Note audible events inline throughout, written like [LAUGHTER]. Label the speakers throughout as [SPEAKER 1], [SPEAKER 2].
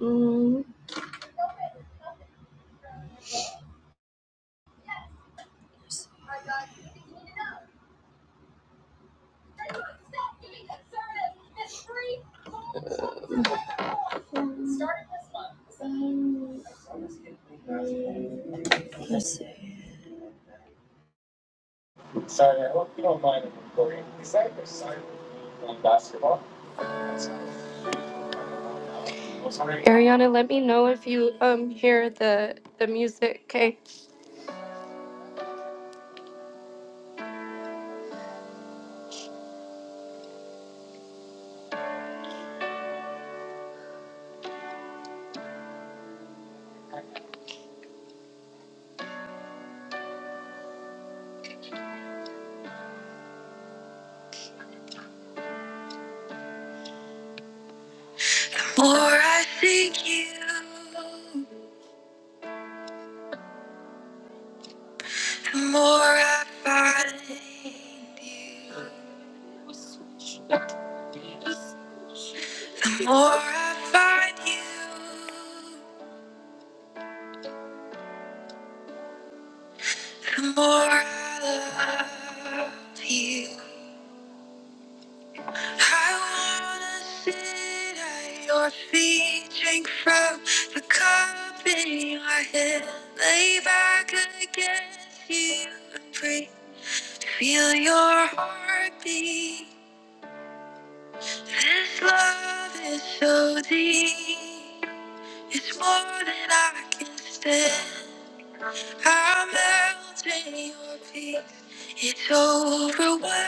[SPEAKER 1] Mm, Sorry, I hope you don't mind recording. Is that your son playing basketball? Ariana, let me know if you um hear the the music, okay? More I seek you, the more I find you. The more I find you, the more I love you. I wanna sit at your feet, drink from the cup in your hand, lay back against you and breathe, feel your heartbeat. This love is so deep, it's more than I can stand. I melt in your peace, it's overwhelming.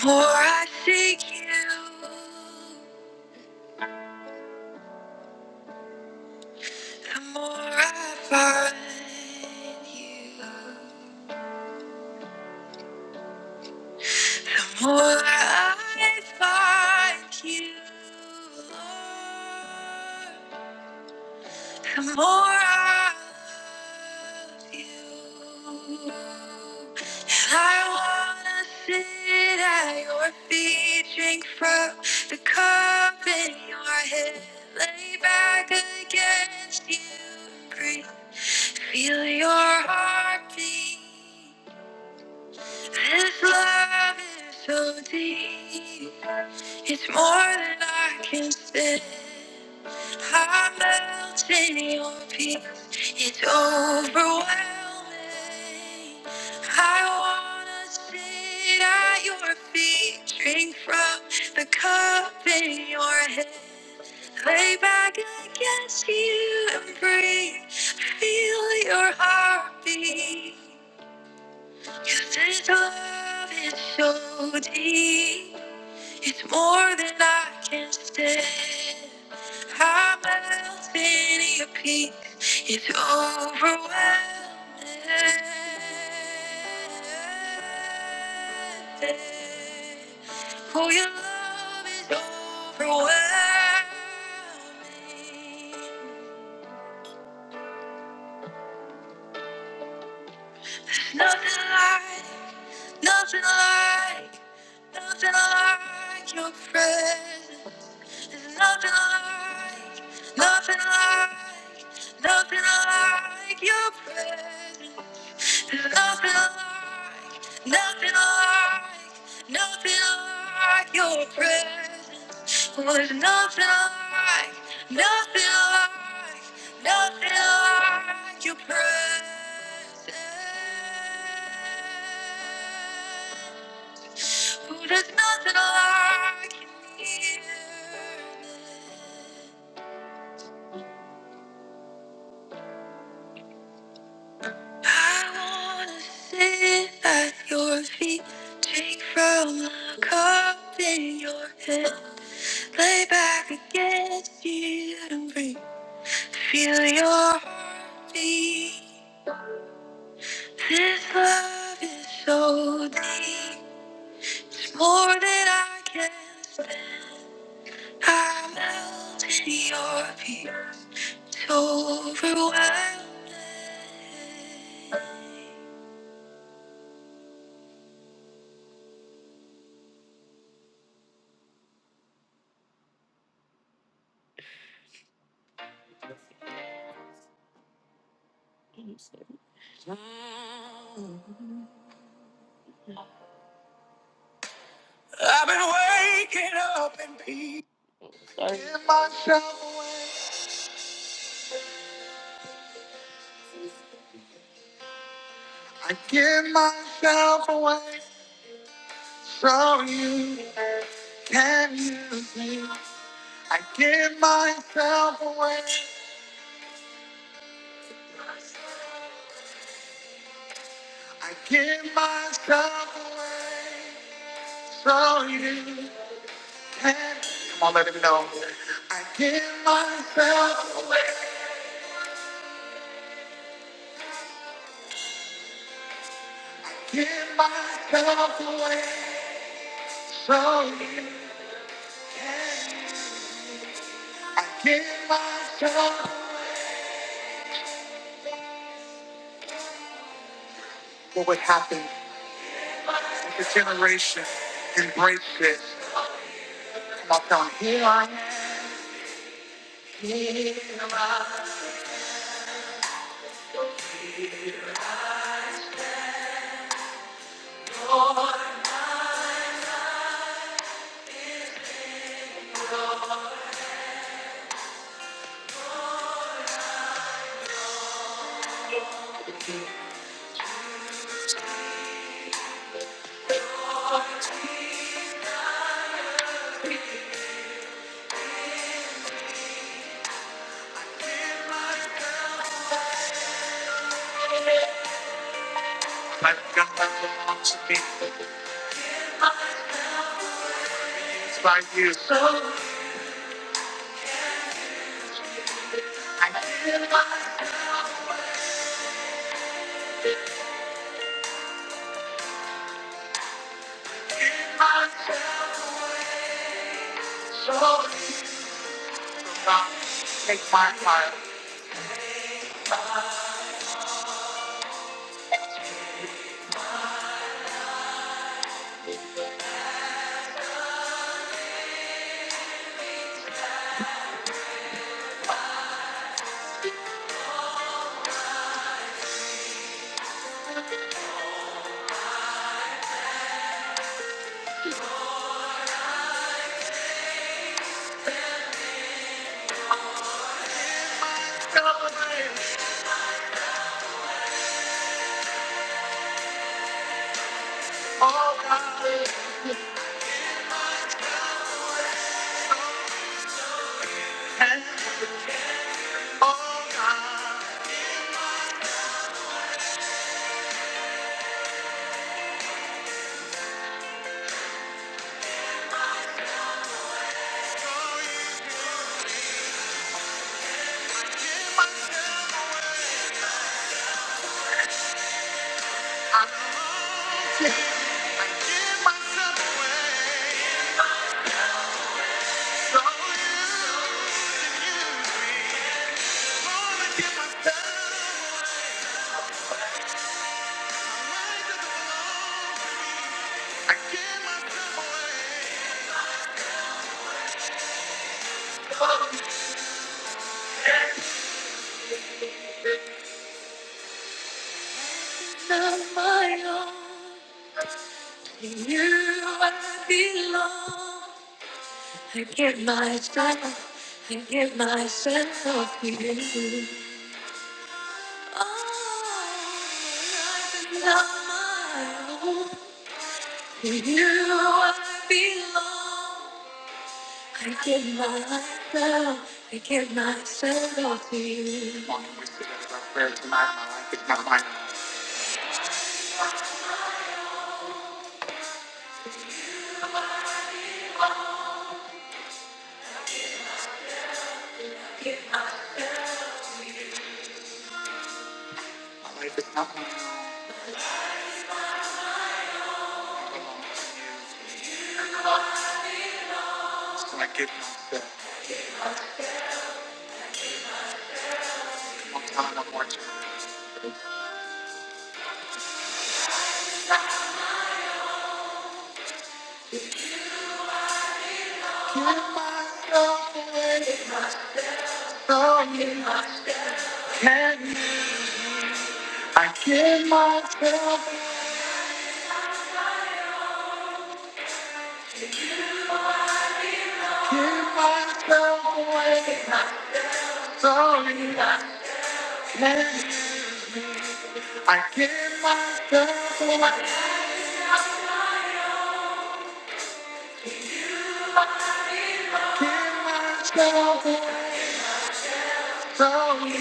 [SPEAKER 1] The more I seek you, the more I find you. The more I find you, Lord. For I love you. I wanna sit at your feet, drink from the cup in your hand, lay back against you, breathe. Feel your heartbeat. This love is so deep, it's more than I can stand. I melt in your peace. It's overwhelming. I wanna sit at your feet, drink from the cup in your hand, lay back against you and breathe. Feel your heartbeat. 'Cause this love is so deep. It's more than I can stand. I'm melted in your peace. It's overwhelming. Oh, your love is overwhelming. Nothing like, nothing like, nothing like your presence. There's nothing like, nothing like, nothing like your presence. There's nothing like, nothing like, nothing like your presence. Oh, there's nothing like, nothing like, nothing like your presence. There's nothing I can hear. I wanna sit at your feet, drink from the cup in your hand, lay back against you and breathe. Feel your heartbeat. This love is so deep, it's more than I can stand. I melt in your peace. It's overwhelming. I've been waking up in peace. Sorry. Give myself away. I give myself away so you. Can use me. I give myself away. I give myself away so you. Can come on, let him know. I give myself away. Give myself away, so you can. I give myself away. What would happen if a generation embraced this? Come on, tell 'em, here I am, here I am. My God belongs to me. It's by you. So I give myself, give myself, away. so you can come away. Oh God. Not my own, to you I belong. I give myself, I give myself to you. Oh, life is not my own. To you I belong. I give myself, I give myself to you. Come on, we say that as our prayer tonight. My life is not mine. My life is not mine. I belong to you. So I give myself. One time, one more time. I give myself, give myself away. I'm sorry, I can't. I give myself away, give myself away. Sorry,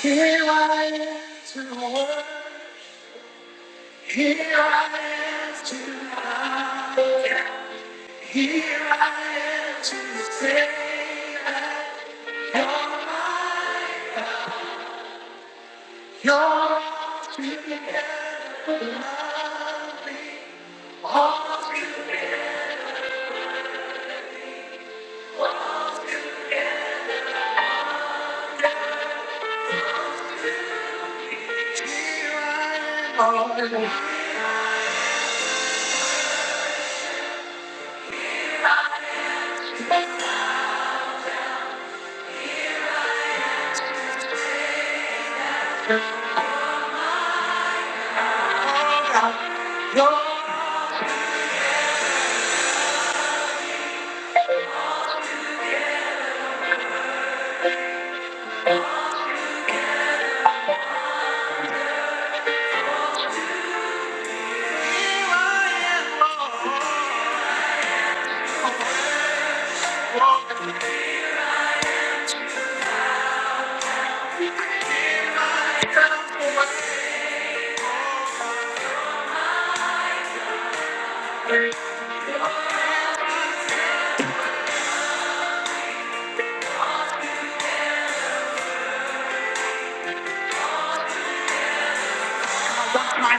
[SPEAKER 1] here I am to work. Here I am to love. Here I am to say that you're here. I am, oh God, you're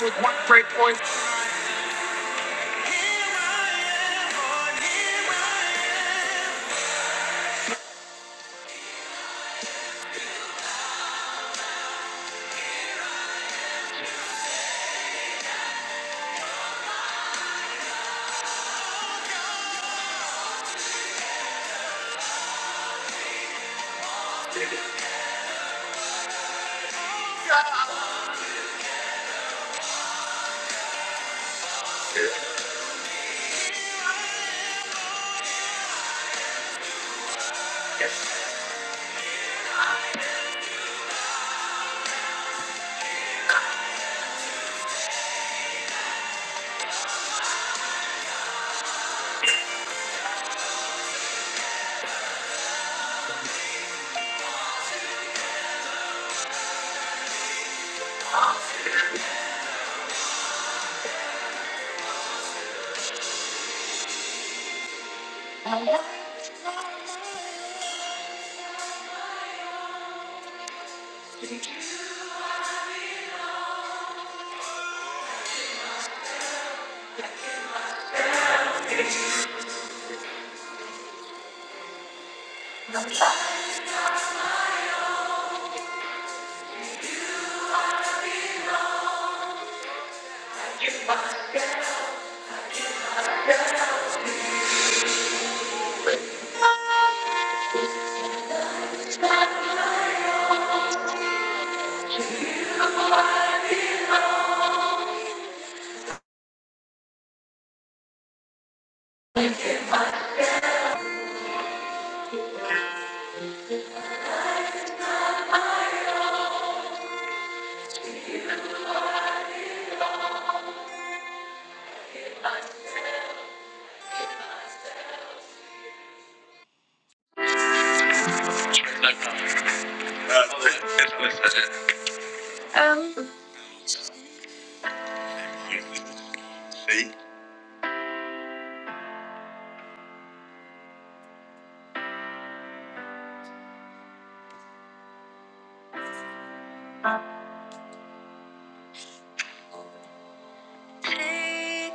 [SPEAKER 1] with one great voice.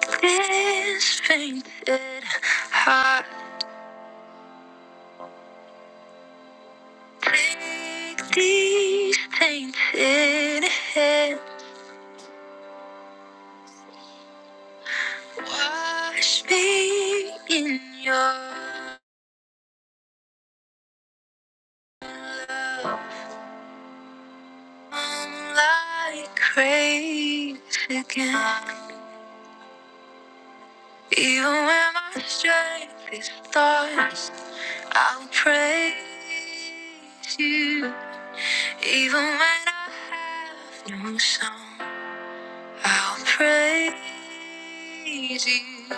[SPEAKER 1] Take this fainted heart, take these tainted hands, wash me in your love. Like crazy again. Even when my strength is thoughts, I'll praise you. Even when I have no song, I'll praise you.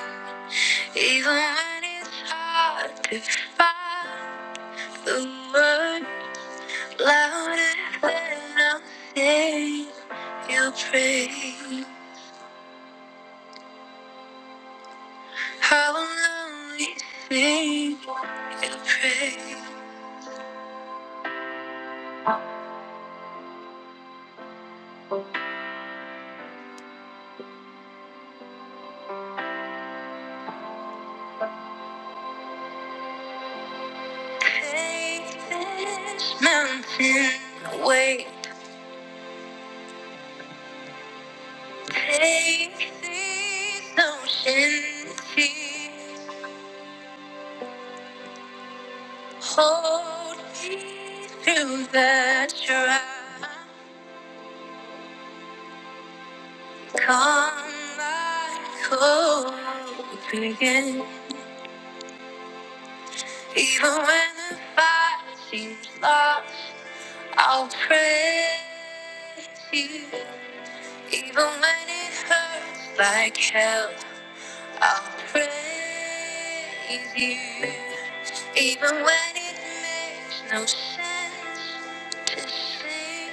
[SPEAKER 1] Even when it's hard to find the word louder than I'll say will praise. How long we sing and pray. Take this mountain away. Take these ocean seas. Hold me through the trial. Calm my cold again. Even when the fight seems lost, I'll praise you. Even when it hurts like hell, I'll praise you. Even when it makes no sense to sing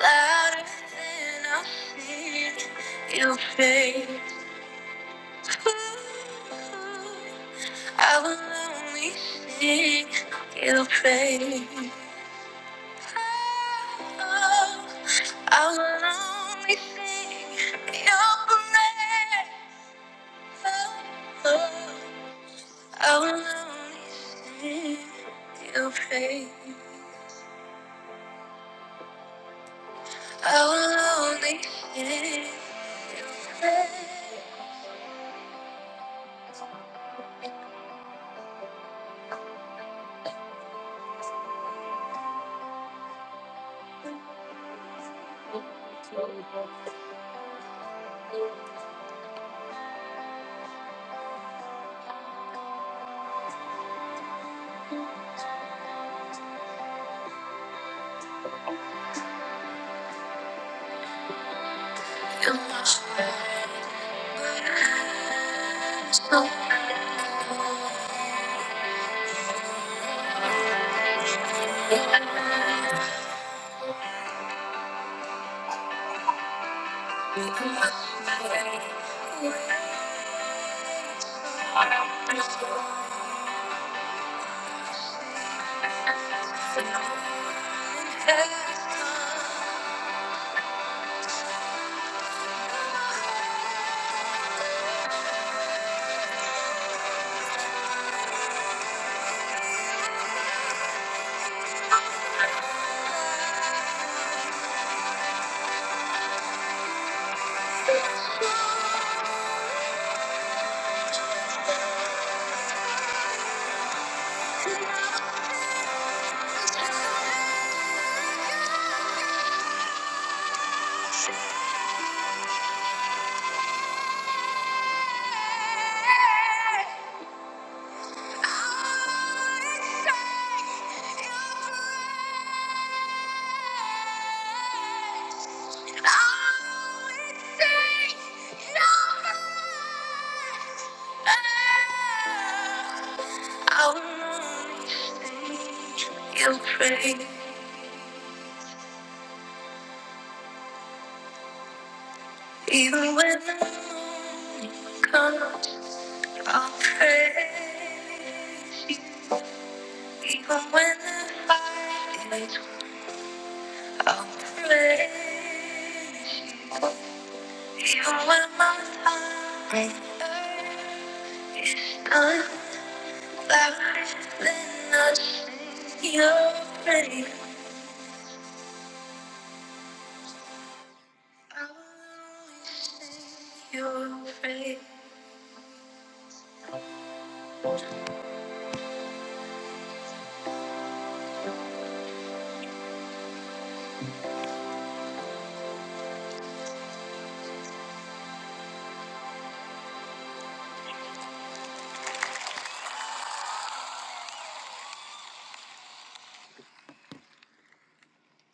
[SPEAKER 1] louder than I'll sing, you'll pay. I will only sing your praise. I will only sing your praise. I will only sing your praise. I will only sing your praise. Your mercy has come. Your praise, even when the morning comes, I'll praise you. Even when the fight is won. I'm ready even when my heart hurts. I'm louder than I sing your praise. I will always sing your praise.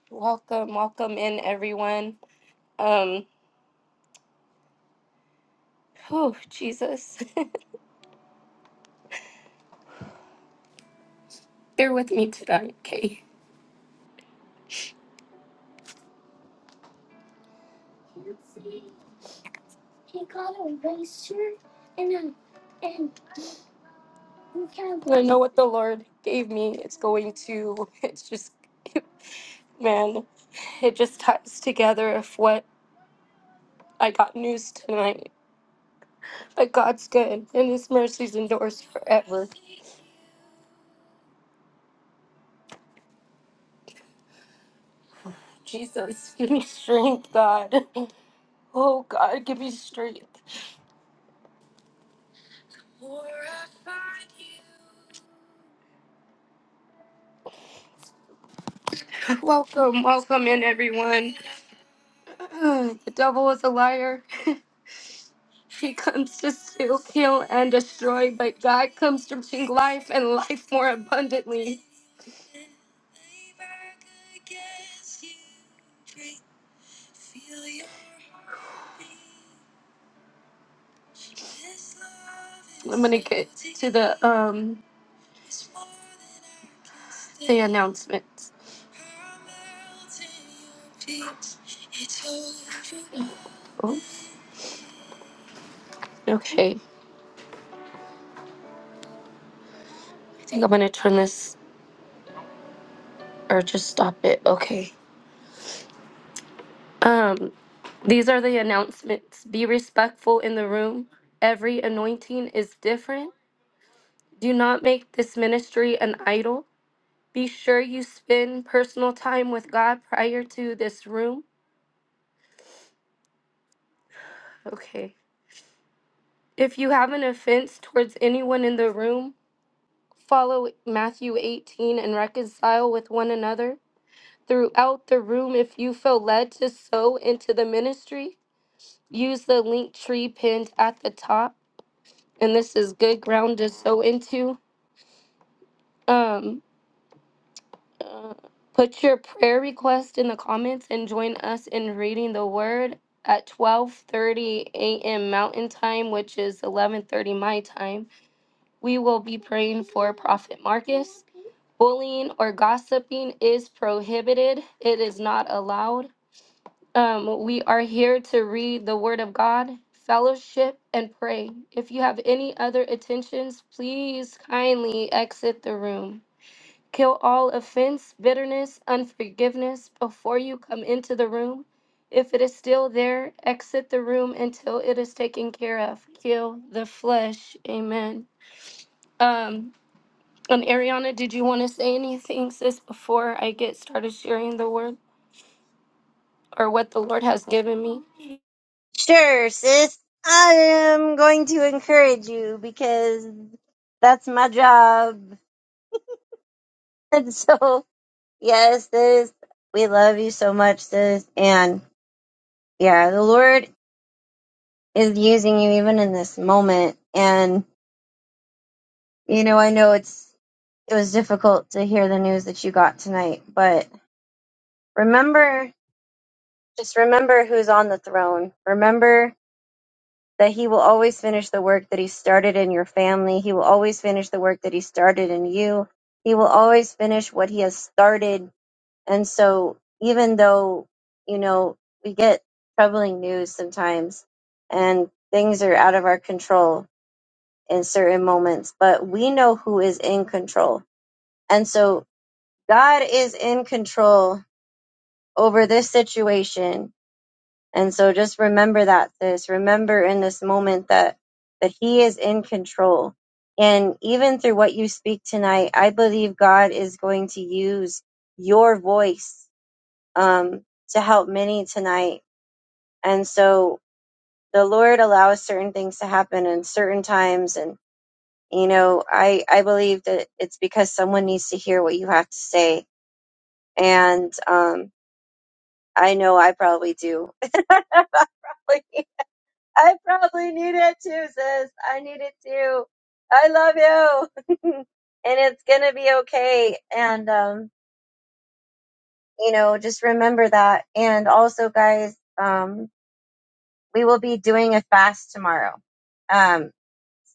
[SPEAKER 1] Welcome, welcome in everyone. Um, oh Jesus, [LAUGHS] bear with me tonight, okay? I know what the Lord gave me. It's going to. It's just, [LAUGHS] man, it just ties together. Of what. I got news tonight. But God's good, and His mercies endures forever. Jesus, [LAUGHS] give me strength, God. Oh, God, give me strength. Welcome, welcome in, everyone. [SIGHS] Ugh, The devil is a liar. [LAUGHS] He comes to steal, kill, and destroy, but God comes to bring life and life more abundantly. I'm gonna get to the um the announcements. Oh, okay. I think I'm gonna turn this or just stop it. Okay. Um, these are the announcements. Be respectful in the room. Every anointing is different. Do not make this ministry an idol. Be sure you spend personal time with God prior to this room. Okay. If you have an offense towards anyone in the room, follow Matthew 18 and reconcile with one another. Throughout the room, if you feel led to sow into the ministry, use the link tree pinned at the top. And this is good ground to sow into. Um, uh, put your prayer request in the comments and join us in reading the word at 12:30 a.m. Mountain Time, which is 11:30 my time. We will be praying for Prophet Marcus. bullying or gossiping is prohibited. It is not allowed. Um, we are here to read the Word of God, fellowship, and pray. If you have any other attentions, please kindly exit the room. Kill all offense, bitterness, unforgiveness before you come into the room. If it is still there, exit the room until it is taken care of. Kill the flesh. Amen. Um, and Ariana, did you want to say anything, sis, before I get started sharing the word or what the Lord has given me?
[SPEAKER 2] Sure, sis. I am going to encourage you because that's my job. [LAUGHS] And so, yes, sis, we love you so much, sis. And yeah, the Lord is using you even in this moment. And you know, I know it's it was difficult to hear the news that you got tonight, but remember, just remember who's on the throne. Remember that he will always finish the work that he started in your family. He will always finish the work that he started in you. He will always finish what he has started. And so, even though, you know, we get troubling news sometimes and things are out of our control in certain moments, but we know who is in control. And so, God is in control over this situation and so just remember that, sis. Remember in this moment that that He is in control. And even through what you speak tonight, I believe God is going to use your voice um, to help many tonight. And so the Lord allows certain things to happen in certain times. And, you know, I, I believe that it's because someone needs to hear what you have to say. And um, I know I probably do. [LAUGHS] I probably need it too, sis. I need it too. I love you. [LAUGHS] and it's gonna be okay. And um, you know, just remember that. And also guys, um, we will be doing a fast tomorrow. Um,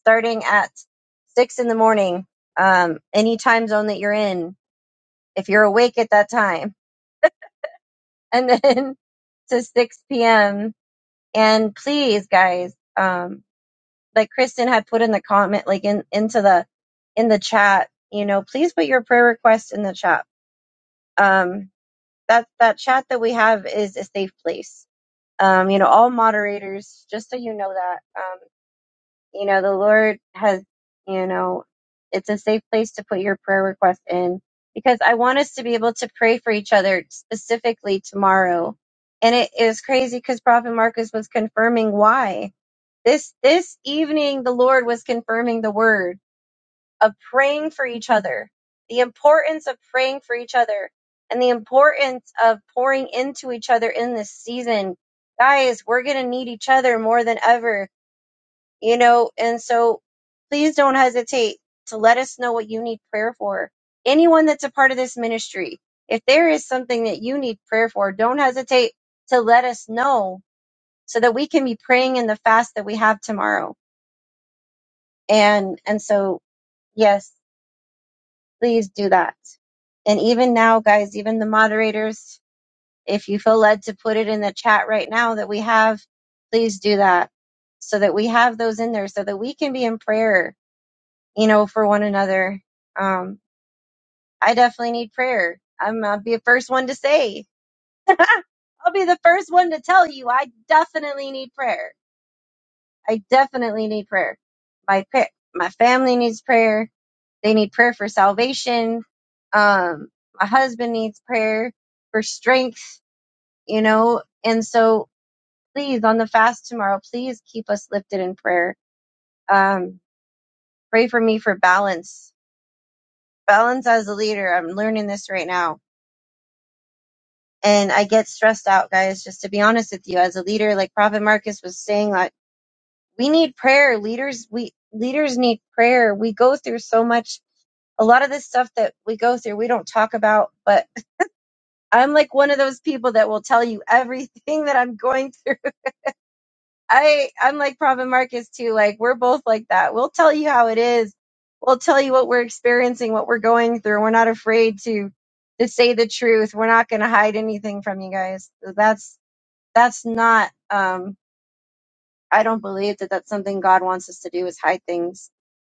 [SPEAKER 2] starting at six in the morning, um, any time zone that you're in, if you're awake at that time. And then [LAUGHS] to six PM. And please, guys, um. like Kristen had put in the comment, like in into the in the chat, you know, please put your prayer request in the chat. Um, that that chat that we have is a safe place. Um, you know, all moderators, just so you know that, um, you know, the Lord has, you know, it's a safe place to put your prayer request in because I want us to be able to pray for each other specifically tomorrow. And it is crazy because Prophet Marcus was confirming why. This this evening the Lord was confirming the word of praying for each other, the importance of praying for each other and the importance of pouring into each other in this season. Guys, we're going to need each other more than ever, you know, and so please don't hesitate to let us know what you need prayer for. Anyone that's a part of this ministry, if there is something that you need prayer for, don't hesitate to let us know so that we can be praying in the fast that we have tomorrow and and so yes please do that and even now guys even the moderators if you feel led to put it in the chat right now that we have please do that so that we have those in there so that we can be in prayer you know for one another um i definitely need prayer i'm i'll be the first one to say [LAUGHS] i'll be the first one to tell you i definitely need prayer i definitely need prayer my pa- my family needs prayer They need prayer for salvation. Um, my husband needs prayer for strength, you know. And so, please, on the fast tomorrow, please keep us lifted in prayer. Um, pray for me for balance. Balance as a leader. I'm learning this right now. And I get stressed out, guys, just to be honest with you. As a leader, like Prophet Marcus was saying, like, we need prayer. Leaders, we, leaders need prayer. We go through so much a lot of this stuff that we go through, we don't talk about, but I'm like one of those people that will tell you everything that I'm going through. I I'm like Prophet Marcus too. Like we're both like that. We'll tell you how it is. We'll tell you what we're experiencing, what we're going through. We're not afraid to to say the truth. We're not going to hide anything from you guys. That's that's not um I don't believe that that's something God wants us to do is hide things.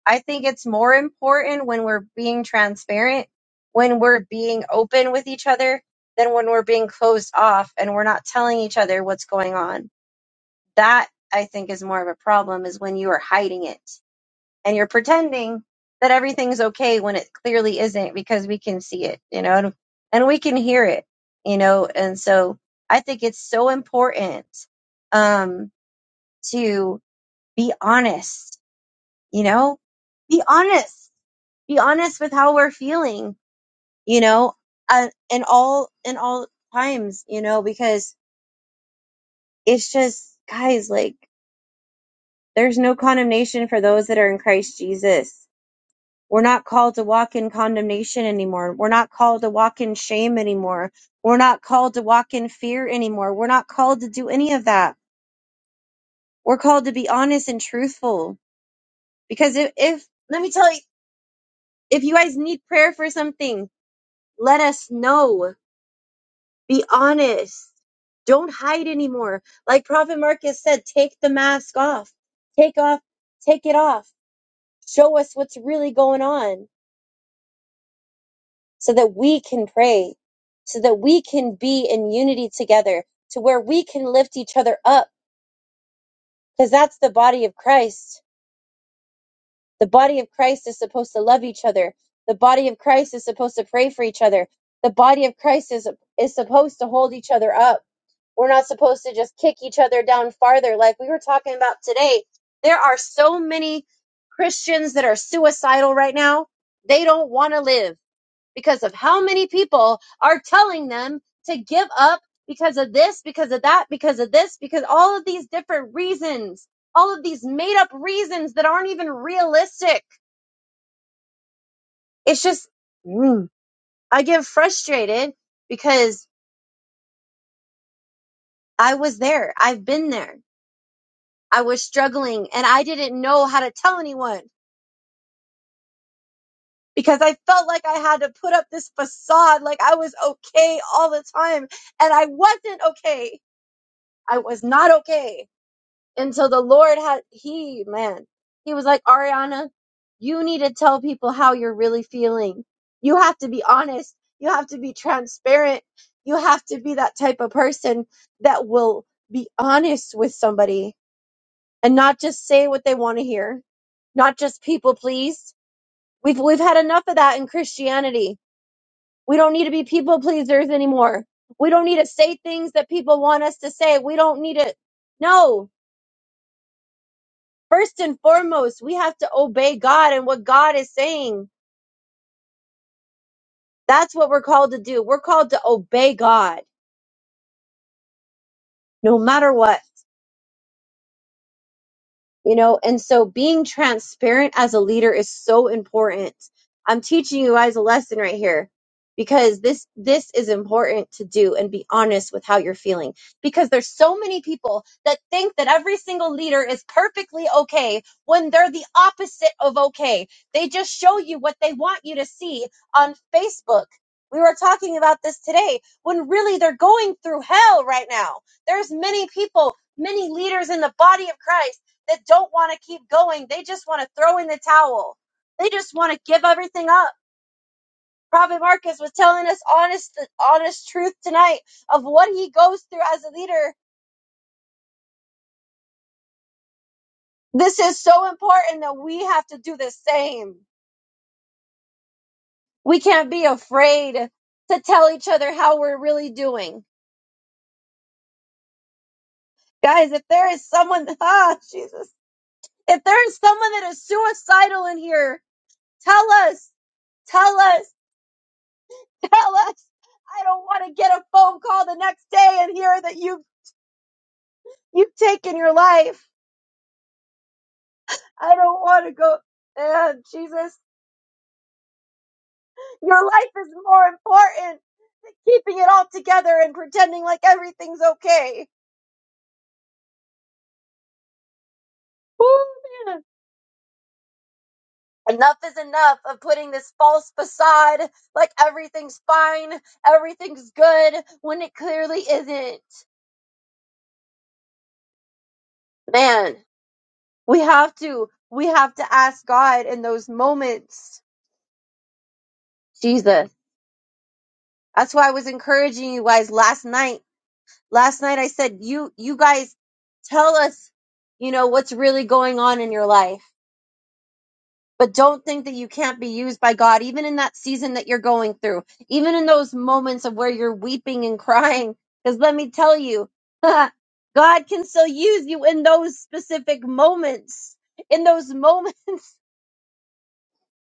[SPEAKER 2] I think it's more important when we're being transparent, when we're being open with each other, than when we're being closed off and we're not telling each other what's going on. That I think is more of a problem is when you are hiding it and you're pretending that everything's okay when it clearly isn't because we can see it, you know, and, and we can hear it, you know, and so I think it's so important um, to be honest, you know, be honest, be honest with how we're feeling, you know, uh, in all, in all times, you know, because it's just, guys, like there's no condemnation for those that are in Christ Jesus. We're not called to walk in condemnation anymore. We're not called to walk in shame anymore. We're not called to walk in fear anymore. We're not called to do any of that. We're called to be honest and truthful. Because if, if let me tell you, if you guys need prayer for something, Let us know. Be honest. Don't hide anymore. Like Prophet Marcus said, take the mask off. Take off, take it off. Show us what's really going on so that we can pray, so that we can be in unity together, to where we can lift each other up. Because that's the body of Christ. The body of Christ is supposed to love each other. The body of Christ is supposed to pray for each other. The body of Christ is, is supposed to hold each other up We're not supposed to just kick each other down farther. Like we were talking about today, there are so many Christians that are suicidal right now. They don't want to live because of how many people are telling them to give up because of this, because of that, because of this, because all of these different reasons, all of these made up reasons that aren't even realistic. It's just, mm, I get frustrated because I was there. I've been there. I was struggling and I didn't know how to tell anyone because I felt like I had to put up this facade like I was okay all the time and I wasn't okay. I was not okay until the Lord had he man. He was like, "Ariana, you need to tell people how you're really feeling. You have to be honest. You have to be transparent. You have to be that type of person that will be honest with somebody." and not just say what they want to hear, not just people please. We've we've had enough of that in Christianity. We don't need to be people pleasers anymore. We don't need to say things that people want us to say. We don't need to No. First and foremost, we have to obey God and what God is saying. That's what we're called to do. We're called to obey God no matter what. you know and so being transparent as a leader is so important i'm teaching you guys a lesson right here because this this is important to do and be honest with how you're feeling because there's so many people that think that every single leader is perfectly okay when they're the opposite of okay they just show you what they want you to see on facebook we were talking about this today when really they're going through hell right now there's many people many leaders in the body of christ that don't want to keep going. They just want to throw in the towel. They just want to give everything up. Prophet Marcus was telling us honest, honest truth tonight of what he goes through as a leader. This is so important that we have to do the same. We can't be afraid to tell each other how we're really doing. Guys, if there is someone, [LAUGHS] ah, Jesus, if there is someone that is suicidal in here, tell us, tell us [LAUGHS] tell us. I don't want to get a phone call the next day and hear that you've you've taken your life. I don't want to go. Uh, Jesus, your life is more important than keeping it all together and pretending like everything's okay. Woo, man. Enough is enough of putting this false facade like everything's fine, everything's good when it clearly isn't. Man, we have to we have to ask God in those moments. Jesus That's why I was encouraging you guys last night. Last night I said, you, you guys tell us, you know, what's really going on in your life, but don't think that you can't be used by God, even in that season that you're going through, even in those moments of where you're weeping and [LAUGHS] crying. Cause let me tell you, [LAUGHS] God can still use you in those specific moments, in those moments [LAUGHS]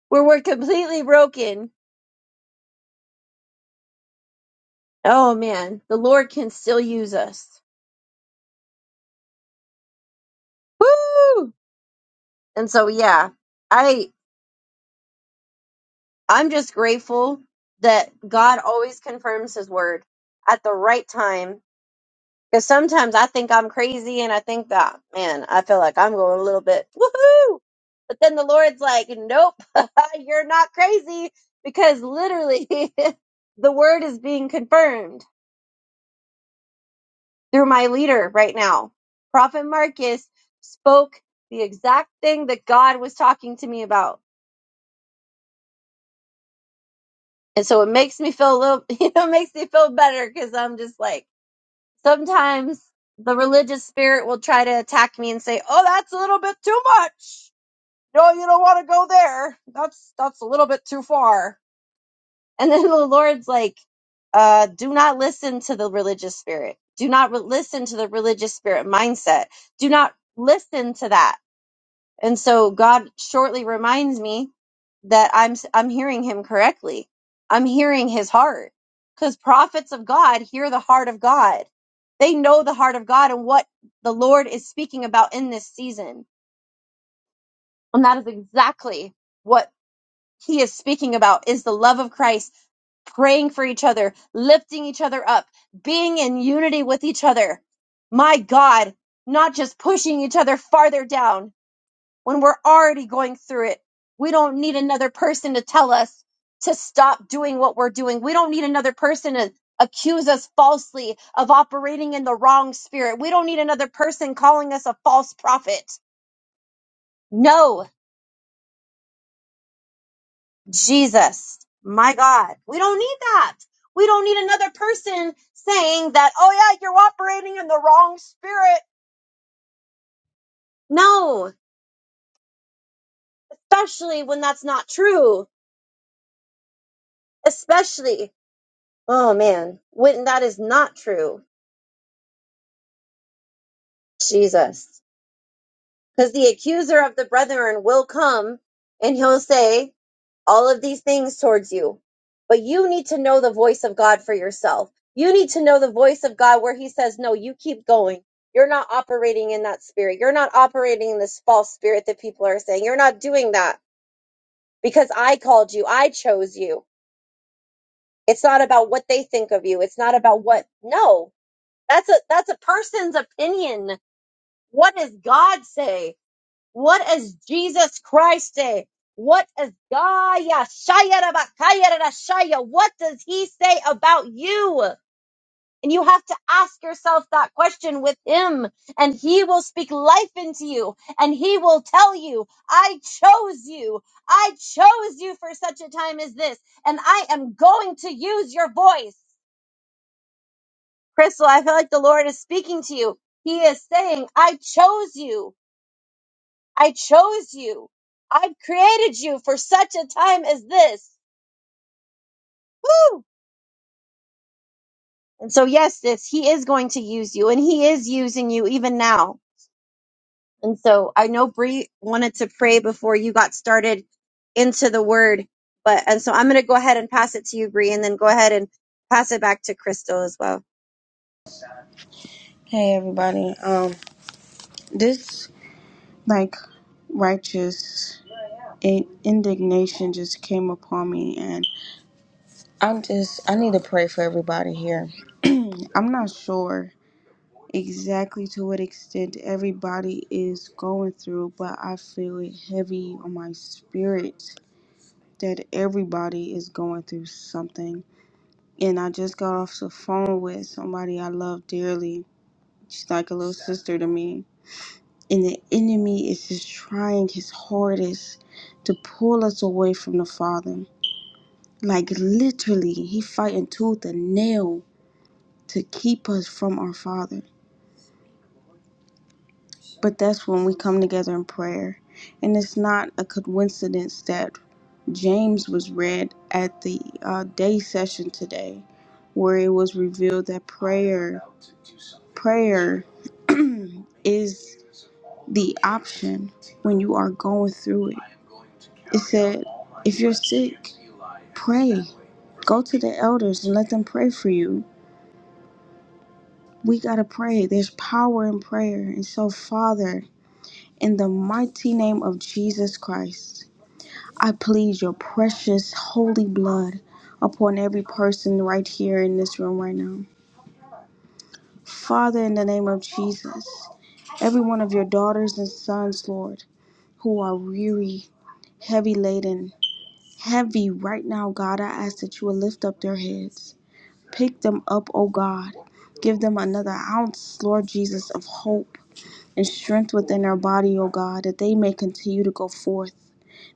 [SPEAKER 2] where we're completely broken. Oh man, the Lord can still use us. Woo! And so yeah, I I'm just grateful that God always confirms his word at the right time. Because sometimes I think I'm crazy and I think that, man, I feel like I'm going a little bit woohoo. But then the Lord's like, Nope, [LAUGHS] you're not crazy because literally [LAUGHS] the word is being confirmed through my leader right now. Prophet Marcus spoke the exact thing that God was talking to me about And so it makes me feel a little, [LAUGHS] you know, it makes me feel better because I'm just like, sometimes the religious spirit will try to attack me and say, oh, that's a little bit too much. No, you don't want to go there. That's, that's a little bit too far. And then the Lord's like, uh, do not listen to the religious spirit. Do not re- listen to the religious spirit mindset. Do not listen to that and so God shortly reminds me that I'm I'm hearing him correctly. I'm hearing his heart cuz prophets of God hear the heart of God. They know the heart of God and what the Lord is speaking about in this season. And that is exactly what he is speaking about is the love of Christ, praying for each other, lifting each other up, being in unity with each other. My God, not just pushing each other farther down, when we're already going through it. We don't need another person to tell us to stop doing what we're doing. We don't need another person to accuse us falsely of operating in the wrong spirit. We don't need another person calling us a false prophet. No, Jesus, my God, we don't need that. We don't need another person saying that, oh yeah, you're operating in the wrong spirit. No, especially when that's not true. Especially, oh man, when that is not true Jesus. Because the accuser of the brethren will come and he'll say all of these things towards you. But you need to know the voice of God for yourself. You need to know the voice of God where he says, No, you keep going. You're not operating in that spirit. You're not operating in this false spirit that people are saying. You're not doing that because I called you. I chose you. It's not about what they think of you. It's not about what. No, that's a that's a person's opinion. What does God say? What is Jesus Christ say? What is Gaia Shaya Rabakaya Rashaya? What does he say about you? And you have to ask yourself that question with him, and he will speak life into you, and he will tell you, I chose you. I chose you for such a time as this, and I am going to use your voice. Crystal, I feel like the Lord is speaking to you. He is saying, I chose you. I chose you. I've created you for such a time as this. Woo! And so, yes, sis, he is going to use you and he is using you even now. And so I know Bree wanted to pray before you got started into the word, but, and so I'm going to go ahead and pass it to you, Bree, and then go ahead and pass it back to Crystal as well.
[SPEAKER 3] Hey everybody. Um this like righteous in- indignation just came upon me and I'm just I need to pray for everybody here. I'm not sure exactly to what extent everybody is going through, but I feel it heavy on my spirit that everybody is going through something. And I just got off the phone with somebody I love dearly. She's like a little sister to me And the enemy is just trying his hardest to pull us away from the Father. Like literally, he fighting tooth and nail to keep us from our Father. But that's when we come together in prayer. And it's not a coincidence that James was read at the uh, day session today, where it was revealed that prayer prayer [CLEARS THROAT] is the option when you are going through it. It said, if you're sick, pray. Go to the elders and let them pray for you. We got to pray. There's power in prayer. And so, Father, in the mighty name of Jesus Christ, I plead your precious holy blood upon every person right here in this room right now. Father, in the name of Jesus, every one of your daughters and sons, Lord, who are weary, heavy laden, heavy right now, God, I ask that you will lift up their heads. Pick them up, O God. Give them another ounce, Lord Jesus, of hope and strength within their body, O God, that they may continue to go forth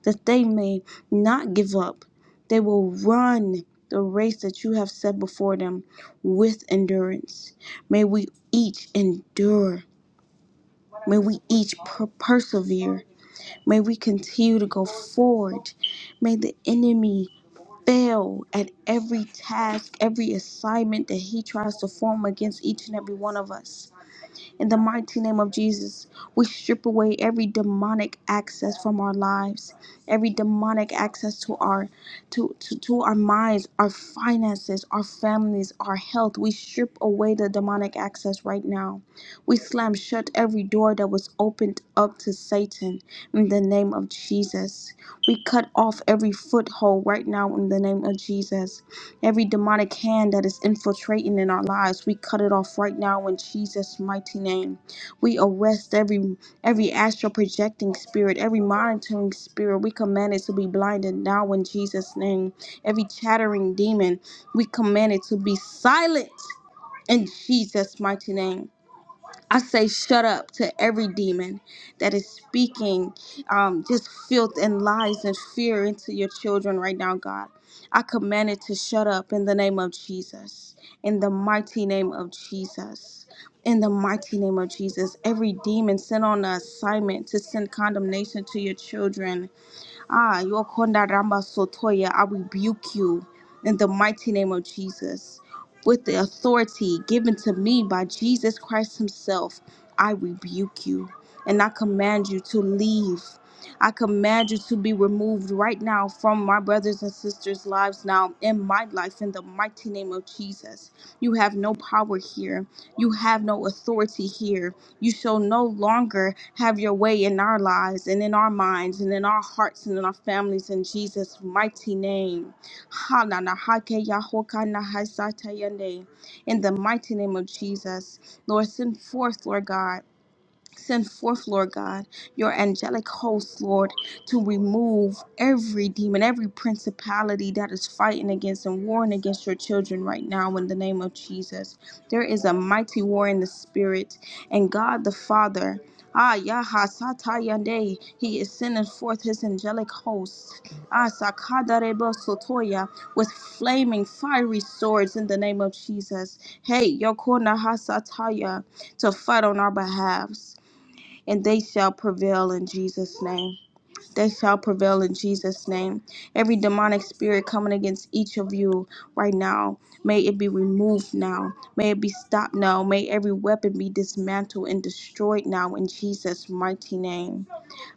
[SPEAKER 3] that they may not give up. They will run the race that you have set before them with endurance. May we each endure. May we each per- persevere. May we continue to go forward. May the enemy fail at every task, every assignment that he tries to form against each and every one of us. In the mighty name of Jesus, we strip away every demonic access from our lives, every demonic access to our to, to, to our minds, our finances, our families, our health. We strip away the demonic access right now. We slam shut every door that was opened up to Satan in the name of Jesus. We cut off every foothold right now in the name of Jesus. Every demonic hand that is infiltrating in our lives, we cut it off right now in Jesus' mighty name. We arrest every every astral projecting spirit, every monitoring spirit. We command it to be blinded now in Jesus' name. Every chattering demon, we command it to be silent in Jesus' mighty name. I say, shut up to every demon that is speaking um, just filth and lies and fear into your children right now, God. I command it to shut up in the name of Jesus, in the mighty name of Jesus. In the mighty name of Jesus, every demon sent on an assignment to send condemnation to your children, Ah, Yokonda Ramba Sotoya, I rebuke you in the mighty name of Jesus. With the authority given to me by Jesus Christ Himself, I rebuke you and I command you to leave. I command you to be removed right now from my brothers and sisters' lives now in my life in the mighty name of Jesus. You have no power here. You have no authority here you shall no longer have your way in our lives and in our minds and in our hearts and in our families in Jesus' mighty name. Ha na na ha ke ya ho ka na ha sa ta ya ne. In the mighty name of Jesus, Lord, send forth, Lord God. Send forth, Lord God, your angelic hosts, Lord, to remove every demon, every principality that is fighting against and warring against your children right now in the name of Jesus. There is a mighty war in the spirit, and God the Father. Ah, Yaha Satayande, He is sending forth His angelic hosts. Ah, Sakadarebo Sotoya, with flaming, fiery swords in the name of Jesus. Hey, Yokona Hasataya, to fight on our behalf and they shall prevail in Jesus' name. They shall prevail in Jesus' name. Every demonic spirit coming against each of you right now, may it be removed now. May it be stopped now. May every weapon be dismantled and destroyed now in Jesus' mighty name.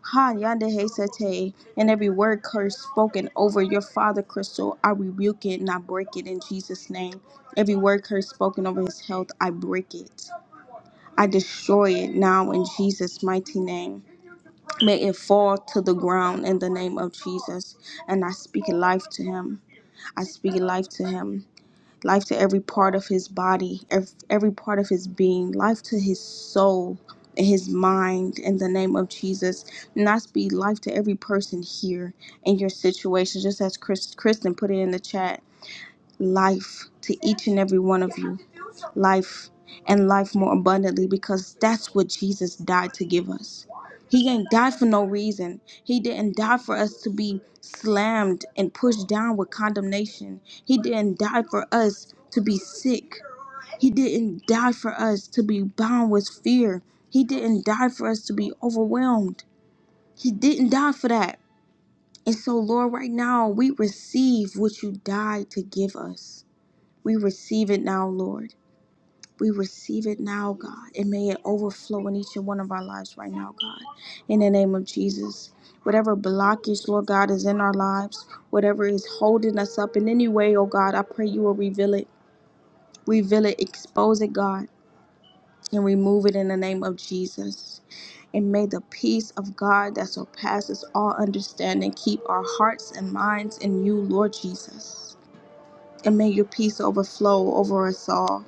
[SPEAKER 3] Ha yande he sete, and every word curse spoken over your father, Crystal, I rebuke it and I break it in Jesus' name. Every word curse spoken over his health, I break it. I destroy it now in Jesus' mighty name. May it fall to the ground in the name of Jesus. And I speak life to him. I speak life to him. Life to every part of his body, ev- every part of his being, life to his soul and his mind in the name of Jesus. And I speak life to every person here in your situation, just as Chris, Kristen put it in the chat life to each and every one of you. Life and life more abundantly because that's what Jesus died to give us. He ain't died for no reason. He didn't die for us to be slammed and pushed down with condemnation. He didn't die for us to be sick. He didn't die for us to be bound with fear. He didn't die for us to be overwhelmed. He didn't die for that. And so, Lord, right now we receive what you died to give us. We receive it now, Lord. We receive it now, God. And may it overflow in each and one of our lives right now, God. In the name of Jesus. Whatever blockage, Lord God, is in our lives, whatever is holding us up in any way, oh God, I pray you will reveal it. Reveal it, expose it, God, and remove it in the name of Jesus. And may the peace of God that surpasses all understanding keep our hearts and minds in you, Lord Jesus. And may your peace overflow over us all.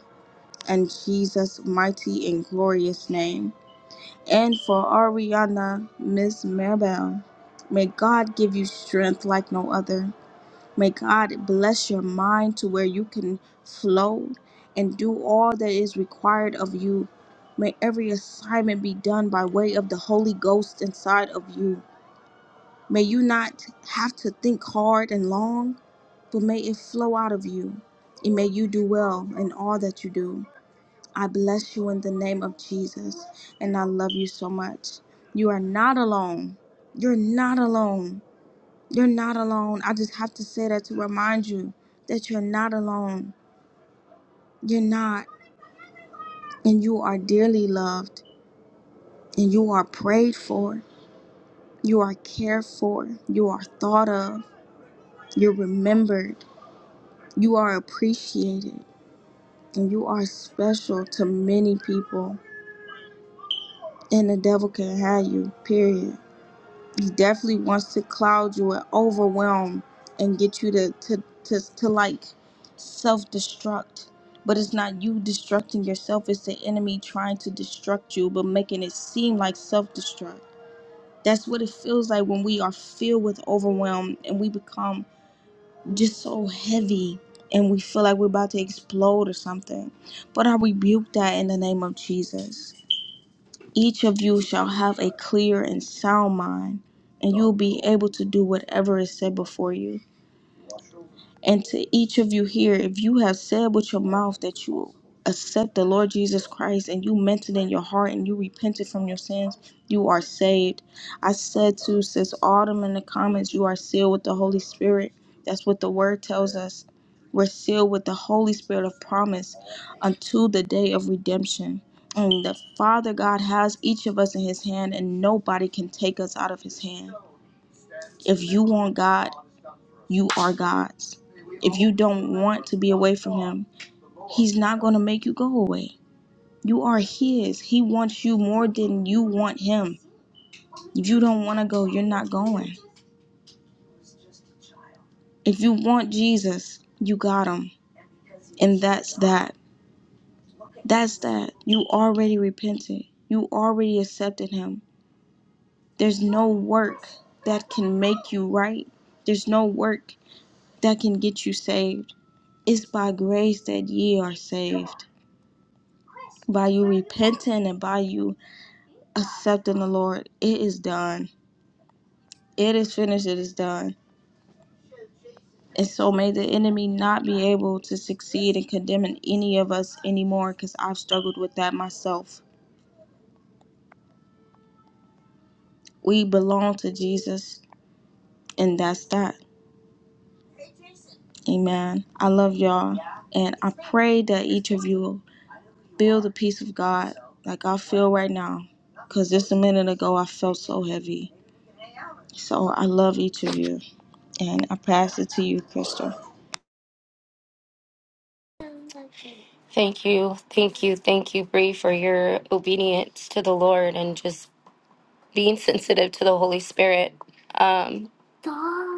[SPEAKER 3] in Jesus' mighty and glorious name. And for Ariana, Miss Maribel, may God give you strength like no other. May God bless your mind to where you can flow and do all that is required of you. May every assignment be done by way of the Holy Ghost inside of you. May you not have to think hard and long, but may it flow out of you. And may you do well in all that you do. I bless you in the name of Jesus, and I love you so much. You are not alone. You're not alone. You're not alone. I just have to say that to remind you that you're not alone. You're not. And you are dearly loved, and you are prayed for, you are cared for, you are thought of, you're remembered, you are appreciated, and you are special to many people. And the devil can have you, period. he definitely wants to cloud you and overwhelm and get you to to to, to like self-destruct but it's not you destructing yourself it's the enemy trying to destruct you but making it seem like self-destruct that's what it feels like when we are filled with overwhelm and we become just so heavy and we feel like we're about to explode or something but i rebuke that in the name of jesus each of you shall have a clear and sound mind, and you will be able to do whatever is set before you. And to each of you here, if you have said with your mouth that you accept the Lord Jesus Christ and you meant it in your heart and you repented from your sins, you are saved. I said to Sis Autumn in the comments, you are sealed with the Holy Spirit. That's what the word tells us. We're sealed with the Holy Spirit of promise until the day of redemption. And the Father God has each of us in His hand, and nobody can take us out of His hand. If you want God, you are God's. If you don't want to be away from Him, He's not going to make you go away. You are His. He wants you more than you want Him. If you don't want to go, you're not going. If you want Jesus, you got Him. And that's that. That's that. You already repented, you already accepted Him. There's no work that can make you right, there's no work that can get you saved. It's by grace that ye are saved by you repenting and by you accepting the Lord, it is done. It is finished. It is done. And so may the enemy not be able to succeed in condemning any of us anymore because I've struggled with that myself. We belong to Jesus, and that's that. Amen. I love y'all. And I pray that each of you feel the peace of God like I feel right now because just a minute ago I felt so heavy. So I love each of you. And I pass it to you, Crystal.
[SPEAKER 1] Thank you, thank you, thank you, Bree, for your obedience to the Lord and just being sensitive to the Holy Spirit. Um,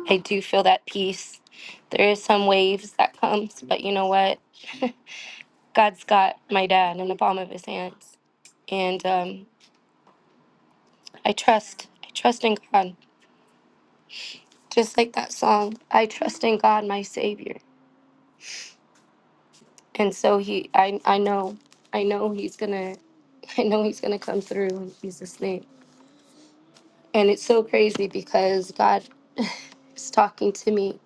[SPEAKER 1] I do feel that peace. There is some waves that comes, but you know what? [LAUGHS] God's got my dad in the palm of his hands, and um, I trust. I trust in God, just like that song. I trust in God, my Savior. and so he I I know I know he's gonna [LAUGHS] I know he's gonna come through in Jesus' name. And it's so crazy because God is talking to me.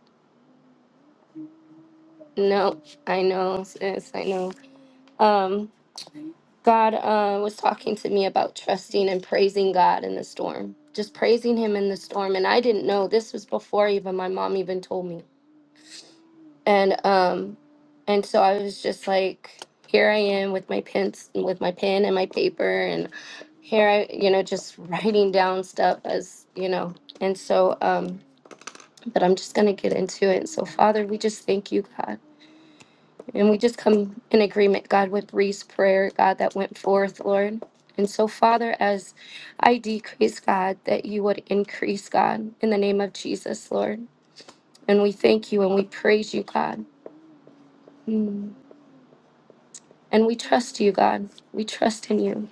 [SPEAKER 1] No, I know, sis, I know. Um, God uh, was talking to me about trusting and praising God in the storm, just praising Him in the storm. And I didn't know this was before even my mom even told me. and um and so i was just like here i am with my pens with my pen and my paper and here i you know just [LAUGHS] writing down stuff as you know and so um but i'm just going to get into it so father we just thank you god and we just come in agreement god with Reese's prayer god that went forth lord and so father as i decrease god that you would increase god in the name of jesus lord and we thank you and we praise you god Mm. And we trust you, God. We trust in you.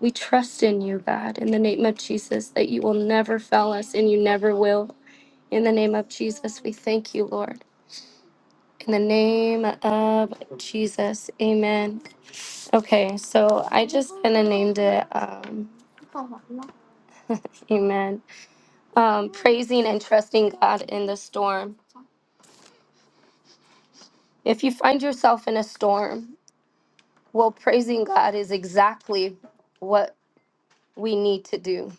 [SPEAKER 1] We trust in you, God, in the name of Jesus, that you will never fail us and you never will. In the name of Jesus, we thank you, Lord. In the name of Jesus, amen. Okay, so I just kind of named it, um, amen, um, praising and trusting God in the storm. If you find yourself in a storm, well, praising God is exactly what we need to do.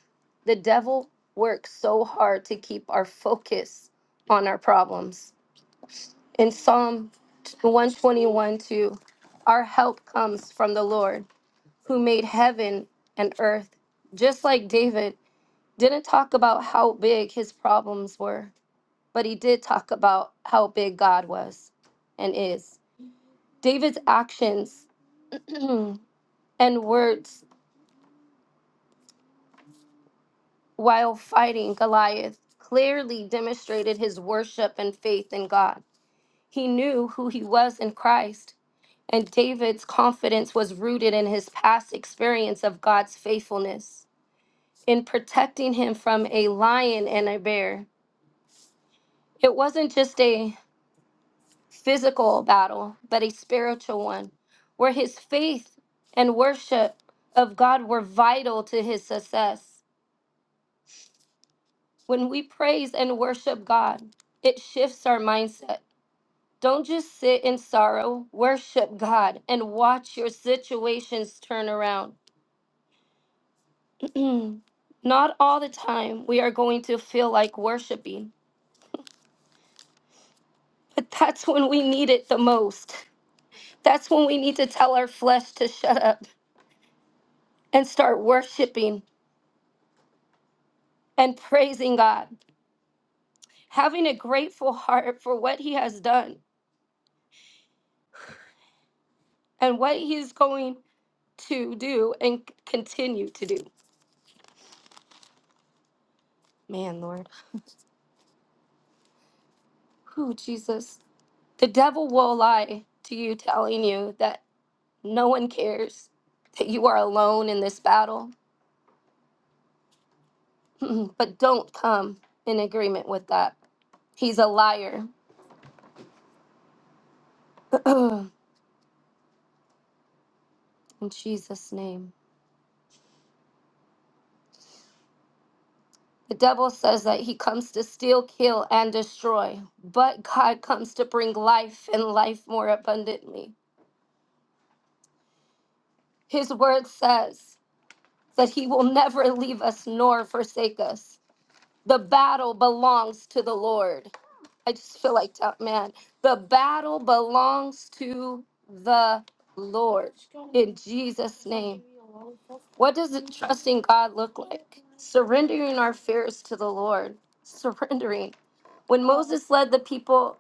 [SPEAKER 1] The devil works so hard to keep our focus on our problems. In Psalm 121 2, our help comes from the Lord who made heaven and earth. Just like David didn't talk about how big his problems were, but he did talk about how big God was and is. David's actions [CLEARS THROAT] and words while fighting Goliath, clearly demonstrated his worship and faith in God. He knew who he was in Christ, and David's confidence was rooted in his past experience of God's faithfulness in protecting him from a lion and a bear. It wasn't just a physical battle, but a spiritual one, where his faith and worship of God were vital to his success. When we praise and worship God, it shifts our mindset Don't just sit in sorrow. Worship God and watch your situations turn around. [CLEARS THROAT] Not all the time we are going to feel like worshiping, but that's when we need it the most. That's when we need to tell our flesh to shut up and start worshiping and praising God, having a grateful heart for what He has done and what He's going to do and c- continue to do. Man, Lord. Who, Jesus. The devil will lie to you, telling you that no one cares, that you are alone in this battle. [LAUGHS] [CLEARS THROAT] but don't come in agreement with that. He's a liar. [CLEARS THROAT] in Jesus' name. The devil says that he comes to steal, kill, and destroy, but God comes to bring life and life more abundantly. His word says that he will never leave us nor forsake us. The battle belongs to the Lord. I just feel like, tell- man, the battle belongs to the Lord in Jesus' name. What does it trusting God look like? Surrendering our fears to the Lord. Surrendering. When Moses led the people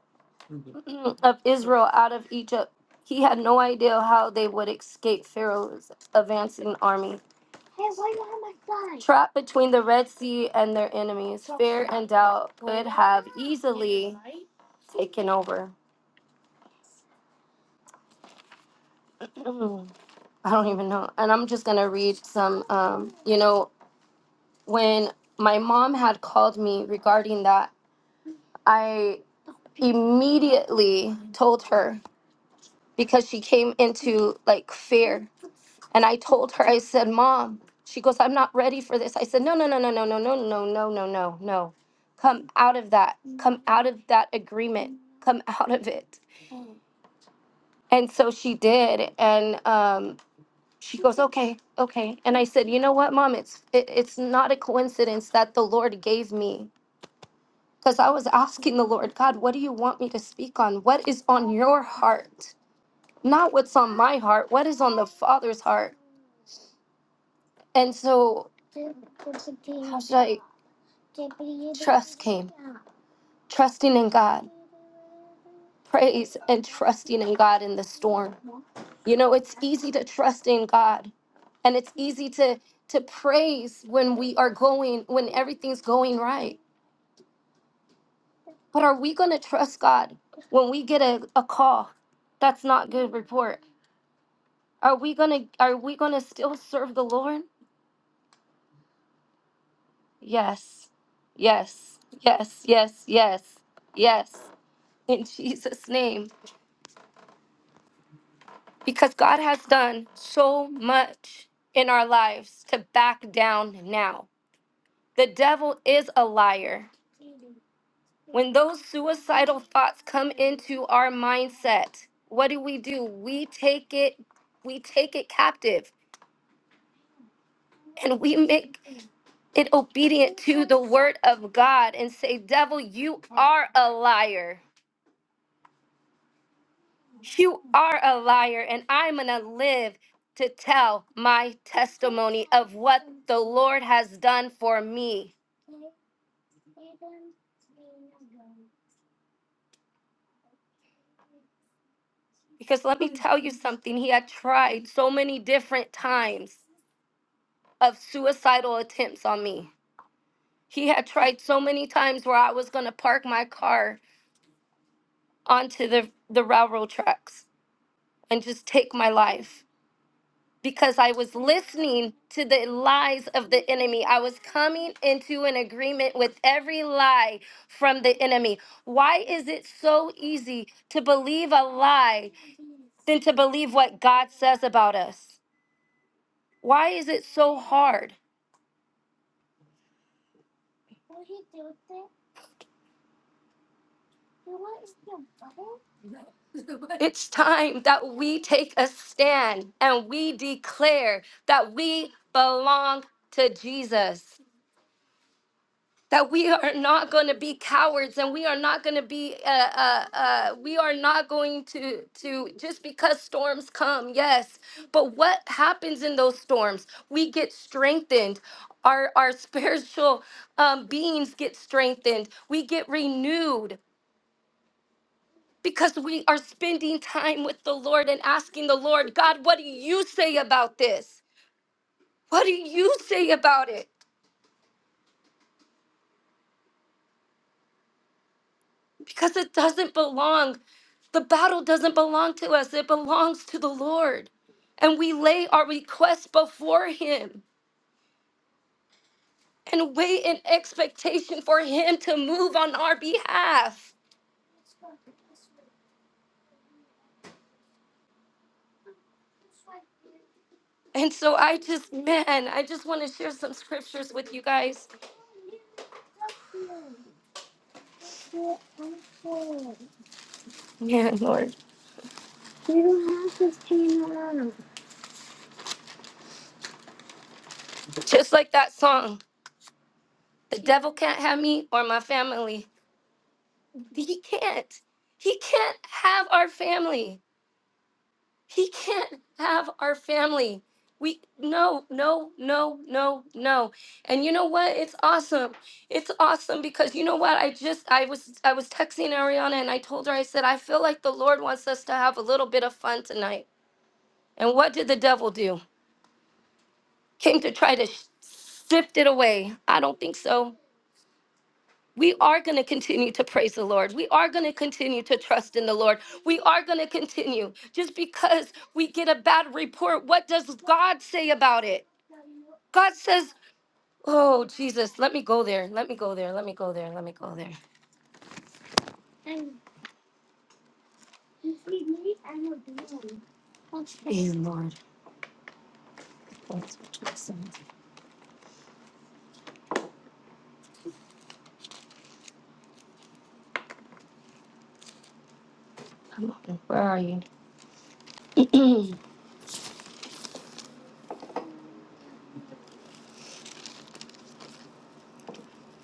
[SPEAKER 1] [CLEARS THROAT] of Israel out of Egypt, he had no idea how they would escape Pharaoh's advancing army. Trapped between the Red Sea and their enemies, and doubt could have easily taken over. [CLEARS THROAT] I don't even know. And I'm just gonna read some. Um, you know, when my mom had called me regarding that, I immediately told her because she came into like fear, and I told her. I said, "Mom," she goes, "I'm not ready for this." I said, "No, no, no, no, no, no, no, no, no, no, no, no. Come out of that. Come out of that agreement. Come out of it." And so she did, and um, she goes okay okay and i said you know what mom it's it, it's not a coincidence that the lord gave me because i was [LAUGHS] asking the lord god what do you want me to speak on what is on your heart not what's on my heart what is on the father's heart and so like trusting in god praise and trusting in god in the storm you know it's easy to trust in god and it's easy to to praise when we are going when everything's going right But are we going to trust God when we get a, a call that's not good report? Are we going to are we going to still serve the Lord? Yes. Yes. Yes. Yes. Yes. Yes. In Jesus name. Because God has done so much in our lives to back down now. The devil is a liar. When those suicidal thoughts come into our mindset, what do we do? We take it we take it captive and we make it obedient to the word of God and say, Devil, you are a liar. You are a liar, and I'm going to live to tell my testimony of what the Lord has done for me. Because let me tell you something, he had tried so many different times of suicidal attempts on me. He had tried so many times where I was going to park my car onto the, the railroad tracks and just take my life because I was listening to the lies of the enemy. I was coming into an agreement with every lie from the enemy. Why is it so easy to believe a lie than to believe what God says about us? Why is it so hard? It's time that we take a stand and we declare that we belong to Jesus. that we are not going to be cowards and we are not going to be uh, uh, uh, we are not going to to just because storms come yes but what happens in those storms we get strengthened our our [LAUGHS] spiritual um, beings get strengthened we get renewed because we are spending time with the lord and asking the lord god what do you say about this what do you say about it because it doesn't belong. The battle doesn't belong to us, it belongs to the Lord. And we lay our requests before Him and wait in expectation for Him to move on our behalf. And so I just, man, I just want to share some scriptures with you guys. Man, Lord. Just like that song, the devil can't have me or my family. He can't. He can't have our family. He can't have our family. We no, no, no, no, no. And you know what? It's awesome. It's awesome because you know what? I just I was I was texting Ariana and I told her I said I feel like the Lord wants us to have a little bit of fun tonight. And what did the devil do? Came to try to sh- sift it away. I don't think so. we are going to continue to praise the Lord. We are going to continue to trust in the Lord. We are going to continue. Just because we get a bad report, what does God say about it? God says, Oh, Jesus, let me go there. Let me go there. Let me go there. Let me go there. Lord, thanks for Jesus. Come on, where are you? [CLEARS THROAT]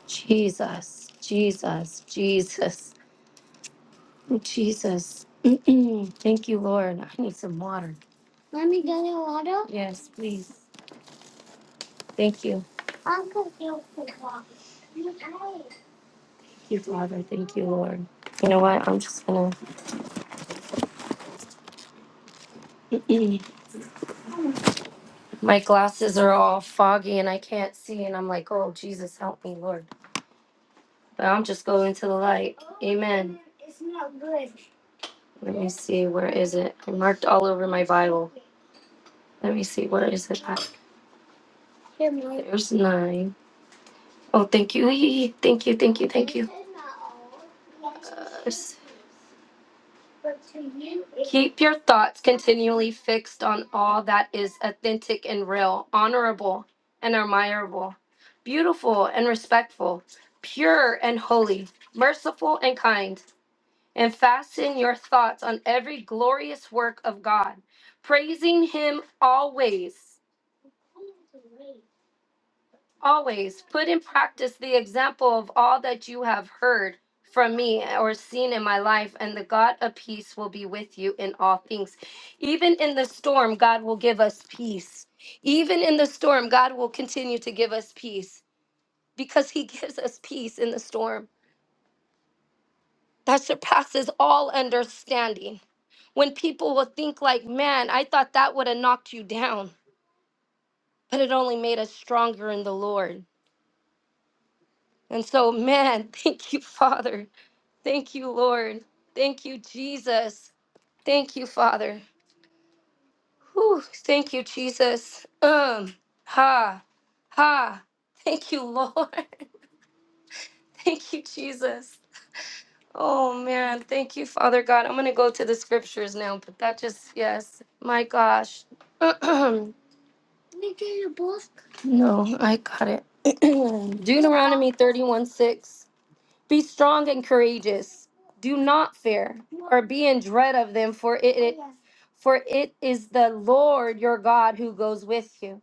[SPEAKER 1] Jesus, Jesus, Jesus, Jesus. [CLEARS THROAT] Thank you, Lord. I need some water. Yes, please. Thank you. you, Father. Thank you, Lord. You know what? I'm just gonna. [CLEARS THROAT] My glasses are all foggy and I can't see, and I'm like, oh Jesus, help me, Lord. But I'm just going to the light. Let me see. Where is it? I marked all over my Bible. Let me see. Where is it? at? There's nine. Oh, thank you. [LAUGHS] Thank you. Thank you. Thank Keep your thoughts continually fixed on all that is authentic and real, honorable and admirable, beautiful and respectful, pure and holy, merciful and kind and fasten your thoughts on every glorious work of God, praising Him always. Always put in practice the example of all that you have heard from me or seen in my life, and the God of peace will be with you in all things. Even in the storm, God will give us peace. Even in the storm, God will continue to give us peace because He [LAUGHS] gives us peace in the storm. that surpasses all understanding. When people will think like, man, I thought that would have knocked you down, but it only made us stronger in the Lord. And so, man, [LAUGHS] thank you, Father. Thank you, Lord. Thank you, Jesus. Thank you, Father. Whew, thank you, Jesus. Um, ha, ha. Thank you, Lord. [LAUGHS] Thank you, Jesus. Oh man, thank you, Father God. I'm gonna go to the scriptures now, but that just yes, my gosh. [CLEARS THROAT] no, I got it. [CLEARS THROAT] Deuteronomy 31 6. Be strong and courageous. Do not fear, or be in dread of them, for it for it is the Lord your God who goes with you.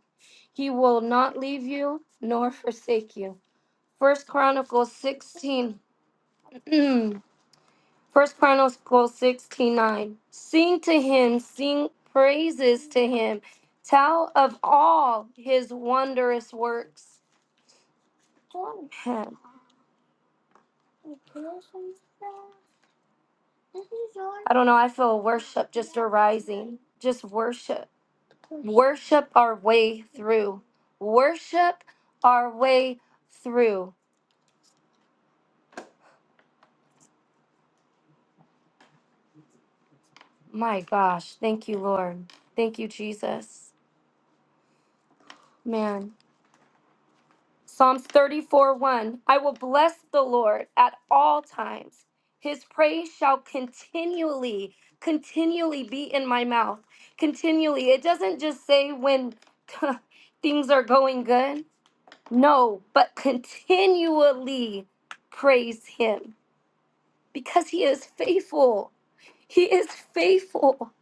[SPEAKER 1] He will not leave you nor forsake you. First Chronicles 16. [CLEARS THROAT] First Chronicles 16 9. Sing to him, sing praises to him, tell of all his wondrous works. Man, I don't know, I feel worship just arising. Just worship. Worship our way through. Worship our way through. My gosh. Thank you, Lord. Thank you, Jesus. Man. Psalms 34 1 I will bless the Lord at all times. His praise shall continually, continually be in my mouth. Continually. It doesn't just say when [LAUGHS] things are going good. No, but continually praise Him because He is faithful. He is faithful.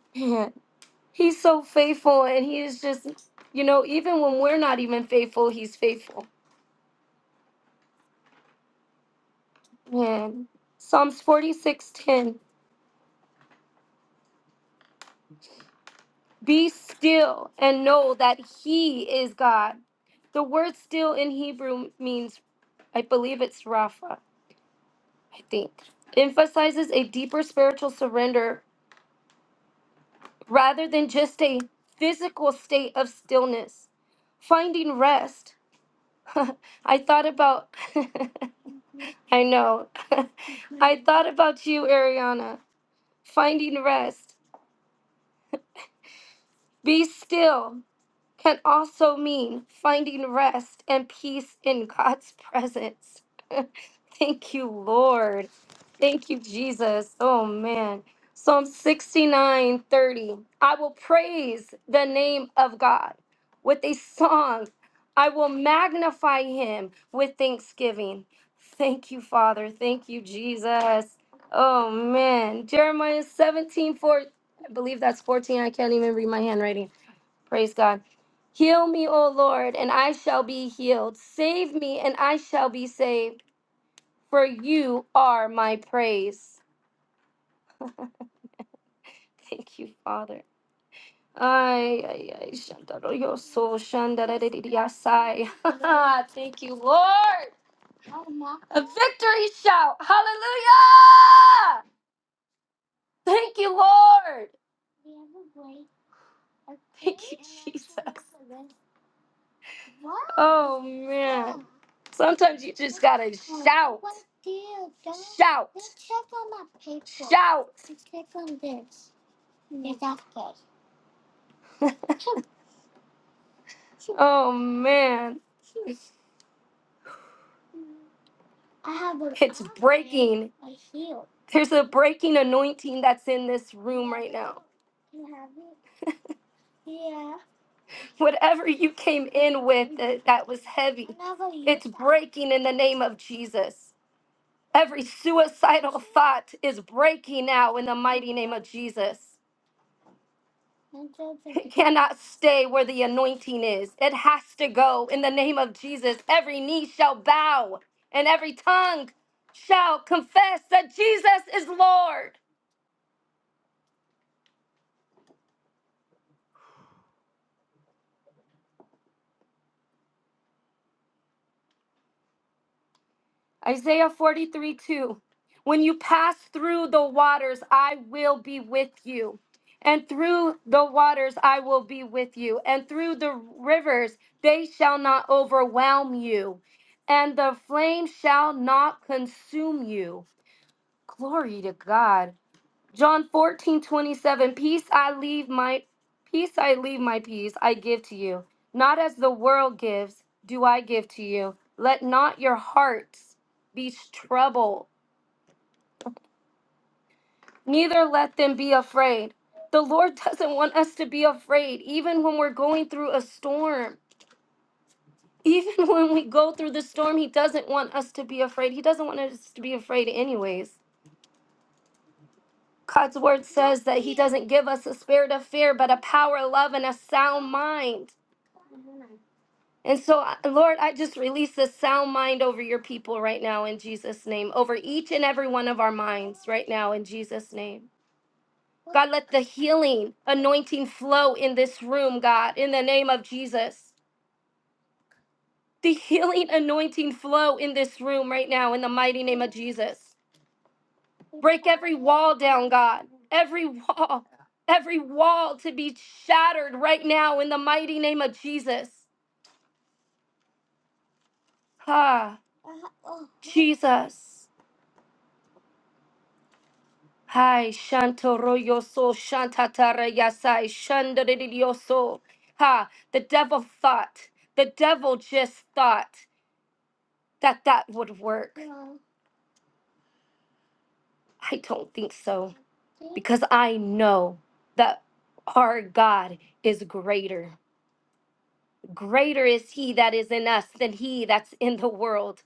[SPEAKER 1] [LAUGHS] Man, He's so faithful, and He is just, you know, even when we're not even faithful, He's faithful Man. Psalms 46:10. Be still and know that he is God. The word still in Hebrew means I believe it's Rapha, I think. Emphasizes a deeper spiritual surrender rather than just a physical state of stillness. Finding rest. [LAUGHS] I thought about [LAUGHS] I know. [LAUGHS] I thought about you, Ariana. Finding rest. Be still can also mean finding rest and peace in God's presence. [LAUGHS] Thank you, Lord. Thank you, Jesus. Oh, man. Psalm 69, 30. I will praise the name of God with a song. I will magnify him with thanksgiving. Thank you, Father. Thank you, Jesus. Oh, man. Jeremiah 17, 4. I believe that's 14. I can't even read my handwriting. Praise God. Heal me, O Lord, and I shall be healed. Save me, and I shall be saved, for you are my praise. [LAUGHS] Thank you, Father. Ay, ay, ay, shandaroyoso, shandaradididiasai. [LAUGHS] Thank you, Lord. A victory shout. Hallelujah. Thank you, Lord. Oh, man. Sometimes you just got to shout out. [LAUGHS] oh, man. There's a breaking anointing that's in this room. Whatever you came in with that, that was heavy, it's breaking in the name of Jesus. Every suicidal thought is breaking now in the mighty name of Jesus. Cannot stay where the anointing is. It has to go in the name of Jesus. Every knee shall bow and every tongue shall confess that Jesus is Lord. Isaiah 43 2. When you pass through the waters, I will be with you. And through the waters, I will be with you. And through the rivers, they shall not overwhelm you. And the flame shall not consume you. Glory to God. John 14 27. peace I leave my peace I leave my peace I give to you. Not as the world gives, do I give to you. Let not your hearts be troubled, neither let them be afraid. The Lord [LAUGHS] doesn't want us to be afraid, even when we're going through a storm. Even [LAUGHS] when we go through the storm, He doesn't want us to be afraid. He doesn't want us to be afraid, anyways. God's word says that He doesn't give us a spirit of fear, but a power, love, and a sound mind. And so, I- Lord, I just release a sound mind over your people right now in Jesus' name, over each and every one of our minds right now in Jesus' name. God, let the healing anointing flow in this room, God, in the name of Jesus. The healing anointing flow in this room right now in the mighty name of Jesus. Break every wall down, God, every wall, every wall to be shattered right now in the mighty name of Jesus. Ah, Jesus. Hai Shantoroyoso Shantatarayasai Shandaridioso. Ha, the devil thought, the devil just thought that that would work. I don't think so because I know that our God is greater. Greater is he that is in us than he that's in the world.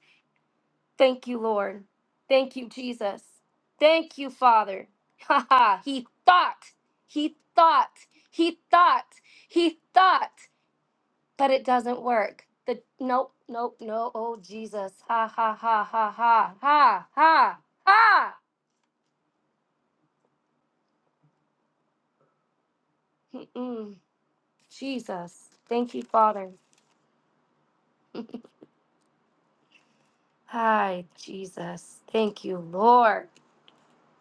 [SPEAKER 1] Thank you, Lord. Thank you, Jesus. Thank you, Father. Ha ha. He thought, he thought, he thought, he thought. but it doesn't work. The nope, nope, no. Oh Jesus, ha ha ha ha ha ha ha ha. Mm-mm. Jesus, thank you, Father. [LAUGHS] Hi, Jesus. Thank you, Lord.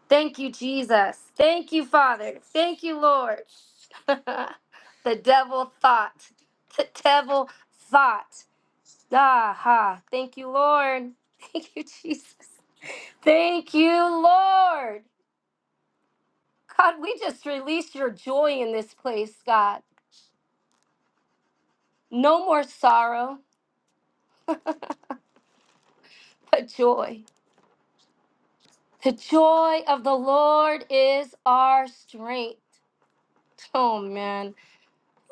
[SPEAKER 1] Thank you, Jesus. Thank you, Father. Thank you, Lord. [LAUGHS] the devil thought. The devil thought. Ah, ha. Thank you, Lord. [LAUGHS] Thank you, Jesus. Thank you, Lord. God, we just release your joy in this place, God. No more sorrow, but joy. The joy of the Lord is our strength. Oh, man.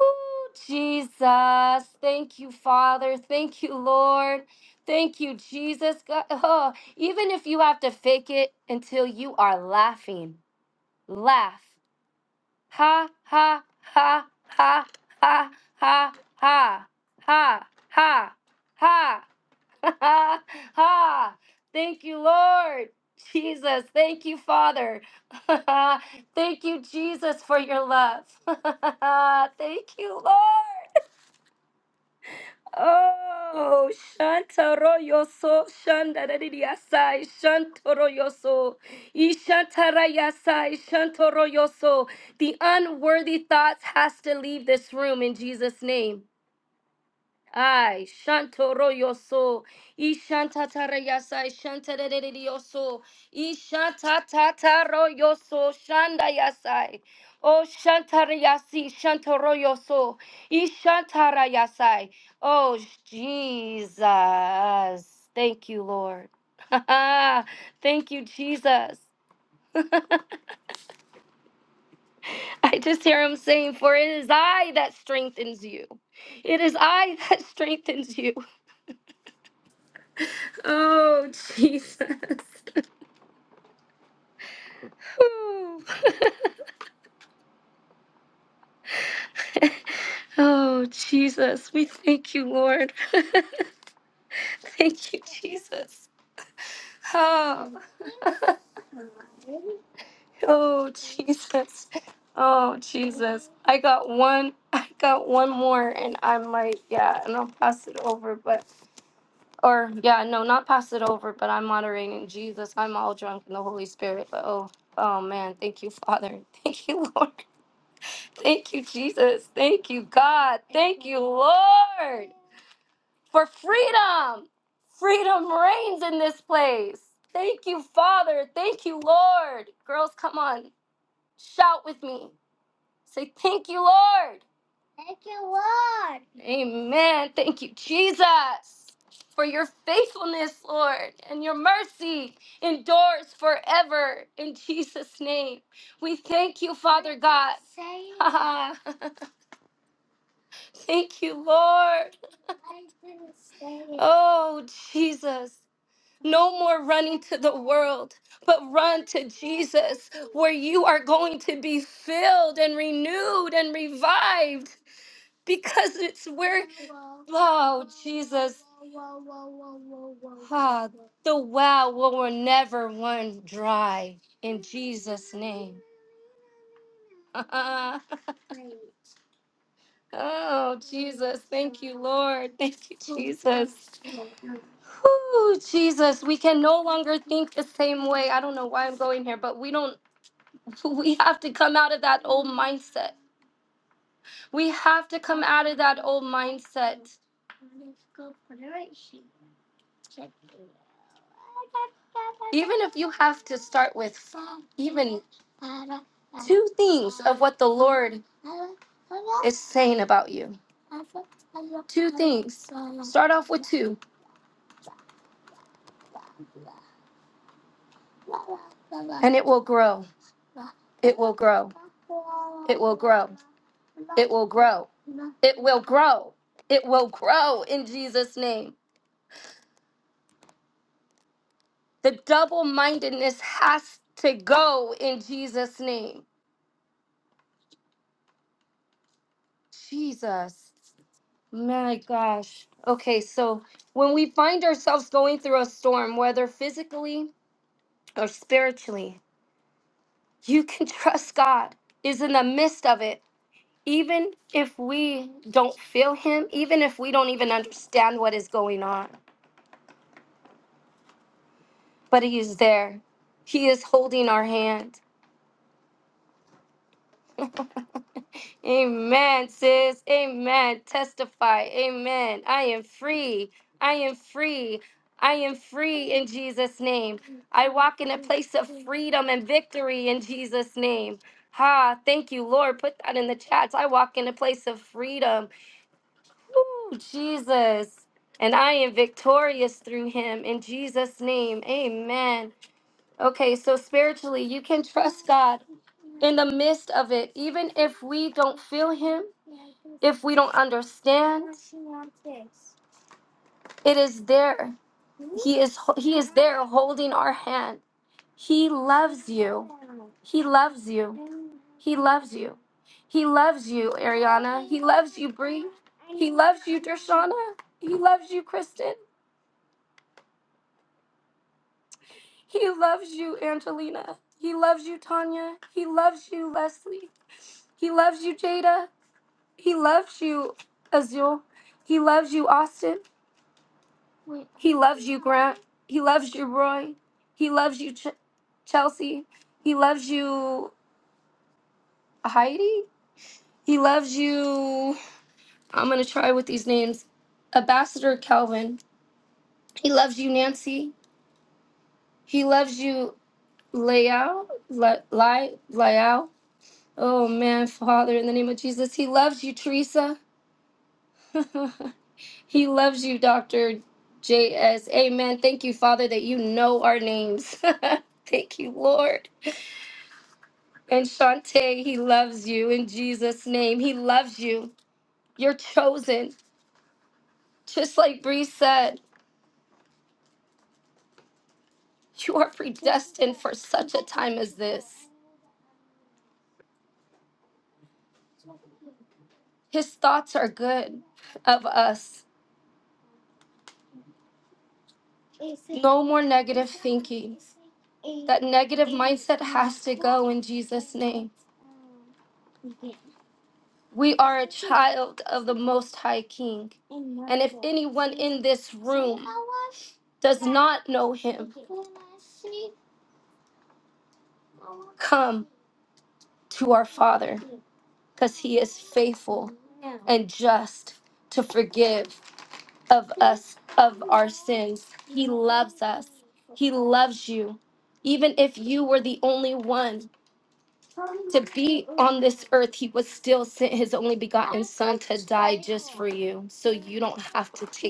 [SPEAKER 1] Ooh, Jesus. Thank you, Father. Thank you, Lord. Thank you, Jesus. God, oh, even if you have to fake it until you are laughing, laugh. Ha, ha, ha, ha, ha, ha, ha, ha, ha, ha. [LAUGHS] ha! Thank you, Lord. Jesus, thank you, Father. [LAUGHS] thank you, Jesus, for your love. [LAUGHS] thank you, Lord. Oh, Shantaro Yoso, Shandaradiasai, Shantoro Yoso, Ishantarayasai, Shantoro Yoso. The unworthy thoughts has to leave this room in Jesus' name. Ay, shantoro yoso, ishantatara yasa, ishantarere yoso, ishantataro yoso, shanda yasai, oh shantara yasi, shantoro yoso, ishantara yasai. Oh, Jesus. Thank you, Lord. [LAUGHS] Thank you, Jesus. [LAUGHS] I just hear him saying, For it is I that strengthens you. It is I [LAUGHS] that strengthens you. Oh, Jesus. Whew. [LAUGHS] oh, Jesus. We thank you, Lord. [LAUGHS] thank you, Jesus. Oh. [LAUGHS] oh, Jesus. Oh, Jesus. I got one. [LAUGHS] I got one more, and I might, yeah, and I'll pass it over, but, or, yeah, no, not pass it over, but I'm moderating Jesus. I'm all drunk in the Holy Spirit, but oh, oh man, thank you, Father. [LAUGHS] Thank you, Lord. Thank you, Jesus. Thank you, God. Thank you, Lord, for freedom. Freedom reigns in this place. Thank you, Father. Thank you, Lord. Girls, come on. Shout with me. Say, Thank you, Lord. Amen. Thank you, Jesus, for your faithfulness, Lord, and your mercy endures forever. In Jesus' name, we thank you, Father God. [LAUGHS] Thank you, Lord. Oh, Jesus. No more running to the world, but run to Jesus, where you are going to be filled and renewed and revived because it's where, oh, Jesus, uh, the well will never run dry in Jesus' name. [LAUGHS] oh, Jesus, thank you, Lord. Thank you, Jesus. Whew, Jesus, we can no longer think the same way. I don't know why I'm going here, but we don't. [LAUGHS] We have to come out of that old mindset. We have to come out of that old mindset. Even if you have to start with even two things of what the Lord is saying about you. Things. Start off with two, and it will grow. will grow. Will grow. Will grow. It will grow. It will grow in Jesus' name. The double mindedness has to go in Jesus' name. Jesus. My gosh. Okay, so when we find ourselves going through a storm, whether physically or spiritually, you can [LAUGHS] trust God is in the midst of it. Even if we don't feel Him, even if we don't even understand what is going on, but He is there. He is holding our hand. Amen, sis. Amen. Testify. Amen. I am free. I am free. I am free in Jesus' name. I walk in a place of freedom and victory in Jesus' name. Ha, thank you, Lord. Put that in the chats. I walk in a place of freedom. Ooh, Jesus. And I am victorious through him in Jesus' name. Amen. Okay, so spiritually, you can trust God in the midst of it, even if we don't feel him if we don't understand it is there he is he is there holding our hand he loves you he loves you he loves you he loves you ariana he loves you Bree. he loves you dershana he loves you kristen he loves you angelina he loves you tanya he loves you leslie he loves you jada he loves you azul he loves you austin He loves you, Grant. He loves you, Roy. He loves you, Ch- Chelsea. He loves you, Heidi. He loves you. I'm going to try with these names Ambassador Calvin. He loves you, Nancy. He loves you, Liao. Li- Li- Liao. Oh, man, Father, in the name of Jesus. He loves you, Teresa. [LAUGHS] he loves you, Dr. JS. Amen. Thank you, Father, that you know our names. [LAUGHS] Thank you, Lord. And Shantae, he loves you in Jesus' name. He loves you. You're chosen. Just like Bree said, you are predestined for such a time as this. His thoughts are good of us. No more negative, negative in Jesus' name. We are child of the Most High King. One in this room does not know him. Come to our Father, because he is faithful and just to forgive of us, of sins loves you. Even if you were the only one on this earth, he would still send his only begotten for you. So you don't have to. T-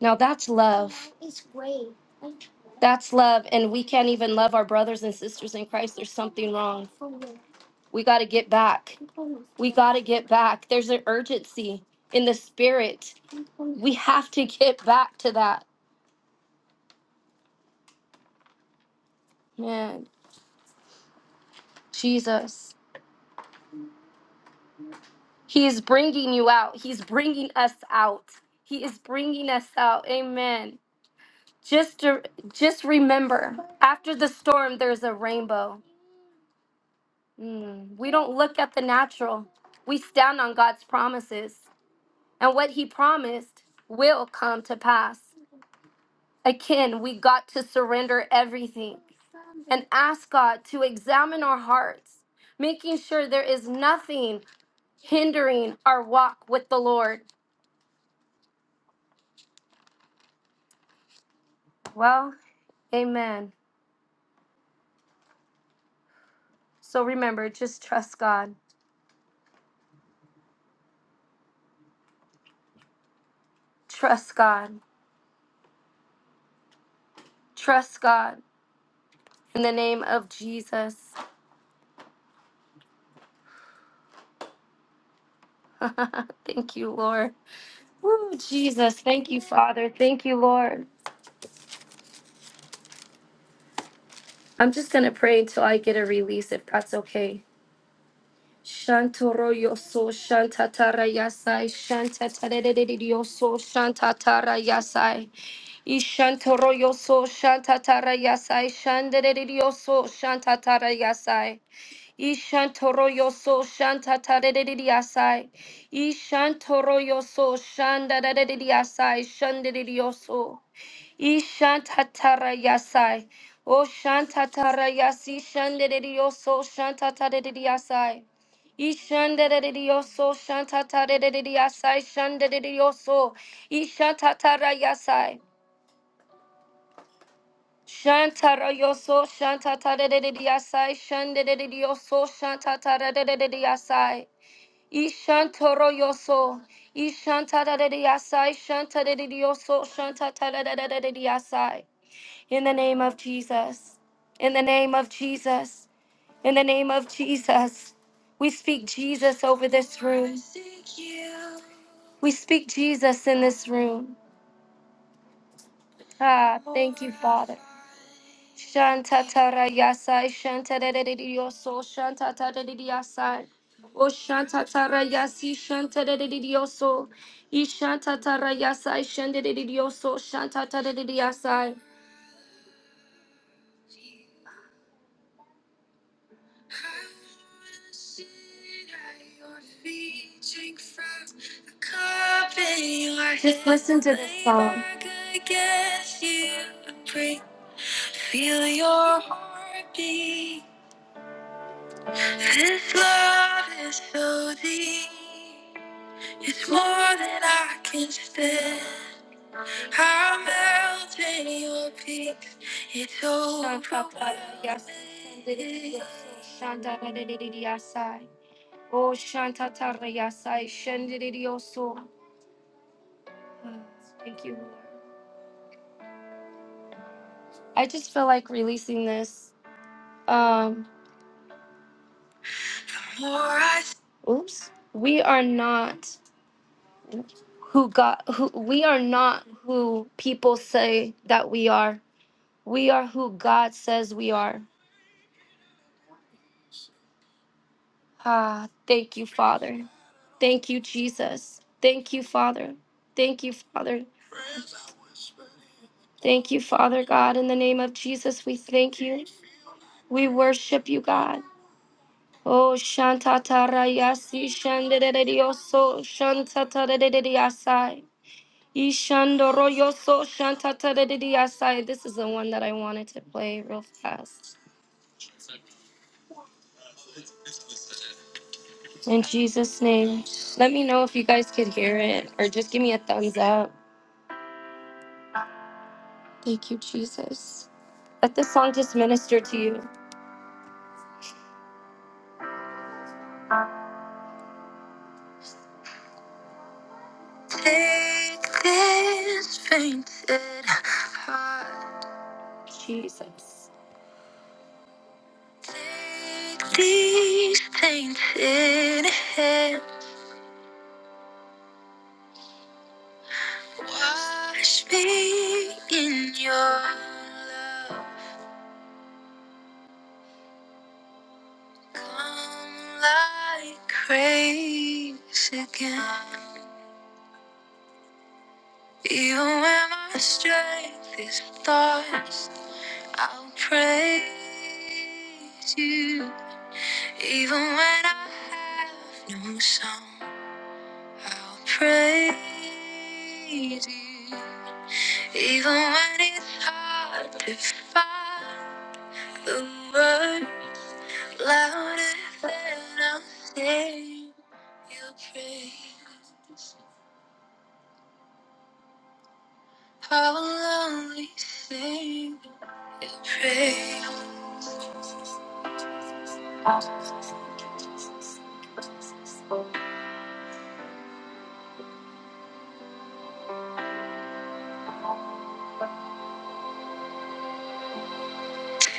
[SPEAKER 1] now that's love. That's love. And we can't even love our brothers and sisters in Christ. There's something wrong. We got to get back. Got to get back. There's an urgency in the spirit. We have to get back to that. Man, Jesus. He is bringing you out. He's bringing us out. He is bringing us out. Amen. Just to, just remember, after the storm, there's a rainbow. Mm, we don't look at the natural. We stand on God's promises, and what He promised will come to pass. Again, we got to surrender everything and ask God to examine our hearts, making sure there is nothing hindering our walk with the Lord. Well, amen. So remember, just trust God. Trust God. Trust God. In the name of Jesus. [LAUGHS] thank you, Lord. Woo, Jesus. Thank you, Father. Thank you, Lord. I'm just going to pray until I get a release, if that's okay. Shantoro yoso shantatara yasai shantatarerererioso shantatara yasai ishantoro yoso shantatara yasai shanderererioso shantatara yasai Ishantoro yoso shanta tadedidiasai. Ishantoro yoso shanda dadedidiasai shandidioso. Ishantatara yasai. O shantatara yasi shandidioso shanta tadedidiasai. Ishandadidioso shanta tadedidiasai shandidioso. Ishantatara yasai. Shantara yoso shanta tadedidiasai shandidioso shanta tadedidiasai. Ishantoro yoso. Ishantadadadiyasai. Shantadadidiyoso. yasai. Shanta da da da yoso. Shanta ta da da da da da da yasai. In the name of Jesus. In the name of Jesus. In the name of Jesus. We speak Jesus over this room. We speak Jesus in this room. Ah, thank you, Father. Shantatara yasai shantaredidiyoso shantataredidiasai. O shantatara yasi shantaredidiyoso. Ishantatara yasai shantaredidiyoso shantataredidiasai. Just listen to this song. Feel your heartbeat. This love is so deep, it's more than I can stand. I'm melting your peaks, it's overwhelming. Oh, Thank you, I just feel like releasing this. Um, More I- oops. We are not. who God who we are not who people say that we are. We are who God says we are. Ah, thank you, Father. Thank you, Jesus. Thank you, Father. Thank you, Father. Thank you, Father God. In the name of Jesus, we thank you. We worship you, God. Oh, Shantatarayasi Shanderedioso Shantatarediasai. Ishandoroyoso Shantatarediasai. This is the one that I wanted to play real fast. In Jesus' name, let me know if you guys could hear it or just give me a thumbs up. Thank you, Jesus. Let this song just minister to you. Take this fainted heart. Jesus. Take these tainted hands. Wash me in your love. Come like grace again. Even when my strength is thoughts, I'll praise you. Even when I have no song, I'll praise you. Even when it's hard to find the word louder than I'll sing your praise. I will only sing your praise.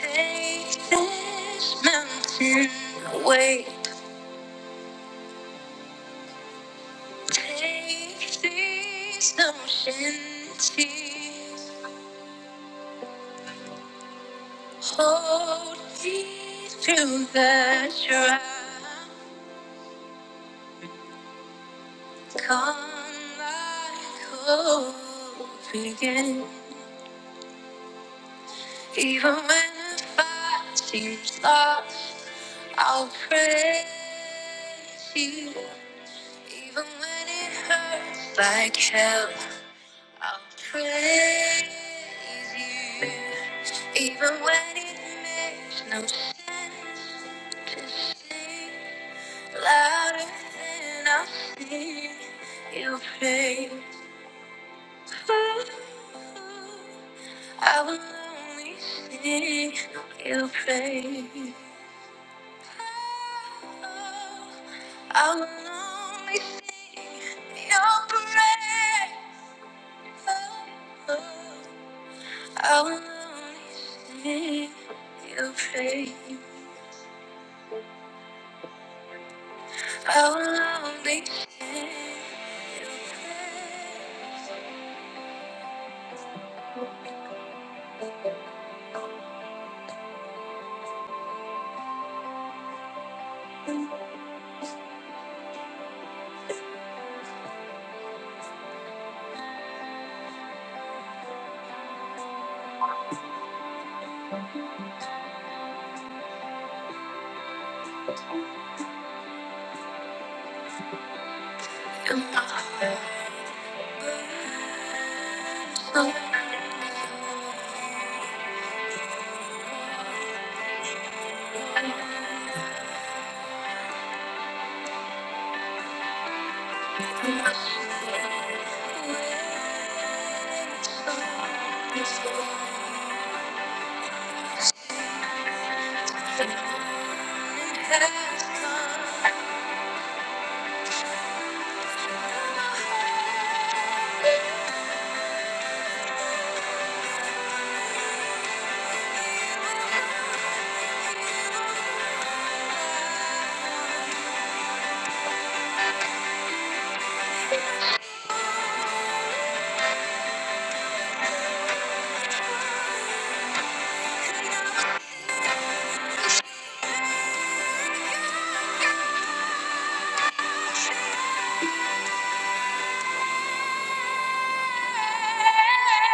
[SPEAKER 1] Take this mountain away. Take these oceans tears. Hold me through the dry. Come like hope again. Even when the fight seems lost, I'll praise you. Even when it hurts like hell. I'll praise you even when it makes no sense to sing louder than I sing you praise. Ooh, I will only sing your praise. Oh, I will only sing your praise. Oh, How long they say you pray? How long they say you pray? And my soul is overflowing. The morning has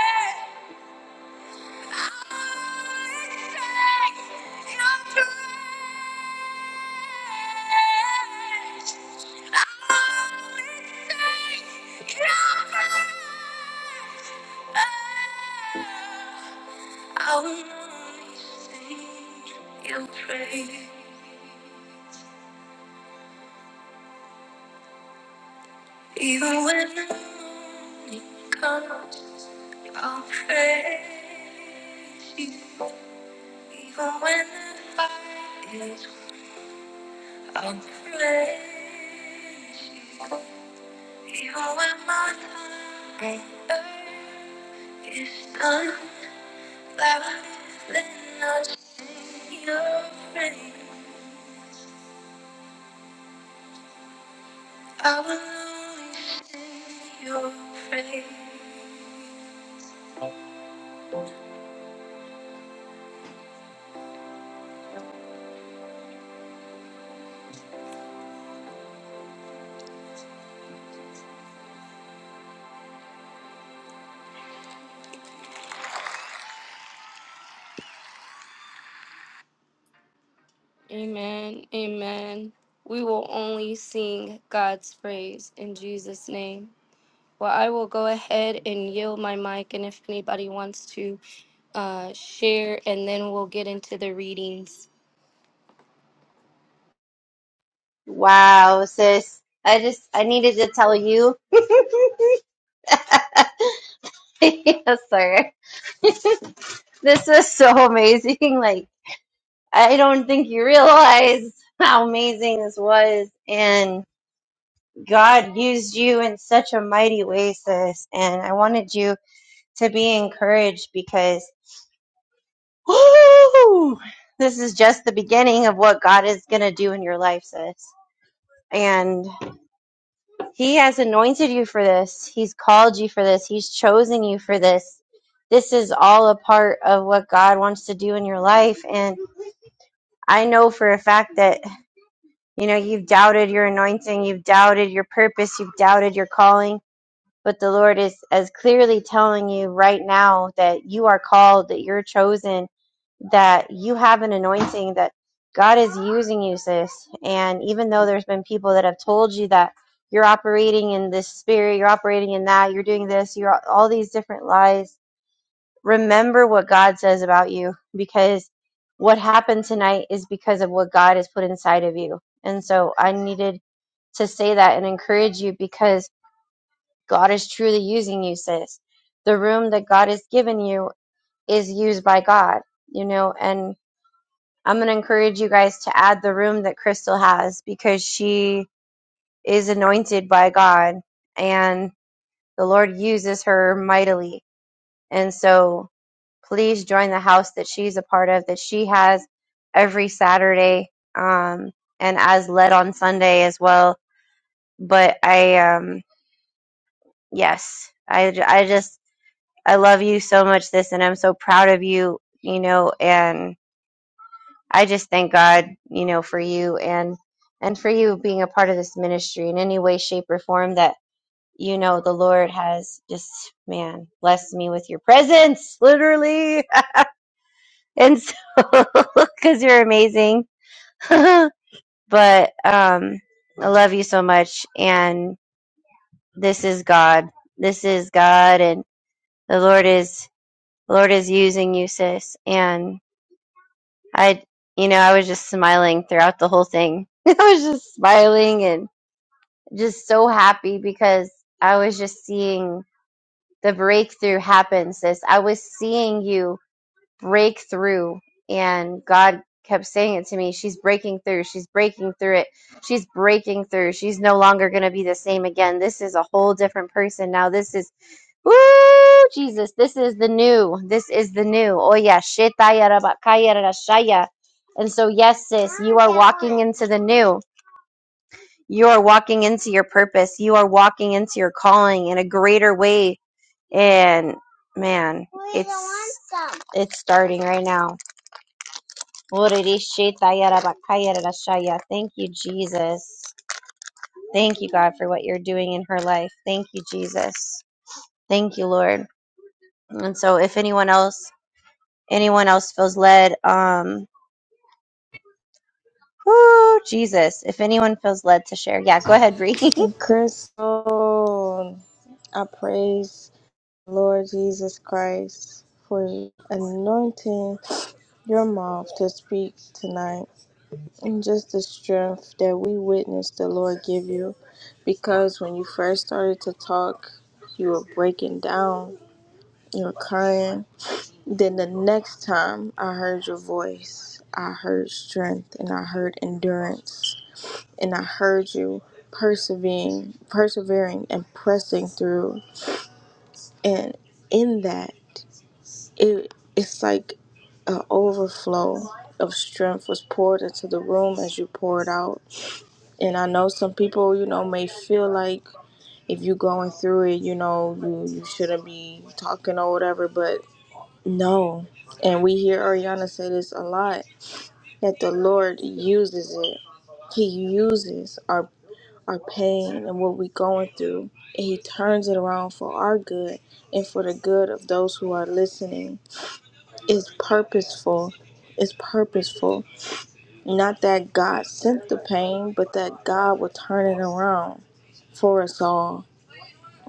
[SPEAKER 1] come. I will only sing your praise, even when the morning comes. I'll praise you, even when the fight is. Amen, amen. We will only sing God's praise in Jesus' name. Well, I will go ahead and yield my mic, and if anybody wants to uh, share, and then we'll get into the readings.
[SPEAKER 2] Wow, sis. I just I needed to tell you. [LAUGHS] yes, sir. This was so amazing. [LAUGHS] Like I don't think you realize how amazing this was. And God used you in such a mighty way, sis. And I wanted you to be encouraged because, woo, this is just the beginning of what God is going to do in your life, sis. And He has anointed you for this. He's called you for this. He's chosen you for this. This is all a part of what God wants to do in your life. And I know for a fact that You know, you've doubted your anointing, you've doubted your purpose, you've doubted your calling. But the Lord is as clearly telling you right now that you are called, that you're chosen, that you have an anointing, that God is using you, sis. And even though there's been people that have told you that you're operating in this spirit, you're operating in that, you're doing this, you're all these different lies, remember what God says about you because what happened tonight is because of what God has put inside of you. And so I needed to say that and encourage you because God is truly using you, sis. The room that God has given you is used by God, you know, and I'm going to encourage you guys to add the room that Crystal has because she is anointed by God and the Lord uses her mightily. And so please join the house that she's a part of that she has every Saturday um, and as led on Sunday as well. But I, um, yes, I, j- I just, I love you so much, this, and I'm so proud of you, you know, and I just thank God, you know, for you and, and for you being a part of this ministry in any way, shape, or form that, you know, the Lord has just, man, blessed me with your presence, literally. [LAUGHS] And so, [LAUGHS] because you're amazing [LAUGHS] but um, I love you so much, and this is God. This is God, and the Lord is the Lord is using you, sis. And I, you know, I was just smiling throughout the whole thing. [LAUGHS] I was just smiling and just so happy because I was just seeing the breakthrough happen, sis. I was seeing you break through. And God kept saying it to me She's breaking through. She's breaking through it. She's breaking through. She's no longer going to be the same again. This is a whole different person now. This is, woo, Jesus, this is the new. This is the new. Oh, yeah. Shetayarabakayarashaya. And so, yes, sis, you are walking into the new. You are walking into your purpose. You are walking into your calling in a greater way. And man, it's it's starting right now. Thank you, Jesus. Thank you, God, for what you're doing in her life. Thank you, Jesus. Thank you, Lord. And so, if anyone else, anyone else feels led, um, whoo, Jesus, if anyone feels led to share, yeah, go ahead, Bree. [LAUGHS]
[SPEAKER 3] And Crystal, I praise Lord Jesus Christ for anointing your mouth to speak tonight and just the strength that we witnessed the Lord give you. Because when you first started to talk, you were breaking down, you were crying. Then the next time I heard your voice, I heard strength and I heard endurance and I heard you persevering, persevering and pressing through. And in that, it it's like an overflow of strength was poured into the room as you poured out. And I know some people, you know, may feel like if you're going through it, you know, you, you shouldn't be talking or whatever, but no. And we hear Ariana say this a lot that the Lord uses it. He uses our our pain and what we're going through, and He turns it around for our good and for the good of those who are listening. It's purposeful. It's purposeful. Not that God sent the pain, but that God will turn it around for us all.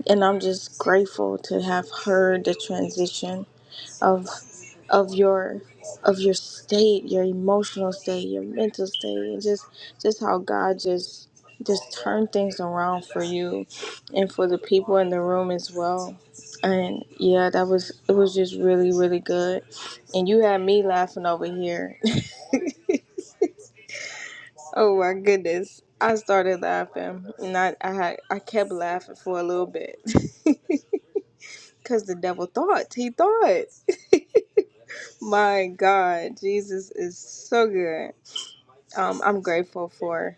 [SPEAKER 3] And I'm just grateful to have heard the transition of of your of your state, your emotional state, your mental state, and just just how God just just turned things around for you and for the people in the room as well. And yeah, that was it was just really, really good. And you had me laughing over here. [LAUGHS] oh my goodness. I started laughing and I, I had I kept laughing for a little bit. [LAUGHS] Cause the devil thought. He thought. [LAUGHS] My God, Jesus is so good. um, I'm grateful for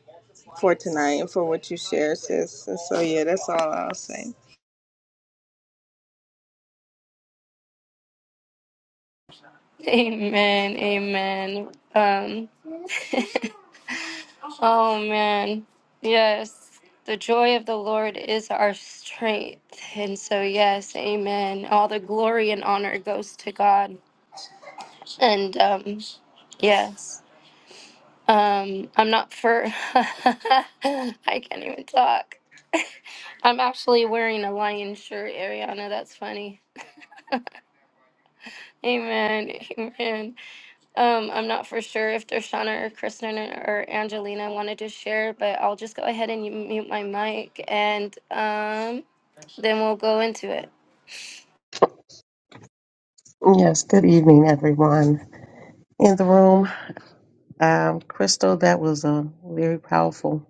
[SPEAKER 3] for tonight and for what you share, sis. And so yeah, that's all I'll say.
[SPEAKER 1] Amen. Amen. Um, [LAUGHS] oh, man. Yes. The joy of the Lord is our strength. And so, yes, amen. All the glory and honor goes to God. And um, yes, um, I'm not for, [LAUGHS] I can't even talk. [LAUGHS] I'm actually wearing a lion shirt, Ariana. That's funny. Amen. Amen. Um, I'm not for sure if Dershana or Kristen or Angelina wanted to share, but I'll just go ahead and mute my mic and um, then we'll go into it.
[SPEAKER 4] Yes, good evening, everyone in the room. Um, Crystal, that was a very powerful,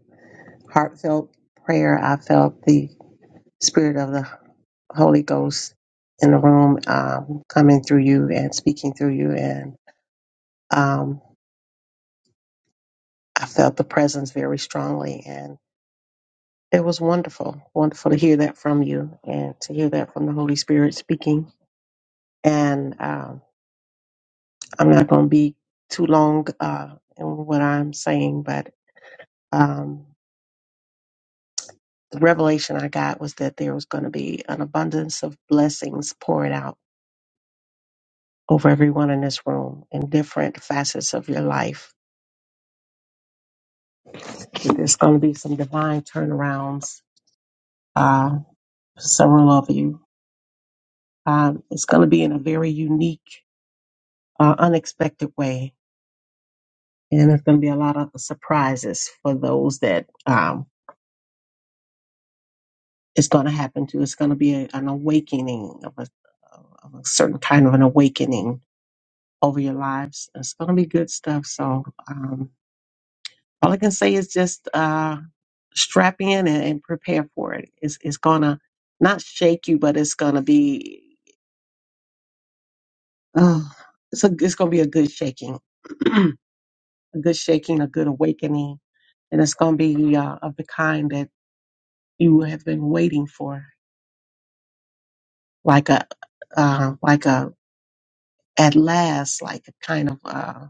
[SPEAKER 4] heartfelt prayer. I felt the spirit of the Holy Ghost in the room um, coming through you and speaking through you. And um, I felt the presence very strongly. And it was wonderful, wonderful to hear that from you and to hear that from the Holy Spirit speaking. And um, I'm not going to be too long uh, in what I'm saying, but. Um, the revelation I got was that there was going to be an abundance of blessings poured out over everyone in this room in different facets of your life. There's going to be some divine turnarounds, uh, several of you. Um, it's going to be in a very unique, uh, unexpected way. And there's going to be a lot of surprises for those that um, it's going to happen to. It's going to be a, an awakening of a, of a certain kind of an awakening over your lives. It's going to be good stuff. So, um, all I can say is just uh, strap in and, and prepare for it. It's, it's going to not shake you, but it's going to be, uh, it's, a, it's going to be a good shaking, [CLEARS THROAT] a good shaking, a good awakening. And it's going to be uh, of the kind that you have been waiting for, like a, uh, like a, at last, like a kind of uh,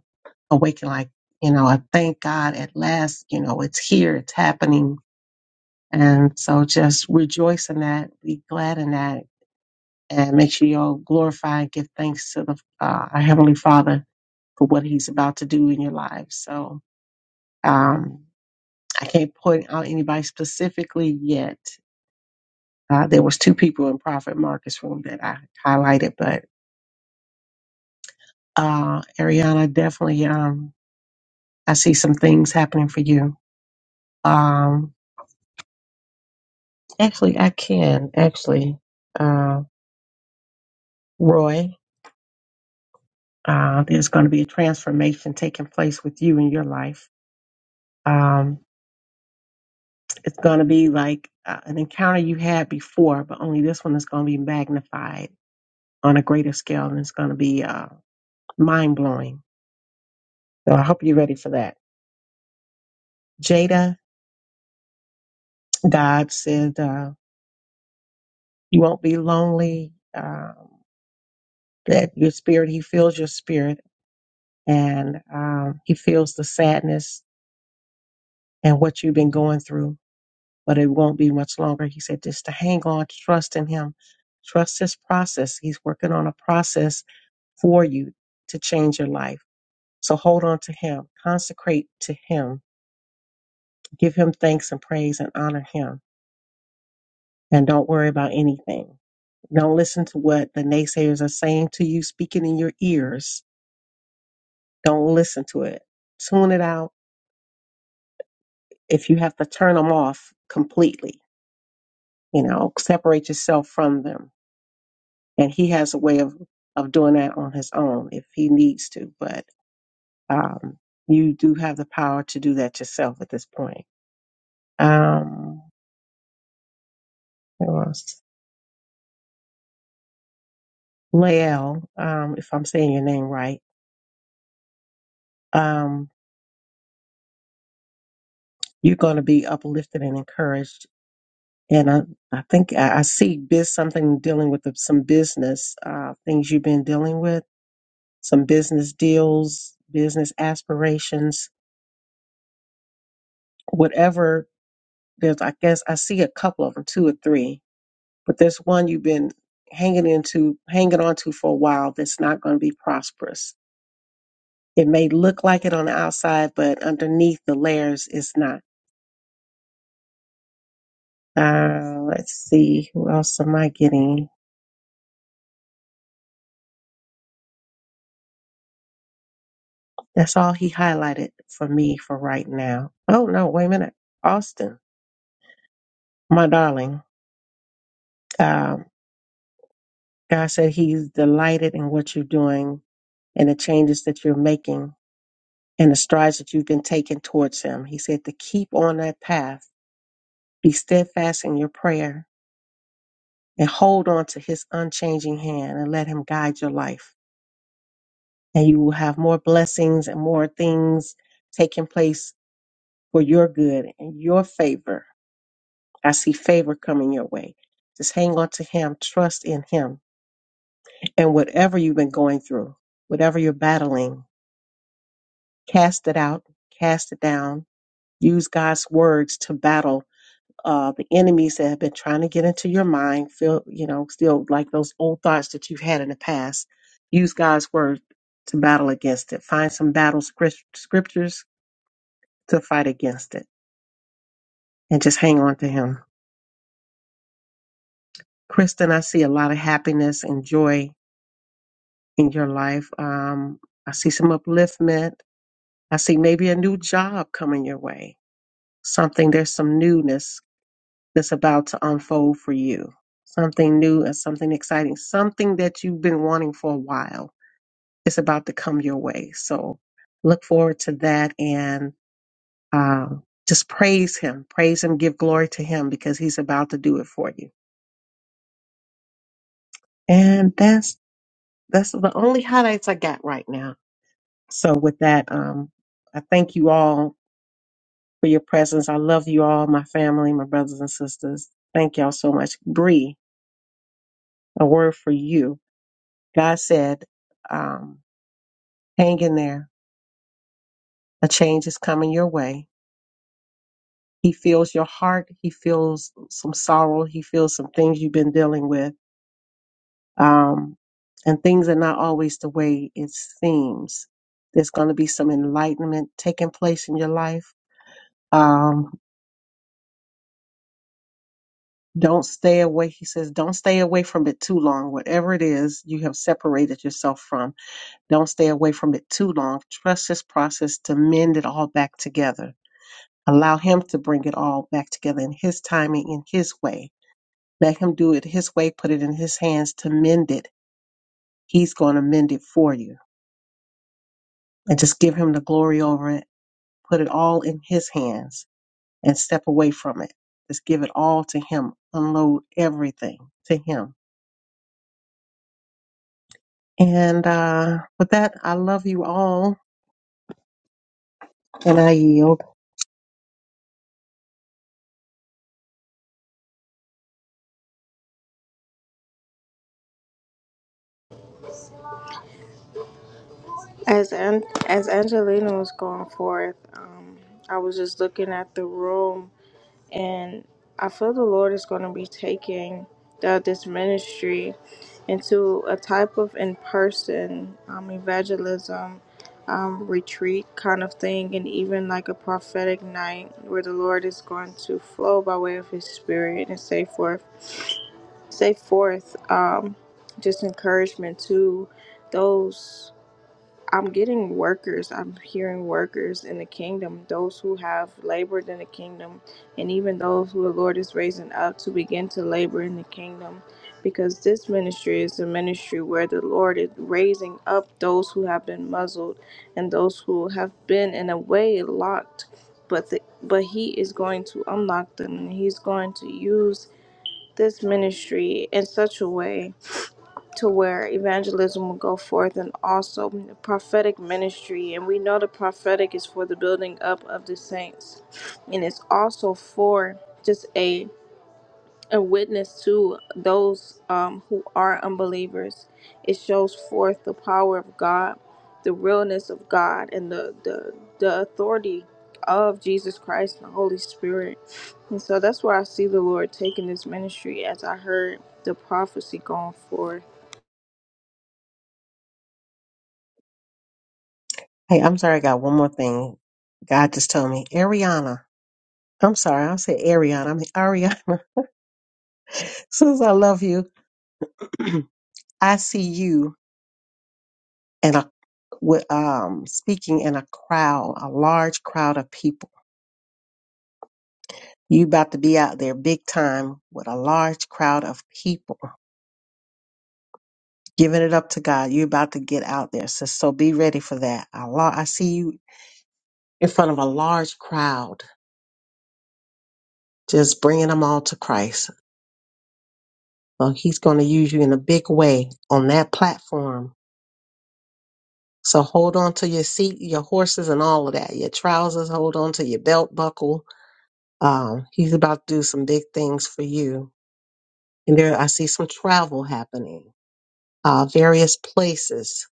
[SPEAKER 4] awakening, like, you know, I thank God at last, you know, it's here, it's happening And so just rejoice in that, be glad in that, and make sure you glorify and give thanks to the, uh, our Heavenly Father for what He's about to do in your lives. So um, I can't point out anybody specifically yet. Uh, there was two people in Prophet Marcus room that I highlighted, but uh, Ariana, definitely, um, I see some things happening for you. Um, actually, I can actually, uh, Roy. Uh, there's going to be a transformation taking place with you in your life. Um, it's going to be like uh, an encounter you had before, but only this one is going to be magnified on a greater scale and it's going to be uh, mind blowing. So I hope you're ready for that. Jada Dodge said, uh, You won't be lonely. Uh, that your spirit, he feels your spirit and um, he feels the sadness and what you've been going through but it won't be much longer. He said just to hang on, trust in him, trust his process. He's working on a process for you to change your life. So hold on to him, consecrate to him, give him thanks and praise and honor him, and don't worry about anything. Don't listen to what the naysayers are saying to you, speaking in your ears. Don't listen to it. Tune it out. If you have to turn them off completely, you know, separate yourself from them and he has a way of of doing that on his own if he needs to but um you do have the power to do that yourself at this point um what else? Lael, um if i'm saying your name right um you're going to be uplifted and encouraged and i i think i, I see biz something dealing with the, some business uh things you've been dealing with some business deals business aspirations whatever there's i guess i see a couple of them two or three but there's one you've been hanging into, hanging on to for a while that's not going to be prosperous. It may look like it on the outside, but underneath the layers, it's not. Uh, let's see, who else am I getting? That's all he highlighted for me for right now. Oh no, wait a minute, Austin, my darling. Um, God said He's delighted in what you're doing and the changes that you're making and the strides that you've been taking towards Him. He said to keep on that path Be steadfast in your prayer and hold on to his unchanging hand and let him guide your life. And you will have more blessings and more things taking place for your good and your favor. I see favor coming your way. Just hang on to him, trust in him. And whatever you've been going through, whatever you're battling, cast it out, cast it down. Use God's words to battle uh, the enemies that have been trying to get into your mind, feel, you know, still like those old thoughts that you've had in the past. Use God's word to battle against it. Find some battle script- scriptures to fight against it and just hang on to Him. Kristen, I see a lot of happiness and joy in your life. Um, I see some upliftment. I see maybe a new job coming your way. Something, there's some newness that's about to unfold for you. Something new and something exciting, something that you've been wanting for a while. It's about to come your way. So look forward to that and um, just praise him, praise him, give glory to him because he's about to do it for you. And that's that's the only highlights I got right now. So with that, um, I thank you all for your presence. I love you all, my family, my brothers and sisters. Thank y'all so much. Bree, a word for you. God said, um, hang in there. A change is coming your way. He feels your heart. He feels some sorrow. He feels some things you've been dealing with. Um, and things are not always the way it seems. There's going to be some enlightenment taking place in your life. Um, don't stay away. He says, don't stay away from it too long. Whatever it is you have separated yourself from, don't stay away from it too long. Trust this process to mend it all back together Allow Him to bring it all back together in His timing, in His way. Let Him do it His way, put it in His hands to mend it. He's going to mend it for you. And just give Him the glory over it. Put it all in His hands and step away from it. Just give it all to Him. Unload everything to Him. And uh, with that, I love you all and I yield.
[SPEAKER 3] As An- as Angelina was going forth, um, I was just looking at the room, and I feel the Lord is going to be taking the, this ministry into a type of in person um, evangelism. Um, retreat kind of thing, and even like a prophetic night where the Lord is going to flow by way of His Spirit and say forth. Say forth um, just encouragement to those. I'm getting workers. I'm hearing workers in the kingdom, those who have labored in the kingdom, and even those who the Lord is raising up to begin to labor in the kingdom. Because this ministry is the ministry where the Lord is raising up those who have been muzzled and those who have been, in a way, locked. But, the, but He is going to unlock them and He's going to use this ministry in such a way to where evangelism will go forth and also the prophetic ministry and we know the prophetic is for the building up of the saints and it's also for just a a witness to those um, who are unbelievers. It shows forth the power of God, the realness of God, and the, the, the authority of Jesus Christ and the Holy Spirit. And so that's where I see the Lord taking this ministry as I heard the prophecy going forth.
[SPEAKER 4] Hey, I'm sorry, I got one more thing. God just told me, Ariana. I'm sorry, I said Ariana. I mean, Ariana [LAUGHS] says I love you. [CLEARS THROAT] I see you in a with um speaking in a crowd, a large crowd of people. You about to be out there big time with a large crowd of people giving it up to God. you about to get out there, so so be ready for that. A lot. I see you in front of a large crowd, just bringing them all to Christ. So He's going to use you in a big way on that platform. So hold on to your seat, your horses, and all of that. Your trousers. Hold on to your belt buckle Um, he's about to do some big things for you. And there, I see some travel happening, uh, various places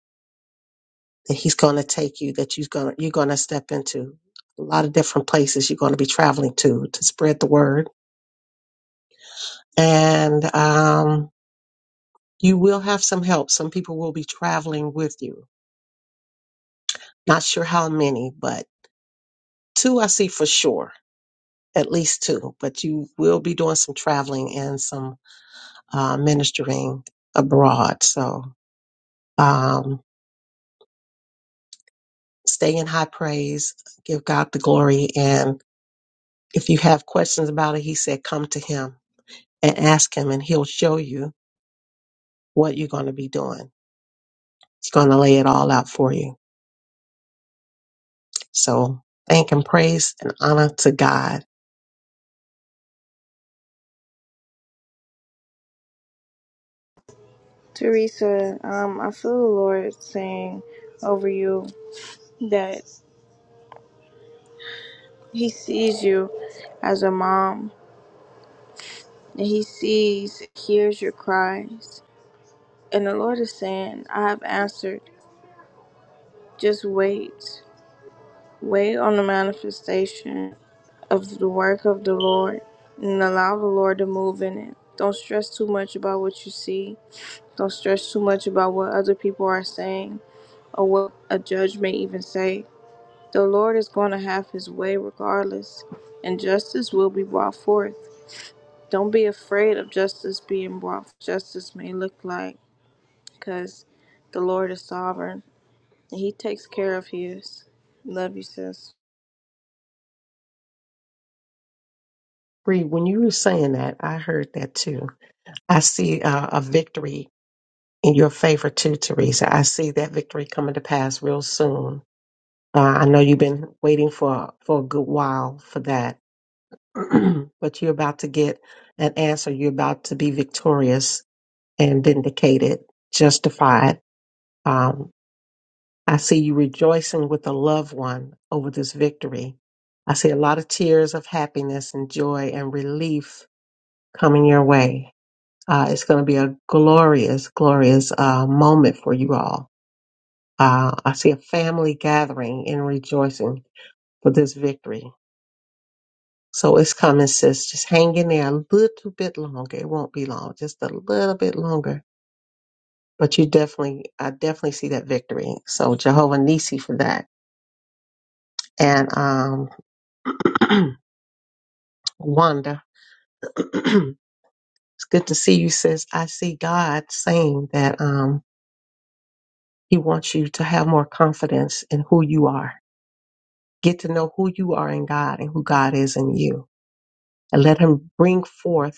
[SPEAKER 4] that he's going to take you, that you're going to, you're going to step into. A lot of different places you're going to be traveling to to spread the word. And um, you will have some help. Some people will be traveling with you. Not sure how many, but two I see for sure, at least two. But you will be doing some traveling and some uh, ministering abroad. So. Um, stay in high praise, give God the glory. And if you have questions about it, he said, come to him and ask him, and he'll show you what you're going to be doing. He's going to lay it all out for you. So thank and praise and honor to God.
[SPEAKER 3] Teresa, um, I feel the Lord saying over you that He sees you as a mom, and He sees, hears your cries And the Lord is saying, I have answered. Just wait. Wait on the manifestation of the work of the Lord and allow the Lord to move in it. Don't stress too much about what you see. Don't stress too much about what other people are saying or what a judge may even say. The Lord is going to have his way regardless, and justice will be brought forth. Don't be afraid of justice being brought. forth. Justice may look like because the Lord is sovereign. He takes care of his. Love you, sis.
[SPEAKER 4] Bree, when you were saying that, I heard that too. I see uh, a victory in your favor too, Teresa. I see that victory coming to pass real soon. Uh, I know you've been waiting for for a good while for that [CLEARS THROAT] but you're about to get an answer. You're about to be victorious and vindicated, justified. Um, I see you rejoicing with a loved one over this victory. I see a lot of tears of happiness and joy and relief coming your way. Uh, it's going to be a glorious, glorious uh, moment for you all. Uh, I see a family gathering and rejoicing for this victory So it's coming, sis. Just hang in there a little bit longer. It won't be long, just a little bit longer. But you definitely, I definitely see that victory. So Jehovah Nisi for that. And um, [CLEARS THROAT] Wanda, [CLEARS THROAT] it's good to see you, sis. I see God saying that um, He wants you to have more confidence in who you are. Get to know who you are in God and who God is in you. And let Him bring forth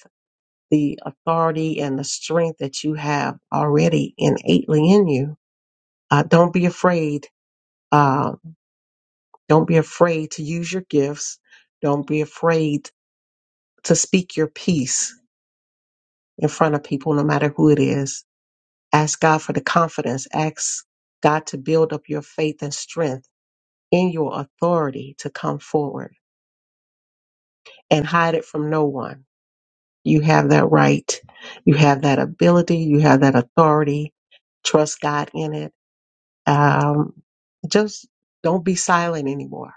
[SPEAKER 4] the authority and the strength that you have already innately in you. Uh, don't be afraid. Uh, don't be afraid to use your gifts. Don't be afraid to speak your piece in front of people, no matter who it is. Ask God for the confidence. Ask God to build up your faith and strength in your authority to come forward and hide it from no one. You have that right. You have that ability. You have that authority. Trust God in it Um, just don't be silent anymore.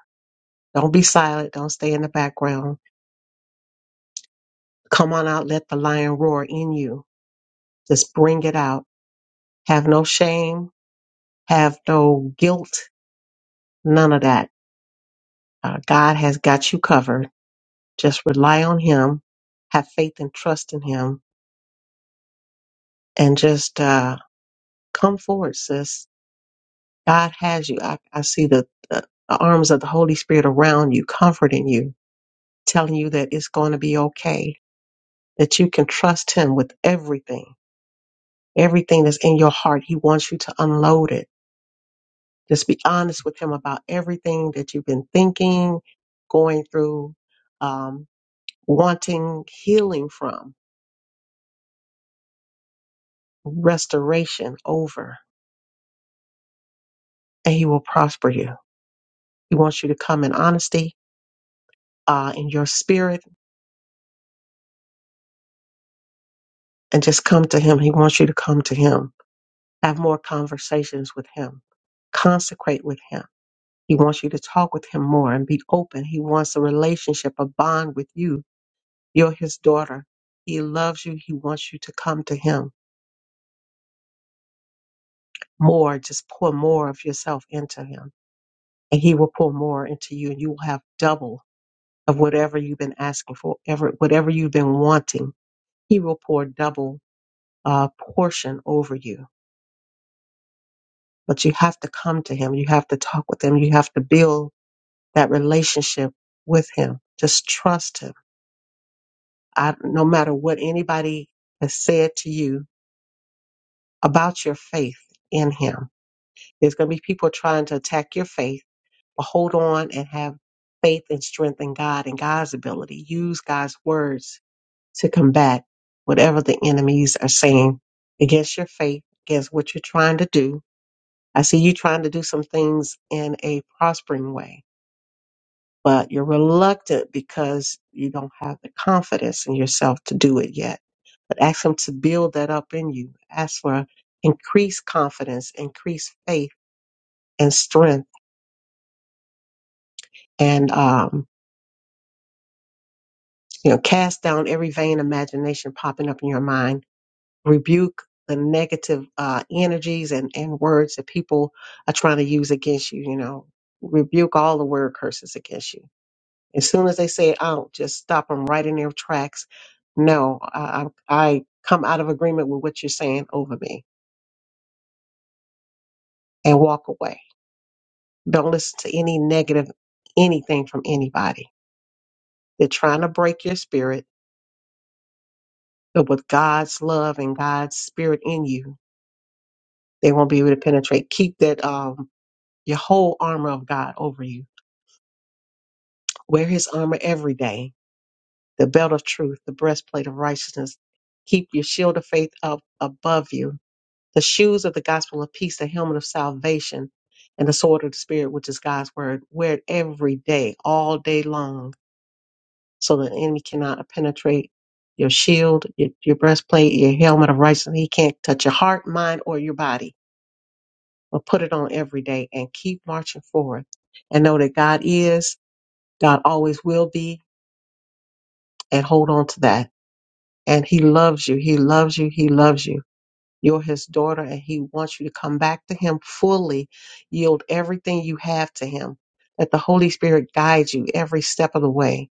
[SPEAKER 4] Don't be silent. Don't stay in the background. Come on out. Let the lion roar in you. Just bring it out. Have no shame. Have no guilt. None of that. Uh, God has got you covered. Just rely on Him. Have faith and trust in Him. And just uh, come forward, sis. God has you. I, I see the, the the arms of the Holy Spirit around you, comforting you, telling you that it's going to be okay that you can trust him with everything, everything that's in your heart. He wants you to unload it. Just be honest with him about everything that you've been thinking, going through, um, wanting healing from, restoration over, and he will prosper you. He wants you to come in honesty, uh, in your spirit, and just come to him. He wants you to come to him. Have more conversations with him. Consecrate with him He wants you to talk with him more and be open. He wants a relationship, a bond with you. You're his daughter. He loves you. He wants you to come to him more. Just pour more of yourself into him, and he will pour more into you, and you will have double of whatever you've been asking for, ever, whatever you've been wanting. He will pour double uh, portion over you. But you have to come to him. You have to talk with him. You have to build that relationship with him. Just trust him I, no matter what anybody has said to you about your faith in Him, there's going to be people trying to attack your faith, but hold on and have faith and strength in God and God's ability. Use God's words to combat whatever the enemies are saying against your faith, against what you're trying to do. I see you trying to do some things in a prospering way but you're reluctant because you don't have the confidence in yourself to do it yet. But ask Him to build that up in you. Ask for increased confidence, increased faith and strength, and um, you know, cast down every vain imagination popping up in your mind. Rebuke the negative uh, energies and, and words that people are trying to use against you. You know, rebuke all the word curses against you As soon as they say out, just stop them right in their tracks. No, I, I I come out of agreement with what you're saying over me and walk away. Don't listen to any negative anything from anybody. They're trying to break your spirit, but with God's love and God's spirit in you, they won't be able to penetrate. Keep that um your whole armor of God over you. Wear his armor every day, the belt of truth, the breastplate of righteousness. Keep your shield of faith up above you the shoes of the gospel of peace, the helmet of salvation, and the sword of the spirit, which is God's word. Wear it every day, all day long, so the enemy cannot penetrate your shield, your, your breastplate, your helmet of righteousness. He can't touch your heart, mind, or your body. But put it on every day and keep marching forward and know that God is, God always will be, and hold on to that. And He loves you. He loves you. He loves you You're his daughter and he wants you to come back to him fully, yield everything you have to him. Let the Holy Spirit guide you every step of the way.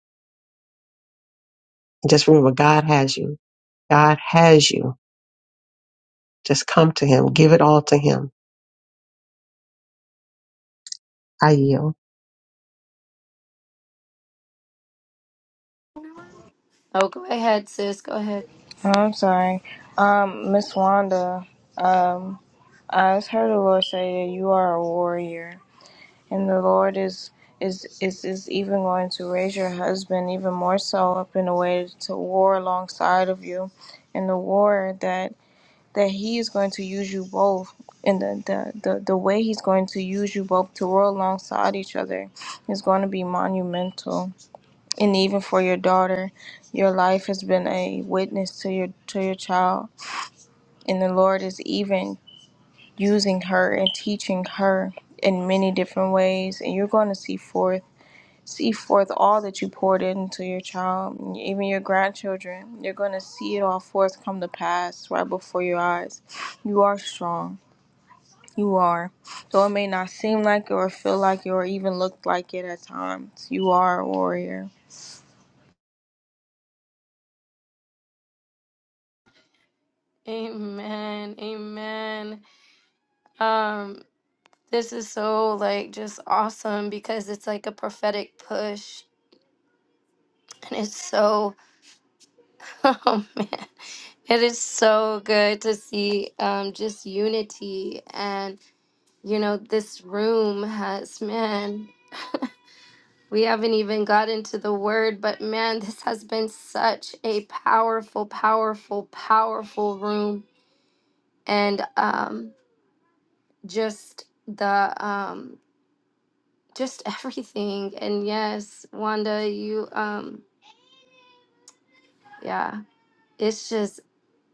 [SPEAKER 4] And just remember, God has you. God has you. Just come to him. Give it all to him. I yield.
[SPEAKER 1] Oh, go ahead, sis. Go ahead.
[SPEAKER 3] Oh, I'm sorry. Um, Miss Wanda, um, I just heard the Lord say that you are a warrior, and the Lord is is is is even going to raise your husband even more so up in a way to war alongside of you, and the war that that he is going to use you both and the, the, the, the way he's going to use you both to war alongside each other is going to be monumental and even for your daughter. Your life has been a witness to your to your child, and the Lord is even using her and teaching her in many different ways. And you're going to see forth see forth all that you poured into your child, and even your grandchildren. You're going to see it all forth come to pass right before your eyes. You are strong. You are. Though it may not seem like it or feel like it or even look like it at times, you are a warrior.
[SPEAKER 1] Amen. Amen. Um, this is so like just awesome because it's like a prophetic push and it's so [LAUGHS] oh man. It is so good to see um just unity and you know this room has man We haven't even got into the word, but man, [LAUGHS] this has been such a powerful, powerful, powerful room. And um, just the, um, just [LAUGHS] everything. And yes, Wanda, you, um, yeah, it's just,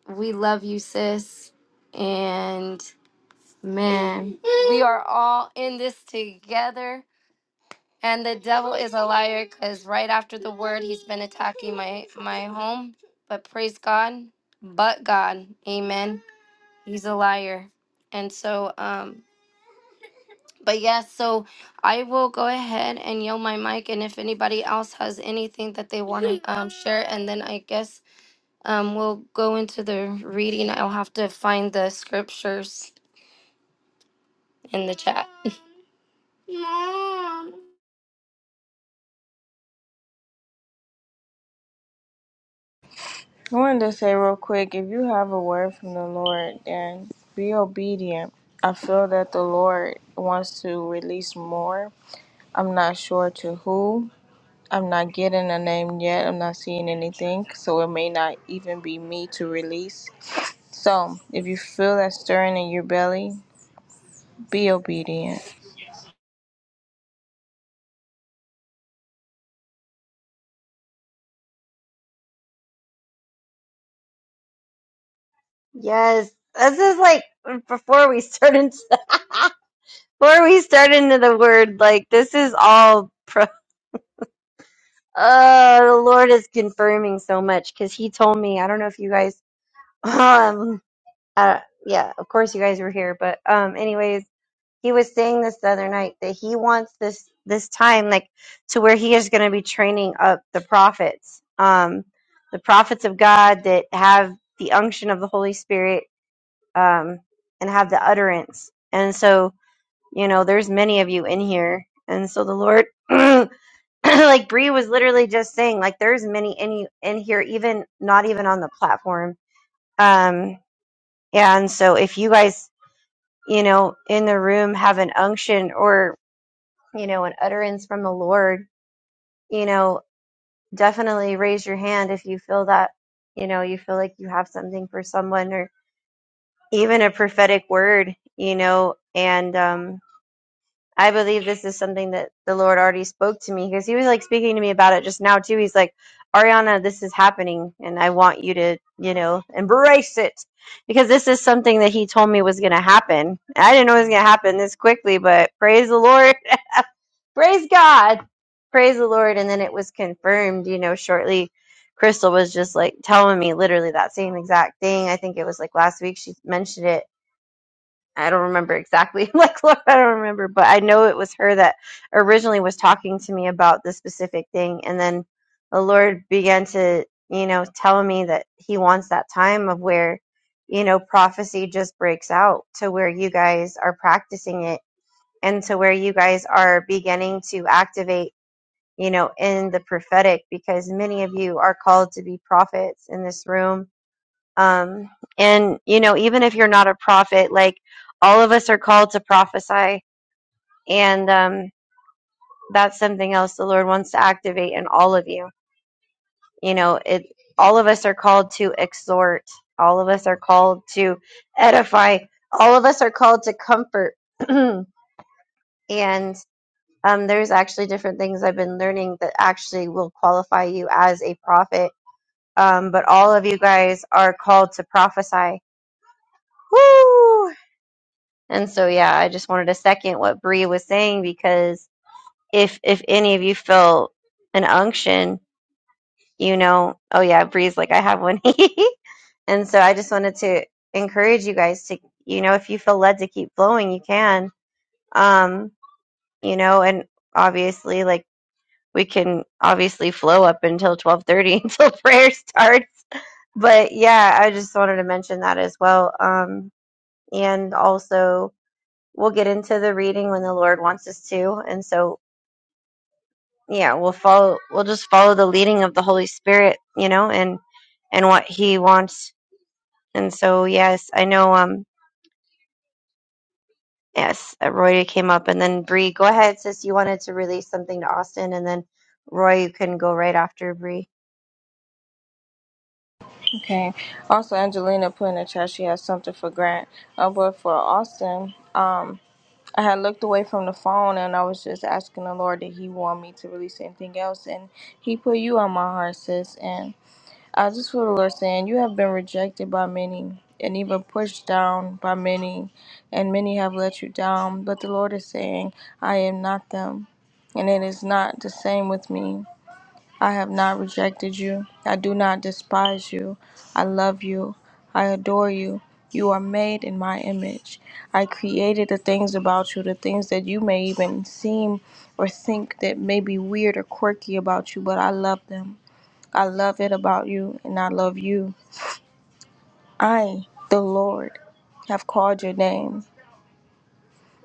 [SPEAKER 1] we love you, sis. And man, we are all in this together And the devil is a liar because right after the word, he's been attacking my my home. But praise God, but God, Amen. He's a liar, and so um. But yes, so I will go ahead and yell my mic, and if anybody else has anything that they want to [LAUGHS] um, share, and then I guess um we'll go into the reading. I'll have to find the scriptures in the chat. [LAUGHS]
[SPEAKER 3] I wanted to say real quick if you have a word from the Lord, then be obedient. I feel that the Lord wants to release more. I'm not sure to who. I'm not getting a name yet. I'm not seeing anything. So it may not even be me to release. So if you feel that stirring in your belly, be obedient.
[SPEAKER 2] yes, this is like before we start into [LAUGHS] before we start into the word. Like this is all. Pro- uh, the Lord is confirming so much because He told me. I don't know if you guys [LAUGHS] um. uh yeah of course you guys were here but um anyways he was saying this the other night that he wants this this time like to where he is going to be training up the prophets um the prophets of god that have the unction of the holy spirit um and have the utterance and so you know there's many of you in here and so the lord [CLEARS THROAT] like Bree was literally just saying like there's many in you in here even not even on the platform um and so if you guys you know, in the room have an unction or, you know, an utterance from the Lord, you know, definitely raise your hand if you feel that, you know, you feel like you have something for someone or even a prophetic word, you know, and, um, I believe this is something that the Lord already spoke to me because He was like speaking to me about it just now too. He's like, Ariana, this is happening, and I want you to, you know, embrace it because this is something that He told me was going to happen. I didn't know it was going to happen this quickly, but praise the Lord, [LAUGHS] praise God, praise the Lord, and then it was confirmed. You know, shortly, Crystal was just like telling me literally that same exact thing. I think it was like last week she mentioned it I don't remember exactly. [LAUGHS] Like, Lord, I don't remember, but I know it was her that originally was talking to me about this specific thing. And then the Lord began to, you know, tell me that He wants that time of where, you know, prophecy just breaks out to where you guys are practicing it and to where you guys are beginning to activate, you know, in the prophetic because many of you are called to be prophets in this room um, and you know, even if you're not a prophet, like all of us are called to prophesy, and um, that's something else the Lord wants to activate in all of you. You know, it. All of us are called to exhort. All of us are called to edify. All of us are called to comfort. [CLEARS THROAT] and um, there's actually different things I've been learning that actually will qualify you as a prophet. Um, but all of you guys are called to prophesy. Woo! And so, yeah, I just wanted to second what Bree was saying because if if any of you feel an unction, you know, oh yeah, Bree's like I have one. [LAUGHS] and so, I just wanted to encourage you guys to, you know, if you feel led to keep flowing, you can. Um, you know, and obviously, like we can obviously flow up until twelve thirty [LAUGHS] until prayer starts. But yeah, I just wanted to mention that as well. Um, and also we'll get into the reading when the Lord wants us to. And so, yeah, we'll follow, we'll just follow the leading of the Holy Spirit, you know, and, and what he wants. And so, yes, I know, um, yes, uh, Roy came up and then Bree, go ahead, sis, you wanted to release something to Austin and then Roy, you can go right after Bree.
[SPEAKER 3] Okay. Also, Angelina put in the chat she has something for Grant. Uh, but for Austin, Um. I had looked away from the phone and I was just asking the Lord that He want me to release anything else. And He put you on my heart, sis. And I just feel the Lord saying, You have been rejected by many and even pushed down by many, and many have let you down. But the Lord is saying, I am not them. And it is not the same with me. I have not rejected you. I do not despise you. I love you. I adore you. You are made in my image. I created the things about you, the things that you may even seem or think that may be weird or quirky about you, but I love them. I love it about you, and I love you. I, the Lord, have called your name.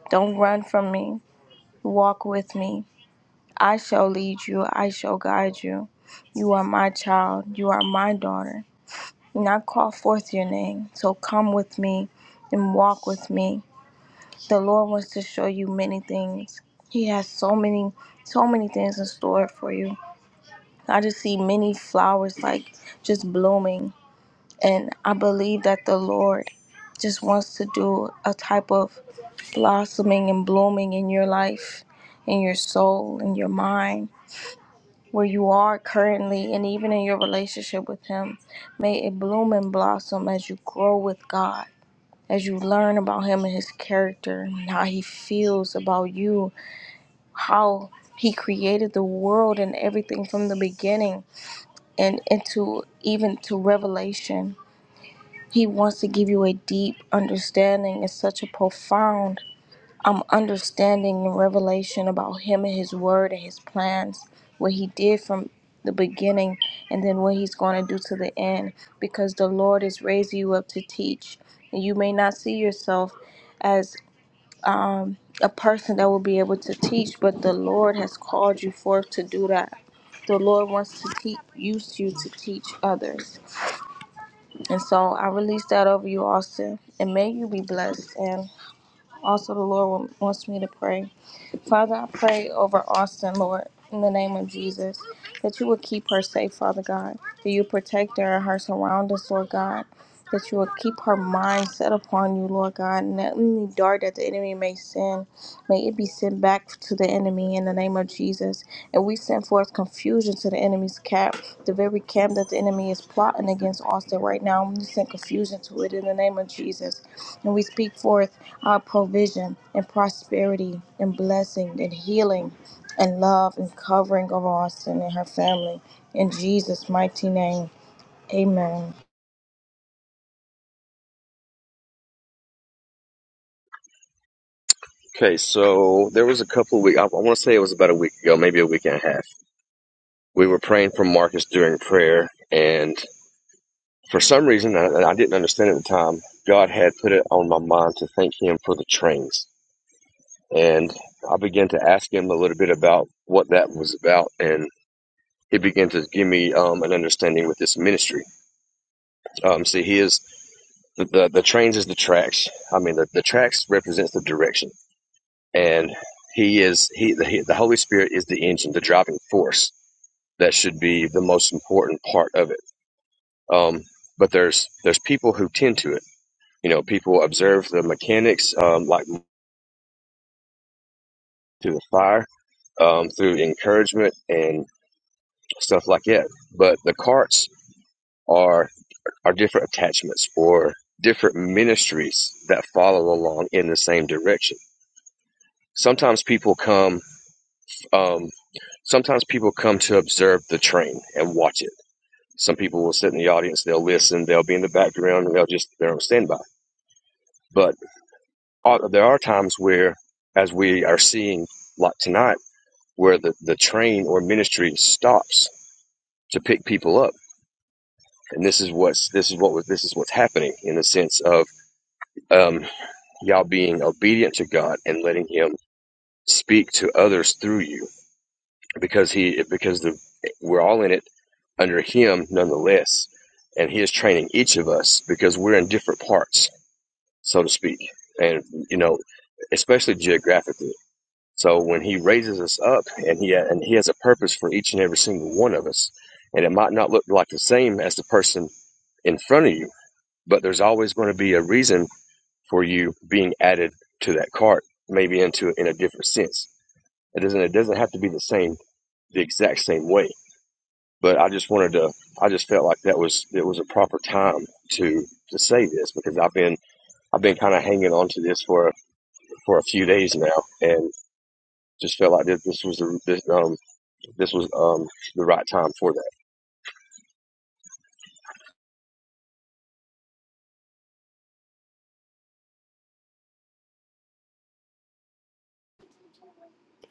[SPEAKER 3] Don't run from me. Walk with me. I shall lead you. I shall guide you. You are my child. You are my daughter. and I call forth your name. So come with me and walk with me. The Lord wants to show you many things. He has so many, so many things in store for you. I just see many flowers like just blooming. And I believe that the Lord just wants to do a type of blossoming and blooming in your life, in your soul, in your mind, where you are currently, and even in your relationship with Him. May it bloom and blossom as you grow with God as you learn about him and his character, how he feels about you, how he created the world and everything from the beginning and into even to revelation. He wants to give you a deep understanding and such a profound um, understanding and revelation about him and his word and his plans, what he did from the beginning and then what he's going to do to the end because the Lord is raising you up to teach. And you may not see yourself as um, a person that will be able to teach, but the Lord has called you forth to do that. The Lord wants to te- use you to teach others. And so I release that over you, Austin, and may you be blessed. And also, the Lord wa- wants me to pray. Father, I pray over Austin, Lord, in the name of Jesus, that you would keep her safe, Father God, that you protect her and her surroundings, Lord God that you will keep her mind set upon you, Lord God, and that any dart that the enemy may send, may it be sent back to the enemy in the name of Jesus. And we send forth confusion to the enemy's camp, the very camp that the enemy is plotting against Austin right now. We send confusion to it in the name of Jesus. And we speak forth our provision and prosperity and blessing and healing and love and covering of Austin and her family. In Jesus' mighty name, amen.
[SPEAKER 5] Okay, so there was a couple of weeks, I, I want to say it was about a week ago, maybe a week and a half. We were praying for Marcus during prayer, and for some reason, and I didn't understand at the time, God had put it on my mind to thank Him for the trains. And I began to ask Him a little bit about what that was about, and He began to give me um, an understanding with this ministry. Um, see, He is the, the, the trains is the tracks. I mean, the, the tracks represents the direction, and He is He the, he, the Holy Spirit is the engine, the driving force that should be the most important part of it. Um, but there's there's people who tend to it. You know, people observe the mechanics um, like through the fire, um, through encouragement and stuff like that. But the carts are are different attachments or different ministries that follow along in the same direction. Sometimes people come. Um, sometimes people come to observe the train and watch it. Some people will sit in the audience. They'll listen. They'll be in the background. And they'll just they're on standby. But uh, there are times where, as we are seeing like tonight, where the, the train or ministry stops to pick people up. And this is what's this is what was this is what's happening in the sense of um, y'all being obedient to God and letting Him speak to others through you because He because the we're all in it under Him nonetheless, and He is training each of us because we're in different parts, so to speak, and you know, especially geographically So when he raises us up and he and he has a purpose for each and every single one of us. And it might not look like the same as the person in front of you, but there's always going to be a reason for you being added to that cart, maybe into in a different sense. It doesn't it doesn't have to be the same the exact same way. But I just wanted to I just felt like that was it was a proper time to to say this because I've been I've been kind of hanging on to this for for a few days now and just felt like this this was the this, um, this was um, the right time for that.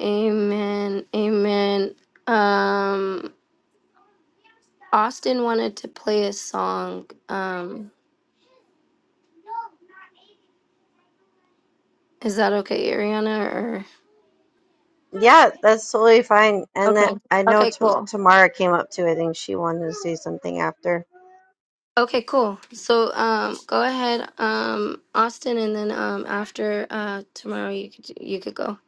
[SPEAKER 1] Amen. Amen. Um. Austin wanted to play a song. Um, is that okay, Ariana? Or
[SPEAKER 2] Yeah, that's totally fine. And
[SPEAKER 1] okay,
[SPEAKER 2] that I know
[SPEAKER 1] okay,
[SPEAKER 2] t-
[SPEAKER 1] cool.
[SPEAKER 2] Tamara came up too. I think she wanted to say something after.
[SPEAKER 1] Okay, cool. So um, go ahead, um, Austin, and then um, after uh, tomorrow, you could you could go.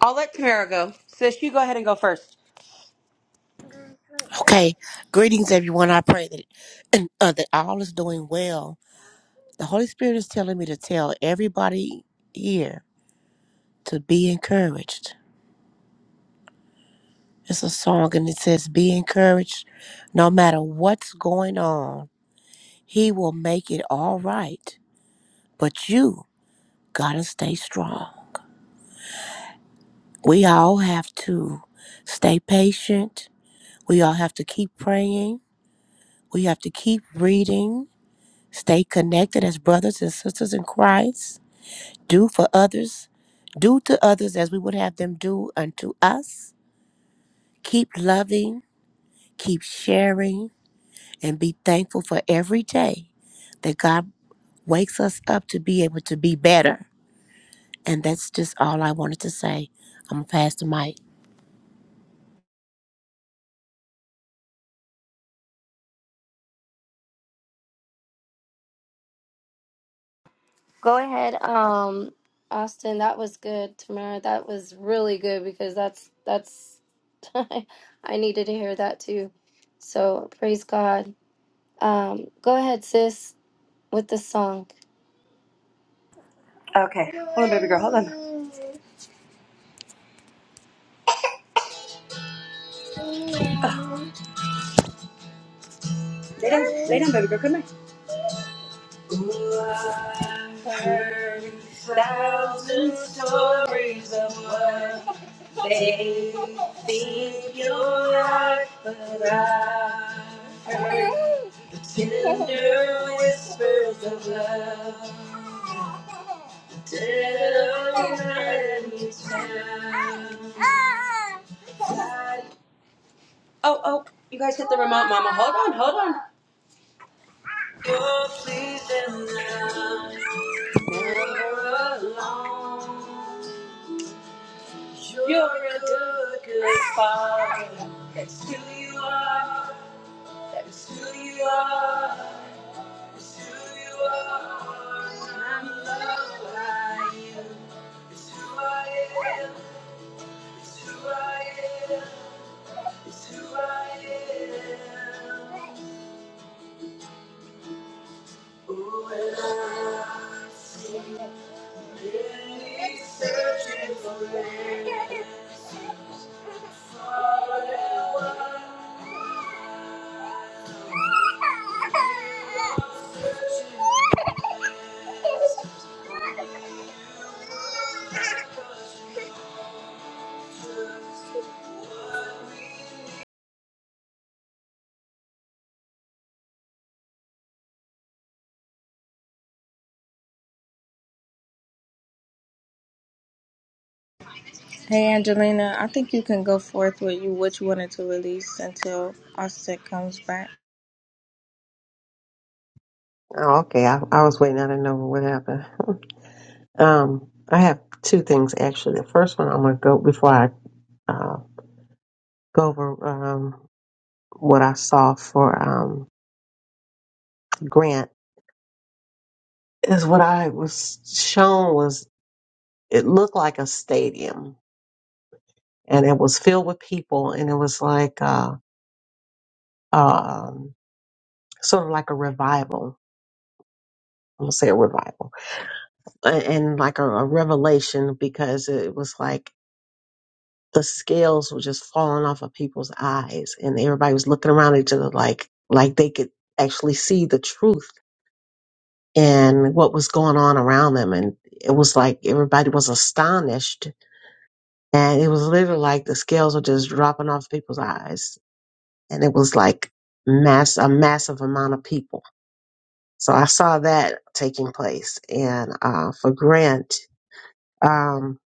[SPEAKER 6] I'll let Tamara go. Sis, you go ahead and go first.
[SPEAKER 7] Okay, greetings everyone. I pray that [CLEARS THROAT] uh, that all is doing well. The Holy Spirit is telling me to tell everybody here to be encouraged. It's a song and it says, "Be encouraged, no matter what's going on. He will make it all right. But you gotta stay strong. We all have to stay patient. We all have to keep praying. We have to keep reading. Stay connected as brothers and sisters in Christ." Do for others, do to others as we would have them do unto us. Keep loving, keep sharing, and be thankful for every day that God wakes us up to be able to be better. And that's just all I wanted to say. I'm gonna pass the mic.
[SPEAKER 1] Go ahead, um, Austin. That was good. Tamara, that was really good because that's that's [LAUGHS] I needed to hear that too. So praise God. Um, go ahead, sis, with the song.
[SPEAKER 6] Okay. Hold on, baby girl. Hold on. Lay down. Lay down, baby girl. Come here. They think you're not the right, but I the tender whispers of love. Tell me time. Oh, oh, you guys hit the remote, Mama. Hold on, hold on. You're pleasing now. Never alone. You're a good, good father. That's who you are. That's who you are. That's who you are. I'm loved by you. It's who I am. It's who I am. It's who I am. Ooh, and I see Thank you.
[SPEAKER 3] Hey Angelina, I think you can go forth with you what you wanted to release until Offset comes back.
[SPEAKER 4] Oh, okay. I, I was waiting. I didn't know what happened. [LAUGHS] Um, I have two things actually. The first one I'm going to go before I uh, go over um, what I saw for um, Grant is what I was shown was it looked like a stadium and it was filled with people and it was like uh um sort of like a revival i'm gonna say a revival and, and like a, a revelation because it was like the scales were just falling off of people's eyes and everybody was looking around each other like like they could actually see the truth and what was going on around them and it was like everybody was astonished and it was literally like the scales were just dropping off people's eyes and it was like mass a massive amount of people. So I saw that taking place. And uh, for Grant, um,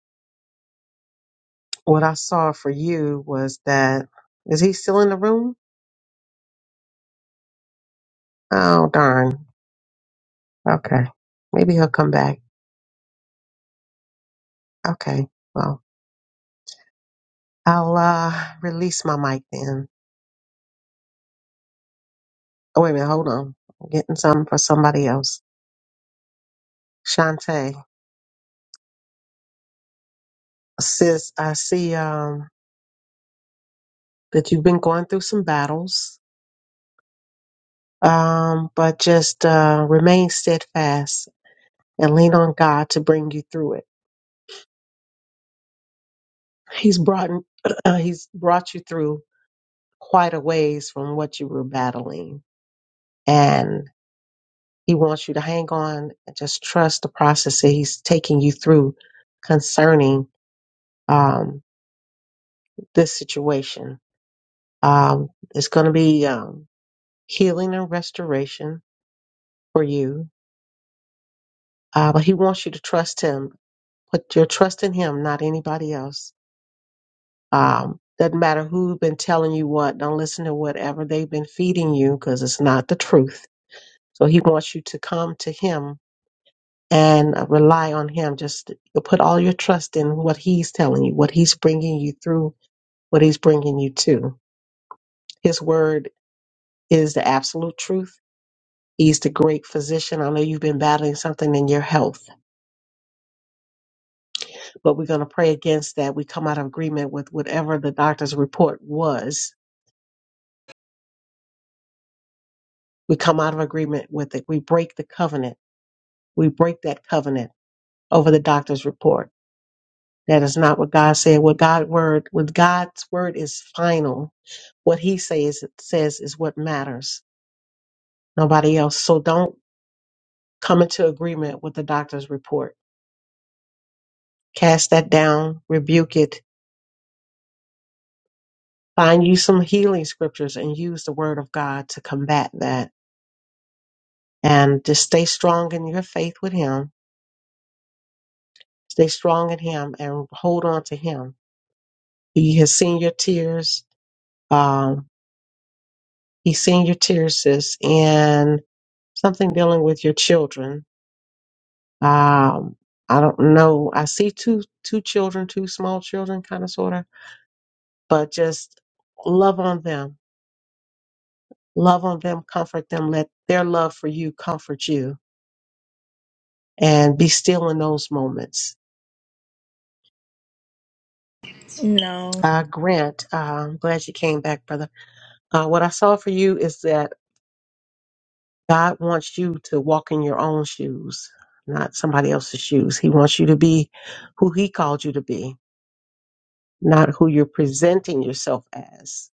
[SPEAKER 4] what I saw for you was that is he still in the room? Oh darn. Okay, maybe he'll come back. Okay, well I'll uh, release my mic then. Oh wait a minute, hold on. I'm getting something for somebody else. Shantae, sis, I see um, that you've been going through some battles Um, but just uh, remain steadfast and lean on God to bring you through it. He's brought [CLEARS THROAT] he's brought you through quite a ways from what you were battling, and He wants you to hang on and just trust the process that He's taking you through concerning um, this situation. Um, it's going to be um, healing and restoration for you, uh, but He wants you to trust Him. Put your trust in Him, not anybody else Um, doesn't matter who's been telling you what. Don't listen to whatever they've been feeding you because it's not the truth. So he wants you to come to him and uh, rely on him. Just put all your trust in what he's telling you, what he's bringing you through, what he's bringing you to. His word is the absolute truth. He's the great physician. I know you've been battling something in your health, but we're going to pray against that. We come out of agreement with whatever the doctor's report was. We come out of agreement with it. We break the covenant we break that covenant over the doctor's report. That is not what God said. What God word, what God's word is final. What He says says is what matters. Nobody else. So don't come into agreement with the doctor's report. Cast that down. Rebuke it. Find you some healing scriptures and use the word of God to combat that. And just stay strong in your faith with Him. Stay strong in Him and hold on to Him. He has seen your tears. Um, He's seen your tears, sis, and something dealing with your children. Um, I don't know. I see two two children, two small children, kind of sort of, but just love on them, love on them, comfort them. Let their love for you comfort you, and be still in those moments.
[SPEAKER 3] No.
[SPEAKER 4] Uh, Grant, uh, I'm glad you came back, brother. Uh, what I saw for you is that God wants you to walk in your own shoes, not somebody else's shoes. He wants you to be who He called you to be not who you're presenting yourself as.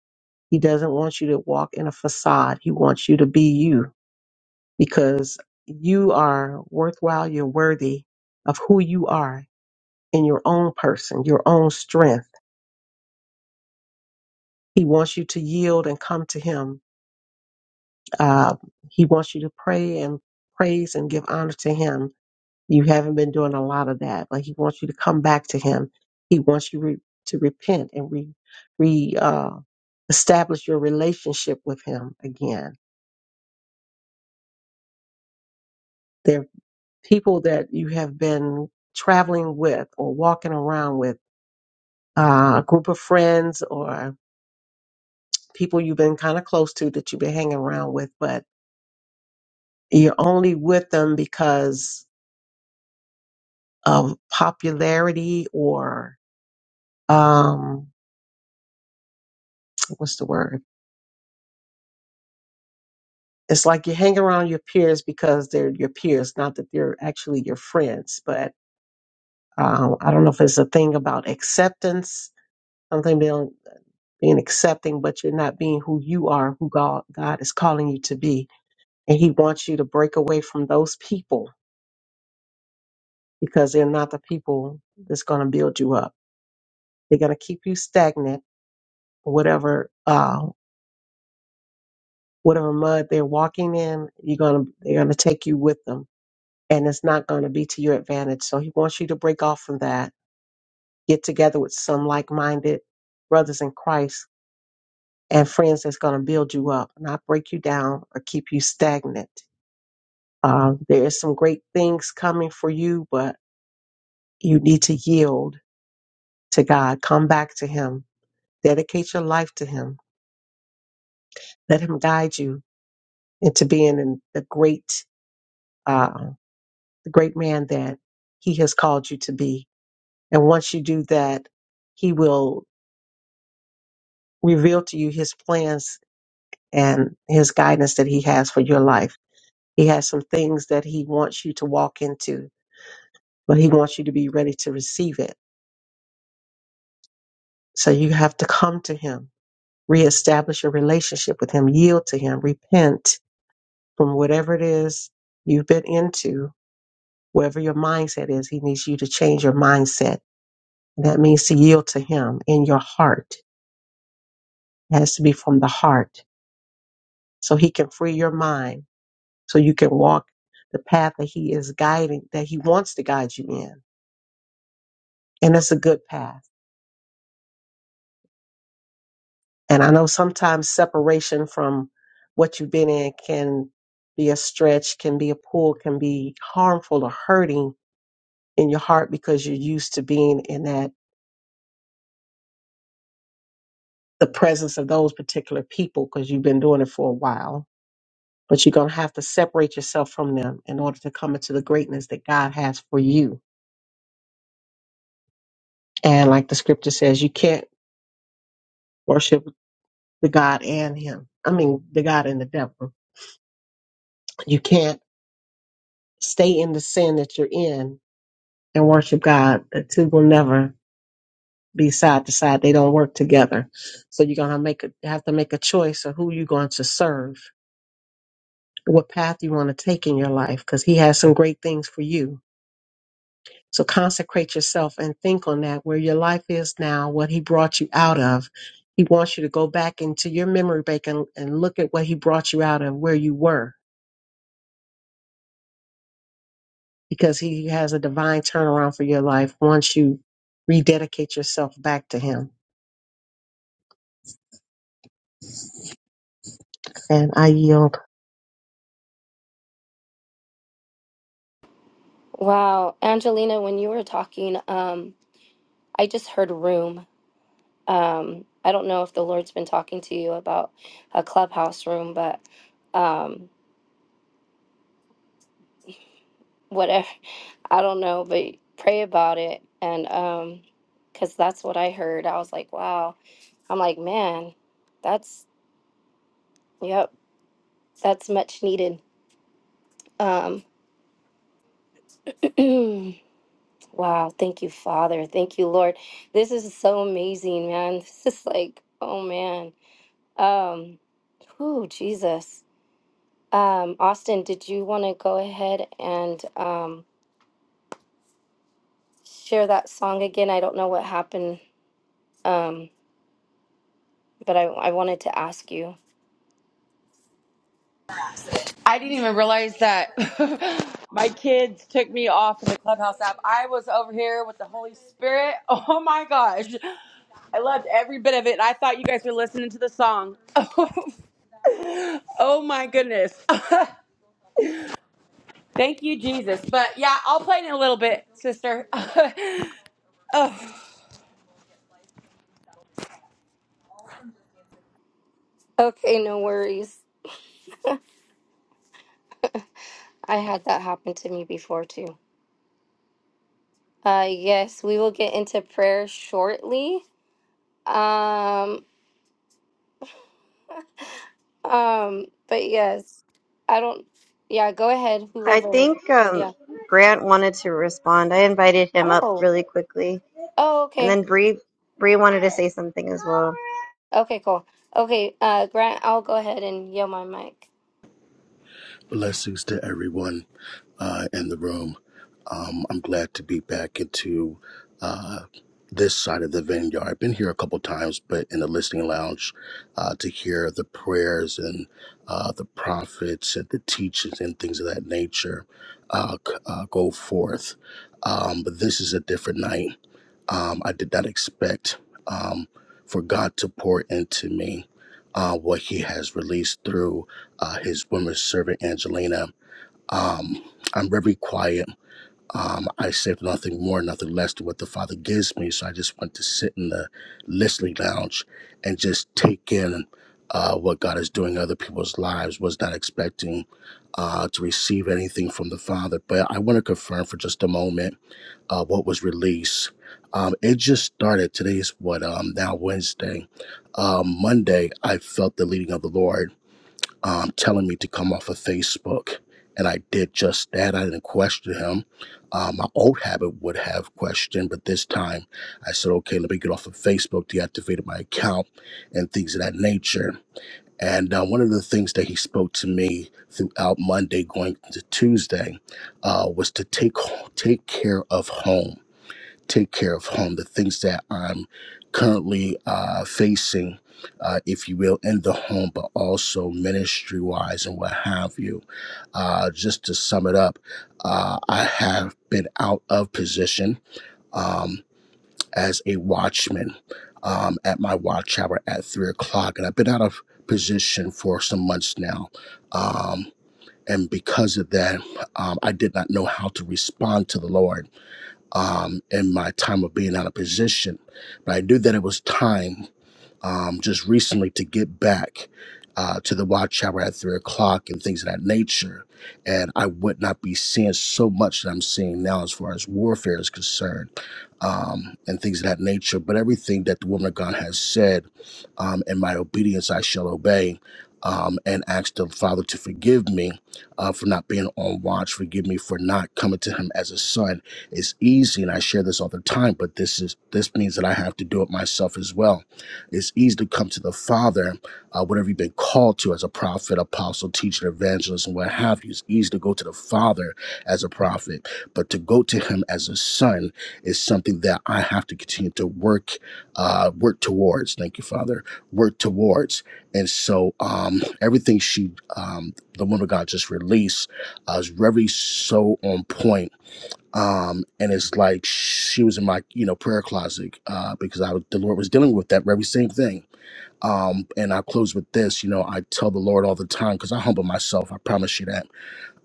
[SPEAKER 4] He doesn't want you to walk in a facade. He wants you to be you because you are worthwhile. You're worthy of who you are in your own person, your own strength. He wants you to yield and come to Him. Uh, he wants you to pray and praise and give honor to Him You haven't been doing a lot of that. Like he wants you to come back to him. He wants you re- to repent and re, re uh, establish your relationship with him again. There are people that you have been traveling with or walking around with, uh, a group of friends or people you've been kind of close to that you've been hanging around with, but you're only with them because of popularity or um, what's the word? It's like you hang around your peers because they're your peers, not that they're actually your friends. But um, I don't know if it's a thing about acceptance, something being, being accepting, but you're not being who you are, who God, God is calling you to be. And He wants you to break away from those people because they're not the people that's going to build you up. They're going to keep you stagnant, whatever uh, whatever mud they're walking in. You're gonna they're gonna take you with them and it's not going to be to your advantage. So he wants you to break off from that, get together with some like minded brothers in Christ and friends that's going to build you up, not break you down or keep you stagnant. Uh, there is some great things coming for you, but you need to yield to God. Come back to Him. Dedicate your life to Him. Let Him guide you into being in the great, uh, the great man that He has called you to be. And once you do that, He will reveal to you his plans and his guidance that he has for your life. He has some things that he wants you to walk into, but he wants you to be ready to receive it. So you have to come to him, reestablish your relationship with him, yield to him, repent from whatever it is you've been into, wherever your mindset is. He needs you to change your mindset. And that means to yield to him in your heart. It has to be from the heart so he can free your mind so you can walk the path that he is guiding that he wants to guide you in and it's a good path and i know sometimes separation from what you've been in can be a stretch can be a pull can be harmful or hurting in your heart because you're used to being in that the presence of those particular people because you've been doing it for a while but you're going to have to separate yourself from them in order to come into the greatness that god has for you and like the scripture says you can't worship the God and him. I mean, the God and the devil. You can't stay in the sin that you're in and worship God. The two will never be side to side. They don't work together. So you're gonna make a, have to make a choice of who you're going to serve, what path you want to take in your life, because He has some great things for you. So consecrate yourself and think on that, where your life is now, what He brought you out of. He wants you to go back into your memory bank and, and look at what He brought you out of, where you were because he has a divine turnaround for your life once you rededicate yourself back to him. And I yield.
[SPEAKER 1] Wow, Angelina, when you were talking, um, I just heard room. Um, I don't know if the Lord's been talking to you about a clubhouse room, but um, whatever, [LAUGHS] I don't know, but pray about it. And um, because that's what I heard. I was like, wow. I'm like, man, that's, yep, that's much needed. Um, [CLEARS THROAT] wow, thank you, Father. Thank you, Lord. This is so amazing, man. [LAUGHS] This is like, oh man. Um, oh, Jesus. Um, Austin, did you want to go ahead and um, share that song again? I don't know what happened, um, but I, I wanted to ask you.
[SPEAKER 6] I didn't even realize that [LAUGHS] my kids took me off of the Clubhouse app. I was over here with the Holy Spirit. [LAUGHS] Oh my gosh. I loved every bit of it. I thought you guys were listening to the song. [LAUGHS] oh my goodness. [LAUGHS] Thank you, Jesus. But yeah, I'll play it in a little bit, sister. [LAUGHS] oh,
[SPEAKER 1] Okay, no worries. [LAUGHS] I had that happen to me before too. Uh, yes, we will get into prayer shortly. Um, um, but yes, I don't. Yeah, go ahead.
[SPEAKER 2] I
[SPEAKER 1] Whoever.
[SPEAKER 2] think um,
[SPEAKER 1] Yeah.
[SPEAKER 2] Grant wanted to respond. I invited him up
[SPEAKER 1] Oh.
[SPEAKER 2] really quickly.
[SPEAKER 1] Oh,
[SPEAKER 2] And
[SPEAKER 1] okay.
[SPEAKER 2] then Bree Bree wanted to say something as well.
[SPEAKER 1] Okay, cool. Okay, uh, Grant, I'll go ahead and yell my mic.
[SPEAKER 8] Blessings to everyone uh, in the room. Um, I'm glad to be back into uh, this side of the vineyard. I've been here a couple times, but in the listening lounge uh, to hear the prayers and uh, the prophets and the teachings and things of that nature uh, c- uh, go forth. Um, but this is a different night. Um, I did not expect um, for God to pour into me uh, what He has released through uh, his woman servant Angelina. Um, I'm very quiet. Um, I say nothing more, nothing less than what the Father gives me. So I just want to sit in the listening lounge and just take in uh, what God is doing in other people's lives. Was not expecting uh, to receive anything from the Father, but I want to confirm for just a moment uh, what was released. Um, it just started. Today's what um, now Wednesday. Um, Monday, I felt the leading of the Lord um, telling me to come off of Facebook. And I did just that. I didn't question him. Um, my old habit would have questioned, but this time I said, okay, let me get off of Facebook, deactivated my account, and things of that nature. And uh, one of the things that he spoke to me throughout Monday going into Tuesday uh, was to take take care of home take care of home, the things that I'm currently uh, facing, uh, if you will, in the home, but also ministry wise and what have you. Uh, just to sum it up, uh, I have been out of position um, as a watchman um, at my watch hour at three o'clock, and I've been out of position for some months now. Um, and because of that, um, I did not know how to respond to the Lord um, in my time of being out of position. But I knew that it was time um, just recently to get back uh, to the watch hour at three o'clock and things of that nature. And I would not be seeing so much that I'm seeing now as far as warfare is concerned um, and things of that nature. But everything that the woman of God has said, um, in my obedience I shall obey, um, and ask the Father to forgive me uh, for not being on watch, forgive me for not coming to Him as a son. It's easy, and I share this all the time, but this is this means that I have to do it myself as well. It's easy to come to the Father, uh, whatever you've been called to as a prophet, apostle, teacher, evangelist, and what have you. It's easy to go to the Father as a prophet, but to go to Him as a son is something that I have to continue to work uh, work towards. Thank you, Father. Work towards. And so um, everything she, um, the woman of God, just released uh, is very so on point. Um, and it's like she was in my, you know, prayer closet uh, because I, was- the Lord was dealing with that very same thing. Um, and I close with this, you know, I tell the Lord all the time because I humble myself. I promise you that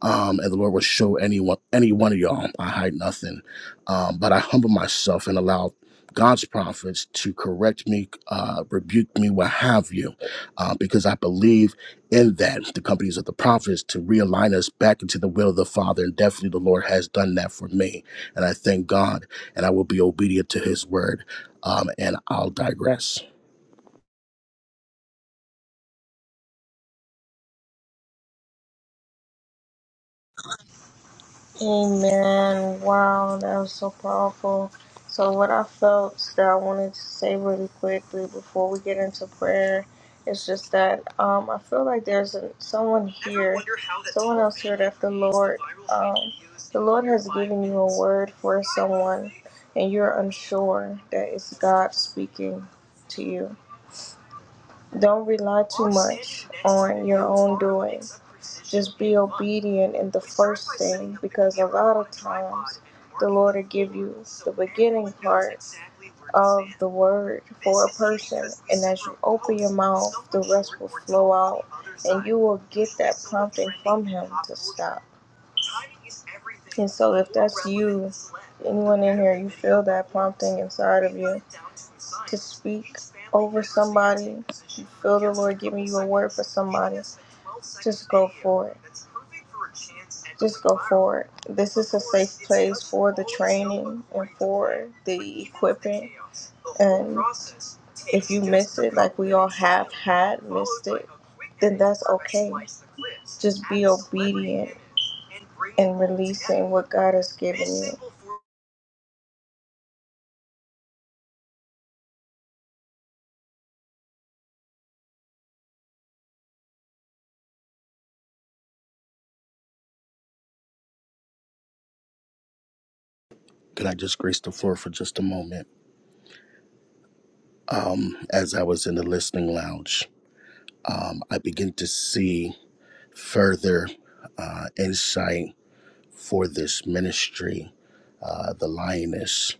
[SPEAKER 8] um, and the Lord will show anyone, any one of y'all. I hide nothing, um, but I humble myself and allow God's prophets to correct me, uh, rebuke me, what have you, uh, because I believe in that the companies of the prophets to realign us back into the will of the Father, and definitely the Lord has done that for me, and I thank God, and I will be obedient to His word, um, and I'll digress.
[SPEAKER 3] Amen. Wow, that was so powerful. So what I felt that I wanted to say really quickly before we get into prayer is just that um, I feel like there's a, someone here, someone else here that the Lord, um, the Lord has given you a word for someone, and you're unsure that it's God speaking to you Don't rely too much on your own doing. Just be obedient in the first thing because a lot of times the Lord will give you the beginning part of the word for a person. And as you open your mouth, the rest will flow out and you will get that prompting from Him to stop. And so, if that's you, anyone in here, you feel that prompting inside of you to speak over somebody, you feel the Lord giving you a word for somebody, just go for it. Just go for it. This is a safe place for the training and for the equipping. And if you miss it, like we all have had missed it, then that's okay. Just be obedient and releasing what God has given you.
[SPEAKER 8] Can I just grace the floor for just a moment? Um, as I was in the listening lounge, um, I begin to see. further uh, insight for this ministry, uh, the Lioness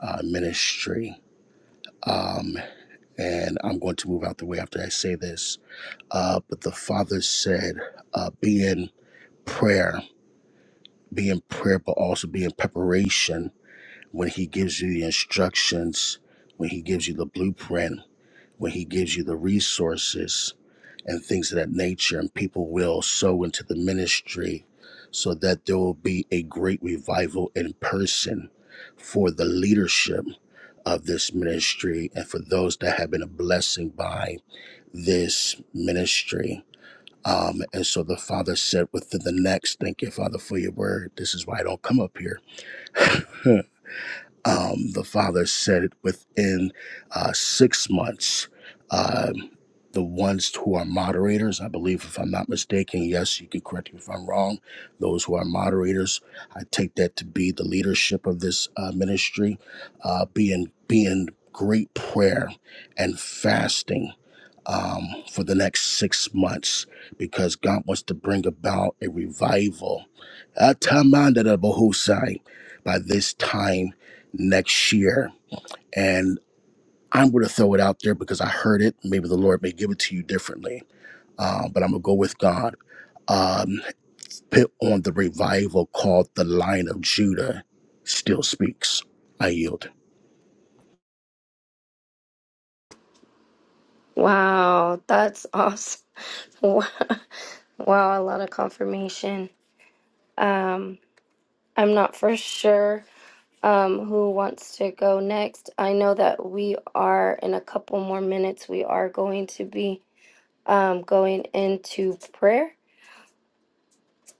[SPEAKER 8] uh, Ministry. Um, and I'm going to move out the way after I say this. Uh, but the Father said, uh, be in prayer, be in prayer, but also be in preparation when He gives you the instructions, when He gives you the blueprint, when He gives you the resources. and things of that nature. And people will sow into the ministry so that there will be a great revival in person for the leadership of this ministry and for those that have been a blessing by this ministry. Um, and so the father said within the next, thank you, Father, for your word. This is why I don't come up here. [LAUGHS] Um, the father said it within uh, six months. Um, the ones who are moderators, I believe, if I'm not mistaken, yes, you could correct me if I'm wrong. Those who are moderators, I take that to be the leadership of this uh, ministry, uh, being being great prayer and fasting um, for the next six months because God wants to bring about a revival. Atamandadabohusai. By this time next year. And I'm going to throw it out there because I heard it. Maybe the Lord may give it to you differently, uh, but I'm going to go with God. Um, put on the revival called The Line of Judah Still Speaks. I yield.
[SPEAKER 1] Wow, that's awesome. [LAUGHS] Wow, wow, a lot of confirmation. Um, I'm not for sure um, who wants to go next. I know that we are in a couple more minutes. We are going to be um, going into prayer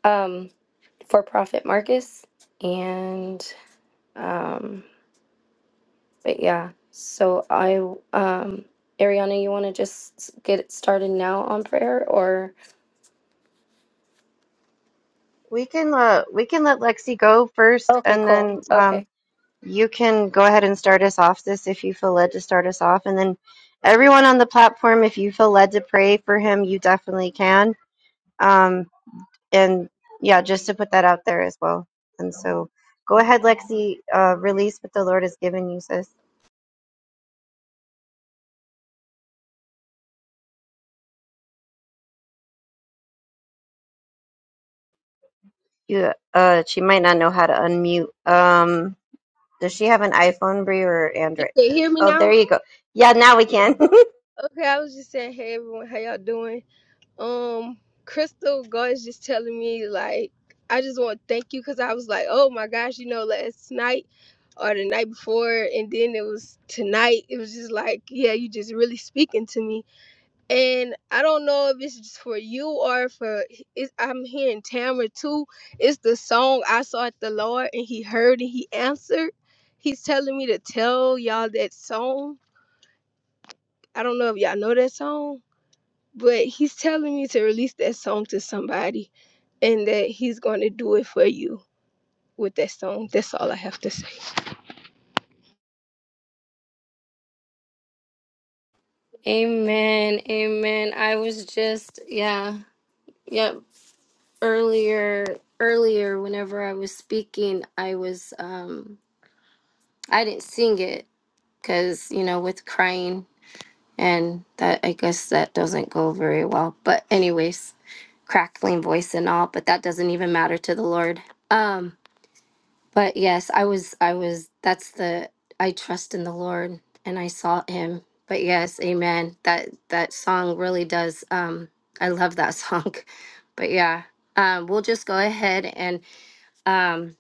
[SPEAKER 1] um, for Prophet Marcus, and um, But yeah, so I, um, Ariana, you want to just get started now on prayer or?
[SPEAKER 2] We can uh, we can let Lexi go first,
[SPEAKER 1] Okay,
[SPEAKER 2] and
[SPEAKER 1] cool.
[SPEAKER 2] then um,
[SPEAKER 1] Okay.
[SPEAKER 2] you can go ahead and start us off this if you feel led to start us off, and then everyone on the platform, if you feel led to pray for him, you definitely can. Um, and yeah, just to put that out there as well. And so go ahead, Lexi. Uh, release what the Lord has given you, sis. You uh, she might not know how to unmute. Um, Does she have an iPhone, Brie, or
[SPEAKER 9] You
[SPEAKER 2] Android?
[SPEAKER 9] can hear me
[SPEAKER 2] Oh, there
[SPEAKER 9] now?
[SPEAKER 2] you go. Yeah, now we
[SPEAKER 9] Yeah.
[SPEAKER 2] can. [LAUGHS]
[SPEAKER 9] Okay, I was just saying, hey everyone, how y'all doing? Um, Crystal God is just telling me like, I just want to thank you because I was like, oh my gosh, you know, last night or the night before, and then it was tonight. It was just like, yeah, you just really speaking to me, and I don't know if it's just for you or for it's, I'm hearing Tamra too. It's the song I sought the Lord and He heard and He answered. He's telling me to tell y'all that song I don't know if y'all know that song, but he's telling me to release that song to somebody and that he's going to do it for you with that song. That's all I have to say.
[SPEAKER 1] Amen. Amen. I was just, yeah, yeah, earlier, earlier, whenever I was speaking, I was, um, I didn't sing it because, you know, with crying and that, I guess that doesn't go very well. But, anyways, crackling voice and all, but that doesn't even matter to the Lord. Um, But yes, I was, I was, that's the, I trust in the Lord and I sought him. But yes, amen. That, that song really does. Um, I love that song. [LAUGHS] But yeah, um, we'll just go ahead and, um,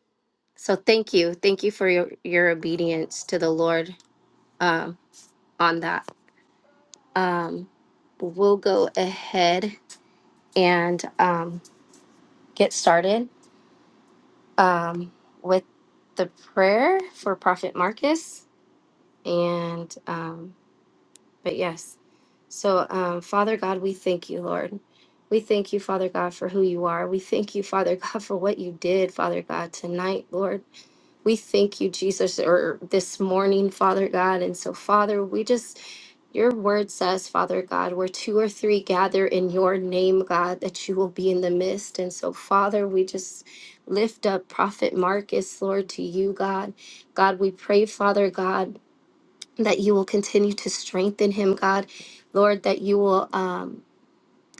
[SPEAKER 1] so thank you. Thank you for your, your obedience to the Lord, um, on that. Um, we'll go ahead and, um, get started, um, with the prayer for Prophet Marcus. And, um, but yes. So, um, Father God, we thank you, Lord. We thank you, Father God, for who you are. We thank you, [LAUGHS] Father God, for what you did, Father God, tonight, Lord. We thank you, Jesus, or this morning, Father God. And so, Father, we just your word says, Father God, where two or three gather in your name, God, that you will be in the midst. And so, Father, we just lift up Prophet Marcus, Lord, to you, God. God, we pray, Father God that you will continue to strengthen him, God. Lord, that you will um,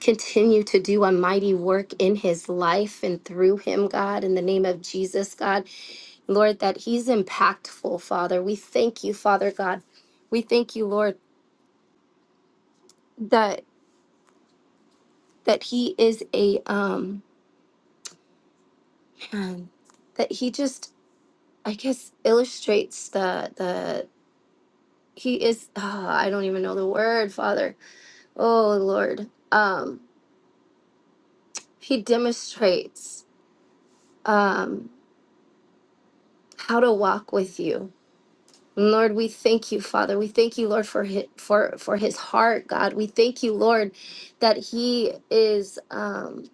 [SPEAKER 1] continue to do a mighty work in his life and through him, God, in the name of Jesus, God. Lord, that he's impactful, Father. We thank you, Father God. We thank you, Lord, that that he is a um [CLEARS THROAT] man, that he just I guess illustrates the the he is ah, I don't even know the word, Father. Oh Lord. Um he demonstrates um, how to walk with you. Lord, we thank you, Father. We thank you, Lord, for his, for for his heart, God. We thank you, Lord, that he is. Um,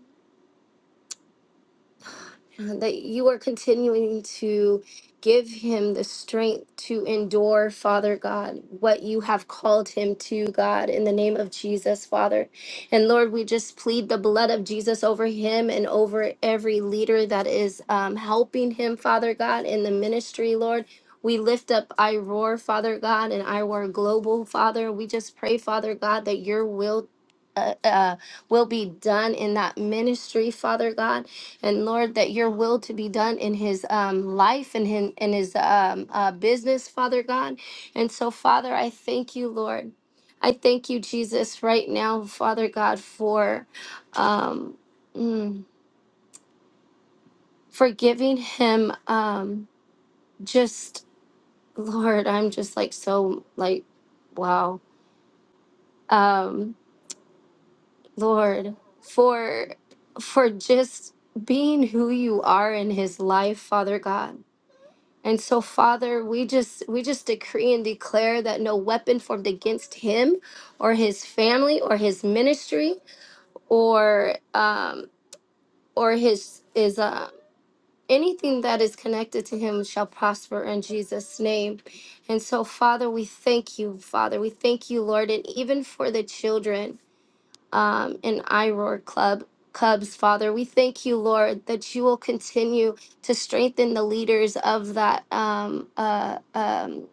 [SPEAKER 1] uh, that you are continuing to give him the strength to endure, Father God, what you have called him to, God, in the name of Jesus, Father. And Lord, we just plead the blood of Jesus over him and over every leader that is um, helping him, Father God, in the ministry, Lord. We lift up IROAR, Father God, and IROAR Global, Father. We just pray, Father God, that your will uh, uh, will be done in that ministry, Father God and Lord, that your will to be done in his um, life and in, in his um, uh, business, Father God. And so, Father, I thank you, Lord. I thank you, Jesus, right now, Father God, for um, mm, for giving him um, just, Lord, I'm just like so like, wow, um, Lord, for for just being who you are in his life, Father God And so, Father, we just we just decree and declare that no weapon formed against him, or his family, or his ministry, or um, or his is uh, anything that is connected to him shall prosper in Jesus' name. And so, Father, we thank you, Father, we thank you, Lord, and even for the children um, and IROAR Club. Cubs, Father, we thank you, Lord, that you will continue to strengthen the leaders of that um, uh, um,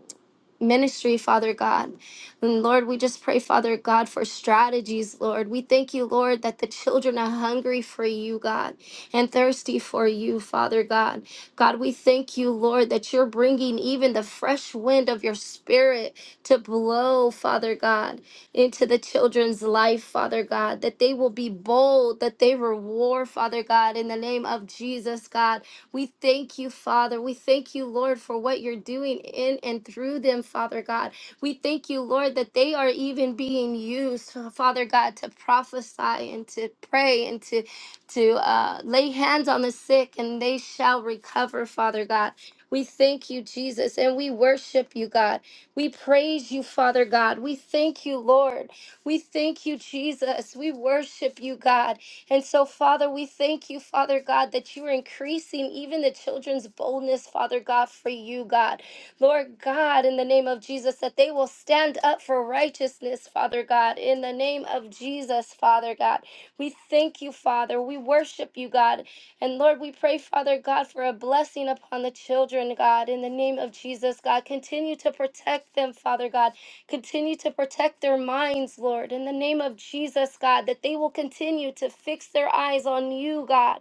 [SPEAKER 1] ministry, Father God. And Lord, we just pray, Father God, for strategies, Lord. We thank you, Lord, that the children are hungry for you, God, and thirsty for you, Father God. God, we thank you, Lord, that you're bringing even the fresh wind of your spirit to blow, Father God, into the children's life, Father God, that they will be bold, that they will war, Father God, in the name of Jesus, God. We thank you, Father. We thank you, Lord, for what you're doing in and through them, Father God. We thank you, Lord, that they are even being used, Father God, to prophesy and to pray and to to uh, lay hands on the sick and they shall recover, Father God. We thank you, Jesus, and we worship you, God. We praise you, Father God. We thank you, Lord. We thank you, Jesus. We worship you, God. And so, Father, we thank you, Father God, that you are increasing even the children's boldness, Father God, for you, God. Lord God, in the name of Jesus, that they will stand up for righteousness, Father God, in the name of Jesus, Father God. We thank you, Father. We worship you, God. And Lord, we pray, Father God, for a blessing upon the children, God, in the name of Jesus, God. Continue to protect them, Father God. Continue to protect their minds, Lord, in the name of Jesus, God, that they will continue to fix their eyes on you, God.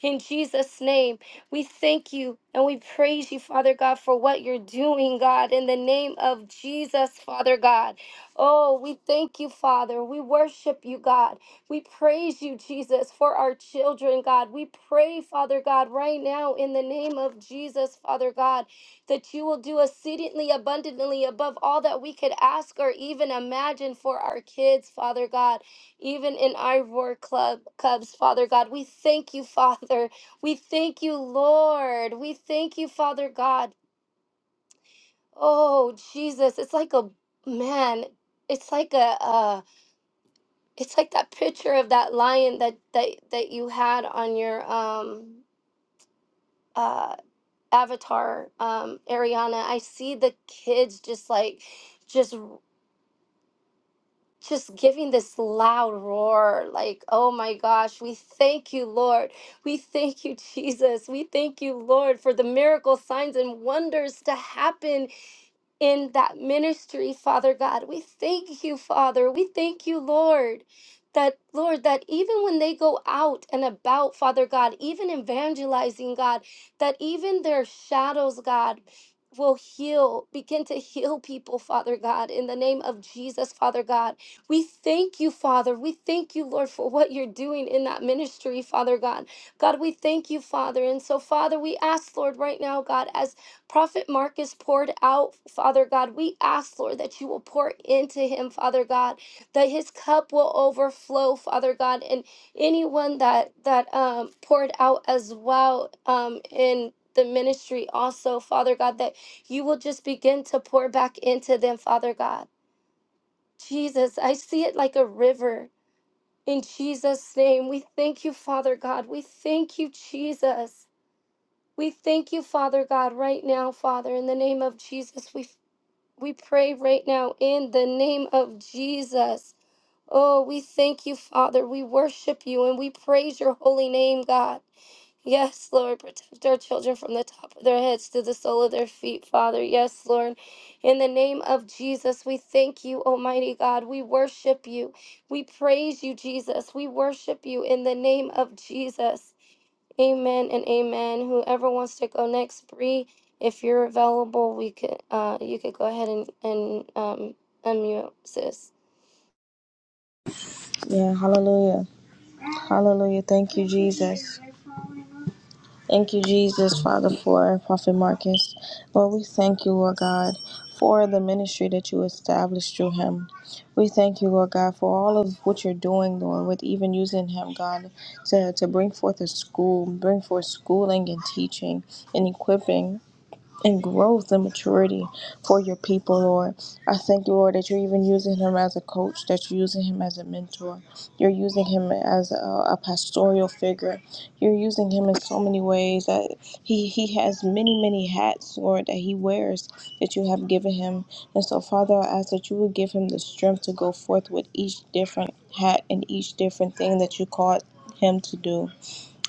[SPEAKER 1] In Jesus' name, we thank you and we praise you, Father God, for what you're doing, God, in the name of Jesus, Father God. Oh, we thank you, Father. We worship you, God. We praise you, Jesus, for our children, God. We pray, Father God, right now in the name of Jesus, Father God that you will do exceedingly abundantly above all that we could ask or even imagine for our kids, Father God, even in our war club cubs, Father God. We thank you, [LAUGHS] Father. We thank you, Lord. We thank you, Father God. Oh, Jesus, it's like a man. It's like a uh it's like that picture of that lion that that that you had on your um uh avatar um Ariana. I see the kids just like just just giving this loud roar like oh my gosh we thank you lord we thank you [LAUGHS] jesus we thank you lord for the miracle signs and wonders to happen in that ministry, Father God. We thank you, Father. We thank you, Lord. That, Lord, that even when they go out and about, Father God, even evangelizing, God, that even their shadows, God, will heal, begin to heal people, Father God, in the name of Jesus, Father God. We thank you, Father. We thank you, Lord, for what you're doing in that ministry, Father God. God, we thank you, Father. And so, Father, we ask, Lord, right now, God, as Prophet Marcus poured out, Father God. We ask, Lord, that you will pour into him, Father God, that his cup will overflow, Father God, and anyone that that um, poured out as well um, in the ministry, also, Father God, that you will just begin to pour back into them, Father God. Jesus, I see it like a river. In Jesus' name, we thank you, Father God. We thank you, Jesus. We thank you, Father God, right now, Father, in the name of Jesus. We we pray right now in the name of Jesus. Oh, we thank you, Father. We worship you and we praise your holy name, God. Yes, Lord, protect our children from the top of their heads to the sole of their feet, Father. Yes, Lord. In the name of Jesus, we thank you, Almighty God. We worship you. We praise you, Jesus. We worship you in the name of Jesus. Amen and amen. Whoever wants to go next, Bree, if you're available, we could uh you could go ahead and and um unmute sis.
[SPEAKER 3] Yeah, hallelujah. Hallelujah. Thank you, Jesus. Thank you, Jesus, Father, for Prophet Marcus. Lord, we thank you, Lord God, for the ministry that you established through him. We thank you, Lord God, for all of what you're doing, Lord, with even using him, God, to, to bring forth a school, bring forth schooling and teaching and equipping and growth and maturity for your people, Lord. I thank you, Lord, that you're even using him as a coach, that you're using him as a mentor. You're using him as a, a pastoral figure. You're using him in so many ways that he, he has many, many hats, Lord, that he wears that you have given him. And so, Father, I ask that you would give him the strength to go forth with each different hat and each different thing that you called him to do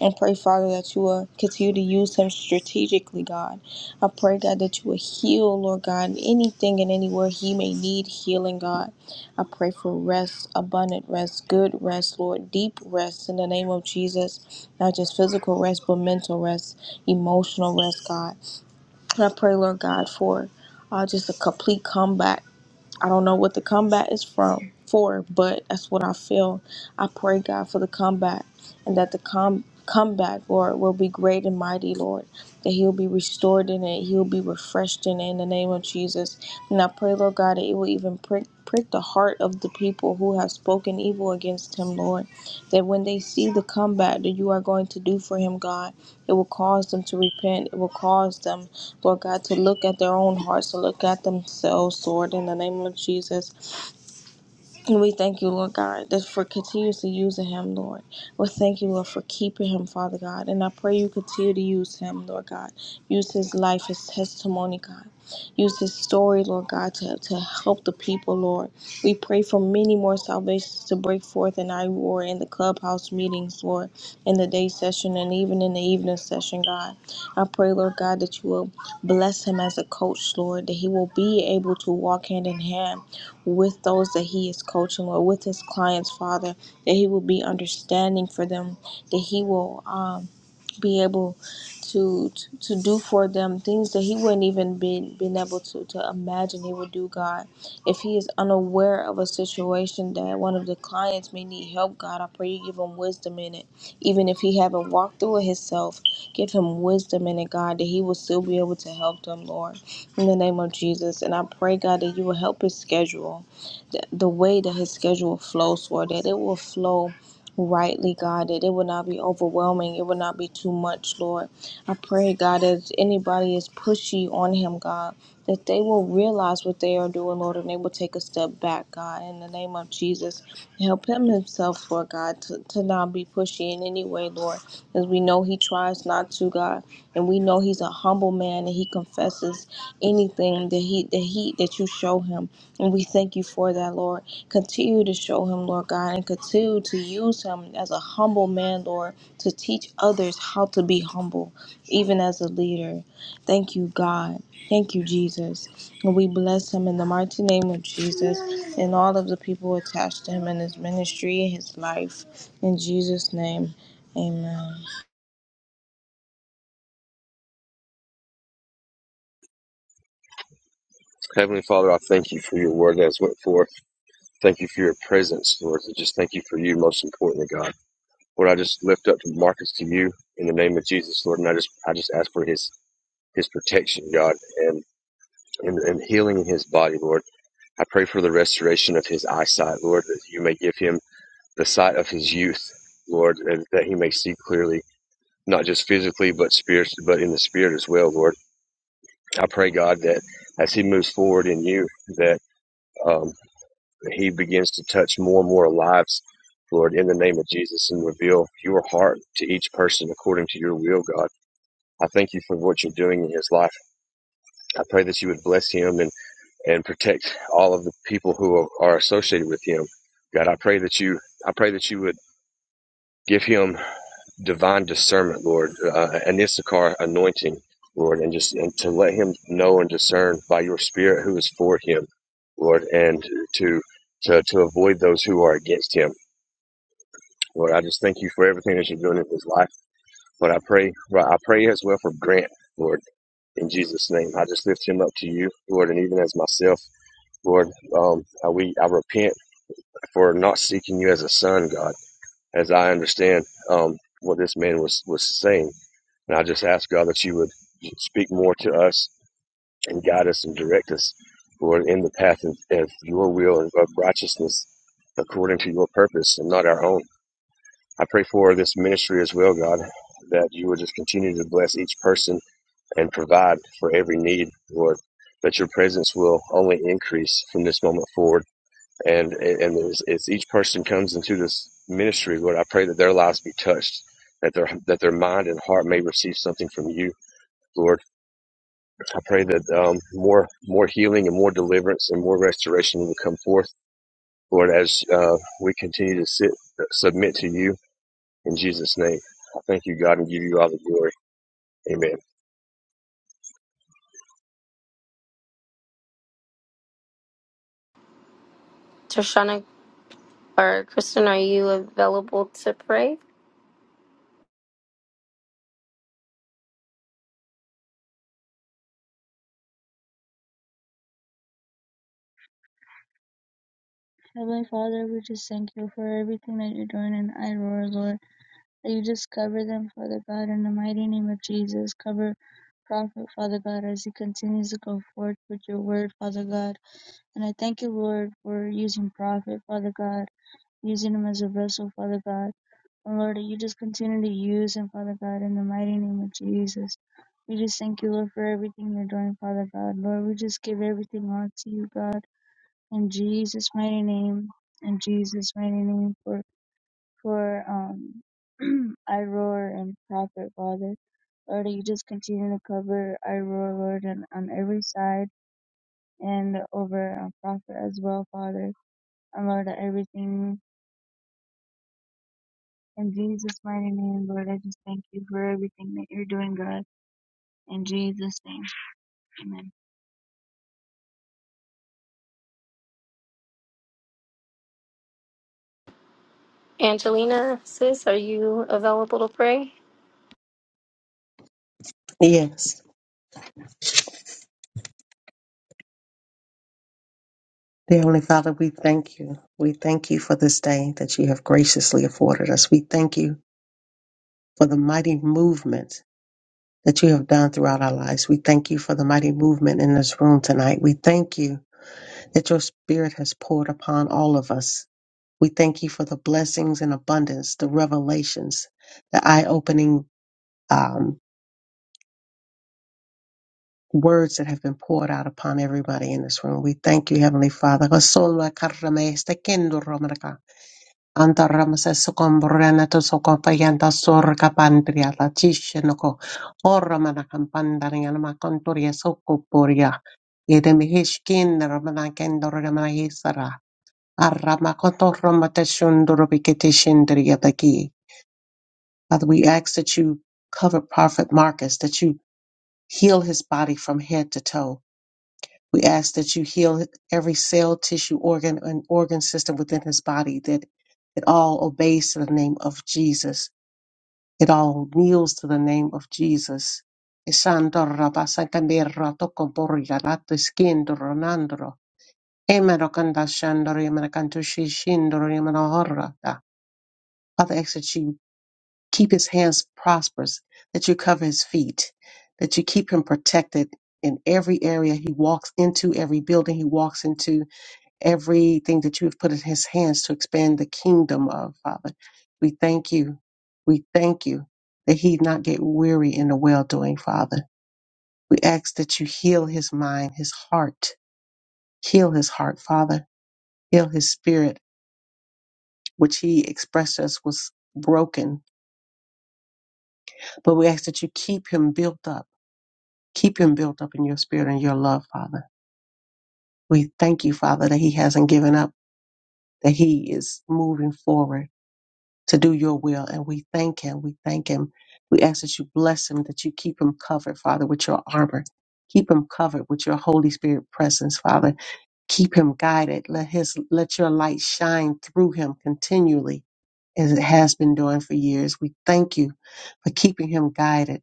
[SPEAKER 3] and pray, Father, that you will continue to use him strategically, God. I pray, God, that you will heal, Lord God, anything and anywhere he may need healing, God. I pray for rest, abundant rest, good rest, Lord, deep rest in the name of Jesus. Not just physical rest, but mental rest, emotional rest, God. And I pray, Lord God, for uh, just a complete comeback I don't know what the combat is from for, but that's what I feel. I pray God for the comeback, and that the com- comeback, Lord, will be great and mighty, Lord. That he'll be restored in it, he'll be refreshed in it in the name of Jesus. And I pray, Lord God, that it will even prick prick the heart of the people who have spoken evil against him, Lord that when they see the comeback that you are going to do for him, God, it will cause them to repent. It will cause them, Lord God, to look at their own hearts, to look at themselves, Lord, in the name of Jesus. And we thank you, Lord God, that for continuously using him, Lord. We thank you, Lord, for keeping him, Father God. And I pray you continue to use him, Lord God. Use his life, his testimony, God. Use his story, Lord God, to, to help the people, Lord. We pray for many more salvations to break forth in I war in the clubhouse meetings, Lord, in the day session and even in the evening session, God. I pray, Lord God, that you will bless him as a coach, Lord, that he will be able to walk hand in hand with those that he is coaching or with his clients, Father, that he will be understanding for them, that he will um, be able to, to to do for them things that he wouldn't even been been able to to imagine he would do, God. If he is unaware of a situation that one of the clients may need help, God, I pray you give him wisdom in it. Even if he haven't walked through it himself, give him wisdom in it, God, that he will still be able to help them, Lord, in the name of Jesus. And I pray, God, that you will help his schedule, the, the way that his schedule flows, Lord, that it will flow rightly, God, that it will not be overwhelming. It will not be too much, Lord. I pray, God, as anybody is pushy on him, God, that they will realize what they are doing, Lord, and they will take a step back, God, in the name of Jesus. Help him himself, Lord God, to, to not be pushy in any way, Lord, as we know know he tries not to, God, and we know he's a humble man and he confesses anything that he that he that you show him. And we thank you for that, Lord. Continue to show him, Lord God, and continue to use him as a humble man, Lord, to teach others how to be humble, even as a leader. Thank you, God. Thank you, Jesus. And we bless him in the mighty name of Jesus and all of the people attached to him in his ministry and his life. In Jesus' name, amen.
[SPEAKER 5] Heavenly Father, I thank you for your word that has went forth. Thank you for your presence, Lord. And just thank you for you, most importantly, God. Lord, I just lift up Marcus to you in the name of Jesus, Lord. And I just, I just ask for his, his protection, God, and, and, and healing in his body, Lord. I pray for the restoration of his eyesight, Lord, that you may give him the sight of his youth, Lord, and that he may see clearly, not just physically, but spirit, but in the spirit as well, Lord. I pray, God, that as He moves forward in you, that um, He begins to touch more and more lives, Lord, in the name of Jesus, and reveal your heart to each person according to your will, God. I thank you for what you're doing in his life. I pray that you would bless him and, and protect all of the people who are, are associated with him. God, I pray that you I pray that you would give him divine discernment, Lord, uh, an Issachar anointing, Lord, and just and to let him know and discern by your Spirit who is for him, Lord, and to to to avoid those who are against him, Lord. I just thank you for everything that you're doing in his life, but I pray, well, I pray as well for Grant, Lord, in Jesus' name. I just lift him up to you, Lord, and even as myself, Lord, um, I, we I repent for not seeking you as a son, God. as I understand um, what this man was was saying. And I just ask God that you would speak more to us and guide us and direct us, Lord, in the path of, of your will and of righteousness according to your purpose and not our own. I pray for this ministry as well, God, that you would just continue to bless each person and provide for every need, Lord, that your presence will only increase from this moment forward and and as, as each person comes into this ministry, Lord, I pray that their lives be touched, that their that their mind and heart may receive something from you, Lord. I pray that um, more more healing and more deliverance and more restoration will come forth, Lord, as uh, we continue to sit submit to you in Jesus' name. I thank you, God, and give you all the glory. Amen.
[SPEAKER 1] Trishana or Kristen, are you available to pray?
[SPEAKER 10] Heavenly Father, we just thank you for everything that you're doing in Iroar, Lord. That you just cover them, Father God, in the mighty name of Jesus. Cover Prophet, Father God, as he continues to go forth with your word, Father God. And I thank you, Lord, for using Prophet, Father God, using him as a vessel, Father God. And Lord, that you just continue to use him, Father God, in the mighty name of Jesus. We just thank you, Lord, for everything you're doing, Father God. Lord, we just give everything on to you, God in Jesus' mighty name, in Jesus' mighty name, for for um, [CLEARS THROAT] I roar and prophet, Father, Lord, you just continue to cover I roar, Lord, and on every side and over uh, prophet as well, Father, and Lord, everything in Jesus' mighty name, Lord, I just thank you for everything that you're doing, God, in Jesus' name, Amen.
[SPEAKER 1] Angelina, sis, are you available to pray?
[SPEAKER 4] Yes. Dear Heavenly Father, we thank you. We thank you for this day that you have graciously afforded us. We thank you for the mighty movement that you have done throughout our lives. We thank you for the mighty movement in this room tonight. We thank you that your spirit has poured upon all of us. We thank you for the blessings and abundance, the revelations, the eye opening words that have been poured out upon everybody in this room. We thank you, Heavenly Father. Rasola karame stekendo romaraka. Anta ramase sokombrana to sokopayanta sorka pandria la tishenoko. Oramana kampandariana makontoria sokoporia. Idemi hishkin ramana kendo ramana Arama koto ramate shunduru bikete shindriya baki. Father, we ask that you cover Prophet Marcus, that you heal his body from head to toe We ask that you heal every cell, tissue, organ, and organ system within his body, that it all obeys to the name of Jesus. It all kneels to the name of Jesus. Father, ask that you keep his hands prosperous, that you cover his feet, that you keep him protected in every area he walks into, every building he walks into, everything that you have put in his hands to expand the kingdom of, Father. We thank you. We thank you that he not get weary in the well doing, Father. We ask that you heal his mind, his heart. Heal his heart, Father. Heal his spirit, which he expressed us was broken. But we ask that you keep him built up. Keep him built up in your spirit and your love, Father. We thank you, Father, that he hasn't given up, that he is moving forward to do your will. And we thank him. We thank him. We ask that you bless him, that you keep him covered, Father, with your armor. Keep him covered with your Holy Spirit presence, Father. Keep him guided. Let his let your light shine through him continually as it has been doing for years. We thank you for keeping him guided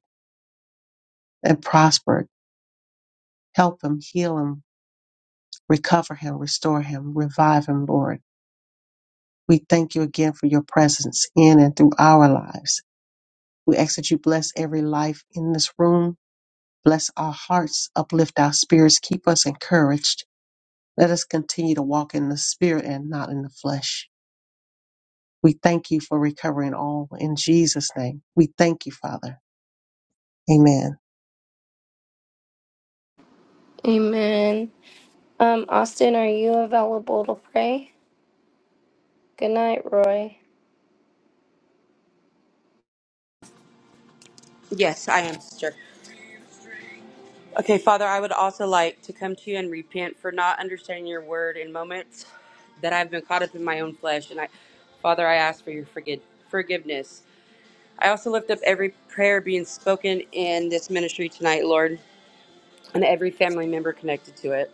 [SPEAKER 4] and prospered. Help him, heal him, recover him, restore him, revive him, Lord. We thank you again for your presence in and through our lives. We ask that you bless every life in this room Bless our hearts, uplift our spirits, keep us encouraged. Let us continue to walk in the spirit and not in the flesh. We thank you for recovering all in Jesus' name. We thank you, Father. Amen.
[SPEAKER 1] Amen. Um, Austin, are you available to pray? Good night, Roy.
[SPEAKER 6] yes, I am, sister. Okay, Father, I would also like to come to you and repent for not understanding your word in moments that I've been caught up in my own flesh. And I, Father, I ask for your forgive, forgiveness. I also lift up every prayer being spoken in this ministry tonight, Lord, and every family member connected to it.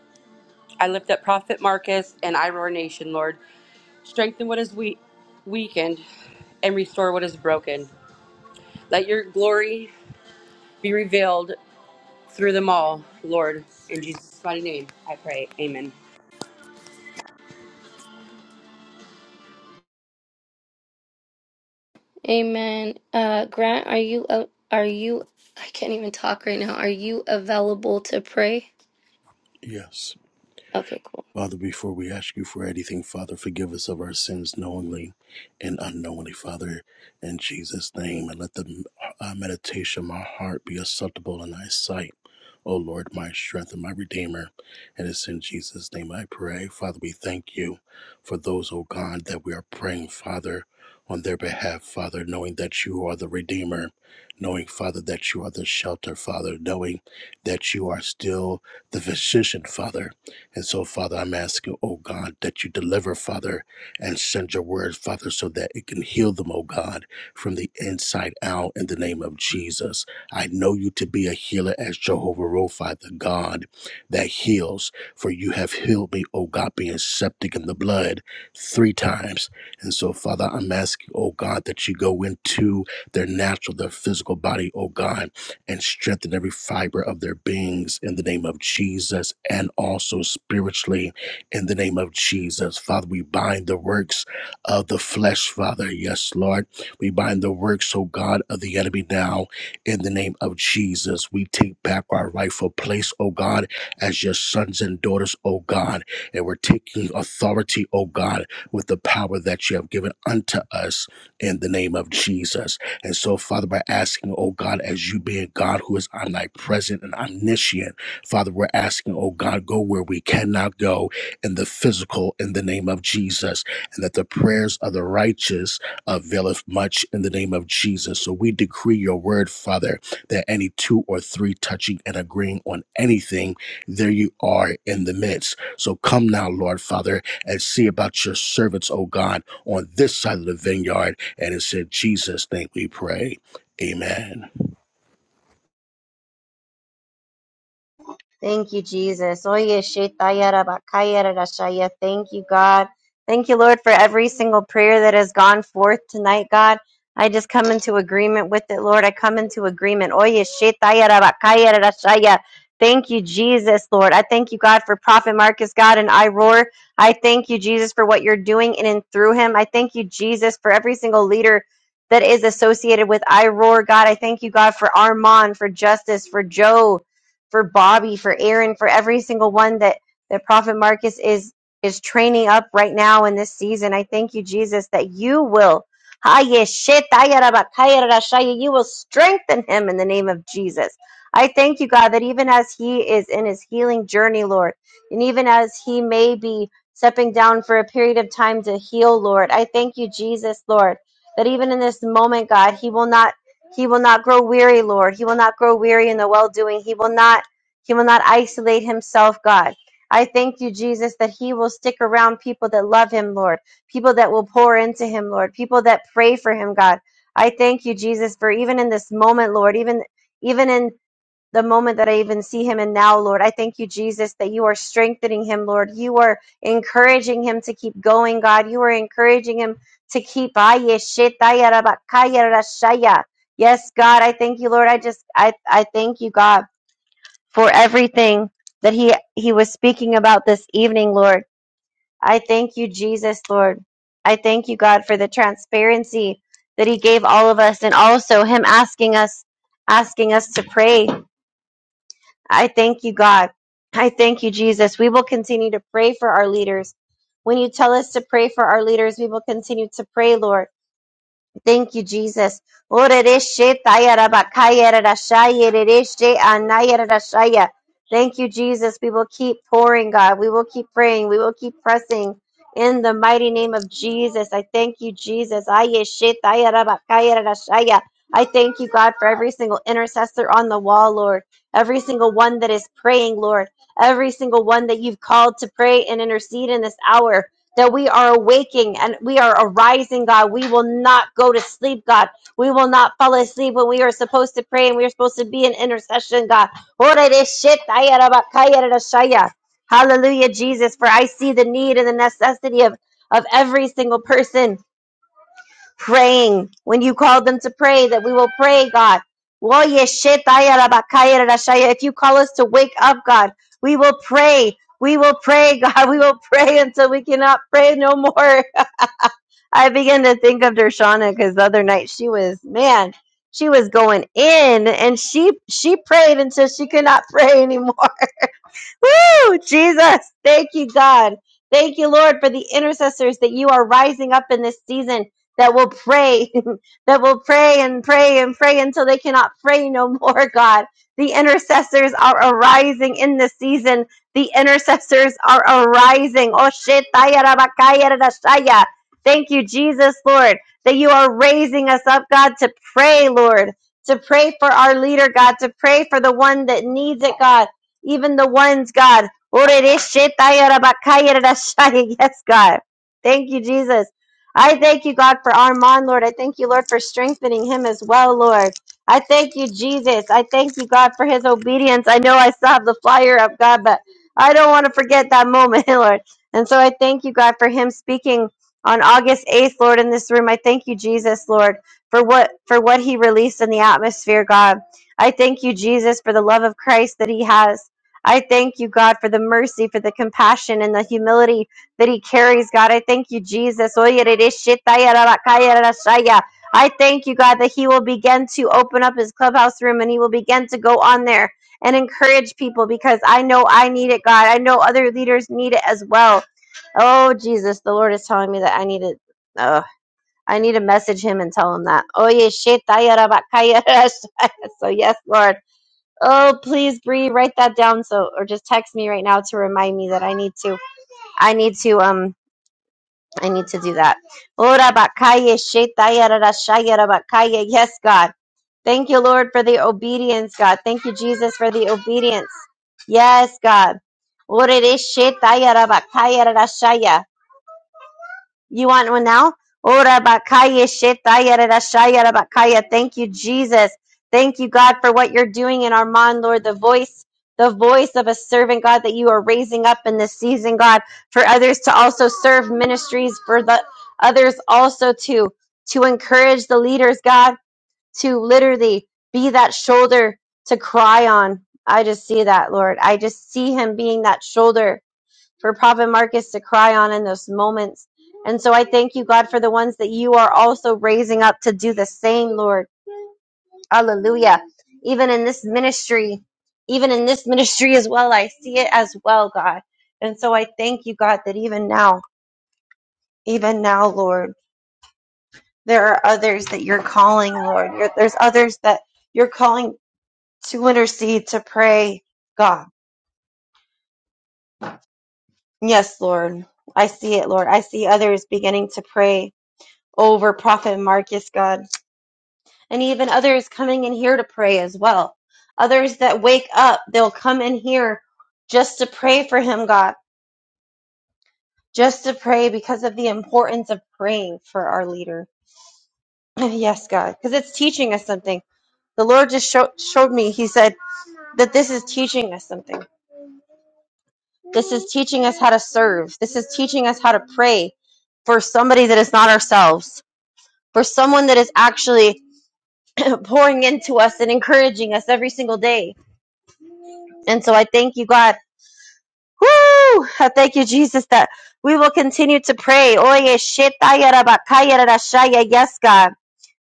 [SPEAKER 6] I lift up Prophet Marcus and Iroar Nation, Lord. Strengthen what is we- weakened and restore what is broken. Let your glory be revealed through them all, Lord. In Jesus' mighty name, I pray. Amen.
[SPEAKER 1] Amen. Uh, Grant, are you uh, are you? I can't even talk right now. Are you available to pray?
[SPEAKER 8] Yes.
[SPEAKER 1] Okay, cool.
[SPEAKER 8] Father, before we ask you for anything, Father, forgive us of our sins knowingly and unknowingly, Father, in Jesus' name. And let the uh, meditation of my heart be acceptable in thy sight. O Lord, my strength and my redeemer. And it's in Jesus' name I pray. Father, we thank you for those, O God, that we are praying, Father, on their behalf, Father, knowing that you are the redeemer, knowing, Father, that you are the shelter, Father, knowing that you are still the physician, Father and so, Father, I'm asking, oh God, that you deliver, Father, and send your word, Father, so that it can heal them, oh God, from the inside out in the name of Jesus. I know you to be a healer as Jehovah Rophi, the God that heals, for you have healed me, oh God, being septic in the blood three times. And so, Father, I'm asking, oh God, that you go into their natural, their physical body, oh God and strengthen every fiber of their beings in the name of Jesus and also spiritually in the name of Jesus. Father, we bind the works of the flesh, Father. Yes, Lord. We bind the works, oh God, of the enemy now in the name of Jesus. We take back our rightful place, oh God, as your sons and daughters, oh God. And we're taking authority, oh God, with the power that you have given unto us in the name of Jesus. And so, Father, by asking, oh God, as you being God who is omnipresent and omniscient, Father, we're asking, oh God, go where we cannot go in the physical in the name of Jesus, and that the prayers of the righteous availeth much in the name of Jesus. So we decree your word, Father, that any two or three touching and agreeing on anything, there you are in the midst. So come now, Lord Father, and see about your servants, O God, on this side of the vineyard and it's in Jesus' name we pray. Amen.
[SPEAKER 2] Thank you, Jesus. Oye, shetaya rabakaya rarashaya. Thank you, God. Thank you, Lord, for every single prayer that has gone forth tonight, God. I just come into agreement with it, Lord. I come into agreement. Oye, shetaya rabakaya rarashaya. Thank you, Jesus, Lord. I thank you, God, for Prophet Marcus, God, and I roar. I thank you, Jesus, for what you're doing in and through him. I thank you, Jesus, for every single leader that is associated with I roar, God. I thank you, God, for Armand, for Justice, for Joe for Bobby, for Aaron, for every single one that that Prophet Marcus is is training up right now in this season. I thank you, Jesus, that you will. You will strengthen him in the name of Jesus. I thank you, God, that even as he is in his healing journey, Lord, and even as he may be stepping down for a period of time to heal, Lord, I thank you, Jesus, Lord, that even in this moment, God, he will not he will not grow weary, Lord. He will not grow weary in the well doing. He will not he will not isolate himself, God. I thank you, Jesus, that he will stick around people that love him, Lord. People that will pour into him, Lord. People that pray for him, God. I thank you, Jesus, for even in this moment, Lord, even even in the moment that I even see him. And now, Lord, I thank you, Jesus, that you are strengthening him, Lord. You are encouraging him to keep going, God. You are encouraging him to keep. Yes, God, I thank you, Lord. I just, I, I thank you, God, for everything that he, he was speaking about this evening, Lord. I thank you, Jesus, Lord. I thank you, God, for the transparency that he gave all of us and also him asking us, asking us to pray I thank you, God. I thank you, Jesus. We will continue to pray for our leaders. When you tell us to pray for our leaders, we will continue to pray, Lord. Thank you, Jesus. Orereshe tayarabakaya rerashaya rereshe anaya rerashaya. Thank you, Jesus. We will keep pouring, God. We will keep praying. We will keep pressing in the mighty name of Jesus. I thank you, Jesus. Ayeshe tayarabakaya rerashaya. I thank you, God, for every single intercessor on the wall, Lord. Every single one that is praying, Lord. Every single one that you've called to pray and intercede in this hour that we are awaking and we are arising, God. We will not go to sleep, God. We will not fall asleep when we are supposed to pray and we are supposed to be in intercession, God. Hallelujah, Jesus, for I see the need and the necessity of, of every single person praying when you call them to pray that we will pray god if you call us to wake up god we will pray we will pray [LAUGHS] god we will pray until we cannot pray no more [LAUGHS] i began to think of dershana because the other night she was man she was going in and she she prayed until she could not [LAUGHS] pray anymore Woo! Jesus, thank you, God. Thank you, Lord, for the intercessors that you are rising up in this season that will pray, [LAUGHS] that will pray and pray and pray until they cannot pray no more, God. The intercessors are arising in this season. The intercessors are arising. Oh, shit. Taya rabakaya radashaya. Thank you, Jesus, Lord, that you are raising us up, God, to pray, Lord, to pray for our leader, God, to pray for the one that needs it, God even the ones, God. [LAUGHS] Yes, God. Thank you, Jesus. I thank you, God, for Armand, Lord. I thank you, Lord, for strengthening him as well, Lord. I thank you, Jesus. I thank you, God, for his obedience. I know I still have the flyer up, God, but I don't want to forget that moment, [LAUGHS] Lord. And so I thank you, God, for him speaking on August 8th, Lord, in this room. I thank you, Jesus, Lord, for what for what he released in the atmosphere, God. I thank you, Jesus, for the love of Christ that he has. I thank you, God, for the mercy, for the compassion, and the humility that He carries, God. I thank you, Jesus. I thank you, God, that He will begin to open up His clubhouse room and He will begin to go on there and encourage people because I know I need it, God. I know other leaders need it as well. Oh, Jesus, the Lord is telling me that I need it. Oh, I need to message Him and tell Him that. Oh, yeah. [LAUGHS] So, yes, Lord. Oh, please, Bree, write that down so, or just text me right now to remind me that I need to, I need to, um, I need to do that. Ora bakaya shetaya rara shaya rara bakaya. Yes, God. Thank you, Lord, for the obedience, God. Thank you, Jesus, for the obedience. Yes, God. Ora re shetaya rara bakaya rara shaya. You want one now? Ora bakaya shetaya rerashaya rabakaya. Thank you, Jesus. Thank you, God, for what you're doing in Armand, Lord. The voice, the voice of a servant, God, that you are raising up in this season, God, for others to also serve ministries, for the others also to to encourage the leaders, God, to literally be that shoulder to cry on. I just see that, Lord. I just see him being that shoulder for Prophet Marcus to cry on in those moments. And so I thank you, God, for the ones that you are also raising up to do the same, Lord. Hallelujah. Even in this ministry, even in this ministry as well, I see it as well, God. And so I thank you, God, that even now, even now, Lord, there are others that you're calling, Lord. You're- There's others that you're calling to intercede, to pray, God. Yes, Lord. I see it, Lord. I see others beginning to pray over Prophet Marcus, God, and even others coming in here to pray as well. Others that wake up, they'll come in here just to pray for him, God, just to pray because of the importance of praying for our leader. [CLEARS THROAT] yes, God, because it's teaching us something. The Lord just show, showed me, He said that this is teaching us something. This is teaching us how to serve. This is teaching us how to pray for somebody that is not ourselves, for someone that is actually [CLEARS THROAT] pouring into us and encouraging us every single day And so I thank you, God. Woo! I thank you, Jesus, that we will continue to pray. Oye, shetaya rabakaya rarashaya. Yes, God.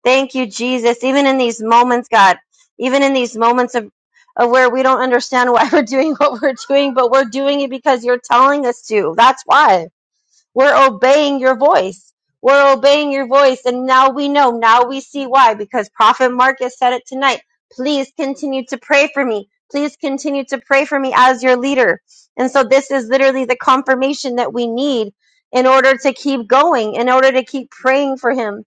[SPEAKER 2] Thank you, Jesus. Even in these moments, God, even in these moments of, of where we don't understand why [LAUGHS] we're doing what we're doing, but we're doing it because you're telling us to. That's why. We're obeying your voice. We're obeying your voice. And now we know. Now we see why. Because Prophet Marcus said it tonight. Please continue to pray for me. Please continue to pray for me as your leader. And so this is literally the confirmation that we need in order to keep going, in order to keep praying for him,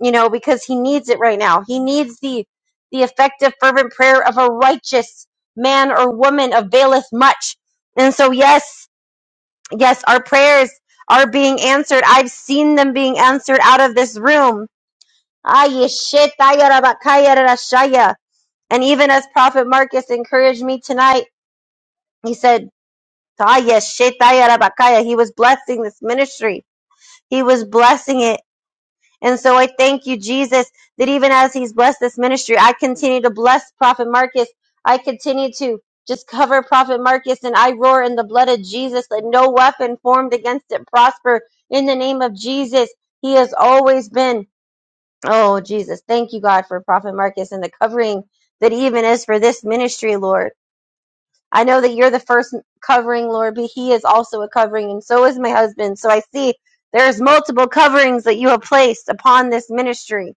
[SPEAKER 2] you know, because he needs it right now. He needs the the effective fervent prayer of a righteous man or woman availeth much. And so yes, Yes, our prayers are being answered. I've seen them being answered out of this room. Ay, And even as Prophet Marcus encouraged me tonight, he said, "Ay, he was blessing this ministry. He was blessing it And so I thank you, Jesus, that even as he's blessed this ministry, I continue to bless Prophet Marcus. I continue to just cover Prophet Marcus and I roar in the blood of Jesus. Let no weapon formed against it prosper in the name of Jesus. He has always been, oh, Jesus, thank you, God, for Prophet Marcus and the covering that even is for this ministry, Lord. I know that you're the first covering, Lord, but he is also a covering, and so is my husband. So I see there's multiple coverings that you have placed upon this ministry.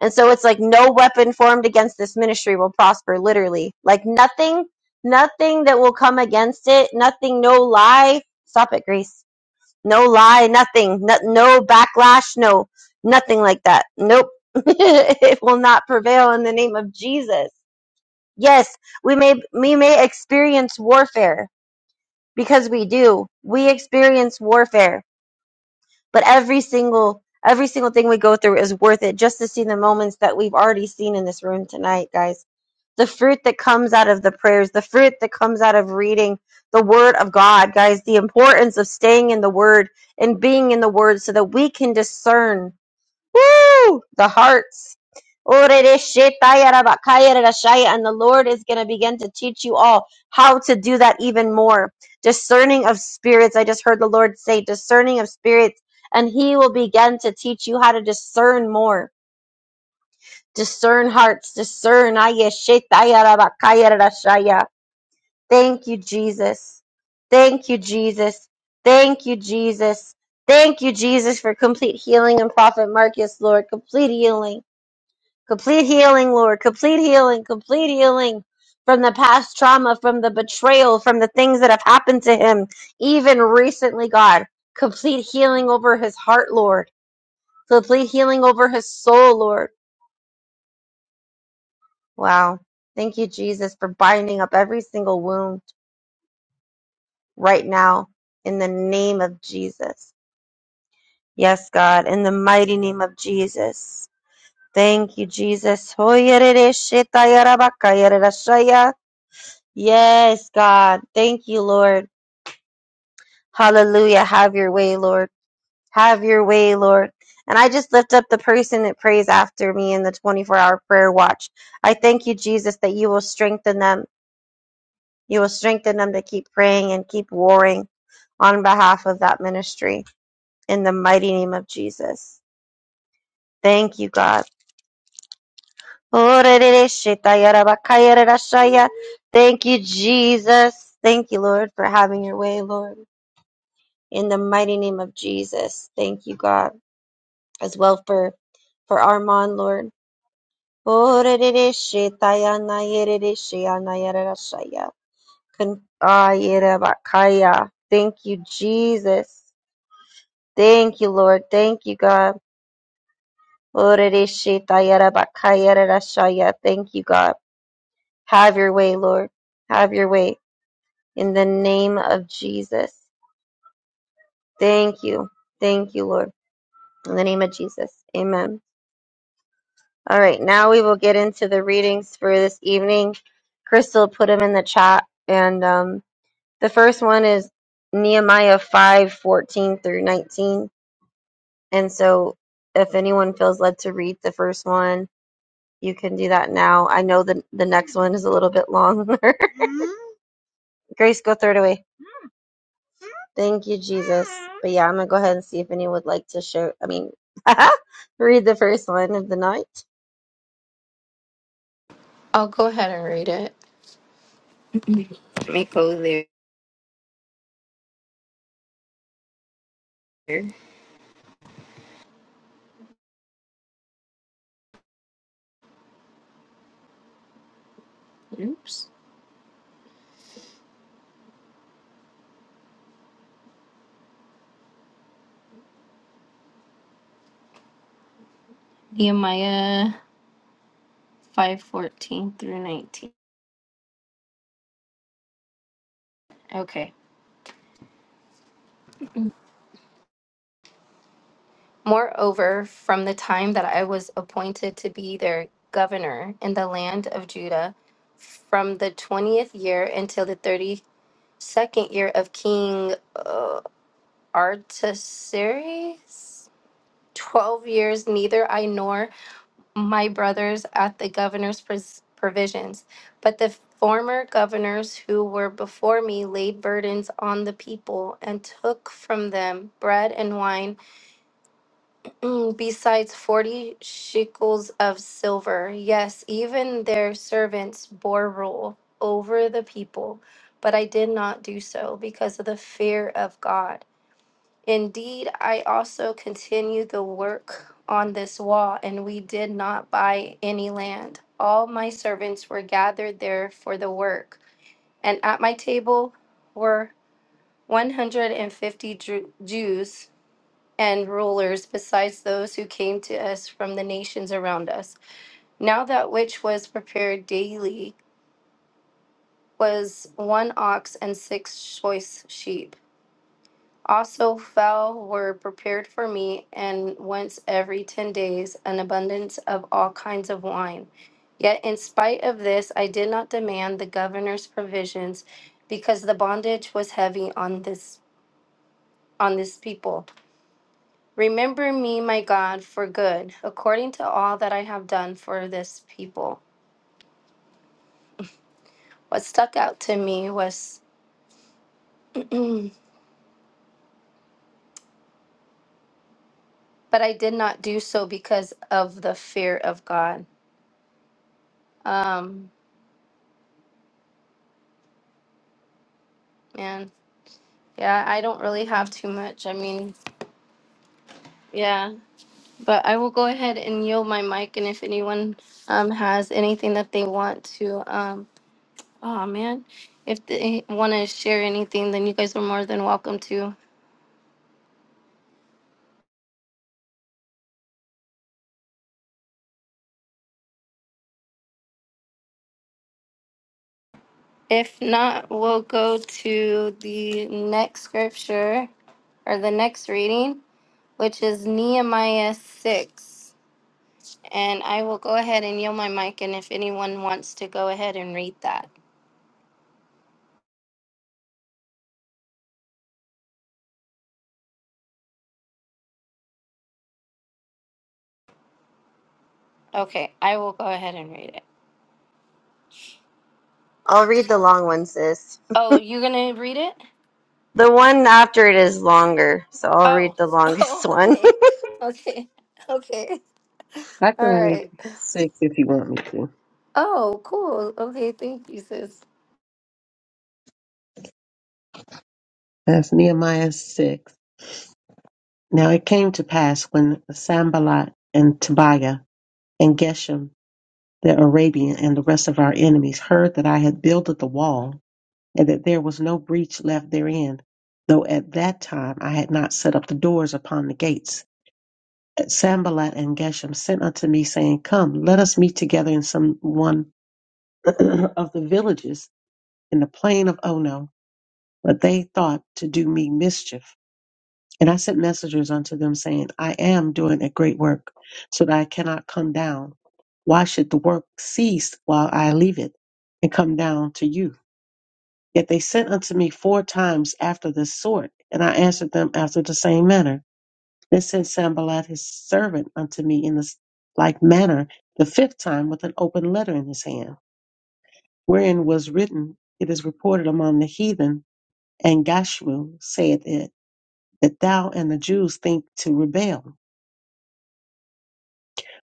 [SPEAKER 2] And so it's like no weapon formed against this ministry will prosper, literally. Like nothing, nothing that will come against it, nothing, no lie. Stop it, Grace. No lie, nothing, no, no backlash, no, nothing like that. Nope. [LAUGHS] it will not prevail in the name of Jesus. Yes, we may, we may experience warfare because we do. We experience warfare but every single every single thing we go through is worth it just to see the moments that we've already seen in this room tonight guys the fruit that comes out of the prayers the fruit that comes out of reading the word of god guys the importance of staying in the word and being in the word so that we can discern Woo! The hearts. And the Lord is going to begin to teach you all how to do that even more. Discerning of spirits. I just heard the Lord say, discerning of spirits. And He will begin to teach you how to discern more. Discern hearts. Discern. Ayeshetayarabakayarashaya. Thank you, Jesus. Thank you, Jesus. Thank you, Jesus. Thank you, Jesus, for complete healing and Prophet Marcus, Lord. Complete healing Complete healing, Lord. Complete healing. Complete healing from the past trauma, from the betrayal, from the things that have happened to him, even recently, God. Complete healing over his heart, Lord. Complete healing over his soul, Lord. Wow. Thank you, Jesus, for binding up every single wound right now in the name of Jesus. Yes, God, in the mighty name of Jesus. Thank you, Jesus. Yes, God. Thank you, Lord. Hallelujah. Have your way, Lord. Have your way, Lord. And I just lift up the person that prays after me in the 24 hour prayer watch. I thank you, Jesus, that you will strengthen them. You will strengthen them to keep praying and keep warring on behalf of that ministry in the mighty name of Jesus. Thank you, God. Thank you, Jesus. Thank you, Lord, for having your way, Lord. in the mighty name of Jesus. Thank you, God, as well for for Armand, Lord. Con- ah, yera bakaya. Thank you, Jesus. Thank you, Lord. Thank you, God. Orereshitayara bakayara rashaya. Thank you, God. Have your way, Lord. Have your way in the name of Jesus. Thank you. Thank you, Lord. In the name of Jesus. Amen. All right, now we will get into the readings for this evening. Crystal put them in the chat, and um, the first one is Nehemiah five fourteen through nineteen. And so, if anyone feels led to read the first one, you can do that now. I know the the next one is a little bit longer. [LAUGHS] Grace, go throw it away. Thank you, Jesus. But yeah, I'm gonna go ahead and see if anyone would like to show. I mean, [LAUGHS] read the first one of the night.
[SPEAKER 1] I'll go ahead and read it. [CLEARS THROAT] Let me go there. Oops. Nehemiah 5:14 through 19. Okay. Moreover, from the time that I was appointed to be their governor in the land of Judah, from the 20th year until the 32nd year of King uh, Artaxerxes, 12 years neither I nor my brothers at the governor's pres- provisions. But the former governors who were before me laid burdens on the people and took from them bread and wine, [CLEARS THROAT] besides 40 shekels of silver. Yes, even their servants bore rule over the people. But I did not do so because of the fear of God. Indeed, I also continued the work on this wall, and we did not buy any land. All my servants were gathered there for the work, and at my table were 150 Ju- Jews and rulers, besides those who came to us from the nations around us. Now that which was prepared daily was one ox and six choice sheep also fell were prepared for me, and once every ten days an abundance of all kinds of wine. Yet in spite of this, I did not demand the governor's provisions, because the bondage was heavy on this on this people. Remember me, my God, for good, according to all that I have done for this people. What stuck out to me was, [CLEARS THROAT] but I did not do so because of the fear of God. Um, man. Yeah, I don't really have too much. I mean, yeah, but I will go ahead and yield my mic, and if anyone um has anything that they want to um, oh man, if they want to share anything, then you guys are more than welcome to. If not, we'll go to the next scripture or the next reading, which is Nehemiah six, and I will go ahead and yield my mic, and if anyone wants to go ahead and read that, okay, I will go ahead and read it.
[SPEAKER 2] I'll read the long one, sis.
[SPEAKER 1] Oh, you're gonna read it?
[SPEAKER 2] The one after it is longer, so I'll read
[SPEAKER 1] Oh. [LAUGHS]
[SPEAKER 2] the longest
[SPEAKER 1] Oh,
[SPEAKER 2] one.
[SPEAKER 1] okay. Okay. Okay.
[SPEAKER 4] I
[SPEAKER 1] All
[SPEAKER 4] can read
[SPEAKER 1] right.
[SPEAKER 4] six if you want me to.
[SPEAKER 1] Oh, cool. Okay, thank you, sis.
[SPEAKER 4] That's Nehemiah six. Now it came to pass when Sambalat and Tobiah and Geshem the Arabian and the rest of our enemies heard that I had builded the wall and that there was no breach left therein, though at that time I had not set up the doors upon the gates. And Sanballat and Geshem sent unto me, saying, Come, let us meet together in some one [CLEARS THROAT] of the villages in the plain of Ono. But they thought to do me mischief. And I sent messengers unto them, saying, I am doing a great work, so that I cannot come down. Why should the work cease while I leave it and come down to you? Yet they sent unto me four times after this sort, and I answered them after the same manner. Then sent Sanballat his servant unto me in this like manner the fifth time with an open letter in his hand, wherein was written, It is reported among the heathen, and Gashmu saith it, that thou and the Jews think to rebel,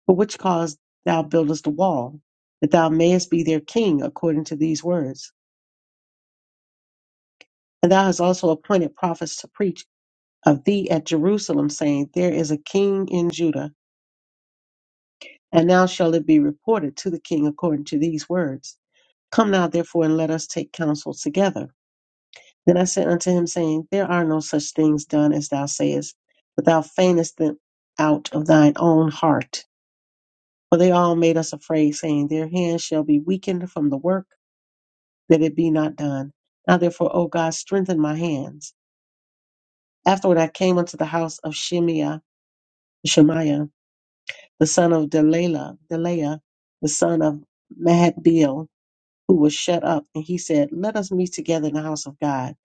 [SPEAKER 4] for which cause thou buildest a wall, that thou mayest be their king according to these words. And thou hast also appointed prophets to preach of thee at Jerusalem, saying, There is a king in Judah. And now shall it be reported to the king according to these words. Come now, therefore, and let us take counsel together. Then I said unto him, saying, There are no such things done as thou sayest, but thou feignest them out of thine own heart. For they all made us afraid, saying, Their hands shall be weakened from the work, that it be not done. Now therefore, O God, strengthen my hands. Afterward I came unto the house of Shemiah, Shemaiah, the son of Delilah, Deliah, the son of Mahathbeel, who was shut up, and he said, Let us meet together in the house of God,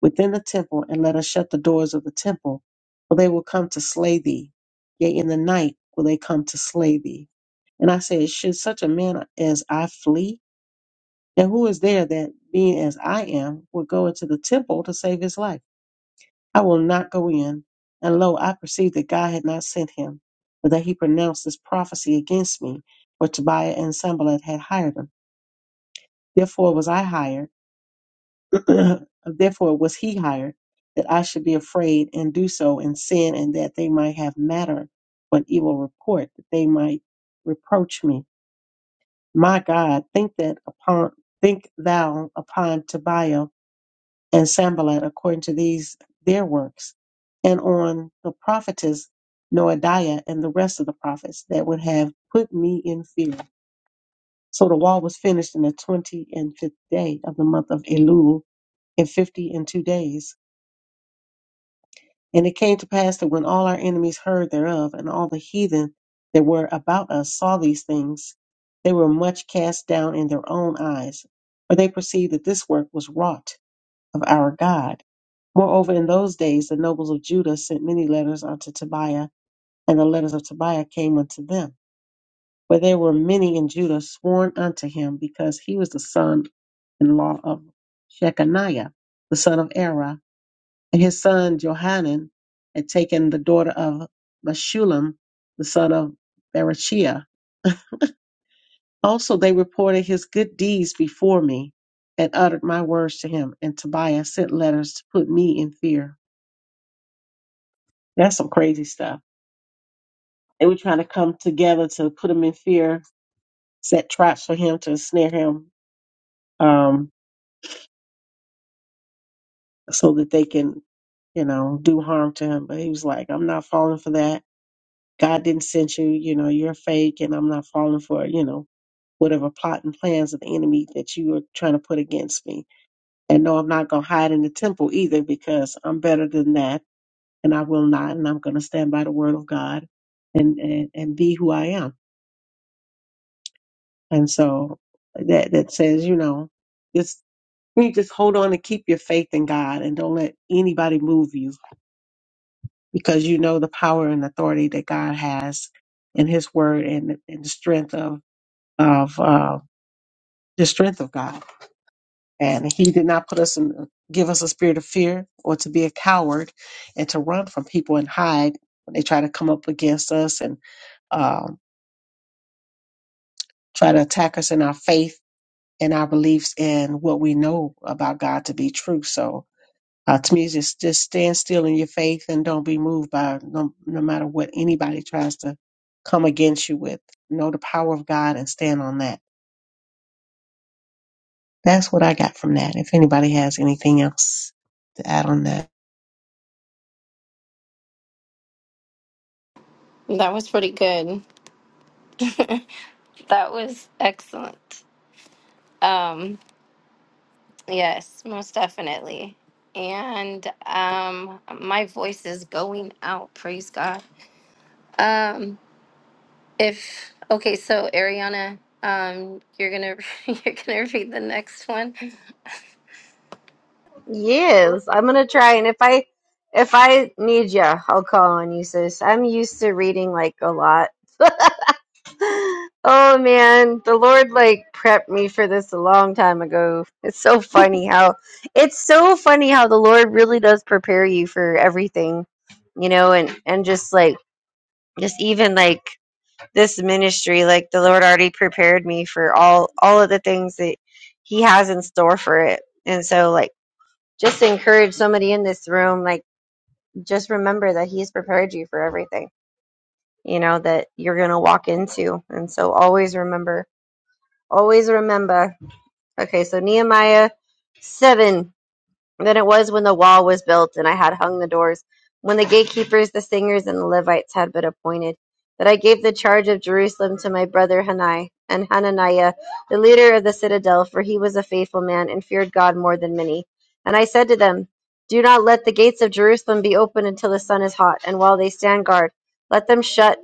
[SPEAKER 4] within the temple, and let us shut the doors of the temple, for they will come to slay thee. Yea, in the night will they come to slay thee. And I said, Should such a man as I flee? And who is there that, being as I am, would go into the temple to save his life? I will not go in. And lo, I perceived that God had not sent him, but that he pronounced this prophecy against me, for Tobiah and Sanballat had hired him. Therefore was I hired, [CLEARS THROAT] therefore was he hired, that I should be afraid and do so and sin, and that they might have matter for an evil report, that they might reproach me. My God, think that upon think thou upon Tobiah and Sanballat according to these their works, and on the prophetess Noadiah and the rest of the prophets that would have put me in fear. So the wall was finished in the twenty and fifth day of the month of Elul in fifty and two days. And it came to pass that when all our enemies heard thereof, and all the heathen that were about us saw these things, they were much cast down in their own eyes, for they perceived that this work was wrought of our God Moreover, in those days the nobles of Judah sent many letters unto Tobiah, and the letters of Tobiah came unto them. For there were many in Judah sworn unto him, because he was the son in law of Shechaniah, the son of Era, and his son Johanan had taken the daughter of Meshulam, the son of Berechiah. Also they reported his good deeds before me, and uttered my words to him, and Tobiah sent letters to put me in fear. That's some crazy stuff They were trying to come together to put him in fear, set traps for him to snare him, um, so that they can, you know, do harm to him. But he was like, I'm not falling for that. God didn't send you, you know, you're fake and I'm not falling for, you know, whatever plot and plans of the enemy that you are trying to put against me. And no, I'm not going to hide in the temple either because I'm better than that and I will not. And I'm going to stand by the word of God and, and, and be who I am. And so that, that says, you know, this." You need to just hold on and keep your faith in God and don't let anybody move you because you know the power and authority that God has in His Word and, and the strength of of uh, the strength of God. And He did not put us in, give us a spirit of fear or to be a coward and to run from people and hide when they try to come up against us and um, try to attack us in our faith and our beliefs and what we know about God to be true. So Uh, To Ultimately, just, just stand still in your faith and don't be moved by no, no matter what anybody tries to come against you with. Know the power of God and stand on that. That's what I got from that. If anybody has anything else to add on that.
[SPEAKER 1] That was pretty good. [LAUGHS] that was excellent. Um, yes, most definitely. And um my voice is going out, praise God. Um if okay, so Ariana, um you're gonna [LAUGHS] you're gonna read the next one.
[SPEAKER 2] [LAUGHS] yes, I'm gonna try, and if I if I need ya, I'll call on you, sis. I'm used to reading like a lot. [GASPS] [LAUGHS] Oh man, the Lord like prepped me for this a long time ago. It's so funny how it's so funny how the Lord really does prepare you for everything, you know, and and just like just even like this ministry like the lord already prepared me for all all of the things that he has in store for it and so like just encourage somebody in this room like just remember that he's prepared you for everything you know that you're going to walk into and so always remember always remember okay so nehemiah 7 than it was when the wall was built and I had hung the doors, when the gatekeepers, the singers, and the Levites had been appointed, that I gave the charge of Jerusalem to my brother Hanai and Hananiah, the leader of the citadel, for he was a faithful man and feared God more than many. And I said to them, Do not let the gates of Jerusalem be opened until the sun is hot, and while they stand guard, let them shut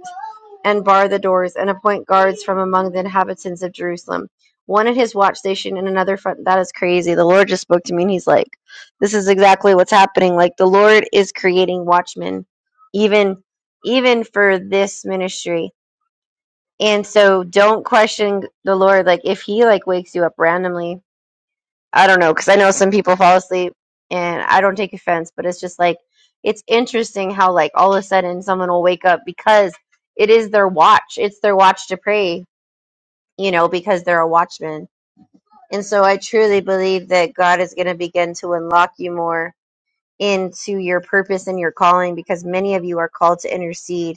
[SPEAKER 2] and bar the doors, and appoint guards from among the inhabitants of Jerusalem. One at his watch station and another front. That is crazy. The Lord just spoke to me, and he's like, this is exactly what's happening like the lord is creating watchmen even even for this ministry and so don't question the lord like if he like wakes you up randomly i don't know because i know some people fall asleep and i don't take offense but it's just like it's interesting how like all of a sudden someone will wake up because it is their watch it's their watch to pray you know because they're a watchman and so i truly believe that god is going to begin to unlock you more into your purpose and your calling because many of you are called to intercede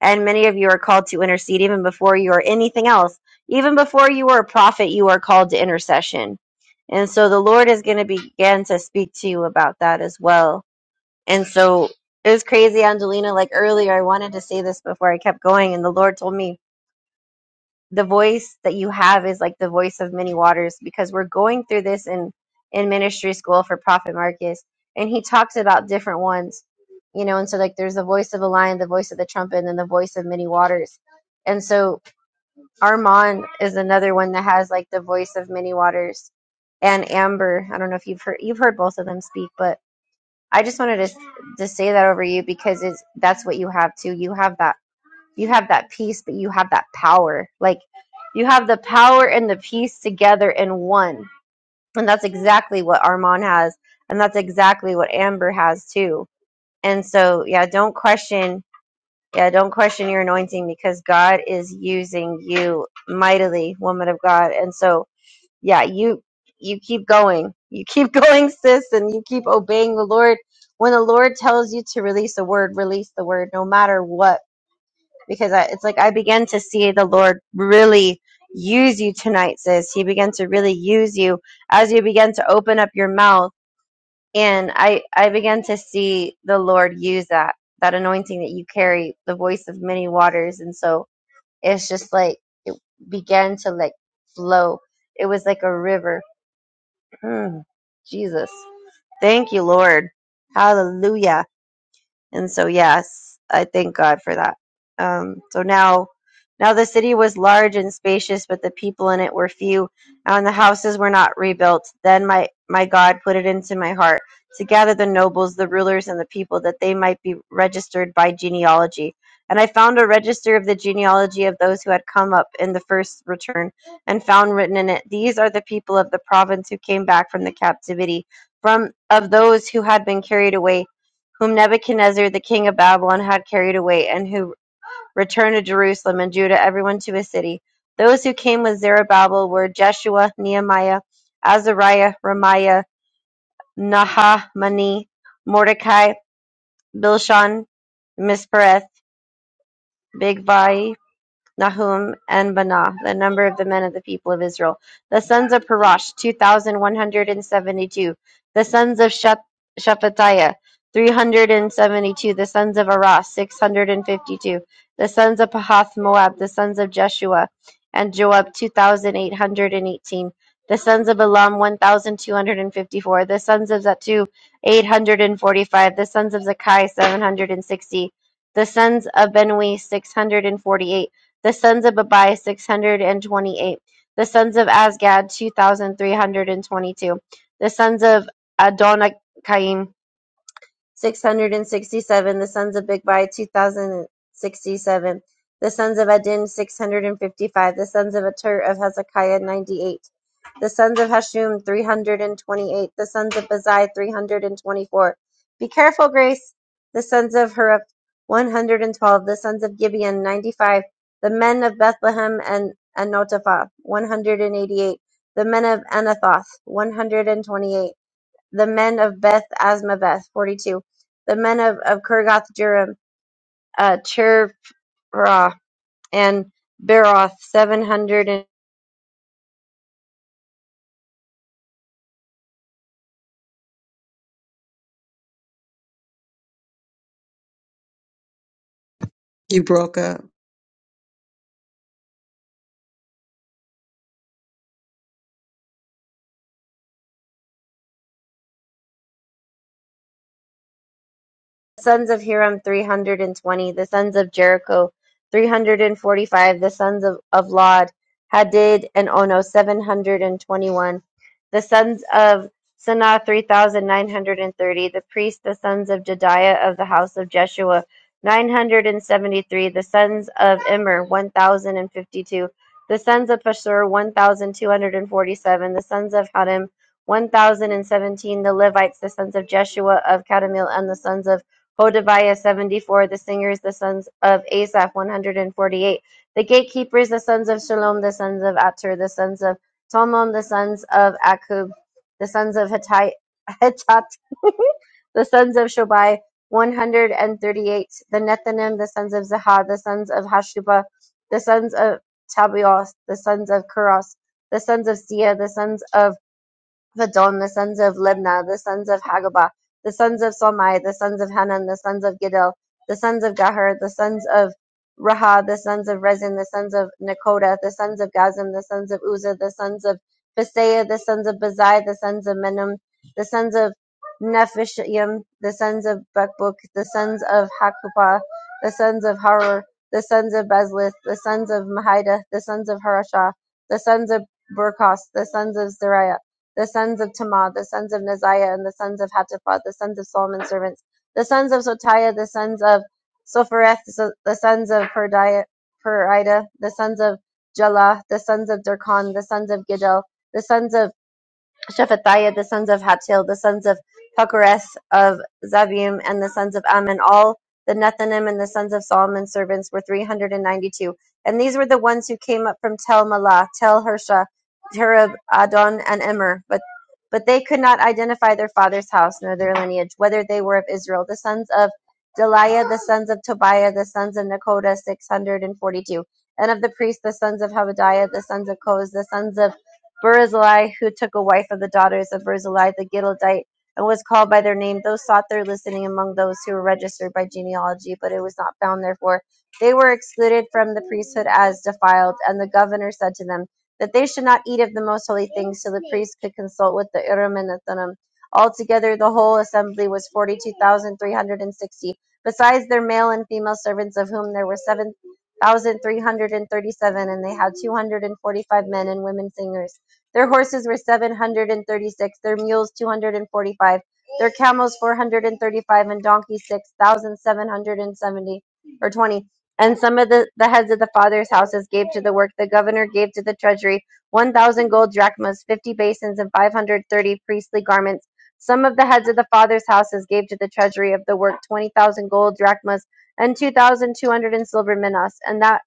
[SPEAKER 2] and many of you are called to intercede even before you are anything else even before you are a prophet you are called to intercession and so the lord is going to begin to speak to you about that as well and so it was crazy angelina like earlier i wanted to say this before i kept going and the lord told me the voice that you have is like the voice of many waters because we're going through this in in ministry school for prophet marcus and he talks about different ones you know and so like there's the voice of a lion the voice of the trumpet and then the voice of many waters and so armand is another one that has like the voice of many waters and amber i don't know if you've heard you've heard both of them speak but i just wanted to to say that over you because it's that's what you have too you have that you have that peace, but you have that power. Like you have the power and the peace together in one. And that's exactly what Armand has. And that's exactly what Amber has too. And so, yeah, don't question. Yeah, don't question your anointing because God is using you mightily, woman of God. And so, yeah, you you keep going. You keep [LAUGHS] going, sis, and you keep obeying the Lord. When the Lord tells you to release a word, release the word no matter what because I, it's like I began to see the Lord really use you tonight, sis. He began to really use you as you began to open up your mouth, and I I began to see the Lord use that that anointing that you carry, the voice of many waters, and so it's just like it began to like flow. It was like a river. Mm, Jesus, thank you, Lord. Hallelujah. And so, yes, I thank God for that. Um, so now, now the city was large and spacious, but the people in it were few, and the houses were not rebuilt. Then my my God put it into my heart to gather the nobles, the rulers, and the people, that they might be registered by genealogy. And I found a register of the genealogy of those who had come up in the first return, and found written in it, These are the people of the province who came back from the captivity, from of those who had been carried away whom Nebuchadnezzar the king of Babylon had carried away, and who returned to Jerusalem and Judah, everyone to his city. Those who came with Zerubbabel were Jeshua, Nehemiah, Azariah, Ramiah, Nahamani, Mordecai, Bilshan, Mispereth, Bigvai, Nahum, and Banah, the number of the men of the people of Israel. The sons of Parash, 2,172. The sons of Shep- Shephatiah, 372. The sons of Arah, 652. The sons of Pahath Moab, the sons of Jeshua and Joab, 2,818. The sons of Elam, 1,254. The sons of Zatu, 845. The sons of Zakai, 760. The sons of Benui, 648 the sons of Babai six hundred and twenty eight. The sons of Azgad two thousand three hundred and twenty two. The sons of Adonikaim six hundred and sixty-seven, the sons of Bigvai. two thousand and sixty-seven, the sons of Adin, six hundred and fifty-five, the sons of Atur of Hezekiah, ninety-eight, the sons of Hashum, three hundred and twenty-eight, the sons of Bazai, three hundred and twenty-four. Be careful, Grace, the sons of Hurup, one hundred and twelve, the sons of Gibeon, ninety-five, the men of Bethlehem and Anotophah, one hundred and eighty-eight, the men of Anathoth, one hundred and twenty-eight the men of Beth Asmaveth, 42. The men of, of Kirgath Jearim, uh, Cherah, and Beeroth, 750.
[SPEAKER 4] You broke up.
[SPEAKER 2] the sons of Hiram three hundred and twenty, the sons of Jericho three hundred and forty five, the sons of, of Lod, Hadid and Ono seven hundred and twenty one, the sons of Sanah three thousand nine hundred and thirty, the priests, the sons of Jediah of the house of Jeshua nine hundred and seventy three, the sons of Immer one thousand and fifty two, the sons of Pashur one thousand two hundred and forty seven, the sons of Hadim one thousand and seventeen, the Levites, the sons of Jeshua of Kadmiel, and the sons of Hodaviah 74, the singers, the sons of Asaph 148, the gatekeepers, the sons of Shalom, the sons of Atur, the sons of Talmon, the sons of Akub, the sons of Hittai- Hittat, [LAUGHS] the sons of Shobai 138, the Nethanim, the sons of Zahad, the sons of Hashubah, the sons of Tabios, the sons of Kuros, the sons of Sia, the sons of of Adon, the sons of Libnah, the sons of Hagabah, the sons of Salmai, the sons of Hanan, the sons of Gidel, the sons of Gahar, the sons of Raha, the sons of Rezin, the sons of Nakoda, the sons of Gazim, the sons of Uzzah, the sons of Phisaiah, the sons of Bazai, the sons of Menom, the sons of Nephishim, the sons of Bakbuk, the sons of Hakupah, the sons of Haror, the sons of Bezlith, the sons of Mahida, the sons of Harashah, the sons of Burkos, the sons of Zariah, the sons of Tamar, the sons of Neziah, and the sons of Hatapha, the sons of Solomon's servants, the sons of Sotiah, the sons of Sophereth, the sons of Perida, the sons of Jalah, the sons of Darkon, the sons of Gidel, the sons of Shephatiah, the sons of Hatil, the sons of Puckereth of Zebim, and the sons of Ammon. All the Nethanim and the sons of Solomon's servants were 392. And ninety-two. And these were the ones who came up from Tel Malah, Tel Hersha, Tereb, Adon, and Immer. But but they could not identify their father's house nor their lineage, whether they were of Israel. The sons of Deliah, the sons of Tobiah, the sons of Nekoda, 642. And forty-two. And of the priests, the sons of Habadiah, the sons of Koz, the sons of Barzillai, who took a wife of the daughters of Barzillai the Gileadite, and was called by their name. Those sought their listening among those who were registered by genealogy, but it was not found. Therefore, they were excluded from the priesthood as defiled. And the governor said to them that they should not eat of the most holy things, so the priests could consult with the Urim and Thummim. Altogether, the whole assembly was forty-two thousand three hundred and sixty, besides their male and female servants, of whom there were seven thousand three hundred and thirty-seven, and they had two hundred and forty-five men and women singers. Their horses were 736, their mules 245, their camels 435, and donkeys 6,770 or 20. And some of the, the heads of the fathers' houses gave to the work. The governor gave to the treasury 1,000 gold drachmas, 50 basins, and 530 priestly garments. Some of the heads of the fathers' houses gave to the treasury of the work 20,000 gold drachmas and 2,200 in silver minas. And that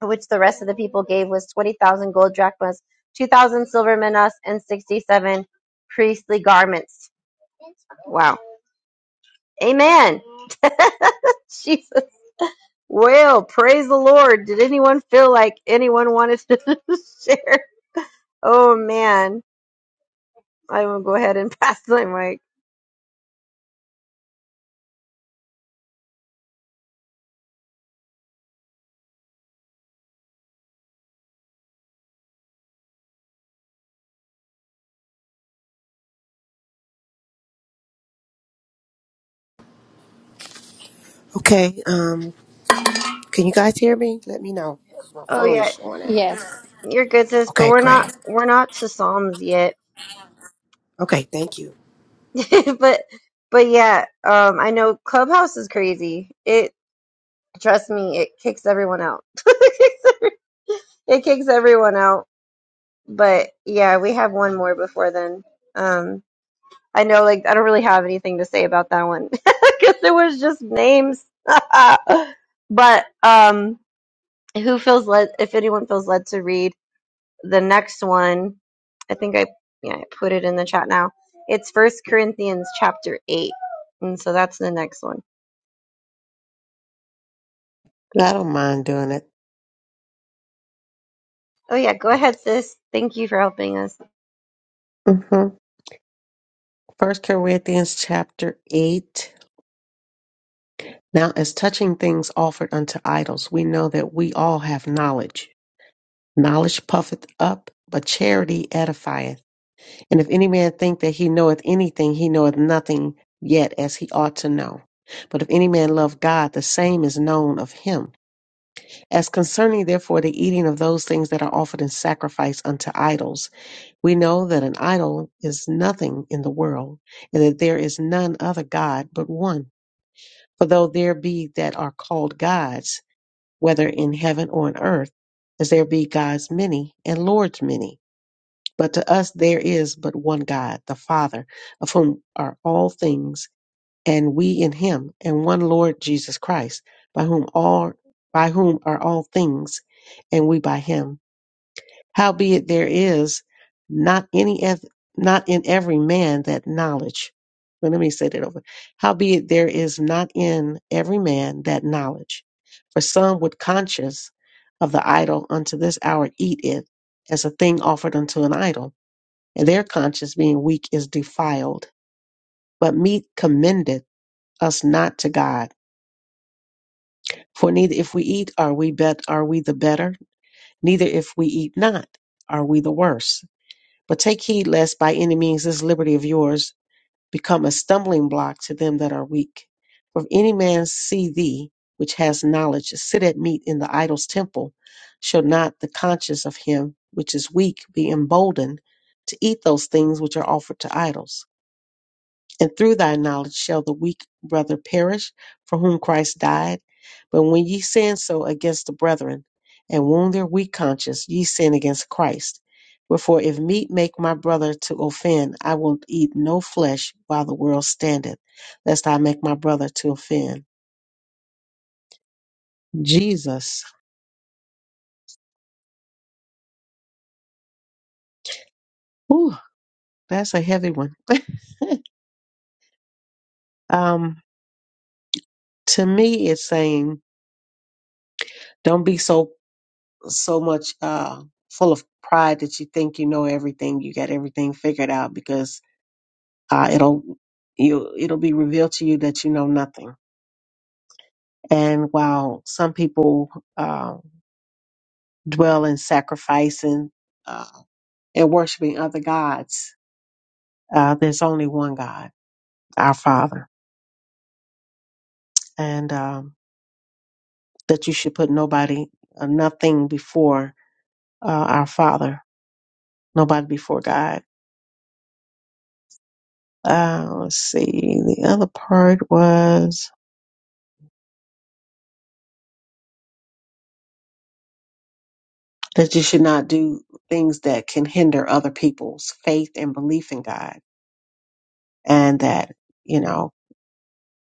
[SPEAKER 2] which the rest of the people gave was 20,000 gold drachmas, 2,000 silver minas, and 67 priestly garments. Wow. Amen. [LAUGHS] Jesus. Well, praise the Lord. Did anyone feel like anyone wanted to [LAUGHS] share? Oh, man. I will go ahead and [LAUGHS] pass my mic.
[SPEAKER 7] Okay, um, can you guys hear me? Let me know. 'cause My
[SPEAKER 2] Oh,
[SPEAKER 7] phone is
[SPEAKER 2] yeah.
[SPEAKER 7] showing out.
[SPEAKER 1] Yes.
[SPEAKER 2] You're good, sis, but
[SPEAKER 7] Okay,
[SPEAKER 2] we're
[SPEAKER 7] great.
[SPEAKER 2] not, we're not to Psalms yet.
[SPEAKER 7] Okay, thank you.
[SPEAKER 2] [LAUGHS] but, but yeah, um, I know Clubhouse is crazy. It, Trust me, it kicks everyone out. [LAUGHS] It kicks everyone out. But yeah, we have one more before then. Um, I know, like, I don't really have anything to say about that one [LAUGHS] because it was just names. [LAUGHS] But um, who feels led, if anyone feels led to read the next one, I think I, yeah, I put it in the chat now. It's First Corinthians chapter 8. And so that's the next one.
[SPEAKER 4] I don't mind doing it.
[SPEAKER 2] Oh, yeah, go ahead, sis. Thank you for helping us.
[SPEAKER 4] hmm First Corinthians chapter eight. Now, as touching things offered unto idols, we know that we all have knowledge. Knowledge puffeth up, but charity edifieth. And if any man think that he knoweth anything, he knoweth nothing yet as he ought to know. But if any man love God, the same is known of him. As concerning therefore the eating of those things that are offered in sacrifice unto idols, we know that an idol is nothing in the world, and that there is none other God but one. For though there be that are called gods, whether in heaven or on earth, as there be gods many and lords many, But to us there is but one God, the Father, of whom are all things, and we in him, and one Lord Jesus Christ, by whom all by whom are all things, and we by him. Howbeit there is not any eth- not in every man that knowledge. Well, let me say that over. Howbeit there is not in every man that knowledge. For some with conscience of the idol unto this hour eat it as a thing offered unto an idol and their conscience being weak is defiled. But meat commendeth us not to God. For neither if we eat are we bet are we the better, neither if we eat not are we the worse. But take heed lest by any means this liberty of yours become a stumbling block to them that are weak. For if any man see thee, which has knowledge, sit at meat in the idol's temple, shall not the conscience of him which is weak be emboldened to eat those things which are offered to idols? And through thy knowledge shall the weak brother perish for whom Christ died. But when ye sin so against the brethren, and wound their weak conscience, ye sin against Christ. Wherefore, if meat make my brother to offend, I will eat no flesh while the world standeth, lest I make my brother to offend. Jesus. Whew, that's a heavy one. [LAUGHS] um, to me, it's saying, don't be so so much uh, full of pride that you think you know everything, you got everything figured out because uh, it'll you it'll be revealed to you that you know nothing. And while some people uh, dwell in sacrificing uh, and worshiping other gods, uh, there's only one God, our Father, and um, that you should put nobody, uh, nothing before uh, our Father, nobody before God. Uh, let's see. The other part was that you should not do things that can hinder other people's faith and belief in God, and that you know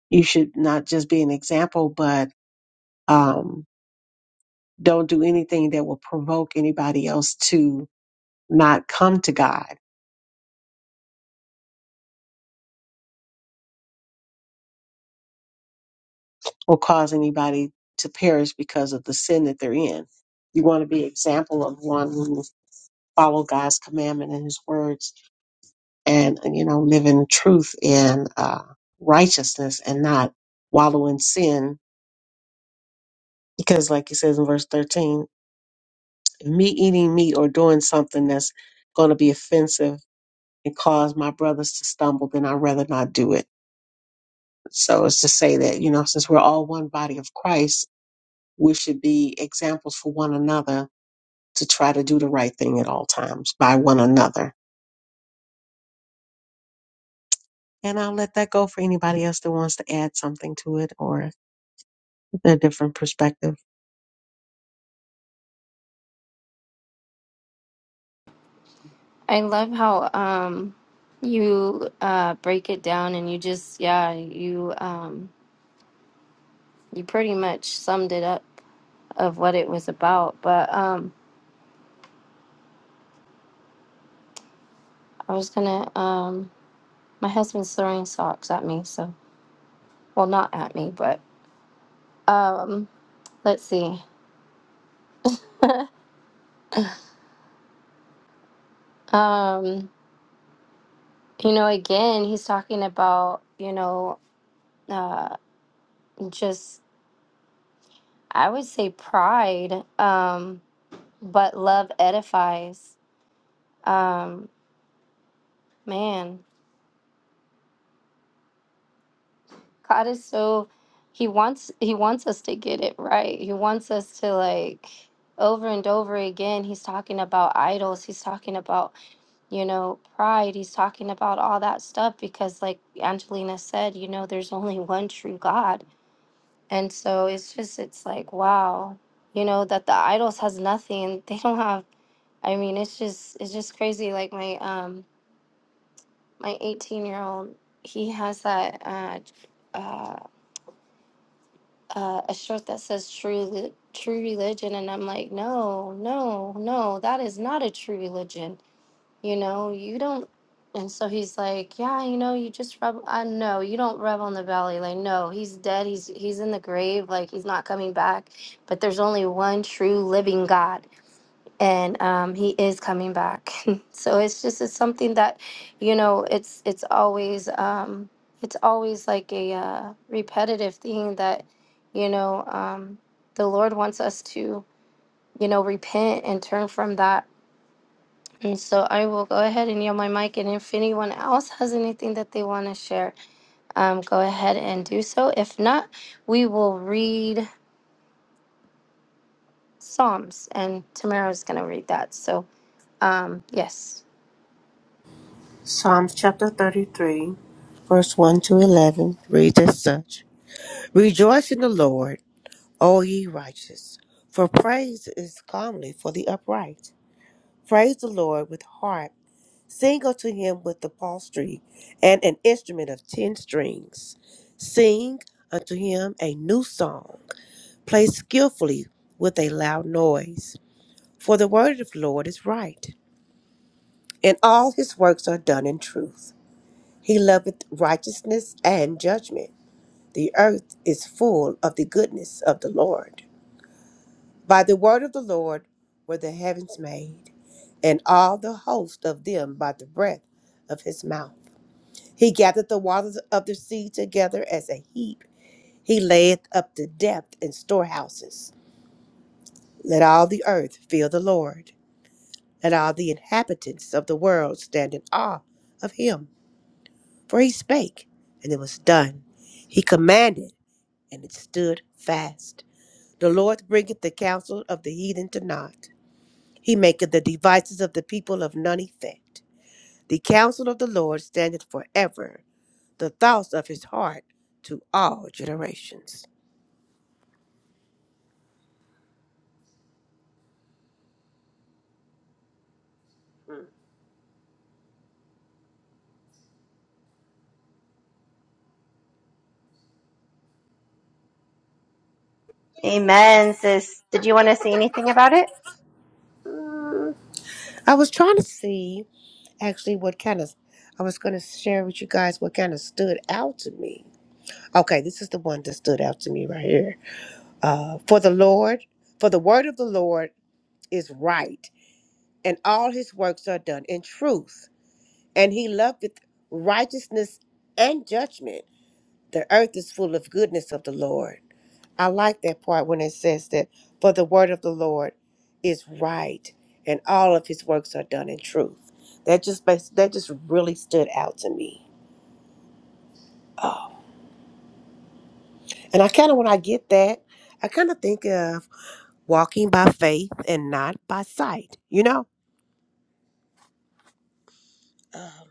[SPEAKER 4] you should not just be an example, but um, don't do anything that will provoke anybody else to not come to God or cause anybody to perish because of the sin that they're in. You want to be an example of one who will follow God's commandment and His words, and you know live in truth and uh, righteousness, and not wallow in sin Because, like it says in verse 13, me eating meat or doing something that's going to be offensive and cause my brothers to stumble, then I'd rather not do it. So it's to say that, you know, since we're all one body of Christ, we should be examples for one another to try to do the right thing at all times by one another. And I'll let that go for anybody else that wants to add something to it or a different perspective.
[SPEAKER 1] I love how um you uh break it down and you just yeah, you um you pretty much summed it up of what it was about. But um I was gonna um my husband's throwing socks at me, so well not at me, but um let's see. [LAUGHS] um you know again he's talking about, you know, uh just I would say pride, um, but love edifies. Um man God is so he wants he wants us to get it right. He wants us to like over and over again he's talking about idols. He's talking about, you know, pride. He's talking about all that stuff because like Angelina said, you know, there's only [LAUGHS] one true God. And so it's just it's like wow, you know, that the idols has nothing. [LAUGHS] They don't have I mean, it's just it's just crazy. Like my um my 18 year old, he has that uh uh, a shirt that says true li- true religion and i'm like no no no that is not a true religion you know you don't and so he's like yeah you know you just rub i know you don't rub on the valley like no he's dead he's he's in the grave like he's not coming back but there's only one true living god and um, he is coming back. [LAUGHS] so it's just it's something that, you know, it's it's always um, it's always like a uh, repetitive thing that, you know, um, the Lord wants us to, you know, repent and turn from that. And so I will go ahead and yield my mic. And if anyone else has anything that they want to share, um, go ahead and do so. If not, we will read Psalms, and Tamara is going to read that. So um, yes,
[SPEAKER 7] Psalms chapter 33, verse 1 to 11 reads as such Rejoice in the Lord. O ye righteous, for praise is comely for the upright. Praise the Lord with harp, sing unto him with the psaltery and an instrument of ten strings. Sing unto him a new song, play skillfully with a loud noise. For the word of the Lord is right, and all his works are done in truth. He loveth righteousness and judgment. The earth is full of the goodness of the Lord. By the word of the Lord were the heavens made, and all the host of them by the breath of his mouth. He gathered the waters of the sea together as a heap. He layeth up the depth in storehouses. Let all the earth fear the Lord. and all the inhabitants of the world stand in awe of him. For he spake, and it was done. He commanded, and it stood fast. The Lord bringeth the counsel of the heathen to naught. He maketh the devices of the people of none effect. The counsel of the Lord standeth forever, the thoughts of his heart to all generations.
[SPEAKER 2] Amen, sis. Did you want to say anything about it?
[SPEAKER 7] Mm. I was trying to see actually what kind of I was going to share with you guys what kind of stood out to me. Okay, this is the one that stood out to me right here. Uh, for the Lord, for the word of the Lord is right, and all his works are done in truth, and he loveth righteousness and judgment. the earth is full of goodness of the Lord. I like that part when it says that, for the word of the Lord is right, and all of his works are done in truth. That just bas- that just really stood out to me. Oh. And I kind of when I get that, I kind of think of walking by faith and not by sight. You know, um,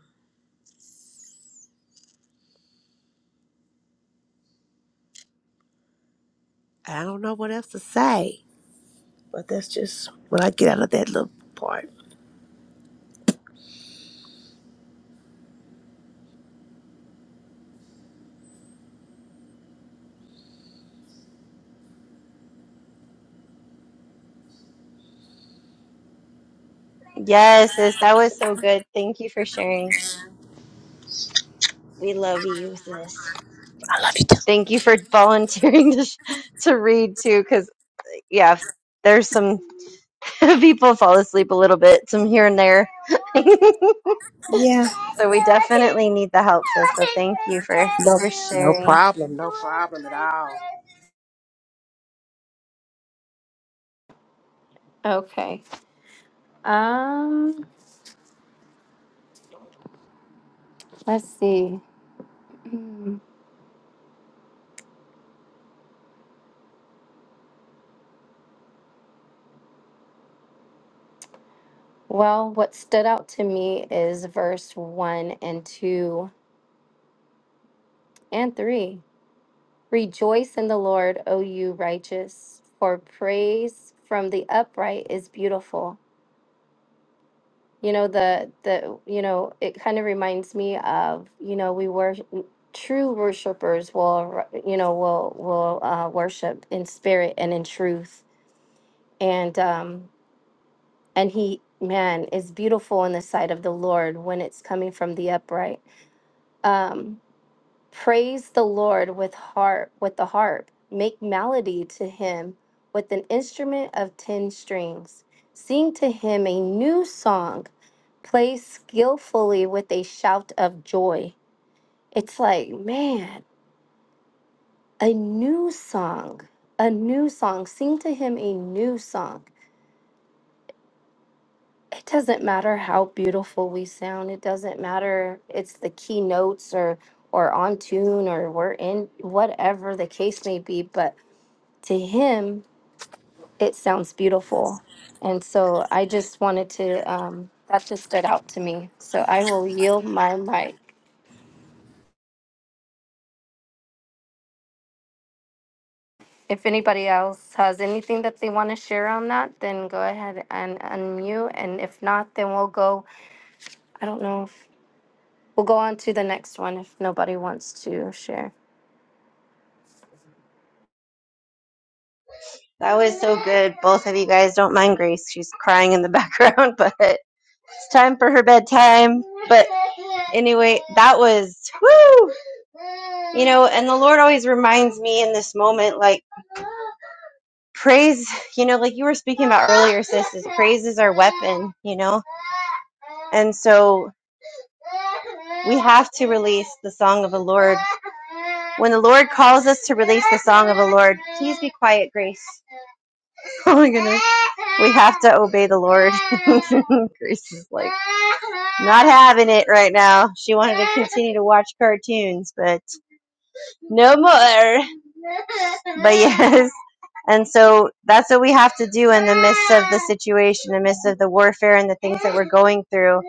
[SPEAKER 7] I don't know what else to say, but that's just what I get out of that little part.
[SPEAKER 2] Yes, sis. That was so good. Thank you for sharing. We love you, sis.
[SPEAKER 7] I love you too.
[SPEAKER 2] Thank you for volunteering [LAUGHS] to, sh- to read too, because, yeah, there's some [LAUGHS] people fall asleep a little bit, some here and there. [LAUGHS]
[SPEAKER 7] Yeah.
[SPEAKER 2] so we definitely need the help, sis. So thank you for,
[SPEAKER 7] No,
[SPEAKER 2] for
[SPEAKER 7] no
[SPEAKER 2] sharing.
[SPEAKER 7] problem, no problem at all.
[SPEAKER 1] okay. Um, let's see. Mm, Well, what stood out to me is verse 1 and 2 and 3. Rejoice in the Lord, O you righteous, for praise from the upright is beautiful. You know the the you know it kind of reminds me of, you know, we were true worshipers will you know will will uh, worship in spirit and in truth. And um and he man is beautiful in the sight of the lord when it's coming from the upright um praise the lord with harp with the harp make melody to him with an instrument of ten strings sing to him a new song play skillfully with a shout of joy it's like man a new song a new song sing to him a new song it doesn't matter how beautiful we sound it doesn't matter it's the key notes or or on tune or we're in whatever the case may be but to him it sounds beautiful and so i just wanted to um that just stood out to me so i will yield my mic if anybody else has anything that they want to share on that then go ahead and unmute and if not then we'll go i don't know if we'll go on to the next one if nobody wants to share
[SPEAKER 2] That was so good. Both of you guys don't mind Grace. She's crying in the background, [LAUGHS] but. It's time for her bedtime. But anyway, that was woo. You know, and the Lord always reminds me in this moment, like praise. You know, like you were speaking about earlier, sis. Is praise is our weapon. You know, and so we have to release the song of the Lord. When the Lord calls us to release the song of the Lord, please be quiet, Grace. [LAUGHS] Oh my goodness. We have to obey the Lord. [LAUGHS] Grace is like not having it right now. She wanted to continue to watch cartoons, but no more. But yes. And so that's what we have to do in the midst of the situation, in the midst of the warfare and the things that we're going through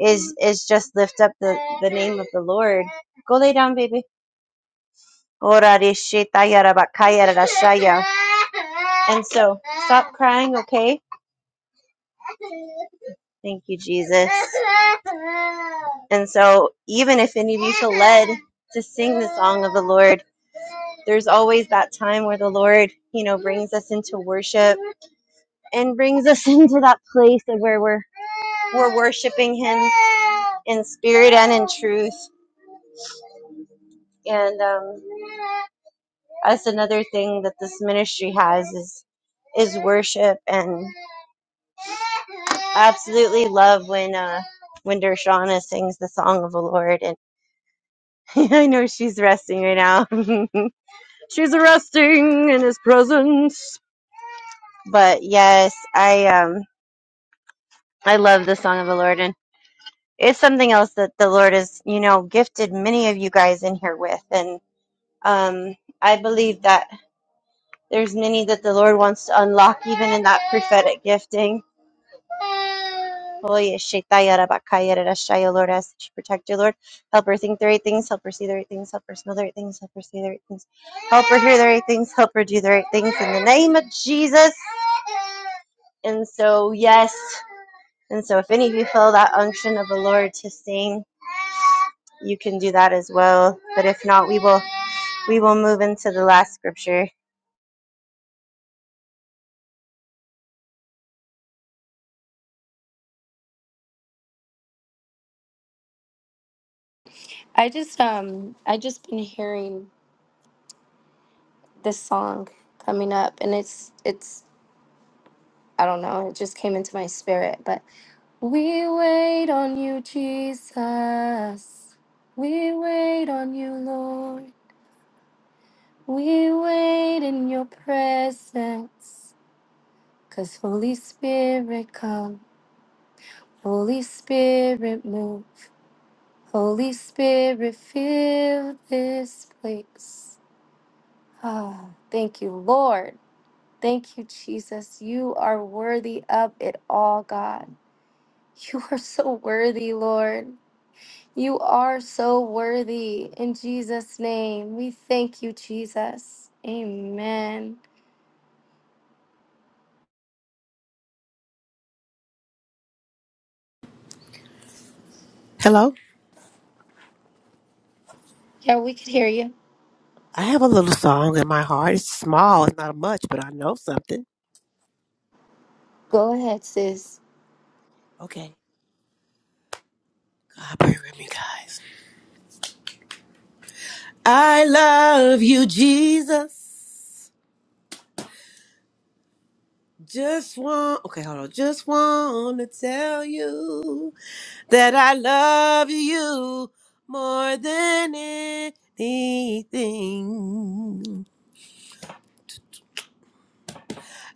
[SPEAKER 2] is is just lift up the, the name of the Lord. Go lay down, baby. And so stop crying, okay? Thank you, Jesus. And so, even if any of you feel led to sing the song of the Lord, there's always that time where the Lord, you know, brings us into worship and brings us [LAUGHS] into that place of where we're we're worshiping Him in spirit and in truth. And um, that's another thing that this ministry has is is worship and I absolutely love when uh when Dershana sings the song of the Lord and [LAUGHS] I know she's resting right now. [LAUGHS] she's resting in his presence. But yes, I um I love the song of the Lord and it's something else that the Lord has, you know, gifted many of you guys in here with and um I believe that there's many that the Lord wants to unlock even in that prophetic gifting Oh, yes, Shaitaya Rabakaya Rarashaya, Lord, I ask that you protect your Lord. Help her think the right things, help her see the right things, help her smell the right things, help her see the right things, help her hear the right things, help her do the right things in the name of Jesus. And so, yes, and so if any of you feel that unction of the Lord to sing, you can do that as well. But if not, we will we will move into the last scripture.
[SPEAKER 1] I just um I just been hearing this song coming up and it's it's I don't know, it just came into my spirit, but we wait on you, Jesus. We wait on you, Lord. We wait in your presence. Cause Holy Spirit come, Holy Spirit move, Holy Spirit fill this place. Ah, thank you, Lord. Thank you, Jesus. You are worthy of it all, God. [LAUGHS] You are so worthy, Lord. You are so worthy. In Jesus' name, we thank you, Jesus. Amen.
[SPEAKER 7] Hello.
[SPEAKER 1] Yeah, we can hear you.
[SPEAKER 7] I have a little song in my heart. It's small, it's not much, but I know something.
[SPEAKER 1] Go ahead, sis.
[SPEAKER 7] Okay, God pray with me, guys. I love you, Jesus. Just want, okay, hold on. Just want to tell you that I love you more than anything.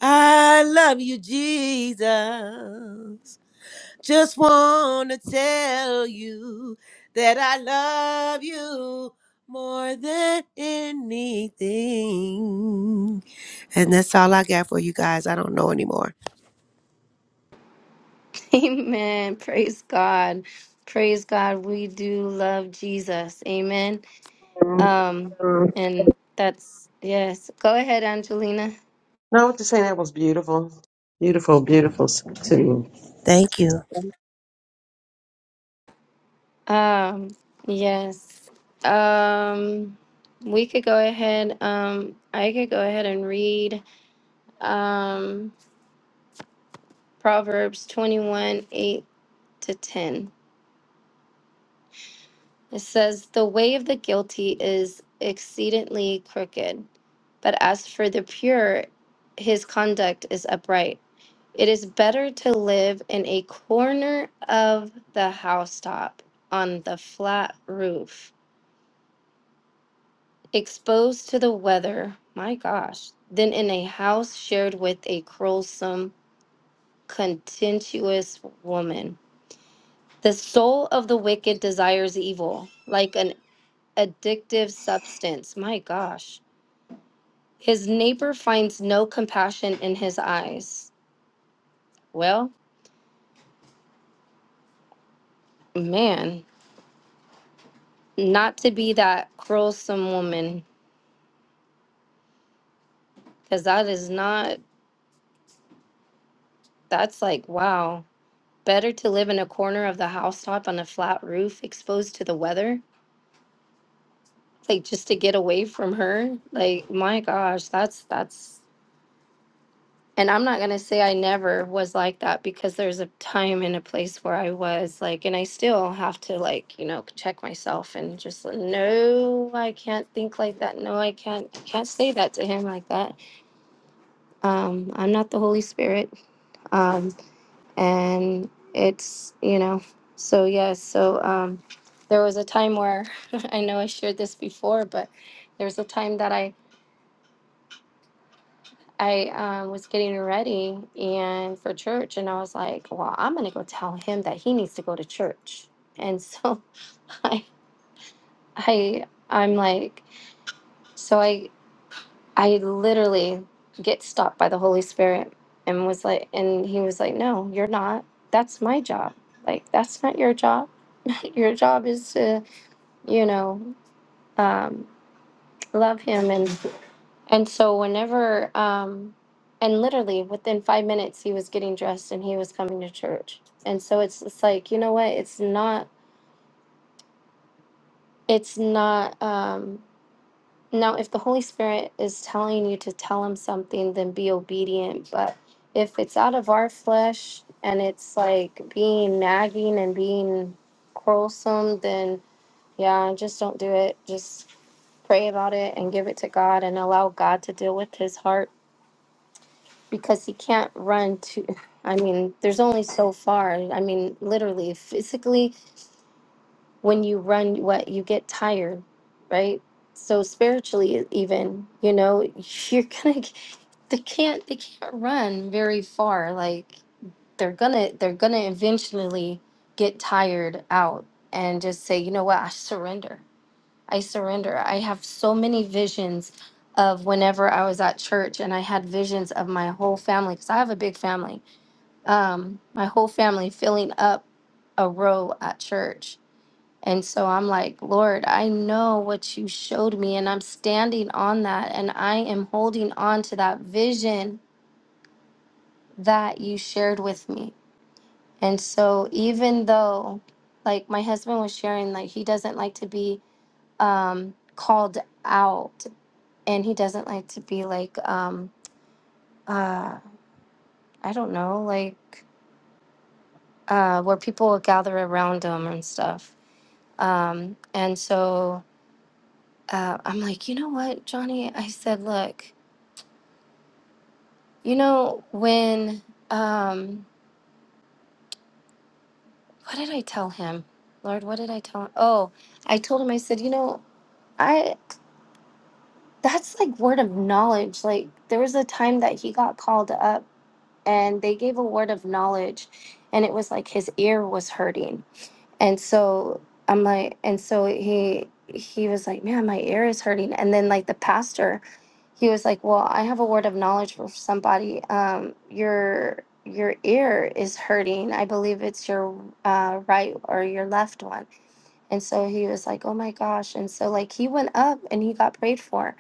[SPEAKER 7] I love you, Jesus. Just want to tell you that I love you more than anything. And that's all I got for you guys. I don't know anymore.
[SPEAKER 1] [LAUGHS] Amen. Praise God. Praise God. We do love Jesus. Amen. Um,
[SPEAKER 4] Um,
[SPEAKER 1] and that's yes. Go ahead, Angelina.
[SPEAKER 4] no, what to say that was beautiful. Beautiful, beautiful to me.
[SPEAKER 7] Thank you.
[SPEAKER 1] Um, yes. Um, we could go ahead, um, I could go ahead and read um, Proverbs 21 8 to 10. It says, The way of the guilty is exceedingly crooked, but as for the pure, his conduct is upright. It is better to live in a corner of the housetop on the flat roof exposed to the weather, my gosh, then in a house shared with a quarrelsome, contentious woman. The soul of the wicked desires evil, like an addictive substance, my gosh. His neighbor finds no compassion in his eyes. Well, man, not to be that quarrelsome woman, because that is not, that's like, wow. Better to live in a corner of the housetop on a flat roof, exposed to the weather, like just to get away from her like my gosh that's that's and i'm not going to say i never was like that because there's a time and a place where i was like and i still have to like you know check myself and just like, no i can't think like that no i can't can't say that to him like that um i'm not the holy spirit um and it's you know so yes so um there was a time where [LAUGHS] i know i shared this before but there was a time that i I um, was getting ready and for church, and I was like, "Well, I'm gonna go tell him that he needs to go to church." And so [LAUGHS] I, I, I'm like, so I, I literally get stopped by the Holy Spirit and was like, and he was like, "No, you're not. That's my job. Like, that's not your job. [LAUGHS] your job is to, you know, um, love him and." And so whenever um and literally within 5 minutes he was getting dressed and he was coming to church. And so it's it's like, you know what? It's not it's not um now if the Holy Spirit is telling you to tell him something then be obedient, but if it's out of our flesh and it's like being nagging and being quarrelsome, then yeah, just don't do it. Just pray about it and give it to God and allow God to deal with his heart because he can't run to i mean there's only so far i mean literally physically when you run what you get tired right so spiritually e, even you know [LAUGHS] you're gonna they can't they can't run very far like they're gonna they're gonna eventually get tired out and just say you know what i surrender I surrender. I have so many visions of whenever I was at church and I had visions of my whole family because I have a big family. Um, my whole family filling up a row at church. And so I'm like, Lord, I know what you showed me, and I'm standing on that, and I am holding on to that vision that you shared with me. And so even though like my husband was sharing like he doesn't like to be um called out and he doesn't like to be like um uh I don't know like uh where people will gather around him and stuff. Um and so uh I'm like, "You know what, Johnny?" I said, "Look, you know when um what did I tell him? Lord, what did I tell him? Oh, I told him I said, "You know, I that's like word of knowledge. Like there was a time that he got called up and they gave a word of knowledge and it was like his ear was hurting. And so I'm like and so he he was like, "Man, my ear is hurting." And then like the pastor, he was like, "Well, I have a word of knowledge for somebody. Um your your ear is hurting. I believe it's your uh, right or your left one." And so he was like, "Oh my gosh." And so like he went up and he got prayed for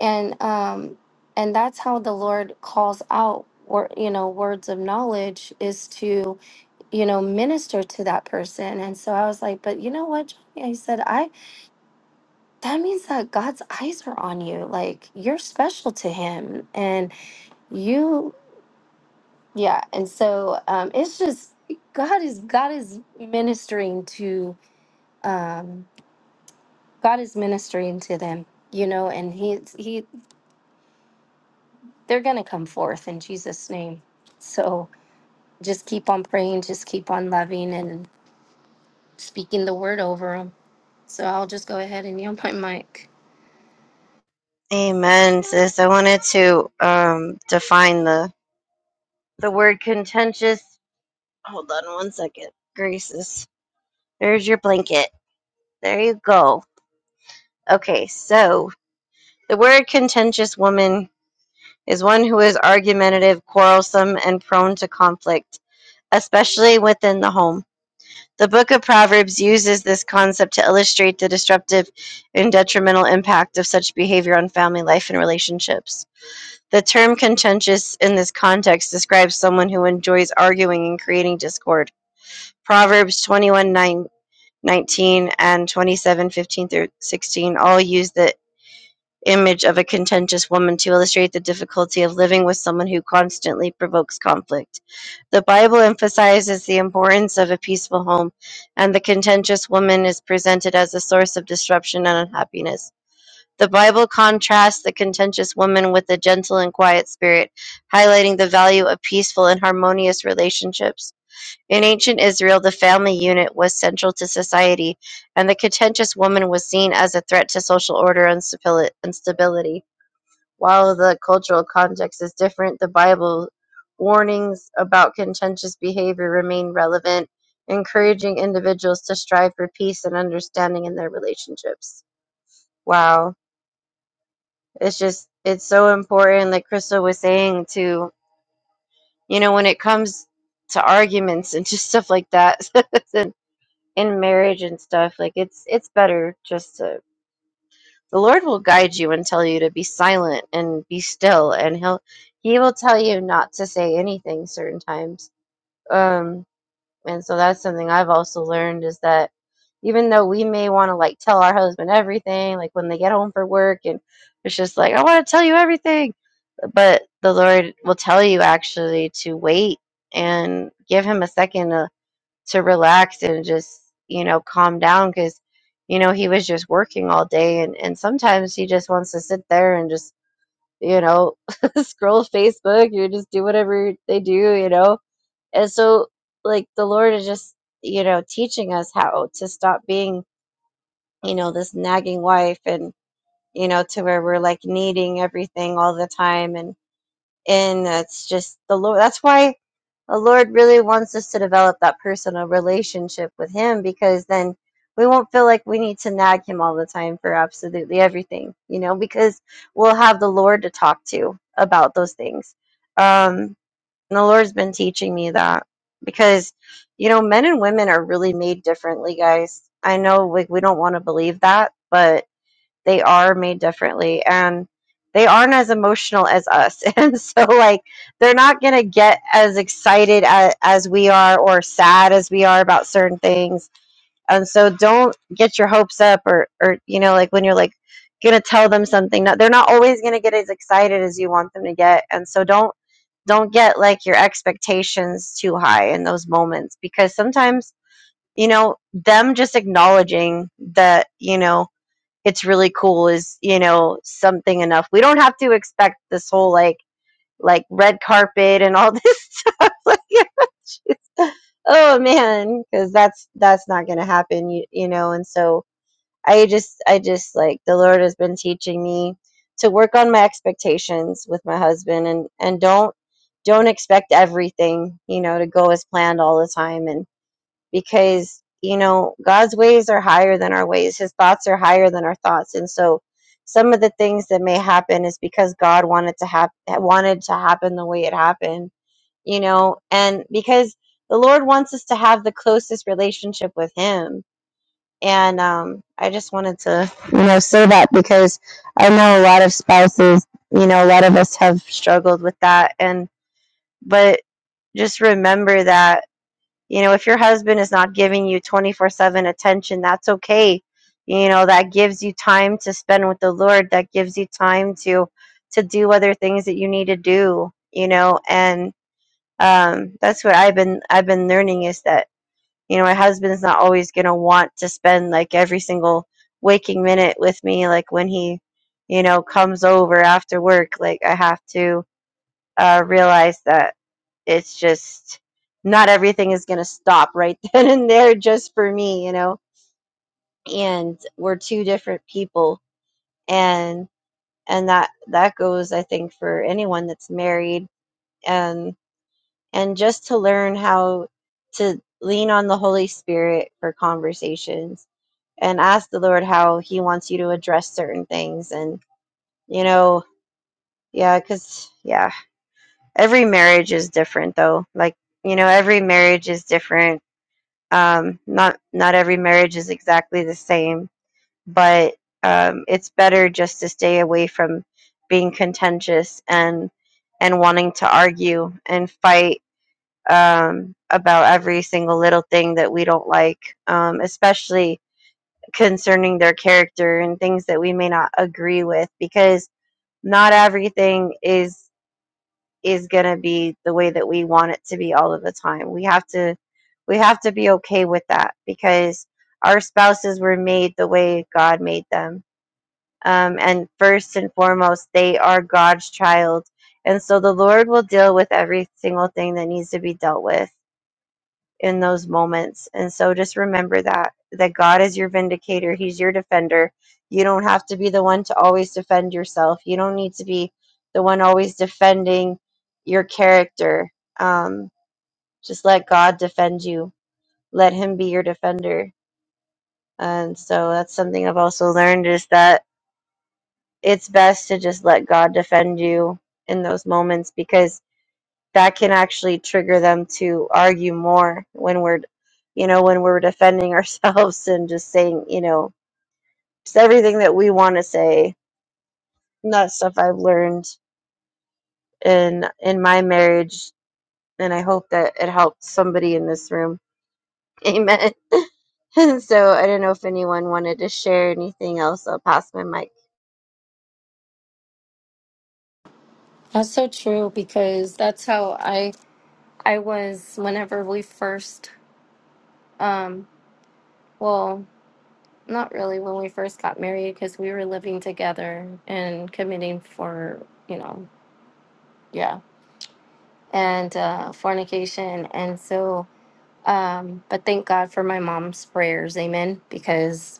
[SPEAKER 1] and um and that's how the lord calls out or you know words of knowledge is to you know minister to that person and so i was like but you know what Johnny? i said i that means that god's eyes are on you like you're special to him and you yeah and so um it's just god is god is ministering to um god is ministering to them you know and he he they're gonna come forth in jesus name so just keep on praying, just keep on loving and speaking the word over them. So I'll just go ahead and yell my mic.
[SPEAKER 2] Amen. Sis, I wanted to um, define the the word contentious Hold on one second. Graces, there's your blanket. There you go. Okay, so the word contentious woman is one who is argumentative, quarrelsome, and prone to conflict, especially within the home. The book of Proverbs uses this concept to illustrate the disruptive and detrimental impact of such behavior on family life and relationships. The term contentious in this context describes someone who enjoys arguing and creating discord. Proverbs twenty-one nine. 19 and 27 15 through 16 all use the image of a contentious woman to illustrate the difficulty of living with someone who constantly provokes conflict. The Bible emphasizes the importance of a peaceful home, and the contentious woman is presented as a source of disruption and unhappiness. The Bible contrasts the contentious woman with a gentle and quiet spirit, highlighting the value of peaceful and harmonious relationships. In ancient Israel, the family unit was central to society, and the contentious woman was seen as a threat to social order and stability. While the cultural context is different, the Bible warnings about contentious behavior remain relevant, encouraging individuals to strive for peace and understanding in their relationships. Wow. It's just, it's so important, like Crystal was saying, to, you know, when it comes to arguments and just stuff like that. [LAUGHS] and in marriage and stuff like it's it's better just to the lord will guide you and tell you to be silent and be still and he'll he will tell you not to say anything certain times um and so that's something i've also learned is that even though we may want to like tell our husband everything like when they get home from work and it's just like i want to tell you everything but the lord will tell you actually to wait and give him a second to to relax and just you know calm down because you know he was just working all day and and sometimes he just wants to sit there and just you know [LAUGHS] scroll facebook you just do whatever they do you know and so like the lord is just you know teaching us how to stop being you know this nagging wife and you know to where we're like needing everything all the time and and that's just the lord that's why the lord really wants us to develop that personal relationship with him because then we won't feel like we need to nag him all the time for absolutely everything you know because we'll have the lord to talk to about those things um and the lord's been teaching me that because you know men and women are really made differently guys i know like we don't want to believe that but they are made differently and they aren't as emotional as us [LAUGHS] and so like they're not going to get as excited as, as we are or sad as we are about certain things and so don't get your hopes up or or you know like when you're like going to tell them something not, they're not always going to get as excited as you want them to get and so don't don't get like your expectations too high in those moments because sometimes you know them just acknowledging that you know it's really cool is you know something enough we don't have to expect this whole like like red carpet and all this stuff [LAUGHS] like [LAUGHS] oh man because that's that's not gonna happen you, you know and so i just i just like the lord has been teaching me to work on my expectations with my husband and and don't don't expect everything you know to go as planned all the time and because you know God's ways are higher than our ways. His thoughts are higher than our thoughts, and so some of the things that may happen is because God wanted to happen wanted to happen the way it happened, you know, and because the Lord wants us to have the closest relationship with Him. And um, I just wanted to you know say that because I know a lot of spouses, you know, a lot of us have struggled with that, and but just remember that you know, if your husband is not giving you 24 7 attention, that's okay. You know, that gives you time to spend with the Lord, that gives you time to to do other things that you need to do, you know, and um that's what I've been I've been learning is that, you know, my husband's not always gonna want to spend like every single waking minute with me, like when he, you know, comes over after work. Like I have to uh realize that it's just not everything is going to stop right [LAUGHS] then and there just for me you know and we're two different people and and that that goes i think for anyone that's married and and just to learn how to lean on the holy spirit for conversations and ask the lord how he wants you to address certain things and you know yeah cuz yeah every marriage is different though like you know every marriage is different Um, not not every marriage is exactly the same, but um, it's better just to stay away from being contentious and and wanting to argue and fight um, about every single little thing that we don't like, um, especially concerning their character and things that we may not agree with, because not everything is is going to be the way that we want it to be all of the time. We have to we have to be okay with that because our spouses were made the way God made them. Um, and first and foremost, they are God's child. And so the Lord will deal with every single thing that needs to be dealt with in those moments. And so just remember that that God is your vindicator, he's your defender. You don't have to be the one to always defend yourself. You don't need to be the one always defending your character. Um just let God defend you. Let him be your defender. And so that's something I've also learned is that it's best to just let God defend you in those moments because. that can actually trigger them to argue more when we're you know when we're defending [LAUGHS] ourselves and just saying you know just everything that we want to say And that's stuff i've learned in in my marriage and i hope that it helped somebody in this room amen [LAUGHS] and so i don't know if anyone wanted to share anything else i'll pass my mic
[SPEAKER 1] That's so true because that's how I I was whenever we first um well not really when we first got married because we were living together and committing for you know yeah and uh, fornication and so um but thank God for my mom's prayers amen because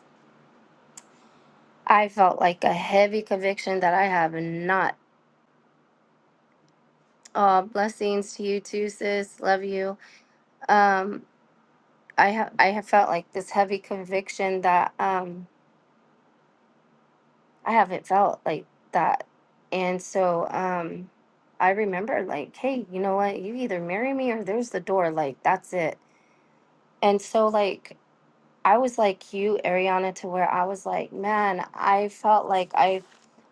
[SPEAKER 1] I felt like a heavy conviction that I have not Aw, blessings to you too, sis. Love you. Um, I have I have felt like this heavy conviction that um I haven't felt like that, and so um I remember like, hey, you know what? You either marry me or there's the door. Like that's it. And so like I was like you, Ariana, to where I was like, man, I felt like I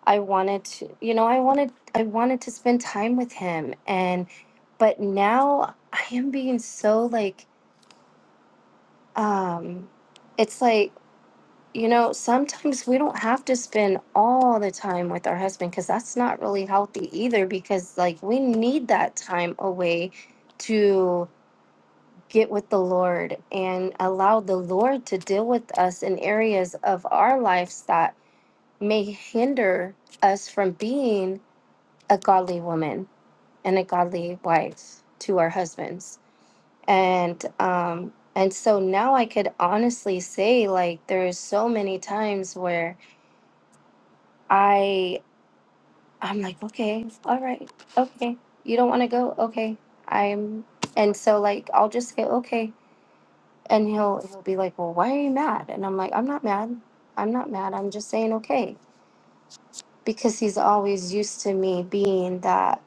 [SPEAKER 1] I wanted to, you know, I wanted I wanted to spend time with him, and but now I am being so like um, it's like you know sometimes we don't have to spend all the time with our husband because that's not really healthy either because like we need that time away to get with the lord and allow the lord to deal with us in areas of our lives that may hinder us from being a godly woman and a godly wife to our husbands and um and so now i could honestly say like there's so many times where i i'm like okay all right okay you don't want to go okay i'm and so like i'll just say okay and he'll he'll be like well why are you mad and i'm like i'm not mad i'm not mad i'm just saying okay because he's always used to me being that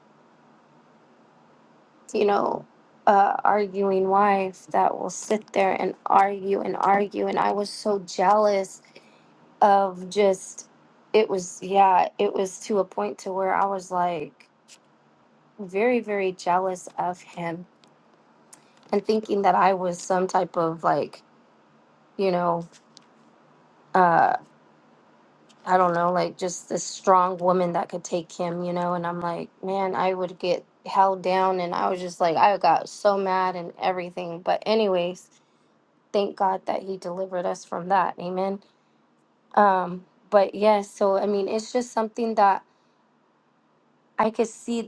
[SPEAKER 1] you know uh, arguing wife that will sit there and argue and argue and i was so jealous of just it was yeah it was to a point to where i was like very very jealous of him and thinking that i was some type of like you know uh i don't know like just this strong woman that could take him you know and i'm like man i would get held down and i was just like i got so mad and everything but anyways thank god that he delivered us from that amen um but yeah so i mean it's just something that I could see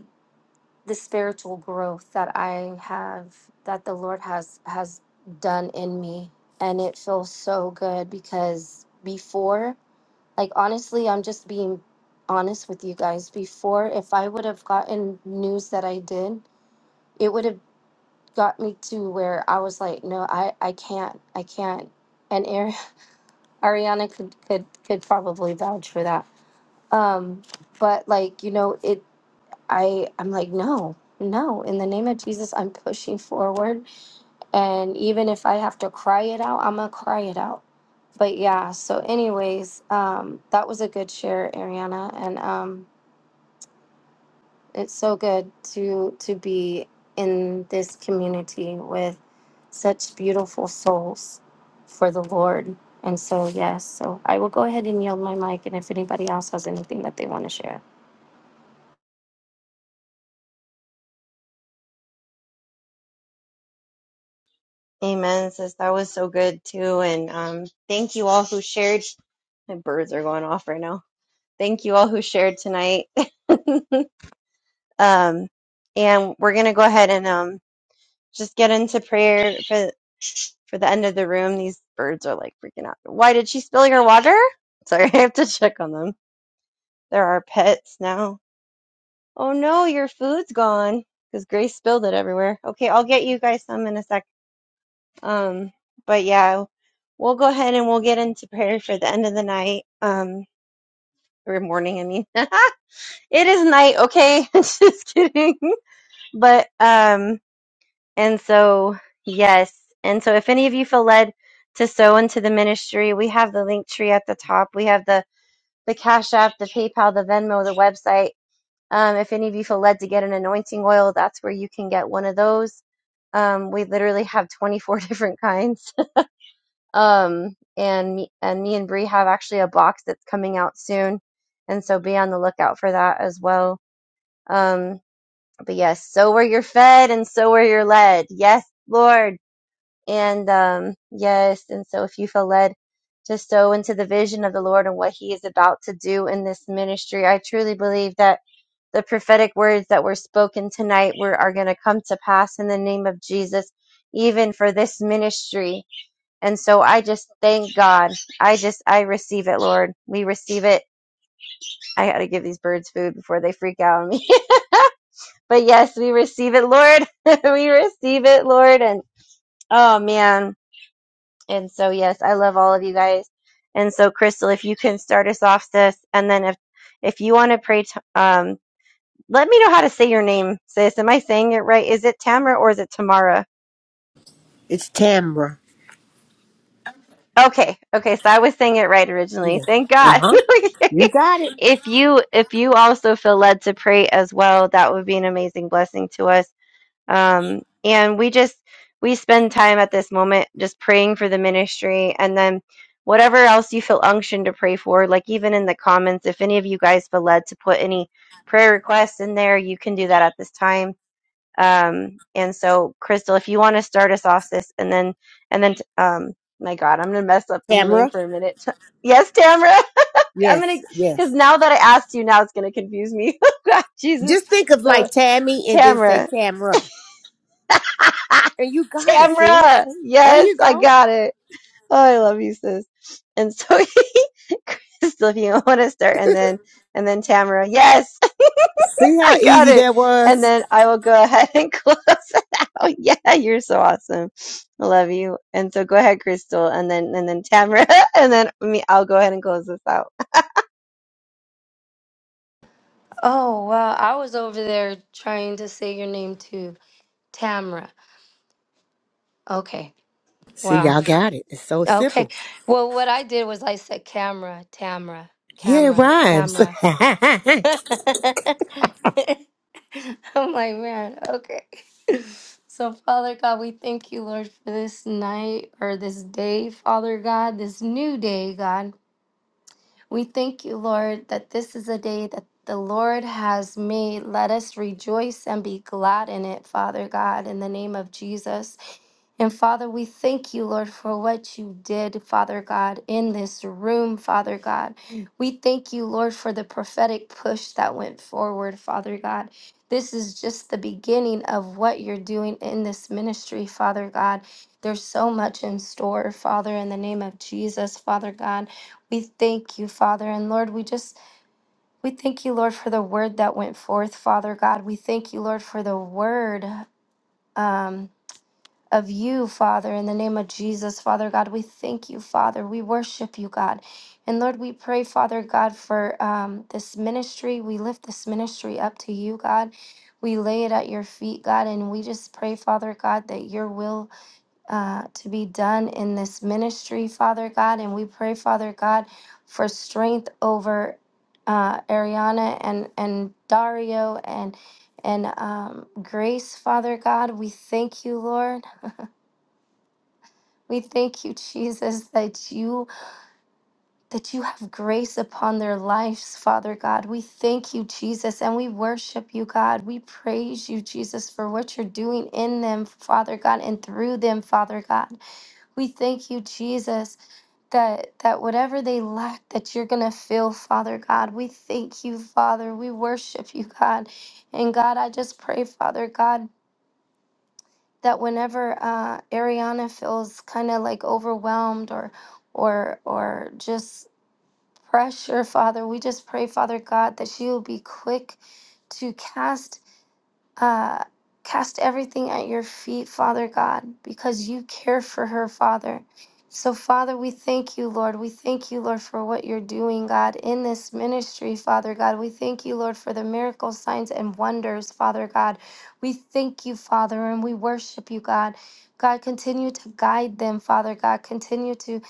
[SPEAKER 1] the spiritual growth that I have that the Lord has has done in me and it feels so good because before like honestly I'm just being honest with you guys before if I would have gotten news that I did it would have got me to where I was like no I I can't I can't and Ari- [LAUGHS] Ariana could could could probably vouch for that um but like you know it I I'm like no, no. In the name of Jesus, I'm pushing forward, and even if I have to cry it out, I'm gonna cry it out. But yeah. So, anyways, um, that was a good share, Ariana, and um, it's so good to to be in this community with such beautiful souls for the Lord. And so, yes. So I will go ahead and yield my mic, and if anybody else has anything that they want to share.
[SPEAKER 2] amen says that was so good too and um thank you all who shared my birds are going off right now thank you all who shared tonight [LAUGHS] Um, and we're going to go ahead and um, just get into prayer for for the end of the room. These birds are like freaking out. Why did she spill your water? Sorry, [LAUGHS] I have to check on them. They're our pets now. Oh no, your food's gone because Grace spilled it everywhere. Okay, I'll get you guys some in a sec. Um, but yeah, we'll go ahead and we'll get into prayer for the end of the night. Um, or morning, I mean. [LAUGHS] it is night, okay? [LAUGHS] Just kidding. But um. And so, yes. And so, if any of you feel led to sow into the ministry, we have the link tree at the top. We have the the Cash App, the PayPal, the Venmo, the website. Um, if any of you feel led to get an anointing oil, that's where you can get one of those. Um, we literally have 24 [LAUGHS] different kinds. Um, and me, and me and Bree have actually a box that's coming out soon, and so be on the lookout for that as well. Um, but yes, so where you're fed and so where you're led. Yes, Lord. And um, yes, and so if you feel led to sow into the vision of the Lord and what He is about to do in this ministry, I truly believe that the prophetic words that were spoken tonight were, are going to come to pass in the name of Jesus, even for this ministry. And so I just thank God. I just, I receive it, Lord. We receive it. I got to give these birds food before they freak out on me. [LAUGHS] but yes, we receive it, Lord. [LAUGHS] we receive it, Lord. And oh, man. And so, yes, I love all of you guys. And so, Crystal, if you can start us off, sis, and then if if you want to pray, t- um, let me know how to say your name, sis. Am I saying it right? Is it Tamara or is it Tamara?
[SPEAKER 7] It's Tamra.
[SPEAKER 2] Okay, okay. So I was saying it right originally. Thank
[SPEAKER 7] Uh
[SPEAKER 2] God. [LAUGHS]
[SPEAKER 7] huh. You got it,
[SPEAKER 2] if you if you also feel led to pray as well, that would be an amazing blessing to us. um, and we just we spend time at this moment just praying for the ministry and then whatever else you feel unctioned to pray for like even in the comments if any of you guys feel led to put any prayer requests in there you can do that at this time um, and so crystal if you want to start us off sis and then and then um, my god i'm gonna mess up the name
[SPEAKER 7] Tamra.
[SPEAKER 2] for a minute [LAUGHS] yes tamara [LAUGHS] i'm gonna
[SPEAKER 7] Yes,
[SPEAKER 2] because
[SPEAKER 7] yes.
[SPEAKER 2] now that i asked you now it's gonna confuse me [LAUGHS] god jesus
[SPEAKER 7] Just think of
[SPEAKER 2] so
[SPEAKER 7] like Tammy and then say
[SPEAKER 2] tamara
[SPEAKER 7] Tamra.
[SPEAKER 2] [LAUGHS]
[SPEAKER 7] And you got it, sis.
[SPEAKER 2] Tamra,
[SPEAKER 7] There
[SPEAKER 2] yes,
[SPEAKER 7] you
[SPEAKER 2] I
[SPEAKER 7] go.
[SPEAKER 2] got it. Oh, I love you, sis. And so [LAUGHS] he, Crystal, if you want to start, and then and then Tamara, yes, [LAUGHS]
[SPEAKER 7] See how
[SPEAKER 2] I got
[SPEAKER 7] easy
[SPEAKER 2] it.
[SPEAKER 7] that
[SPEAKER 2] And
[SPEAKER 7] was?
[SPEAKER 2] then I will go ahead and [LAUGHS] close it out. Yeah, you're so awesome. I love you. And so go ahead, Crystal, and then and then Tamara, [LAUGHS] and then me. I'll go ahead and close this out.
[SPEAKER 1] Oh, wow. I was over there trying to say your name too. Tamra. Okay.
[SPEAKER 7] See,
[SPEAKER 1] Wow.
[SPEAKER 7] y'all got it. It's so
[SPEAKER 1] Okay.
[SPEAKER 7] simple.
[SPEAKER 1] Well, what I did was I said camera, Tamra,
[SPEAKER 7] Yeah, it
[SPEAKER 1] camera,
[SPEAKER 7] rhymes.
[SPEAKER 1] Tamra.
[SPEAKER 7] [LAUGHS]
[SPEAKER 1] [LAUGHS] I'm like, man, okay. [LAUGHS] So, Father God, we thank you, Lord, for this night or this day, Father God, this new day, God. We thank you, Lord, that this is a day that the Lord has made. Let us rejoice and be glad in it, Father God, in the name of Jesus. And Father, we thank you, Lord, for what you did, Father God, in this room, Father God. We thank you, Lord, for the prophetic push that went forward, Father God. This is just the beginning of what you're doing in this ministry, Father God. There's so much in store, Father, in the name of Jesus, Father God. We thank you, Father. And Lord, we just, we thank you, Lord, for the word that went forth, Father God. We thank you, Lord, for the word um, of you, Father, in the name of Jesus, Father God. We thank you, Father. We worship you, God. And Lord, we pray, Father God, for um, this ministry. We lift this ministry up to you, God. We lay it at your feet, God. And we just pray, Father God, that your will uh, to be done in this ministry, Father God. And we pray, Father God, for strength over uh, Ariana and, and Dario and and um, Grace, Father God. We thank you, Lord. We thank you, [LAUGHS] Jesus, that you that you have grace upon their lives, Father God. We thank you, Jesus, and we worship you, God. We praise you, Jesus, for what you're doing in them, Father God, and through them, Father God. We thank you, Jesus, that that whatever they lack, that you're gonna fill, Father God. We thank you, Father. We worship you, God. And God, I just pray, Father God, that whenever uh, Ariana feels kind of like overwhelmed or or or just pressure, Father, we just pray, Father God, that she will be quick to cast uh, cast everything at your feet, Father God, because you care for her, Father. So, Father, we thank you, Lord. We thank you, Lord, for what you're doing, God, in this ministry, Father God. We thank you, Lord, for the miracles, signs, and wonders, Father God. We thank you, Father, and we worship you, God. God, continue to guide them, Father God. Continue to,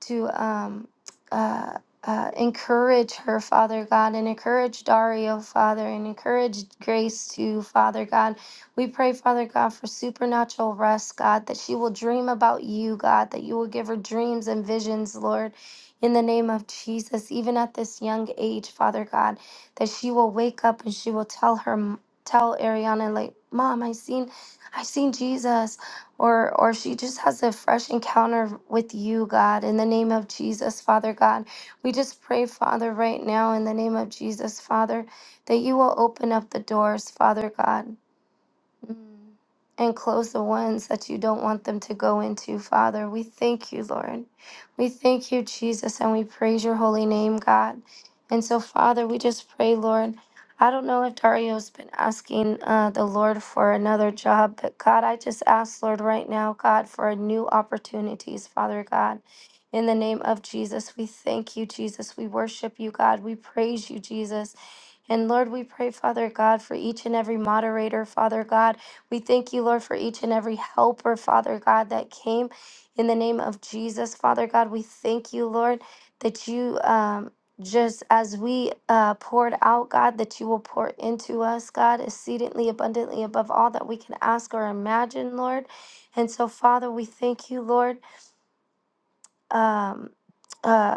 [SPEAKER 1] to, um, uh uh, encourage her, Father God, and encourage Dario, Father, and encourage Grace too, Father God. We pray, Father God, for supernatural rest, God, that she will dream about you, God, that you will give her dreams and visions, Lord. In the name of Jesus, even at this young age, Father God, that she will wake up and she will tell her, tell Ariana, like, Mom, I seen, I seen Jesus, or or she just has a fresh encounter with you, God. In the name of Jesus, Father God, we just pray, Father, right now in the name of Jesus, Father, that you will open up the doors, Father God. Mm. And close the ones that you don't want them to go into, Father. We thank you, Lord. We thank you, Jesus, and we praise your holy name, God. And so, Father, we just pray, Lord. I don't know if Dario's been asking uh, the Lord for another job, but God, I just ask, Lord, right now, God, for new opportunities, Father God. In the name of Jesus, we thank you, Jesus. We worship you, God. We praise you, Jesus. And Lord, we pray, Father God, for each and every moderator, Father God. We thank you, Lord, for each and every helper, Father God, that came in the name of Jesus, Father God. We thank you, Lord, that you um, just as we uh, poured out, God, that you will pour into us, God, exceedingly abundantly above all that we can ask or imagine, Lord. And so, Father, we thank you, Lord. Um, uh,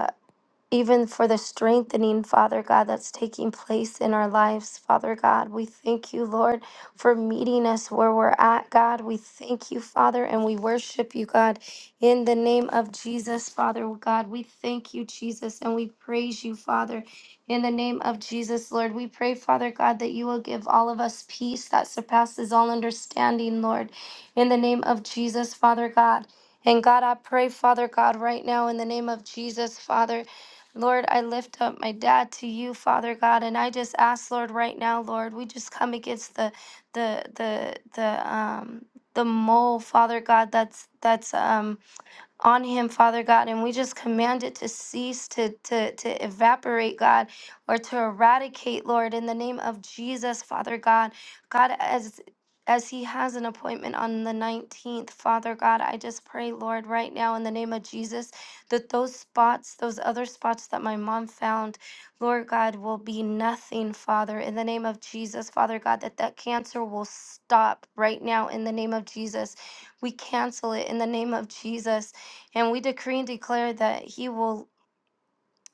[SPEAKER 1] even for the strengthening, Father God, that's taking place in our lives, Father God. We thank you, Lord, for meeting us where we're at, God. We thank you, Father, and we worship you, God, in the name of Jesus, Father God. We thank you, Jesus, and we praise you, Father, in the name of Jesus, Lord. We pray, Father God, that you will give all of us peace that surpasses all understanding, Lord, in the name of Jesus, Father God. And God, I pray, Father God, right now in the name of Jesus, Father. Lord, I lift up my dad to you, Father God, and I just ask, Lord, right now, Lord, we just come against the the the the um the mole, Father God, that's that's um on him, Father God, and we just command it to cease, to, to, to evaporate, God, or to eradicate, Lord, in the name of Jesus, Father God. God, as as he has an appointment on the 19th, Father God, I just pray, Lord, right now in the name of Jesus, that those spots, those other spots that my mom found, Lord God, will be nothing, Father, in the name of Jesus, Father God, that that cancer will stop right now in the name of Jesus. We cancel it in the name of Jesus and we decree and declare that He will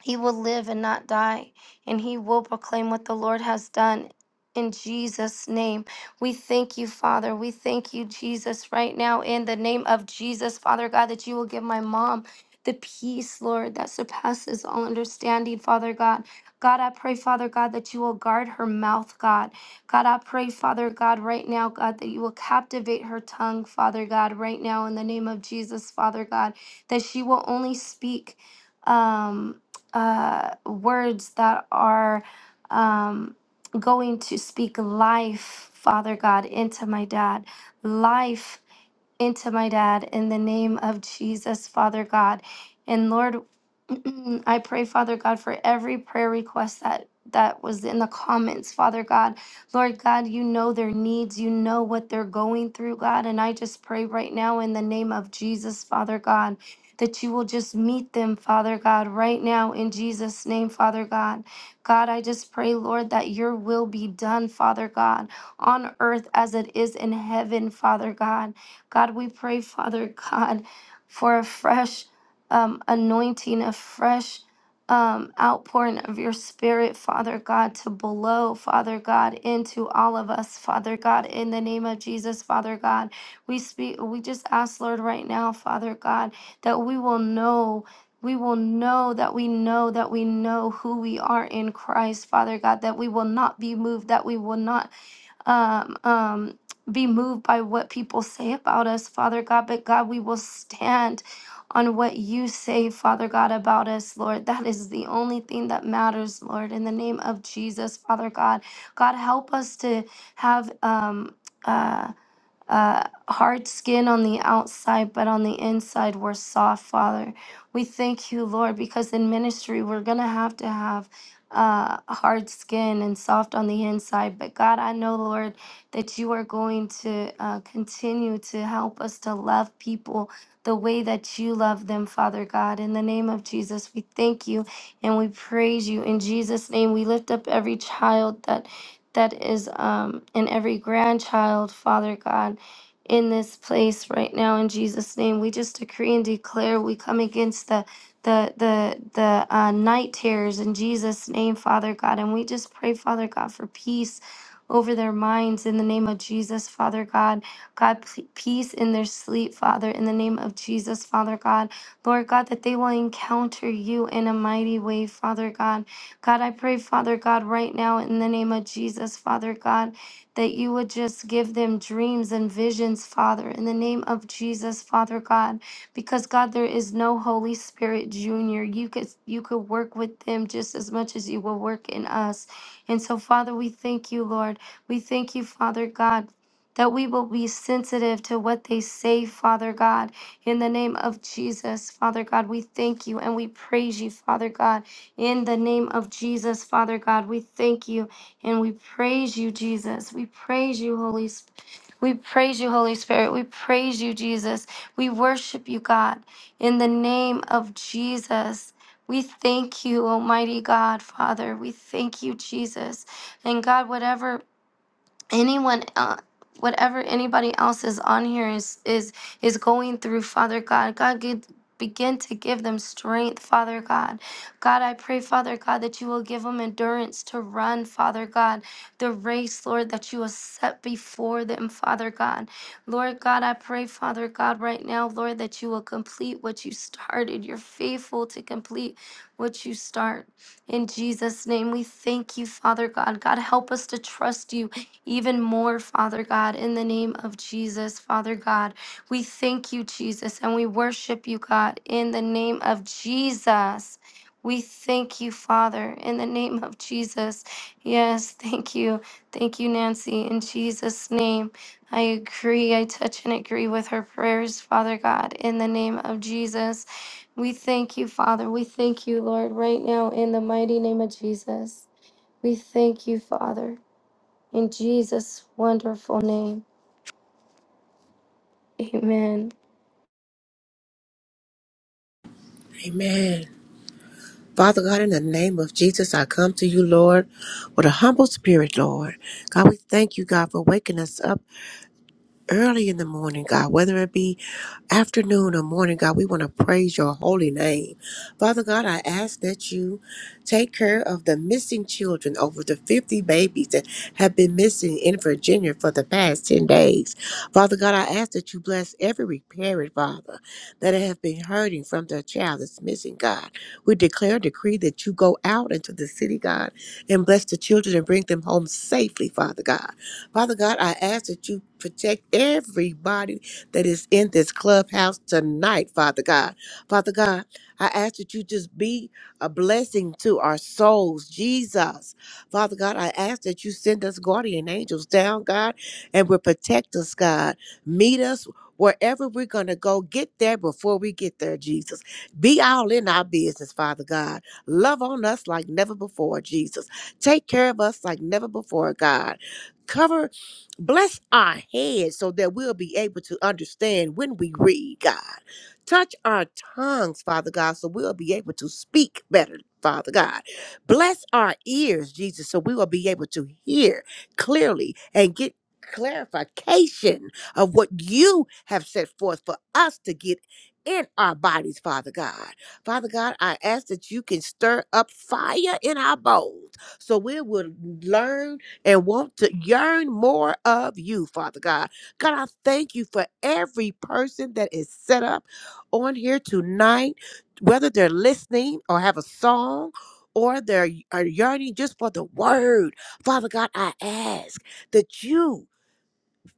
[SPEAKER 1] he will live and not die, and he will proclaim what the Lord has done. In Jesus' name, we thank you, Father. We thank you, Jesus, right now, in the name of Jesus, Father God, that you will give my mom the peace, Lord, that surpasses all understanding, Father God. God, I pray, Father God, that you will guard her mouth, God. God, I pray, Father God, right now, God, that you will captivate her tongue, Father God, right now, in the name of Jesus, Father God, that she will only speak. Um, uh, words that are um, going to speak life, Father God, into my dad. Life into my dad in the name of Jesus, Father God. And Lord, [CLEARS THROAT] I pray, Father God, for every prayer request that that was in the comments, Father God. Lord God, you know their needs, you know what they're going through, God, and I just pray right now in the name of Jesus, Father God, that you will just meet them, Father God, right now in Jesus name, Father God. God, I just pray, Lord, that your will be done, Father God, on earth as it is in heaven, Father God. God, we pray, Father God, for a fresh um, anointing, a fresh um, outpouring of your spirit, Father God, to blow, Father God, into all of us, Father God, in the name of Jesus, Father God. We speak, we just ask, Lord, right now, Father God, that we will know. We will know that we know that we know who we are in Christ, Father God, that we will not be moved, that we will not um, um, be moved by what people say about us, Father God. But God, we will stand on what you say, Father God, about us, Lord. That is the only thing that matters, Lord. In the name of Jesus, Father God, God, help us to have. Um, Uh uh, hard skin on the outside, but on the inside, we're soft, Father. We thank you, Lord, because in ministry, we're going to have to have uh, hard skin and soft on the inside. But God, I know, Lord, that you are going to uh, continue to help us to love people the way that you love them, Father God. In the name of Jesus, we thank you and we praise you. In Jesus' name, we lift up every child that. That is um, and every grandchild, Father God in this place right now in Jesus name. We just decree and declare we come against the the the the uh, night terrors in Jesus name, Father God, and we just pray, Father God, for peace over their minds in the name of Jesus, Father God. God, p- peace in their sleep, Father, in the name of Jesus, Father God. Lord God, that they will encounter you in a mighty way, Father God. God, I pray, Father God, right now in the name of Jesus, Father God that you would just give them dreams and visions, Father, in the name of Jesus, Father God, because God, there is no Holy Spirit Junior. You could you could work with them just as much as you will work in us. And so, Father, we thank you, Lord. We thank you, Father God. That we will be sensitive to what they say, Father God. In the name of Jesus, Father God, we thank you and we praise you, Father God. In the name of Jesus, Father God, we thank you. And we praise you, Jesus. We praise you, Holy Spirit. We praise you, Holy Spirit. We praise you, Jesus. We worship you, God. In the name of Jesus, we thank you, Almighty God, Father. We thank you, Jesus. And God, whatever anyone uh, whatever anybody else is on here is is is going through father god god give, begin to give them strength father god god i pray father god that you will give them endurance to run father god the race lord that you will set before them father god lord god i pray father god right now lord that you will complete what you started you're faithful to complete what you start in jesus name we thank you father god god help us to trust you even more, Father God, in the name of Jesus, Father God. We thank you, Jesus, and we worship you, God, in the name of Jesus. We thank you, Father, in the name of Jesus. Yes, thank you. Thank you, Nancy, in Jesus' name. I agree. I touch and agree with her prayers, Father God, in the name of Jesus. We thank you, Father. We thank you, Lord, right now, in the mighty name of Jesus. We thank you, Father. In Jesus' wonderful name, amen.
[SPEAKER 7] Amen. Father God, in the name of Jesus, I come to you, Lord, with a humble spirit, Lord. God, we thank you, God, for waking us up early in the morning, God, whether it be afternoon or morning, God. We want to praise your holy name. Father God, I ask that you take care of the missing children, over the 50 babies that have been missing in Virginia for the past 10 days. Father God, I ask that you bless every parent, Father, that have been hurting from their child that's missing, God. We declare, a decree that you go out into the city, God, and bless the children and bring them home safely, Father God. Father God, I ask that you protect everybody that is in this clubhouse tonight, Father God. Father God, I ask that you just be a blessing to our souls, Jesus. Father God, I ask that you send us guardian angels down, God, and will protect us, God. Meet us wherever we're going to go. Get there before we get there, Jesus. Be all in our business, Father God. Love on us like never before, Jesus. Take care of us like never before, God. Cover Bless our heads so that we'll be able to understand when we read, God. Touch our tongues, Father God, so we'll be able to speak better, Father God. Bless our ears, Jesus, so we will be able to hear clearly and get clarification of what you have set forth for us to get in our bodies, Father God. Father God, I ask that you can stir up fire in our bones so we will learn and want to yearn more of you, Father God. God, I thank you for every person that is set up on here tonight, whether they're listening or have a song. Or they're are yearning just for the word. Father God, I ask that you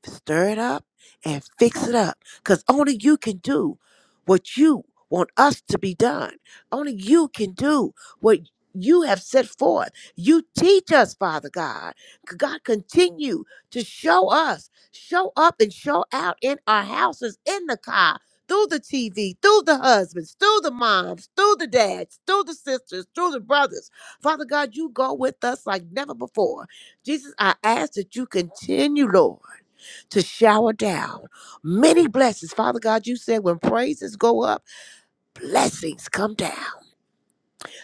[SPEAKER 7] stir it up and fix it up because only you can do what you want us to be done. Only you can do what you have set forth. You teach us, Father God. God, continue to show us, show up and show out in our houses, in the car, through the TV, through the husbands, through the moms, through the dads, through the sisters, through the brothers. Father God, you go with us like never before. Jesus, I ask that you continue, Lord to shower down many blessings. Father God, you said when praises go up, blessings come down.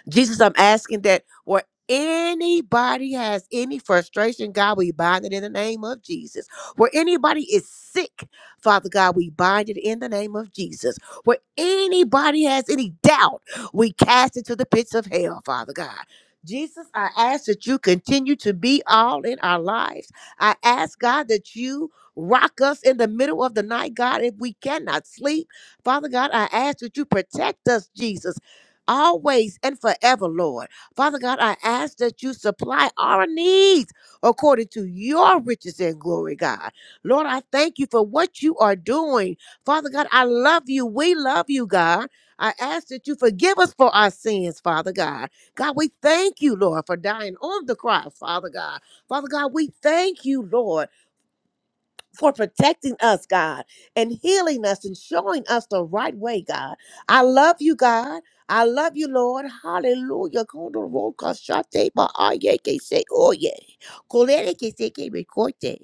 [SPEAKER 7] Jesus, I'm asking that where anybody has any frustration, God, we bind it in the name of Jesus. Where anybody is sick, Father God, we bind it in the name of Jesus. Where anybody has any doubt, we cast it to the pits of hell, Father God. Jesus, I ask that you continue to be all in our lives. I ask, God, that you rock us in the middle of the night, God, if we cannot sleep. Father God, I ask that you protect us, Jesus always and forever, Lord. Father God, I ask that you supply our needs according to your riches and glory, God. Lord, I thank you for what you are doing. Father God, I love you. We love you, God. I ask that you forgive us for our sins, Father God. God, we thank you, Lord, for dying on the cross, Father God. Father God, we thank you, Lord for protecting us, God, and healing us and showing us the right way, God. I love you, God. I love you, Lord. Hallelujah. Kondoroka shate ba ayeke se oye. Kolere ke se ke rekote.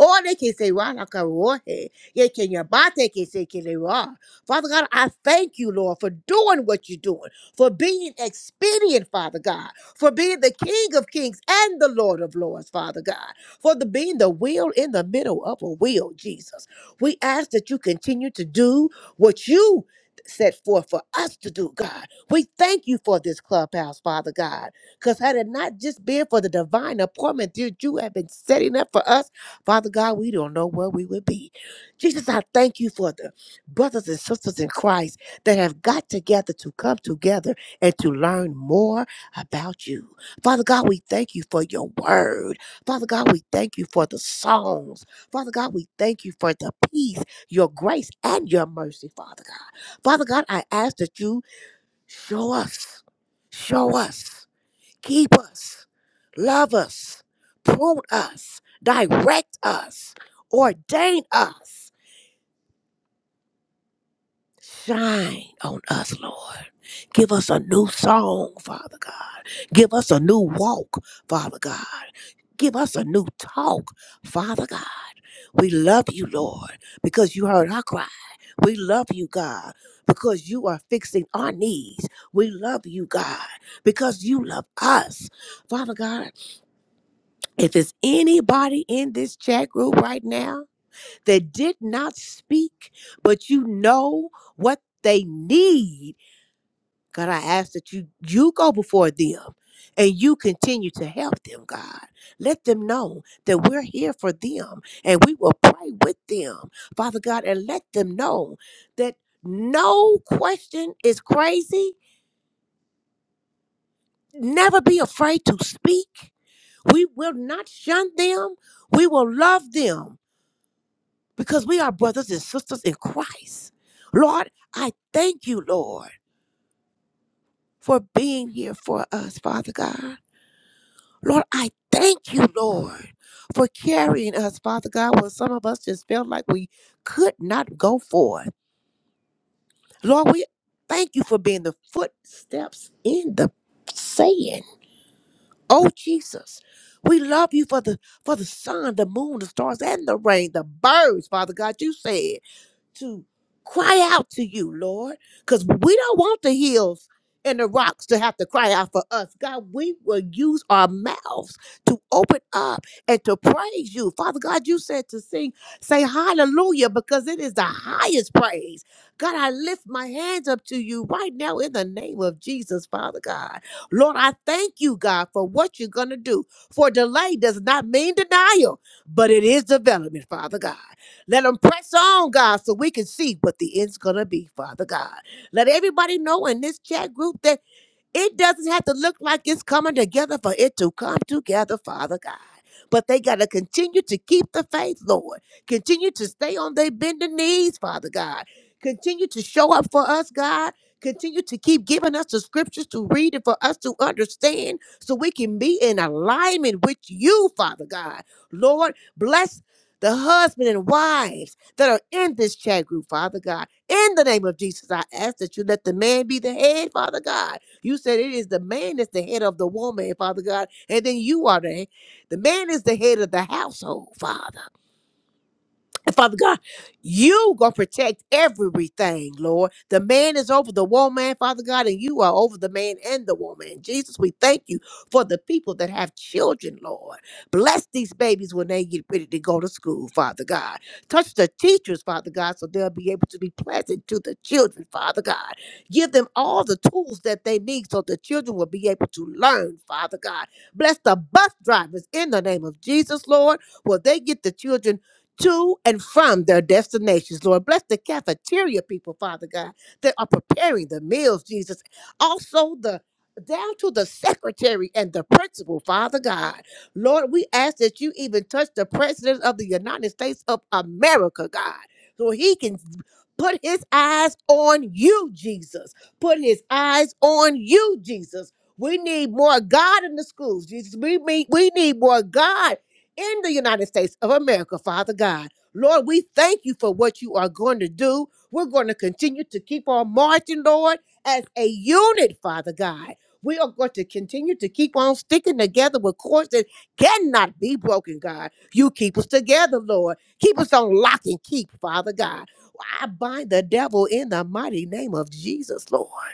[SPEAKER 7] Ore ke se wa la ka rohe. Ye ke nyabate ke se ke le wa. Father God, I thank you, Lord, for doing what you're doing, for being expedient, Father God, for being the King of kings and the Lord of lords, Father God for the being the wheel in the middle of a wheel, Jesus. We ask that you continue to do what you set forth for us to do, God. We thank you for this clubhouse, Father God, because had it not just been for the divine appointment that you have been setting up for us, Father God, we don't know where we would be. Jesus, I thank you for the brothers and sisters in Christ that have got together to come together and to learn more about you. Father God, we thank you for your word. Father God, we thank you for the songs. Father God, we thank you for the peace, your grace, and your mercy, Father God. Father God, I ask that you show us, show us, keep us, love us, prune us, direct us, ordain us. Shine on us, Lord. Give us a new song, Father God. Give us a new walk, Father God. Give us a new talk, Father God. We love you, Lord, because you heard our cry. We love you, God, because you are fixing our needs. We love you, God, because you love us. Father God, if there's anybody in this chat group right now that did not speak, but you know what they need, God, I ask that you you go before them and you continue to help them, God. Let them know that we're here for them and we will pray with them, Father God, and let them know that no question is crazy. Never be afraid to speak. We will not shun them. We will love them because we are brothers and sisters in Christ. Lord, I thank you, Lord, for being here for us, Father God. Lord, I thank you, Lord, for carrying us, Father God, when some of us just felt like we could not go forth. Lord, we thank you for being the footsteps in the sand. Oh Jesus. We love you for the for the sun, the moon, the stars, and the rain, the birds, Father God. You said to cry out to you, Lord, because we don't want the hills and the rocks to have to cry out for us. God, we will use our mouths to open up and to praise you. Father God, you said to sing, say hallelujah, because it is the highest praise. God, I lift my hands up to you right now in the name of Jesus, Father God. Lord, I thank you, God, for what you're going to do. For delay does not mean denial, but it is development, Father God. Let them press on, God, so we can see what the end's going to be, Father God. Let everybody know in this chat group that it doesn't have to look like it's coming together for it to come together, Father God. But they got to continue to keep the faith, Lord. Continue to stay on their bending knees, Father God. Continue to show up for us, God. Continue to keep giving us the scriptures to read and for us to understand so we can be in alignment with you, Father God. Lord, bless the husband and wives that are in this chat group, Father God. In the name of Jesus, I ask that you let the man be the head, Father God you said it is the man that's the head of the woman, Father God, and then you are the the man is the head of the household, Father. And Father God, you gonna protect everything, Lord. The man is over the woman, Father God, and you are over the man and the woman. Jesus, we thank you for the people that have children, Lord. Bless these babies when they get ready to go to school, Father God. Touch the teachers, Father God, so they'll be able to be pleasant to the children, Father God. Give them all the tools that they need so the children will be able to learn, Father God. Bless the bus drivers in the name of Jesus, Lord. Will they get the children? to and from their destinations, Lord. Bless the cafeteria people, Father God, that are preparing the meals, Jesus. Also, the down to the secretary and the principal, Father God. Lord, we ask that you even touch the president of the United States of America, God, so he can put his eyes on you, Jesus. Put his eyes on you, Jesus. We need more God in the schools, Jesus. We need, we need more God in the United States of America, Father God. Lord, we thank you for what you are going to do. We're going to continue to keep on marching, Lord, as a unit, Father God. We are going to continue to keep on sticking together with cords that cannot be broken, God. You keep us together, Lord. Keep us on lock and keep, Father God. I bind the devil in the mighty name of Jesus, Lord.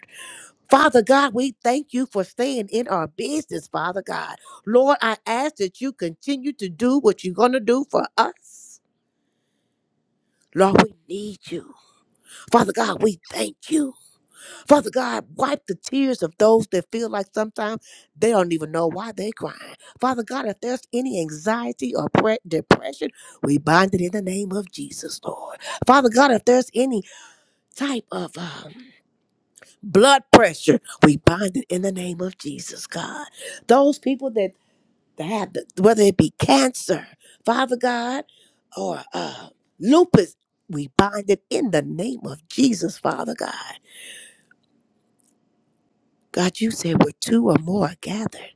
[SPEAKER 7] Father God, we thank you for staying in our business, Father God. Lord, I ask that you continue to do what you're going to do for us. Lord, we need you. Father God, we thank you. Father God, wipe the tears of those that feel like sometimes they don't even know why they're crying. Father God, if there's any anxiety or pre- depression, we bind it in the name of Jesus, Lord. Father God, if there's any type of uh, blood pressure. We bind it in the name of Jesus, God. Those people that, that have, the, whether it be cancer, Father God, or uh, lupus, we bind it in the name of Jesus, Father God. God, you said where two or more are gathered,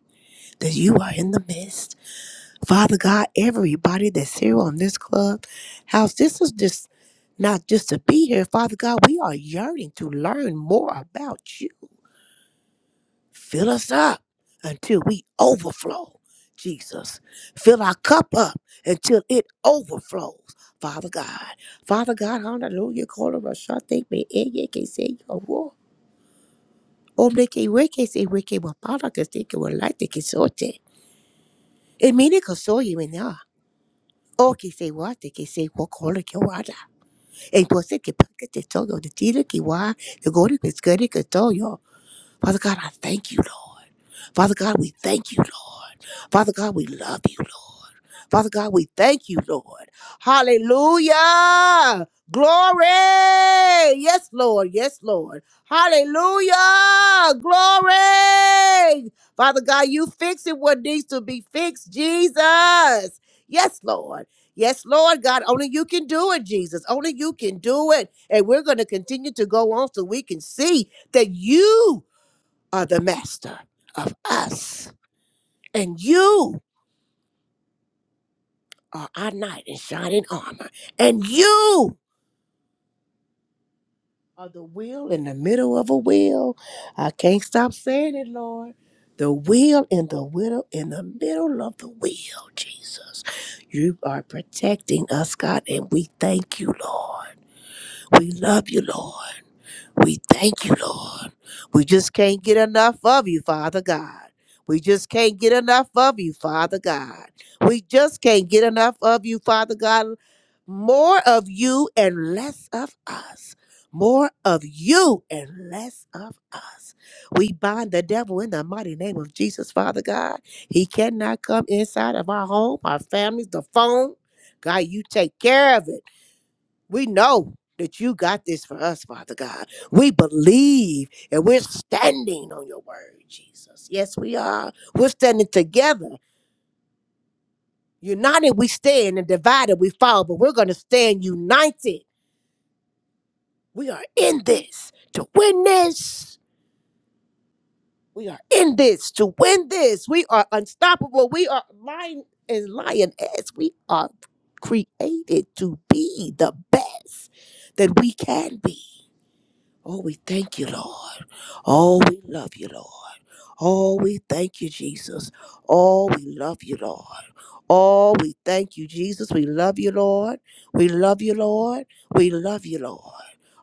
[SPEAKER 7] that you are in the midst. Father God, everybody that's here on this club house, this is just not just to be here. Father God, we are yearning to learn more about you. Fill us up until we overflow, Jesus. Fill our cup up until it overflows, Father God. Father God, hallelujah. Call of us. Thank me. Eh, yeah, can say can't, we your word. Omne que Father, can weke wa para que se que wa laite que sote. E can que you, y mena. O can say what they can say. What que wada. E pose And paca te toyo de they told you The dealer can why the golden is good. que can tell you, Father God, I thank you, Lord. Father God, we thank you, Lord. Father God, we love you, Lord. Father God, we thank you, Lord. Hallelujah. Glory. Yes, Lord. Yes, Lord. Hallelujah. Glory. Father God, you fix it what needs to be fixed, Jesus. Yes, Lord. Yes, Lord God, only you can do it, Jesus. Only you can do it. And we're going to continue to go on so we can see that you are the master of us. And you are our knight in shining armor. And you are the wheel in the middle of a wheel. I can't stop saying it, Lord. The wheel in the middle, in the middle of the wheel, Jesus. You are protecting us, God, and we thank you, Lord. We love you, Lord. We thank you, Lord. We just can't get enough of you, Father God. We just can't get enough of you, Father God. We just can't get enough of you, Father God. More of you and less of us. More of you and less of us. We bind the devil in the mighty name of Jesus, Father God. He cannot come inside of our home, our families, the phone. God, you take care of it. We know that you got this for us, Father God. We believe and we're standing on your word, Jesus. Yes, we are. We're standing together. United we stand and divided we fall, but we're going to stand united. We are in this to win this. We are in this to win this. We are unstoppable. We are lion and lioness. We are created to be the best that we can be. Oh, we thank you, Lord. Oh, we love you, Lord. Oh, we thank you, Jesus. Oh, we love you, Lord. Oh, we thank you, Jesus. We love you, Lord. We love you, Lord. We love you, Lord.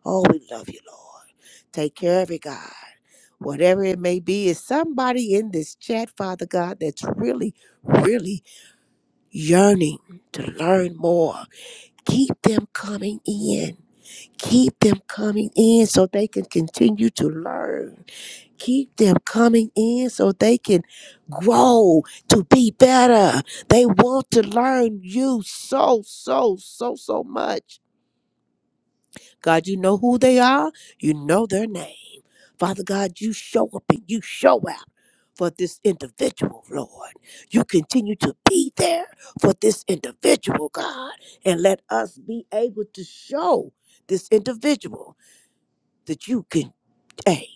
[SPEAKER 7] Oh, we love you, Lord. Take care of it, God. Whatever it may be, is somebody in this chat, Father God, that's really, really yearning to learn more. Keep them coming in. Keep them coming in so they can continue to learn keep them coming in so they can grow to be better. They want to learn you so, so, so, so much. God, you know who they are, you know their name. Father God, you show up and you show out. For this individual, Lord. You continue to be there for this individual, God, and let us be able to show this individual that you can, hey,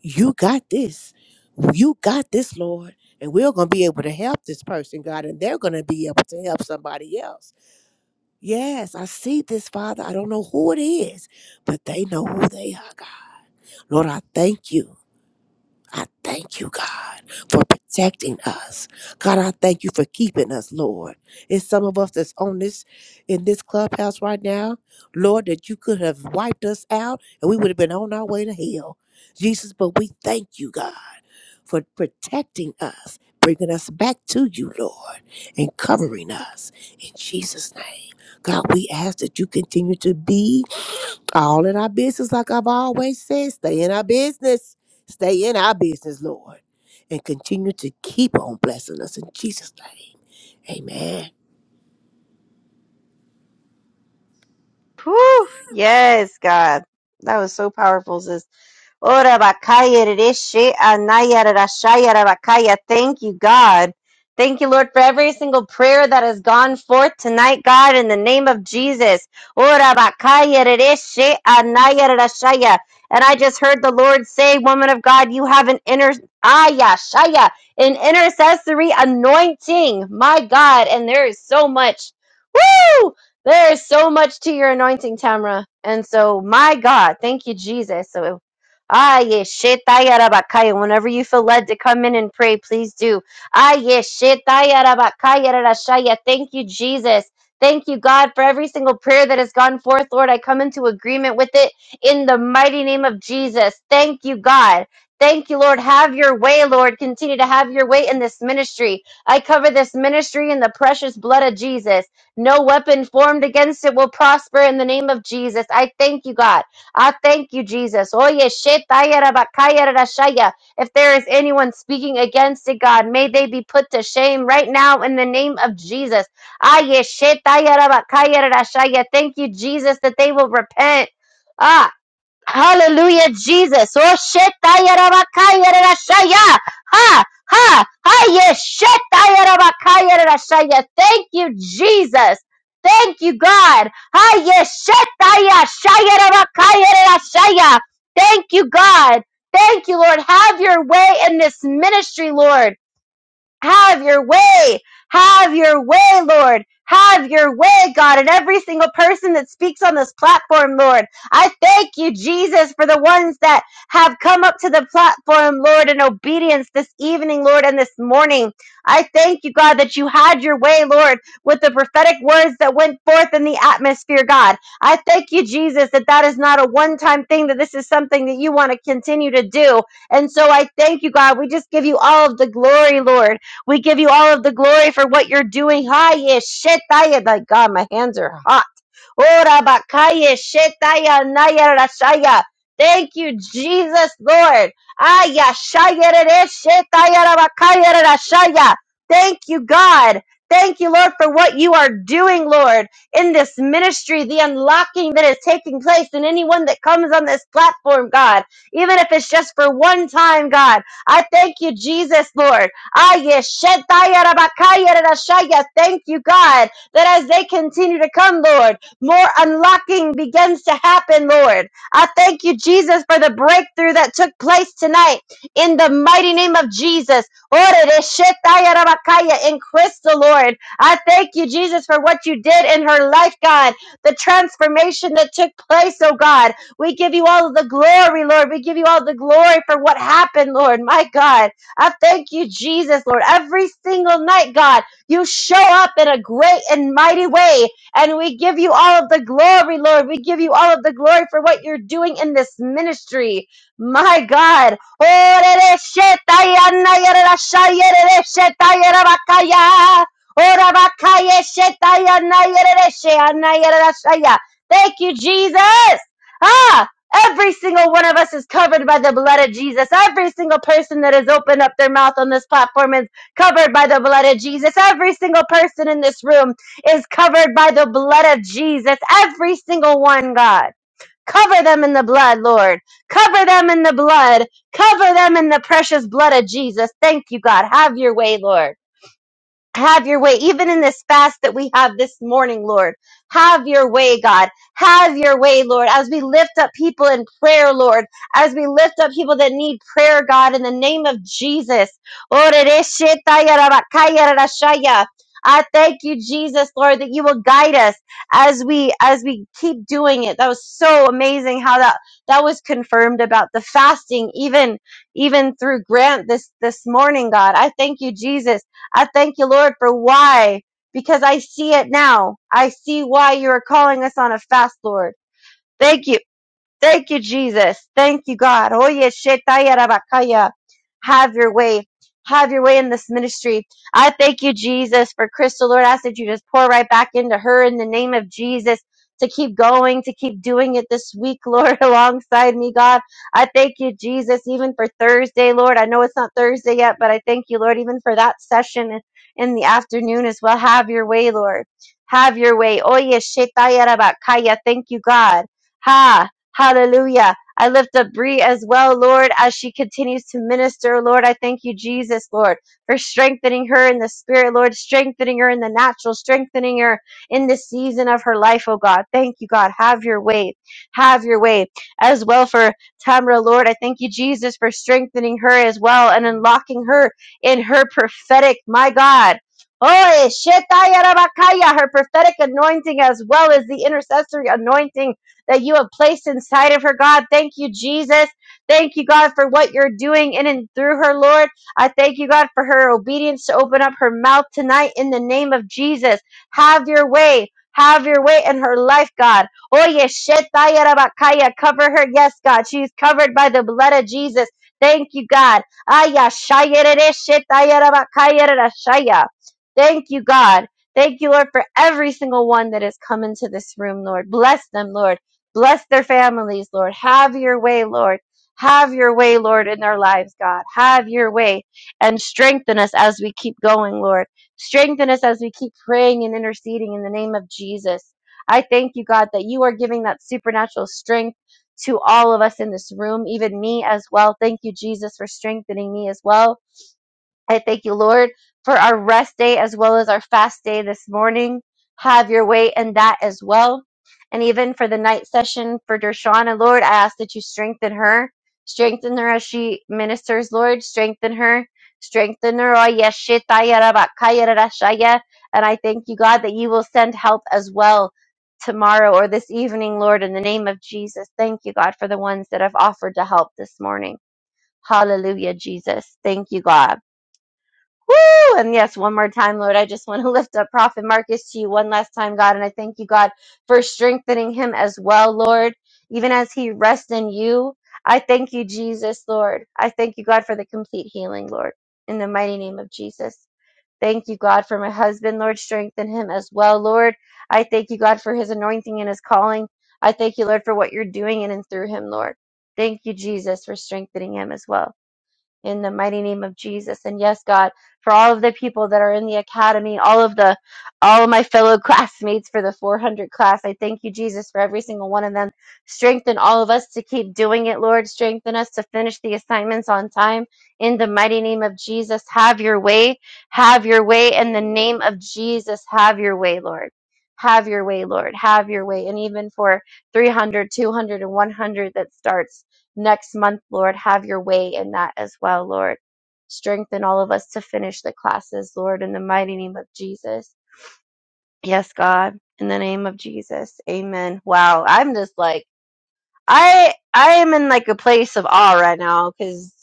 [SPEAKER 7] you got this. You got this, Lord. And we're going to be able to help this person, God, and they're going to be able to help somebody else. Yes, I see this, Father. I don't know who it is, but they know who they are, God. Lord, I thank you. I thank you, God, for protecting us. God, I thank you for keeping us, Lord. It's some of us that's on this in this clubhouse right now, Lord, that you could have wiped us out and we would have been on our way to hell. Jesus, but we thank you, God, for protecting us, bringing us back to you, Lord, and covering us in Jesus' name. God, we ask that you continue to be all in our business, like I've always said, stay in our business. Stay in our business, Lord. And continue to keep on blessing us in Jesus' name. Amen.
[SPEAKER 2] Poof. Yes, God. That was so powerful, sis. Ora bakaya rishi anaya rashaya rabakaya. Thank you, God. Thank you, Lord, for every single prayer that has gone forth tonight, God, in the name of Jesus. Ora bakaya rishi anaya rashaya. And I just heard the Lord say, Woman of God, you have an inner aya shaya, an intercessory anointing. My God. And there is so much. Woo! There is so much to your anointing, Tamra. And so, my God, thank you, Jesus. So, ah, yeah, shit, whenever you feel led to come in and pray, please do. Ah, yeah, shit, I Thank you, Jesus. Thank you, God, for every single prayer that has gone forth, Lord. I come into agreement with it in the mighty name of Jesus. Thank you, God. Thank you, Lord. Have your way, Lord. Continue to have your way in this ministry. I cover this ministry in the precious blood of Jesus. No weapon formed against it will prosper in the name of Jesus. I thank you, God. I thank you, Jesus. Oye, shetaya rabakaya rashaya. If there is anyone speaking against it, God, may they be put to shame right now in the name of Jesus. Aye, shetaya rabakaya rashaya. Thank you, Jesus, that they will repent. Ah. Hallelujah, Jesus. Oh, shetayarabakayarashaya. Ha, ha, ha, yes, shetayarabakayarashaya. Thank you, Jesus. Thank you, God. Ha, yes, shetayashayarabakayarashaya. Thank you, God. Thank you, Lord. Have your way in this ministry, Lord. Have your way. Have your way, Lord. Have your way, God, and every single person that speaks on this platform, Lord. I thank you, Jesus, for the ones that have come up to the platform, Lord, in obedience this evening, Lord, and this morning. I thank you, God, that you had your way, Lord, with the prophetic words that went forth in the atmosphere, God. I thank you, Jesus, that that is not a one time thing, that this is something that you want to continue to do. And so I thank you, God. We just give you all of the glory, Lord. We give you all of the glory for what you're doing. Hiya shetaya. Like God, my hands are hot. Ora bakaya shetaya naya rashaya. Thank you, Jesus, Lord. Aya shaya rere shetaya rabakaya rashaya. Thank you, God. Thank you, Lord, for what you are doing, Lord, in this ministry, the unlocking that is taking place in anyone that comes on this platform, God, even if it's just for one time, God. I thank you, Jesus, Lord. Ah, yes, Rabakaya Rashaya. Thank you, God, that as they continue to come, Lord, more unlocking begins to happen, Lord. I thank you, Jesus, for the breakthrough that took place tonight in the mighty name of Jesus. Ore de Rabakaya In Crystal, Lord, I thank you, Jesus, for what you did in her life, God, the transformation that took place, oh God. We give you all of the glory, Lord. We give you all the glory for what happened, Lord. My God. I thank you, Jesus, Lord. Every single night, God, you show up in a great and mighty way. And we give you all of the glory, Lord. We give you all of the glory for what you're doing in this ministry. My God. Thank you, Jesus. Ah, Every single one of us is covered by the blood of Jesus. Every single person that has opened up their mouth on this platform is covered by the blood of Jesus. Every single person in this room is covered by the blood of Jesus. Every single one, God. Cover them in the blood, Lord. Cover them in the blood. Cover them in the precious blood of Jesus. Thank you, God. Have your way, Lord. Have your way, even in this fast that we have this morning, Lord. Have your way, God. Have your way, Lord, as we lift up people in prayer, Lord, as we lift up people that need prayer, God, in the name of Jesus. I thank you, Jesus, Lord, that you will guide us as we as we keep doing it. That was so amazing how that that was confirmed about the fasting, even even through Grant this this morning, God. I thank you, Jesus I thank you, Lord, for why, because I see it now. I see why you are calling us on a fast, Lord. Thank you. Thank you, Jesus. Thank you, God. Oye, shetaya rabakaya. Have your way. Have your way in this ministry. I thank you, Jesus, for Crystal. Lord, I ask that you just pour right back into her in the name of Jesus to keep going, to keep doing it this week, Lord, [LAUGHS] alongside me, God. I thank you, Jesus, even for Thursday, Lord. I know it's not Thursday yet, but I thank you, Lord, even for that session in the afternoon as well. Have your way, Lord. Have your way. Oye, shetaya rabakaya. Thank you, God. Ha! Hallelujah. I lift up Bree as well, Lord, as she continues to minister, Lord. I thank you, Jesus, Lord, for strengthening her in the spirit, Lord, strengthening her in the natural, strengthening her in the season of her life, oh God. Thank you, God. Have your way. Have your way. As well for Tamra, Lord, I thank you, Jesus, for strengthening her as well and unlocking her in her prophetic, my God. Oh, her prophetic anointing as well as the intercessory anointing that you have placed inside of her, God. Thank you, Jesus. Thank you, God, for what you're doing in and through her, Lord. I thank you, God, for her obedience to open up her mouth tonight in the name of Jesus. Have your way. Have your way in her life, God. Oye, shetaya rabakaya. Cover her. Yes, God. She's covered by the blood of Jesus. Thank you, God. Aya, shayerere, shetaya rabakaya rarashaya. Thank you, God. Thank you, Lord, for every single one that has come into this room, Lord. Bless them, Lord. Bless their families, Lord. Have your way, Lord. Have your way, Lord, in their lives, God. Have your way and strengthen us as we keep going, Lord. Strengthen us as we keep praying and interceding in the name of Jesus. I thank you, God, that you are giving that supernatural strength to all of us in this room, even me as well. Thank you, Jesus, for strengthening me as well I thank you, Lord, for our rest day as well as our fast day this morning. Have your way in that as well. And even for the night session for Dershana, Lord, I ask that you strengthen her. Strengthen her as she ministers, Lord. Strengthen her. Strengthen her. Oh, yes, shitaya raba kaya shaya. And I thank you, God, that you will send help as well tomorrow or this evening, Lord, in the name of Jesus. Thank you, God, for the ones that have offered to help this morning. Hallelujah, Jesus. Thank you, God. Woo! And yes, one more time, Lord, I just want to [LAUGHS] lift up Prophet Marcus to you one last time, God. And I thank you, God, for strengthening him as well, Lord, even as he rests in you. I thank you, Jesus, Lord. I thank you, God, for the complete healing, Lord, in the mighty name of Jesus. Thank you, God, for my husband, Lord. Strengthen him as well, Lord. I thank you, God, for his anointing and his calling. I thank you, Lord, for what you're doing in and through him, Lord. Thank you, Jesus, for strengthening him as well in the mighty name of Jesus. And yes, God, for all of the people that are in the academy, all of the all of my fellow [LAUGHS] classmates for the 400 class, I thank you, Jesus, for every single one of them. Strengthen all of us to keep doing it, Lord. Strengthen us to finish the assignments on time. In the mighty name of Jesus, have your way. Have your way. In the name of Jesus, have your way, Lord. Have your way, Lord. Have your way. And even for 300, 200, and 100 that starts next month, Lord. Have your way in that as well, Lord. Strengthen all of us to finish the classes, Lord, in the mighty name of Jesus. Yes, God, in the name of Jesus. Amen. Wow, I'm just like I I am in like a place of awe right now cuz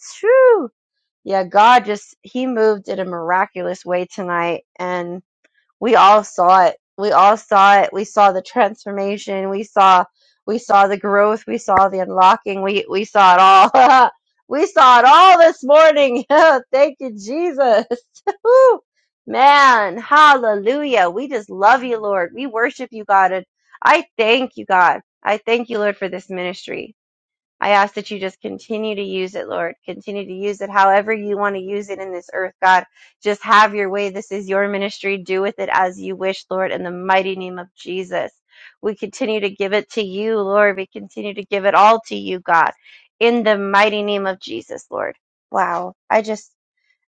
[SPEAKER 2] yeah, God just he moved in a miraculous way tonight and we all saw it we all saw it we saw the transformation we saw we saw the growth we saw the unlocking we we saw it all [LAUGHS] we saw it all this morning [LAUGHS] thank you jesus [LAUGHS] Woo. man hallelujah we just love you lord we worship you god and i thank you god i thank you lord for this ministry I ask that you just continue to use it, Lord. Continue to use it however you want to use it in this earth, God. Just have your way. This is your ministry. Do with it as you wish, Lord, in the mighty name of Jesus. We continue to give it to you, Lord. We continue to give it all to you, God, in the mighty name of Jesus, Lord. Wow. I just,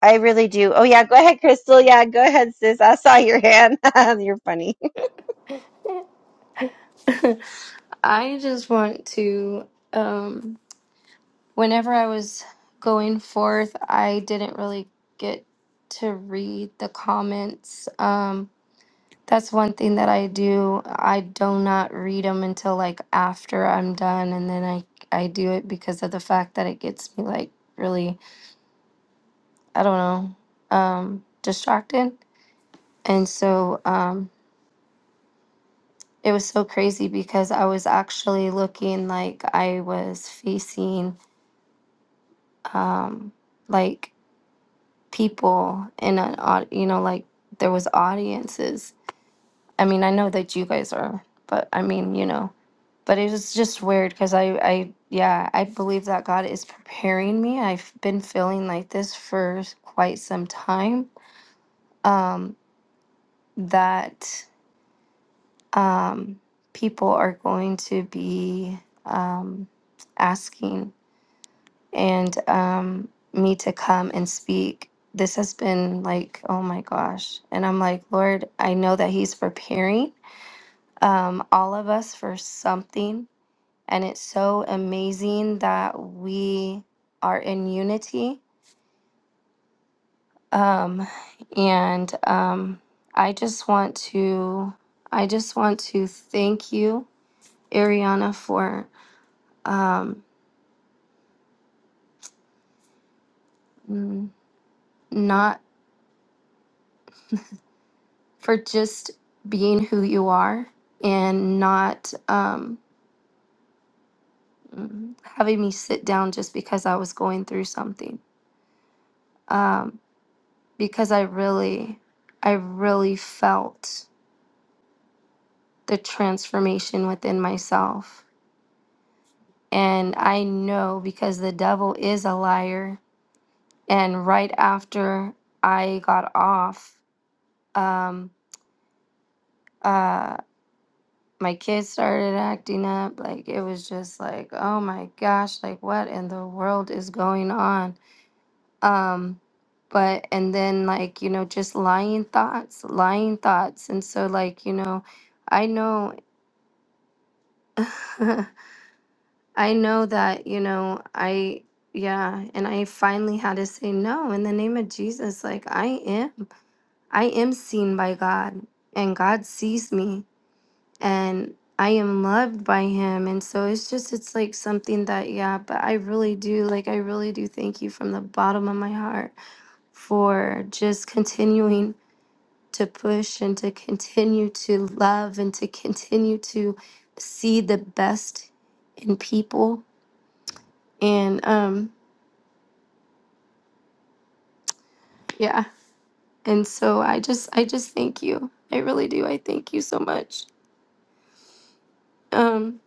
[SPEAKER 2] I really do. Oh, yeah. Go ahead, Crystal. Yeah. Go ahead, sis. I saw your hand. [LAUGHS] You're funny.
[SPEAKER 1] [LAUGHS] I just want to, um, whenever I was going forth, I didn't really get to read the comments. Um, that's one thing that I do. I do not read them until like after I'm done, and then I I do it because of the fact that it gets me like really, I don't know, um, distracted. And so, um, It was so crazy because I was actually looking like I was facing um like people in an au- you know like there was audiences. I mean, I know that you guys are, but I mean, you know, but it was just weird cuz I I yeah, I believe that God is preparing me. I've been feeling like this for quite some time. Um that um people are going to be um asking and um, me to come and speak. This has been like, oh my gosh. And I'm like, Lord, I know that He's preparing um, all of us for something. And it's so amazing that we are in unity. Um, and um, I just want to, I just want to thank you, Ariana, for um, n- not for just being who you are and not um, having me sit down just because I was going through something. Um, because I really, I really felt the transformation within myself. And I know because the devil is a liar. And right after I got off, um, uh, my kids started acting up. Like it was just like, oh my gosh, like what in the world is going on? Um, but and then like, you know, just lying thoughts, lying thoughts. And so like, you know, I know [LAUGHS] I know that, you know, I yeah, and I finally had to say no in the name of Jesus. Like I am I am seen by God and God sees me and I am loved by him. And so it's just, it's like something that, yeah, but I really do, like, I really do thank you from the bottom of my heart for just continuing to push and to continue to love and to continue to see the best in people. And, um, yeah. And so I just, I just thank you. I really do. I thank you so much. Um,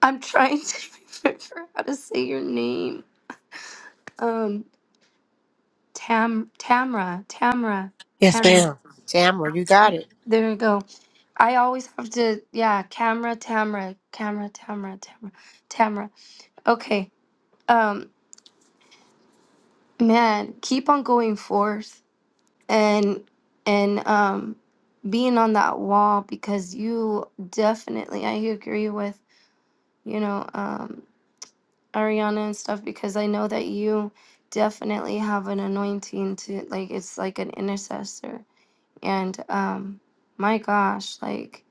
[SPEAKER 1] I'm trying [LAUGHS] to remember how to say your name. Um, Tam Tamra Tamra
[SPEAKER 7] Yes,
[SPEAKER 1] Cam.
[SPEAKER 7] ma'am. Tamara, you got it.
[SPEAKER 1] There we go. I always have to yeah. Camera Tamra Camera Tamra Tamra Tamra. Okay. Um. Man, keep on going forth and and um being on that wall because you definitely I agree with you know um Ariana and stuff because I know that you definitely have an anointing to like it's like an intercessor and um my gosh like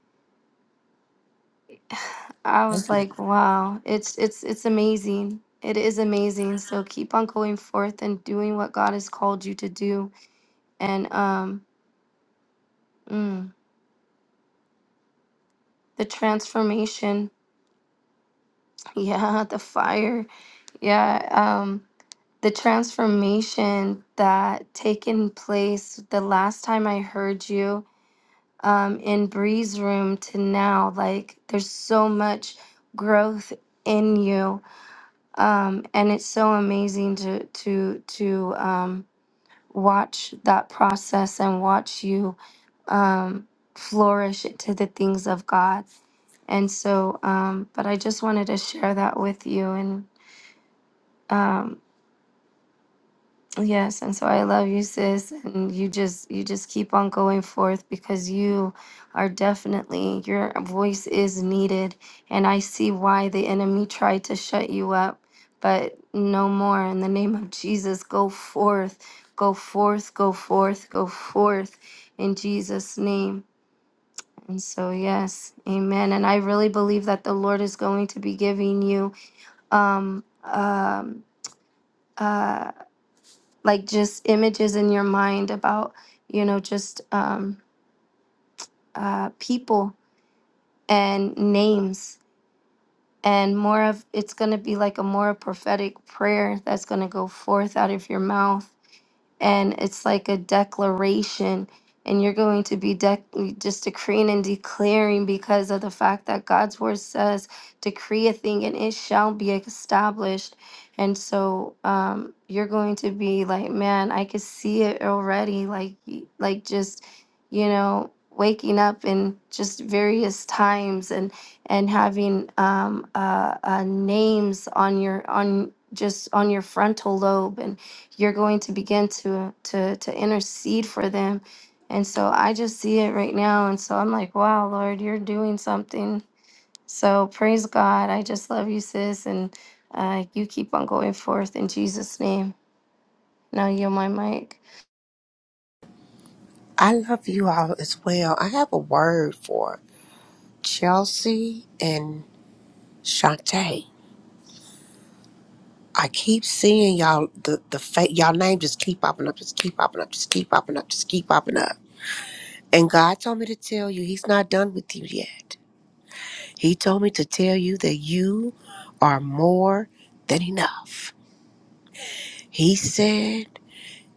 [SPEAKER 1] [SIGHS] i was
[SPEAKER 7] Thank you.
[SPEAKER 1] like wow it's it's it's amazing it is amazing so keep on going forth and doing what god has called you to do and um mm, the transformation [LAUGHS] yeah the fire yeah um the transformation that taken place the last time i heard you um in bree's room to now like there's so much growth in you um, and it's so amazing to to to um, watch that process and watch you um, flourish to the things of God. And so, um, but I just wanted to share that with you, and um, Yes, and so I love you, sis. And you just you just keep on going forth because you are definitely your voice is needed. And I see why the enemy tried to shut you up, but no more. In the name of Jesus, go forth, go forth, go forth, go forth in Jesus' name. And so yes, amen. And I really believe that the Lord is going to be giving you um um uh, like just images in your mind about you know just um, uh, people and names and more of it's going to be like a more prophetic prayer that's going to go forth out of your mouth and it's like a declaration and you're going to be dec- just decreeing and declaring because of the fact that God's word says decree a thing and it shall be established and so um you're going to be like man I could see it already like y- like just you know waking up in just various times and and having um uh, uh names on your on just on your frontal lobe you're going to begin to to to intercede for them and so i just see it right now and so i'm like wow lord you're doing something so praise god i just love you sis and uh, you keep on going forth in jesus name now you're my mic
[SPEAKER 7] I love you all as well. I have a word for Chelsea and Shantae. I keep seeing y'all the the fa- y'all name just keep popping up, just keep popping up, just keep popping up, just keep popping up. And God told me to tell you He's not done with you yet. He told me to tell you that you are more than enough. He said,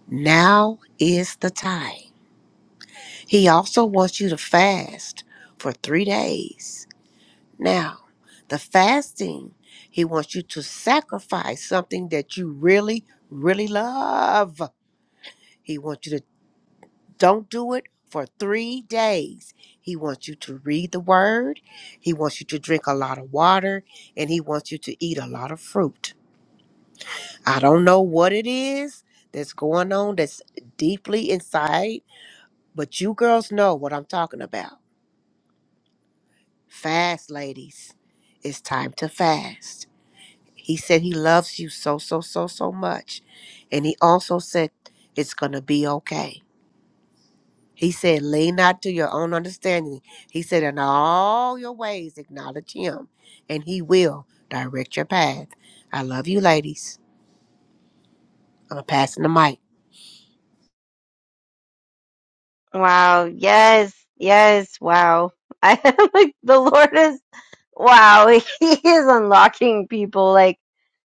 [SPEAKER 7] Now is the time. He also wants you to fast for three days. Now, the fasting, he wants you to sacrifice something that you really, really love. He wants you to don't do it for three days. He wants you to read the word. He wants you to drink a lot of water and he wants you to eat a lot of fruit. I don't know what it is that's going on that's deeply inside, but you girls know what I'm talking about. Fast, ladies. It's time to fast. He said he loves you so, so, so, so much. And he also said it's going to be okay. He said, lean not to your own understanding. He said, in all your ways, acknowledge him, and he will direct your path. I love you, ladies. I'm passing the mic.
[SPEAKER 2] Wow. Yes. Yes. Wow. I [LAUGHS] am like, the Lord is. Wow, [LAUGHS] he is unlocking people like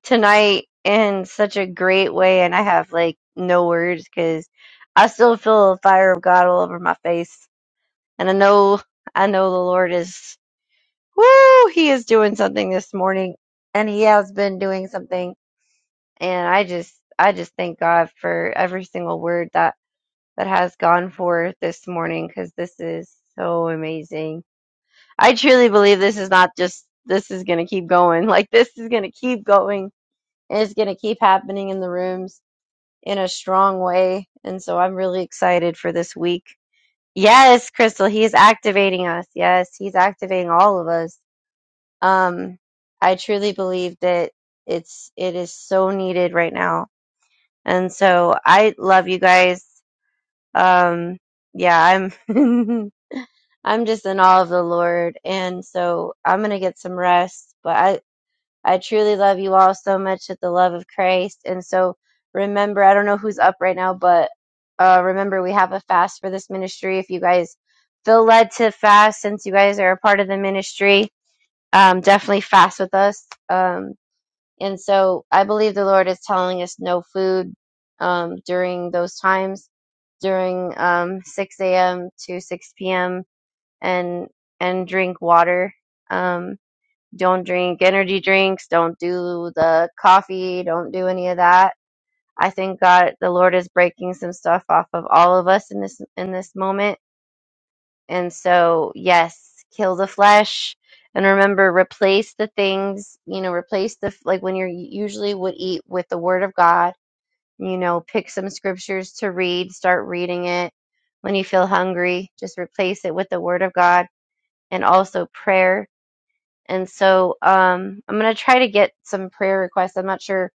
[SPEAKER 2] tonight in such a great way, and I have like no words because I still feel the fire of God all over my face, and I know I know the Lord is woo. He is doing something this morning, and He has been doing something, and I just I just thank God for every single word that that has gone forth this morning because this is so amazing I truly believe this is not just this is going to keep going. [LAUGHS] Like this is going to keep going and it's going to keep happening in the rooms in a strong way. And so I'm really excited for this week. Yes, Crystal, he is activating us. Yes, he's activating all of us. Um I truly believe that it's it is so needed right now. And so I love you guys. Um yeah, I'm [LAUGHS] I'm just in awe of the Lord, and so I'm gonna get some rest. But I. I truly love you all so much with the love of Christ. And so remember, I don't know who's up right now, but uh, remember, we have a fast for this ministry. If you guys feel led to fast, since you guys are a part of the ministry, um, definitely fast with us. Um, and so I believe the Lord is telling us no food um, during those times, during um, 6 a.m. to 6 p.m., and and drink water. Um, don't drink energy drinks. Don't do the coffee. Don't do any of that. I think God, the Lord is breaking some stuff off of all of us in this in this moment. And so, yes, kill the flesh and remember replace the things, you know, replace the like when you're usually would eat with the word of God, you know, pick some scriptures to read, start reading it. When you feel hungry, just replace it with the word of God and also prayer and so um, I'm gonna try to get some prayer requests. I'm not sure.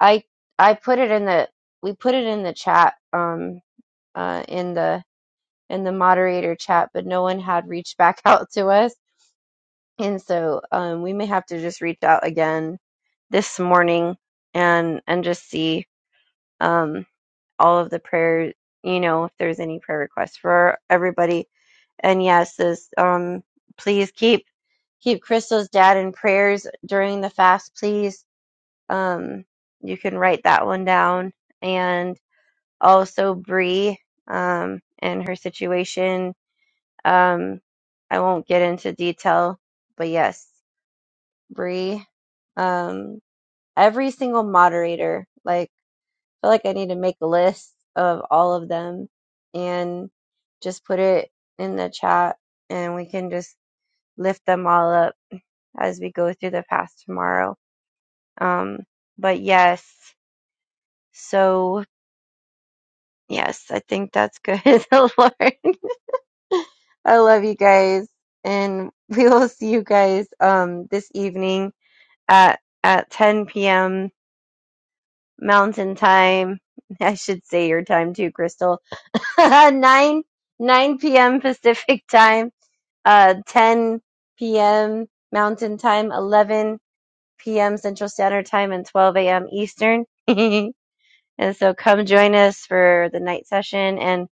[SPEAKER 2] I I put it in the we put it in the chat um, uh, in the in the moderator chat, but no one had reached back [LAUGHS] out to us. And so um, we may have to just reach out again this morning and and just see um, all of the prayers. You know, if there's any prayer requests for everybody. And yes, this um, please keep keep Crystal's dad in prayers during the fast, please Um, you can write that one down. And also Bree um, and her situation. Um, I won't get into detail, but yes, Bree. Um, every single moderator. Like, I feel like I need to make a list of all of them and just put it in the chat, and we can just lift them all up as we go through the past tomorrow. Um, but yes, so. Yes, I think that's good. [LAUGHS] The Lord. I love you guys. And we will see you guys um this evening at at 10 p.m. Mountain Time. [LAUGHS] I should say your time too, Crystal. [LAUGHS] 9 9 p.m. Pacific Time, uh 10 p.m. Mountain Time, 11 p.m. Central Standard Time and 12 a.m. Eastern. [LAUGHS] And so come join us for the night session. And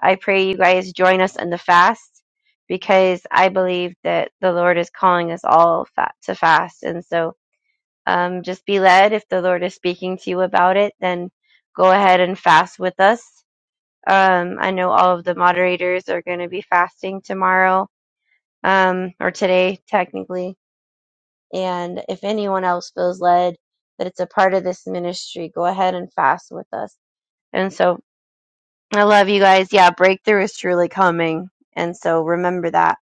[SPEAKER 2] I pray you guys join us in the fast because I believe that the Lord is calling us all fa- to fast. And so um, just be led. If the Lord is speaking to you about it, then go ahead and fast with us. Um, I know all of the moderators are going to be fasting tomorrow um, or today, technically. And if anyone else feels led that it's a part of this ministry, go ahead and fast with us. And so I love you guys. Yeah, breakthrough is truly coming. And so remember that.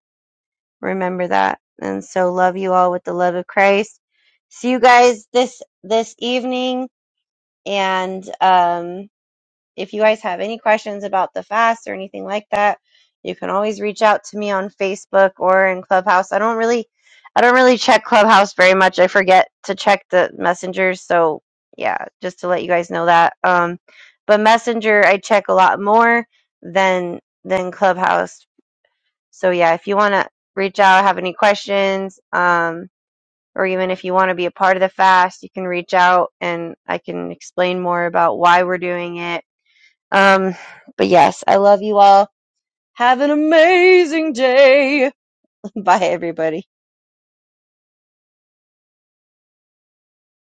[SPEAKER 2] Remember that. And so love you all with the love of Christ. See you guys this this evening and um if you guys have any questions about the fast or anything like that, you can always reach out to me on Facebook or in Clubhouse. I don't really I don't really check Clubhouse very much. I forget to check the messengers, so yeah, just to let you guys know that. Um but Messenger I check a lot more than than Clubhouse. So yeah, if you want to reach out, have any questions, um or even if you want to be a part of the fast, you can reach out and I can explain more about why we're doing it um, but yes, I love you all. Have an amazing day. [LAUGHS] Bye, everybody.